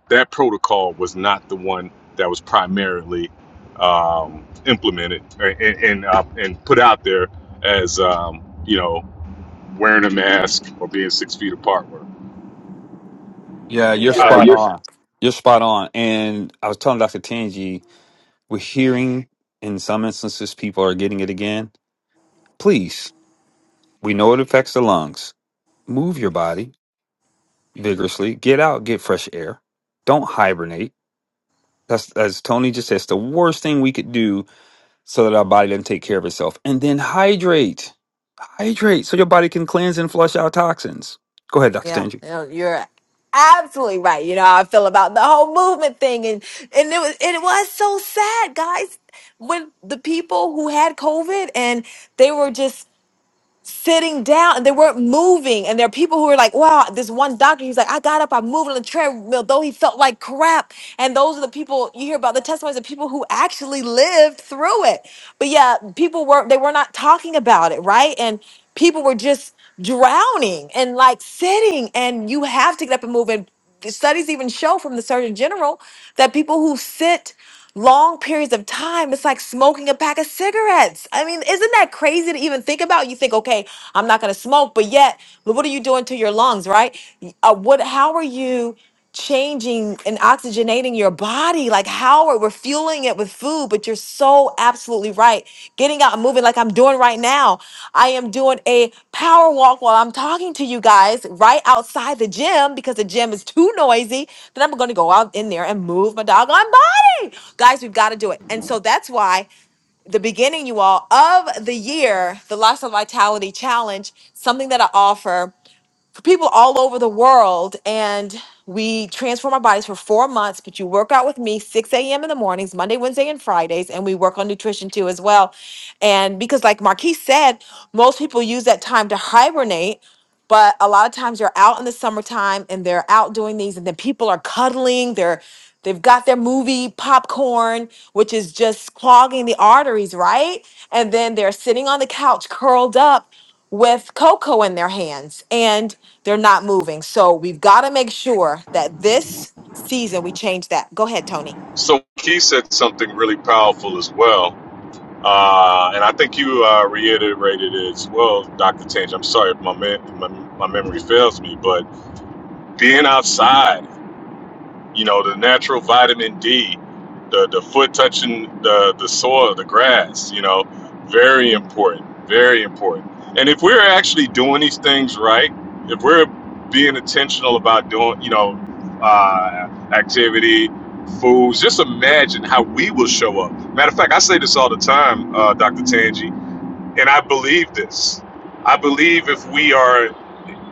Speaker 26: that protocol was not the one that was primarily um, implemented uh, and and, uh, and put out there as um, you know, wearing a mask or being six feet apart were.
Speaker 25: Yeah, you're
Speaker 24: Yeah,
Speaker 26: Uh,
Speaker 25: spot on. You're spot on. And I was telling Dr. Tangi, we're hearing in some instances people are getting it again. Please, we know it affects the lungs. Move your body vigorously. Get out, get fresh air. Don't hibernate. That's as Tony just said, it's the worst thing we could do so that our body doesn't take care of itself. And then hydrate. Hydrate so your body can cleanse and flush out toxins. Go ahead, Dr.
Speaker 24: yeah.
Speaker 25: Tangi.
Speaker 24: You know, you're absolutely right. You know how I feel about the whole movement thing, and and it was it was so sad, guys. When the people who had COVID and they were just sitting down and they weren't moving. And there are people who are like, wow, this one doctor, he's like, I got up, I moved on the treadmill, though he felt like crap. And those are the people you hear about the testimonies of people who actually lived through it. But yeah, people were they were not talking about it, right? And people were just drowning and like sitting and you have to get up and move the studies even show from the Surgeon General that people who sit long periods of time, it's like smoking a pack of cigarettes. I mean, isn't that crazy to even think about? You think, okay, I'm not going to smoke, but yet, but what are you doing to your lungs, right? Uh, what? How are you? changing and oxygenating your body like howard we're fueling it with food but you're so absolutely right getting out and moving like i'm doing right now i am doing a power walk while i'm talking to you guys right outside the gym because the gym is too noisy then i'm going to go out in there and move my doggone body guys we've got to do it and so that's why the beginning, you all, of the year, the Lifestyle Vitality Challenge, something that I offer for people all over the world and we transform our bodies for four months but you work out with me 6 a.m in the mornings monday wednesday and fridays and we work on nutrition too as well and because like marquis said most people use that time to hibernate but a lot of times they're out in the summertime and they're out doing these and then people are cuddling they're they've got their movie popcorn which is just clogging the arteries right and then they're sitting on the couch curled up with cocoa in their hands and they're not moving. So we've got to make sure that this season we change that. Go ahead, Tony.
Speaker 26: So he said something really powerful as well. Uh, and I think you uh, reiterated it as well, Dr. Tange. I'm sorry if my, man, my, my memory fails me, but being outside. You know, the natural vitamin D, the the foot touching the the soil, the grass. You know, very important, very important. And if we're actually doing these things right, if we're being intentional about doing, you know, uh, activity, foods, just imagine how we will show up. Matter of fact, I say this all the time, uh, Dr. Tanji, and I believe this. I believe if we are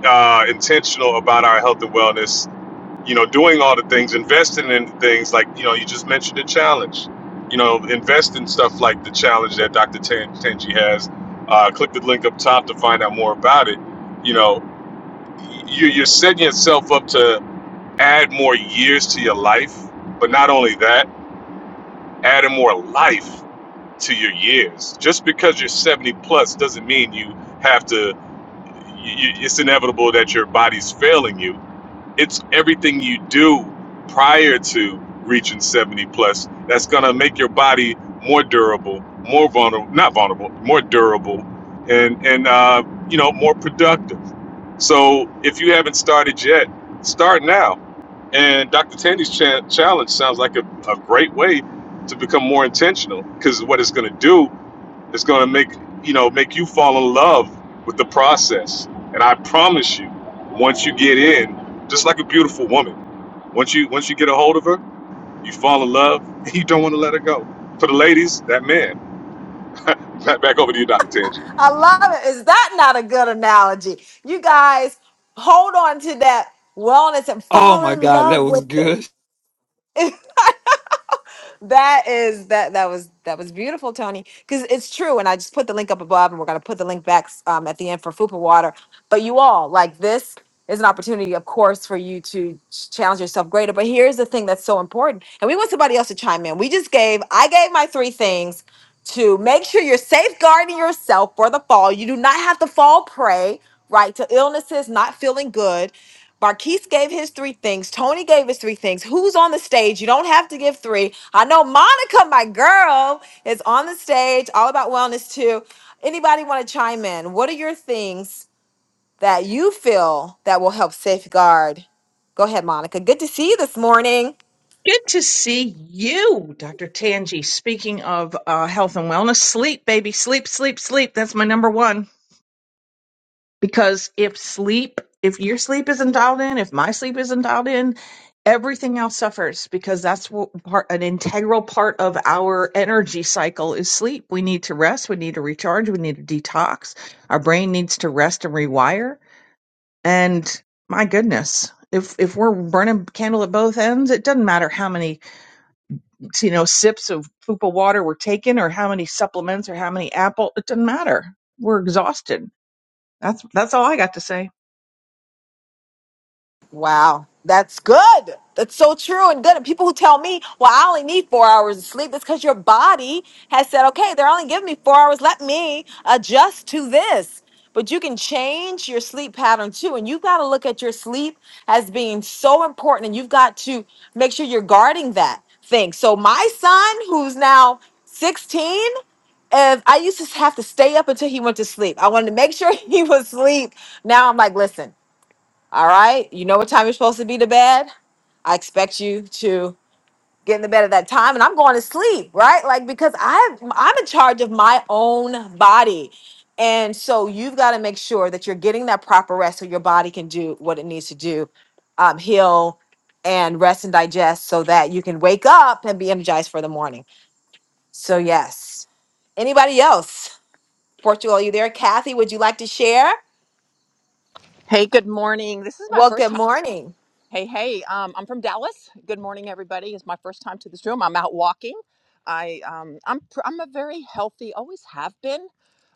Speaker 26: uh, intentional about our health and wellness, you know, doing all the things, investing in things like, you know, you just mentioned the challenge. You know, invest in stuff like the challenge that Dr. Ten- Tenji has. Uh, click the link up top to find out more about it. You know, you, you're setting yourself up to add more years to your life, but not only that, adding more life to your years. Just because you're 70 plus doesn't mean you have to, you, it's inevitable that your body's failing you it's everything you do prior to reaching 70 plus that's going to make your body more durable more vulnerable not vulnerable more durable and and uh, you know more productive so if you haven't started yet start now and dr tandy's cha- challenge sounds like a, a great way to become more intentional because what it's going to do it's gonna make you know make you fall in love with the process. And I promise you, once you get in, just like a beautiful woman, once you once you get a hold of her, *laughs* back, over to you, Doctor Tang.
Speaker 24: I love it. Is that not a good analogy? You guys hold on to that wellness and
Speaker 25: Oh
Speaker 24: fall
Speaker 25: my
Speaker 24: in
Speaker 25: God, that
Speaker 24: love
Speaker 25: was
Speaker 24: with it.
Speaker 25: good.
Speaker 24: that is that that was that was beautiful, Tony. Because it's true, and I just put the link up above, and we're gonna put the link back um, at the end for Fupa Water. But you all like this is an opportunity, of course, for you to ch- challenge yourself greater. But here's the thing that's so important, and we want somebody else to chime in. We just gave I gave my three things to make sure you're safeguarding yourself for the fall. You do not have to fall prey, right, to illnesses, not feeling good. Barquise gave his three things. Tony gave his three things. Who's on the stage? You don't have to give three. I know Monica, my girl, is on the stage, all about wellness too. Anybody want to chime in? What are your things that you feel that will help safeguard? Go ahead, Monica. Good to see you this morning.
Speaker 27: Good to see you, Dr. Tangi. Speaking of uh, health and wellness, sleep, baby, sleep, sleep, sleep. That's my number one. Because if sleep, if your sleep isn't dialed in, if my sleep isn't dialed in, everything else suffers because that's what part, an integral part of our energy cycle is sleep. We need to rest. We need to recharge. We need to detox. Our brain needs to rest and rewire. And my goodness, if if we're burning candle at both ends, it doesn't matter how many you know sips of fupa water were taken or how many supplements or how many apple it doesn't matter we're exhausted that's that's all i got to say
Speaker 24: Wow, that's good. That's so true and good. And people who tell me, well, I only need four hours of sleep, it's because your body has said, okay, they're only giving me four hours. Let me adjust to this. But you can change your sleep pattern too. And you've got to look at your sleep as being so important. And you've got to make sure you're guarding that thing. So, my son, who's now 16, if I used to have to stay up until he went to sleep, I wanted to make sure *laughs* he was asleep. Now I'm like, listen, all right. You know what time you're supposed to be to bed? I expect you to get in the bed at that time and I'm going to sleep, right? Like because I I'm in charge of my own body. And so you've got to make sure that you're getting that proper rest so your body can do what it needs to do, um, heal and rest and digest so that you can wake up and be energized for the morning. So yes. Anybody else? Portugal, are you there? Kathy, would you like to share?
Speaker 28: Hey, good morning. This is my
Speaker 24: Well,
Speaker 28: first
Speaker 24: good
Speaker 28: time.
Speaker 24: morning.
Speaker 28: Hey, hey, um, I'm from Dallas. Good morning, everybody. It's my first time to this room. I'm out walking. I um, I'm pr- I'm a very healthy, always have been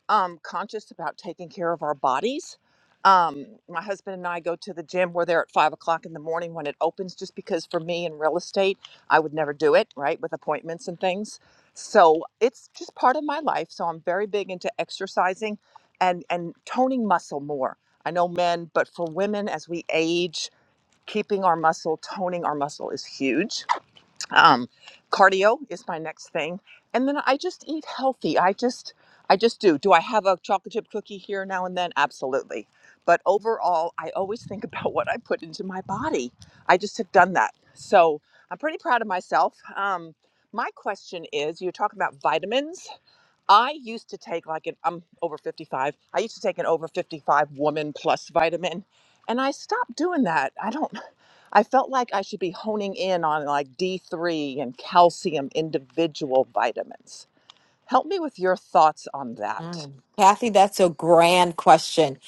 Speaker 28: um, conscious about taking care of our bodies. Um, my husband and I go to the gym. We're there at five o'clock in the morning when it opens, just because for me in real estate, I would never do it, right, with appointments and things. So it's just part of my life. So I'm very big into exercising and and toning muscle more. I know men, but for women, as we age, keeping our muscle, toning our muscle is huge um, cardio is my next thing and then i just eat healthy i just i just do do i have a chocolate chip cookie here now and then absolutely but overall i always think *laughs* about what i put into my body i just have done that so i'm pretty proud of myself um, my question is you talk about vitamins I used to take like an I'm over 55. I used to take an over 55 woman plus vitamin and I stopped doing that. I don't I felt like I should be honing in on like D3 and calcium individual vitamins. Help me with your thoughts on that.
Speaker 24: Mm. Kathy, that's a grand question.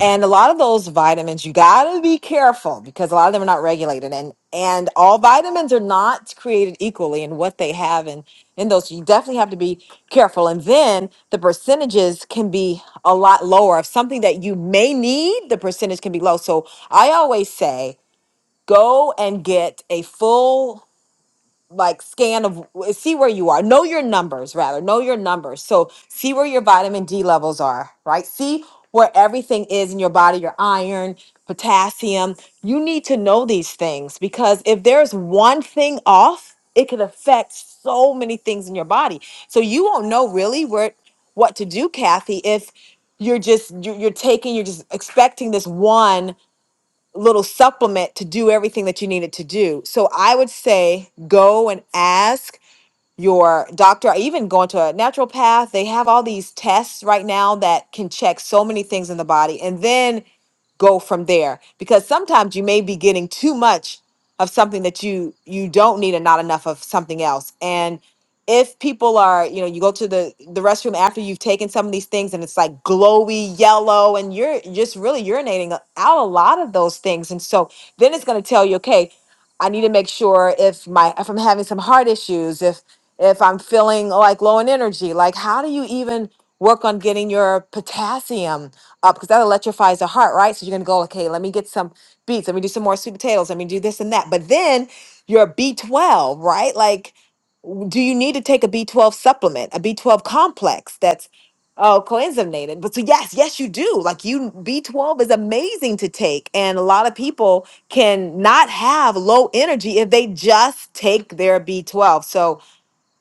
Speaker 24: And a lot of those vitamins, you got to be careful because a lot of them are not regulated and and all vitamins are not created equally in what they have and in in those you definitely have to be careful. And then the percentages can be a lot lower. If something that you may need, the percentage can be low. So I always say go and get a full like scan of see where you are know your numbers rather know your numbers so see where your vitamin d levels are right see where everything is in your body your iron potassium you need to know these things because if there's one thing off it could affect so many things in your body so you won't know really where what to do kathy if you're just you- you're taking you're just expecting this one little supplement to do everything that you needed to do. So I would say go and ask your doctor, or even go into a naturopath. They have all these tests right now that can check so many things in the body. And then go from there because sometimes you may be getting too much of something that you you don't need and not enough of something else and if people are you know you go to the the restroom after you've taken some of these things and it's like glowy yellow and you're just really urinating out a lot of those things and so then it's going to tell you okay i need to make sure if my if i'm having some heart issues if if i'm feeling like low in energy like how do you even work on getting your potassium uh, because that electrifies the heart, right? So you're gonna go, okay, let me get some beets, let me do some more sweet potatoes, let me do this and that. But then you're a B12, right? Like, do you need to take a B12 supplement, a B12 complex that's oh coenzymated? But so yes, yes, you do. Like you B12 is amazing to take. And a lot of people can not have low energy if they just take their B12. So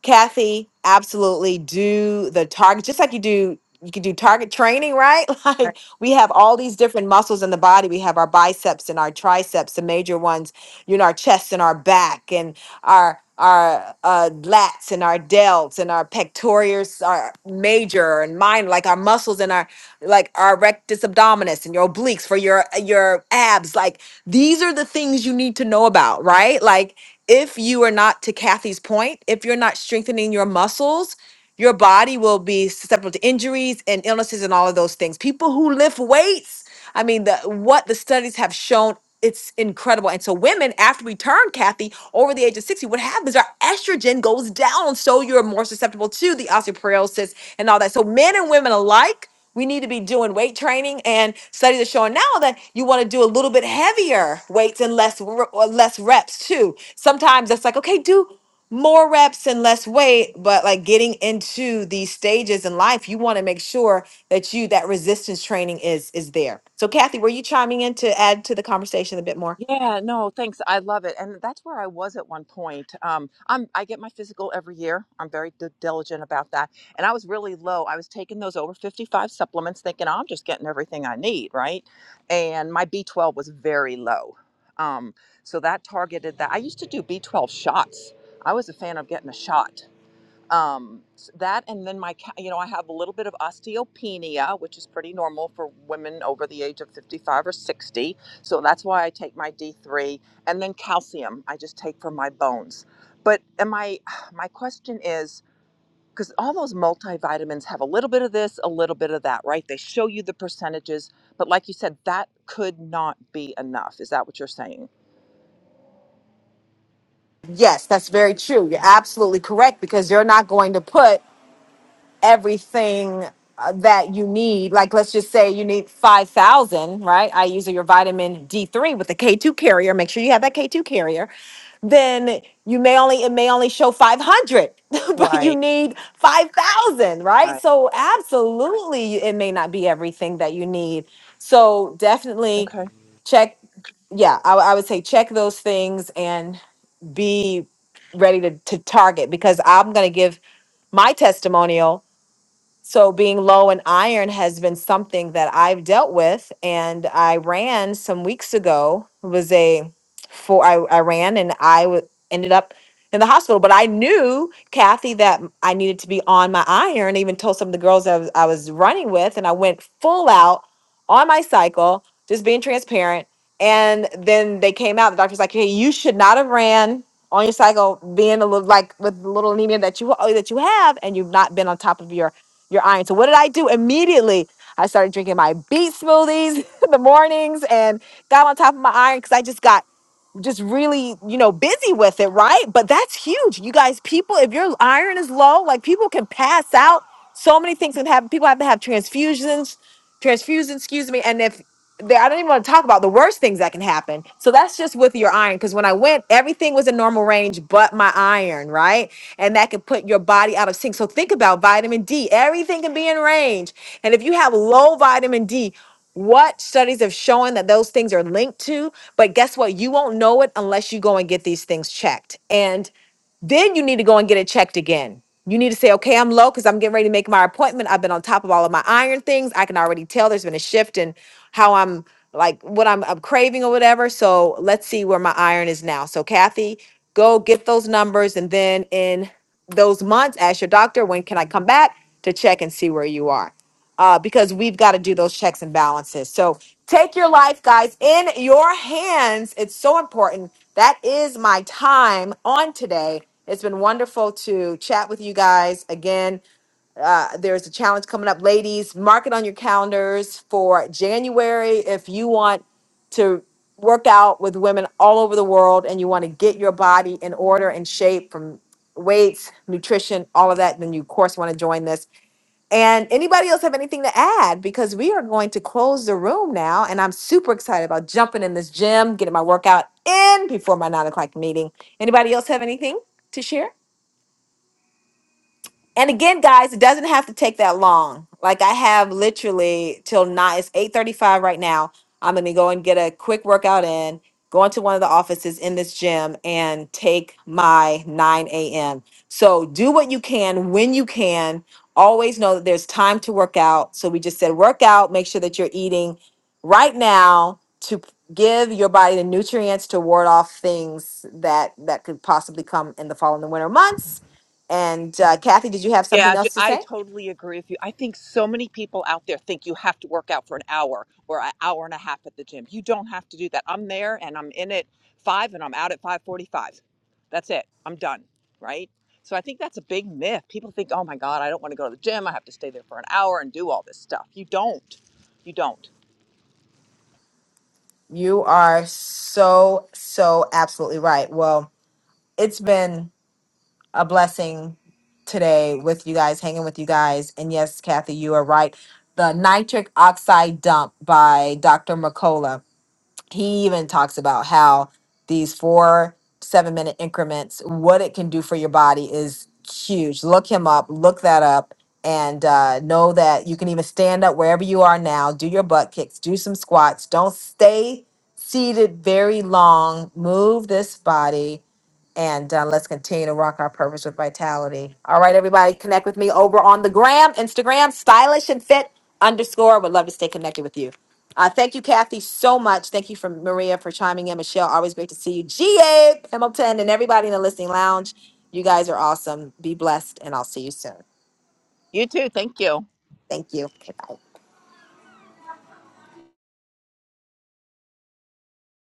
Speaker 24: Kathy, absolutely do the target, just like you do, you can do target training, right? *laughs* Like we have all these different muscles in the body. We have our biceps and our triceps, the major ones, you know, our chest and our back and our our uh, lats and our delts and our pectorals are major and minor, like our muscles and our like our rectus abdominis and your obliques for your your abs. Like these are the things you need to know about, right? Like if you are not to Kathy's point, if you're not strengthening your muscles, your body will be susceptible to injuries and illnesses and all of those things. People who lift weights, I mean, the what the studies have shown, it's incredible. And so women, after we turn Kathy over the age of 60, what happens? Our estrogen goes down. So you're more susceptible to the osteoporosis and all that. So men and women alike. We need to be doing weight training, and studies are showing now that you want to do a little bit heavier weights and less r- or less reps too. Sometimes it's like, okay, do more reps and less weight, but like getting into these stages in life, you want to make sure that you that resistance training is is there. So, Kathy, were you chiming in to add to the conversation a bit more?
Speaker 28: Yeah, no, thanks. I love it. And that's where I was at one point. Um, I'm, I get my physical every year. I'm very d- diligent about that. And I was really low. I was taking those over 55 supplements thinking I'm just getting everything I need, right? And my B12 was very low. Um, so that targeted that. I used to do B12 shots. I was a fan of getting a shot um, s- that and then my ca- you know i have a little bit of osteopenia which is pretty normal for women over the age of 55 or 60 so that's why i take my d3 and then calcium i just take for my bones but am i *sighs* my question is because all those multivitamins have a little bit of this, a little bit of that, right? They show you the percentages, but like you said, that could not be enough. Is that what you're saying?
Speaker 24: Yes, that's very true. You're absolutely correct because you're not going to put everything uh, that you need. Like, let's just say you need 5,000, right? I use your vitamin D3 with the K2 carrier. Make sure you have that K2 carrier. Then you may only, it may only show 500, *laughs* but you
Speaker 28: Right.
Speaker 24: need 5,000, right?
Speaker 28: Right.
Speaker 24: So, absolutely, it may not be everything that you need. So, definitely
Speaker 28: Okay.
Speaker 24: check. Yeah, I, I would say check those things and be ready to, to target because I'm going to give my testimonial so being low in iron has been something that I've dealt with and I ran some weeks ago It was a four. I, I ran and I w- ended up in the hospital but I knew Kathy that m- I needed to be on my iron I even told some of the girls I was, I was running with and I went full out on my cycle just being transparent and then they came out the doctor's like hey you should not have ran on your cycle being a little like with the little anemia that you that you have and you've not been on top of your your iron. So what did I do immediately? I started drinking my beet smoothies *laughs* in the mornings and got on top of my iron because I just got just really, you know, busy with it, right? But that's huge. You guys, people, if your iron is low, like people can pass out. So many things can happen. People have to have transfusions, transfusions, excuse me. And if they, I don't even want to talk about the worst things that can happen. So that's just with your iron. Because when I went, everything was in normal range but my iron, right? And that could put your body out of sync. So think about vitamin D. Everything can be in range. And if you have low vitamin D, what studies have shown that those things are linked to but guess what? You won't know it unless you go and get these things checked. And then you need to go and get it checked again. You need to say, okay, I'm low because I'm getting ready to make my appointment. I've been on top of all of my iron things. I can already tell there's been a shift in how I'm like what I'm, I'm craving or whatever. So let's see where my iron is now. So, Kathy, go get those numbers. And then in those months, ask your doctor, when can I come back to check and see where you are? uh, because we've got to do those checks and balances. So take your life, guys, in your hands. It's so important. That is my time on today. It's been wonderful to chat with you guys again. Uh, there's a challenge coming up, ladies. Mark it on your calendars for January if you want to work out with women all over the world and you want to get your body in order and shape from weights, nutrition, all of that, then you of course want to join this. And anybody else have anything to add? Because we are going to close the room now. And I'm super excited about jumping in this gym, getting my workout in before my nine o'clock meeting. Anybody else have anything to share? And again, guys, it doesn't have to take that long. Like I have literally till nine. It's eight thirty-five right now. I'm gonna go and get a quick workout in. Go into one of the offices in this gym and take my 9 a.m. So do what you can when you can. Always know that there's time to work out. So we just said work out. Make sure that you're eating right now to p- give your body the nutrients to ward off things that that could possibly come in the fall and the winter months and uh, Kathy, did you have
Speaker 28: Yeah,
Speaker 24: something else to
Speaker 28: I I
Speaker 24: say?
Speaker 28: totally agree with you. I think so many people out there think you have to work out for an hour or an hour and a half at the gym. You don't have to do that. I'm there and I'm in at five and I'm out at five forty-five. That's it. I'm done. Right. So I think that's a big myth. People think, oh my God, I don't want to go to the gym. I have to stay there for an hour and do all this stuff. You don't. You don't.
Speaker 24: You are so, so absolutely right. Well, it's been a blessing today with you guys, hanging with you guys. And yes, Kathy, you are right. The nitric oxide dump by Dr. McCullough. he even talks about how these four seven minute increments what it can do for your body is huge look him up look that up and uh, know that you can even stand up wherever you are now do your butt kicks do some squats don't stay seated very long move this body and uh, let's continue to rock our purpose with vitality. All right, everybody, connect with me over on the gram, Instagram, stylish and fit underscore. Would love to stay connected with you. Uh, thank you, Kathy, so much. Thank you for Maria for chiming in. Michelle, always great to see you. GA Hamilton and everybody in the listening lounge. You guys are awesome. Be blessed, and I'll see you soon.
Speaker 28: You too. Thank you.
Speaker 24: Thank you. Okay, bye.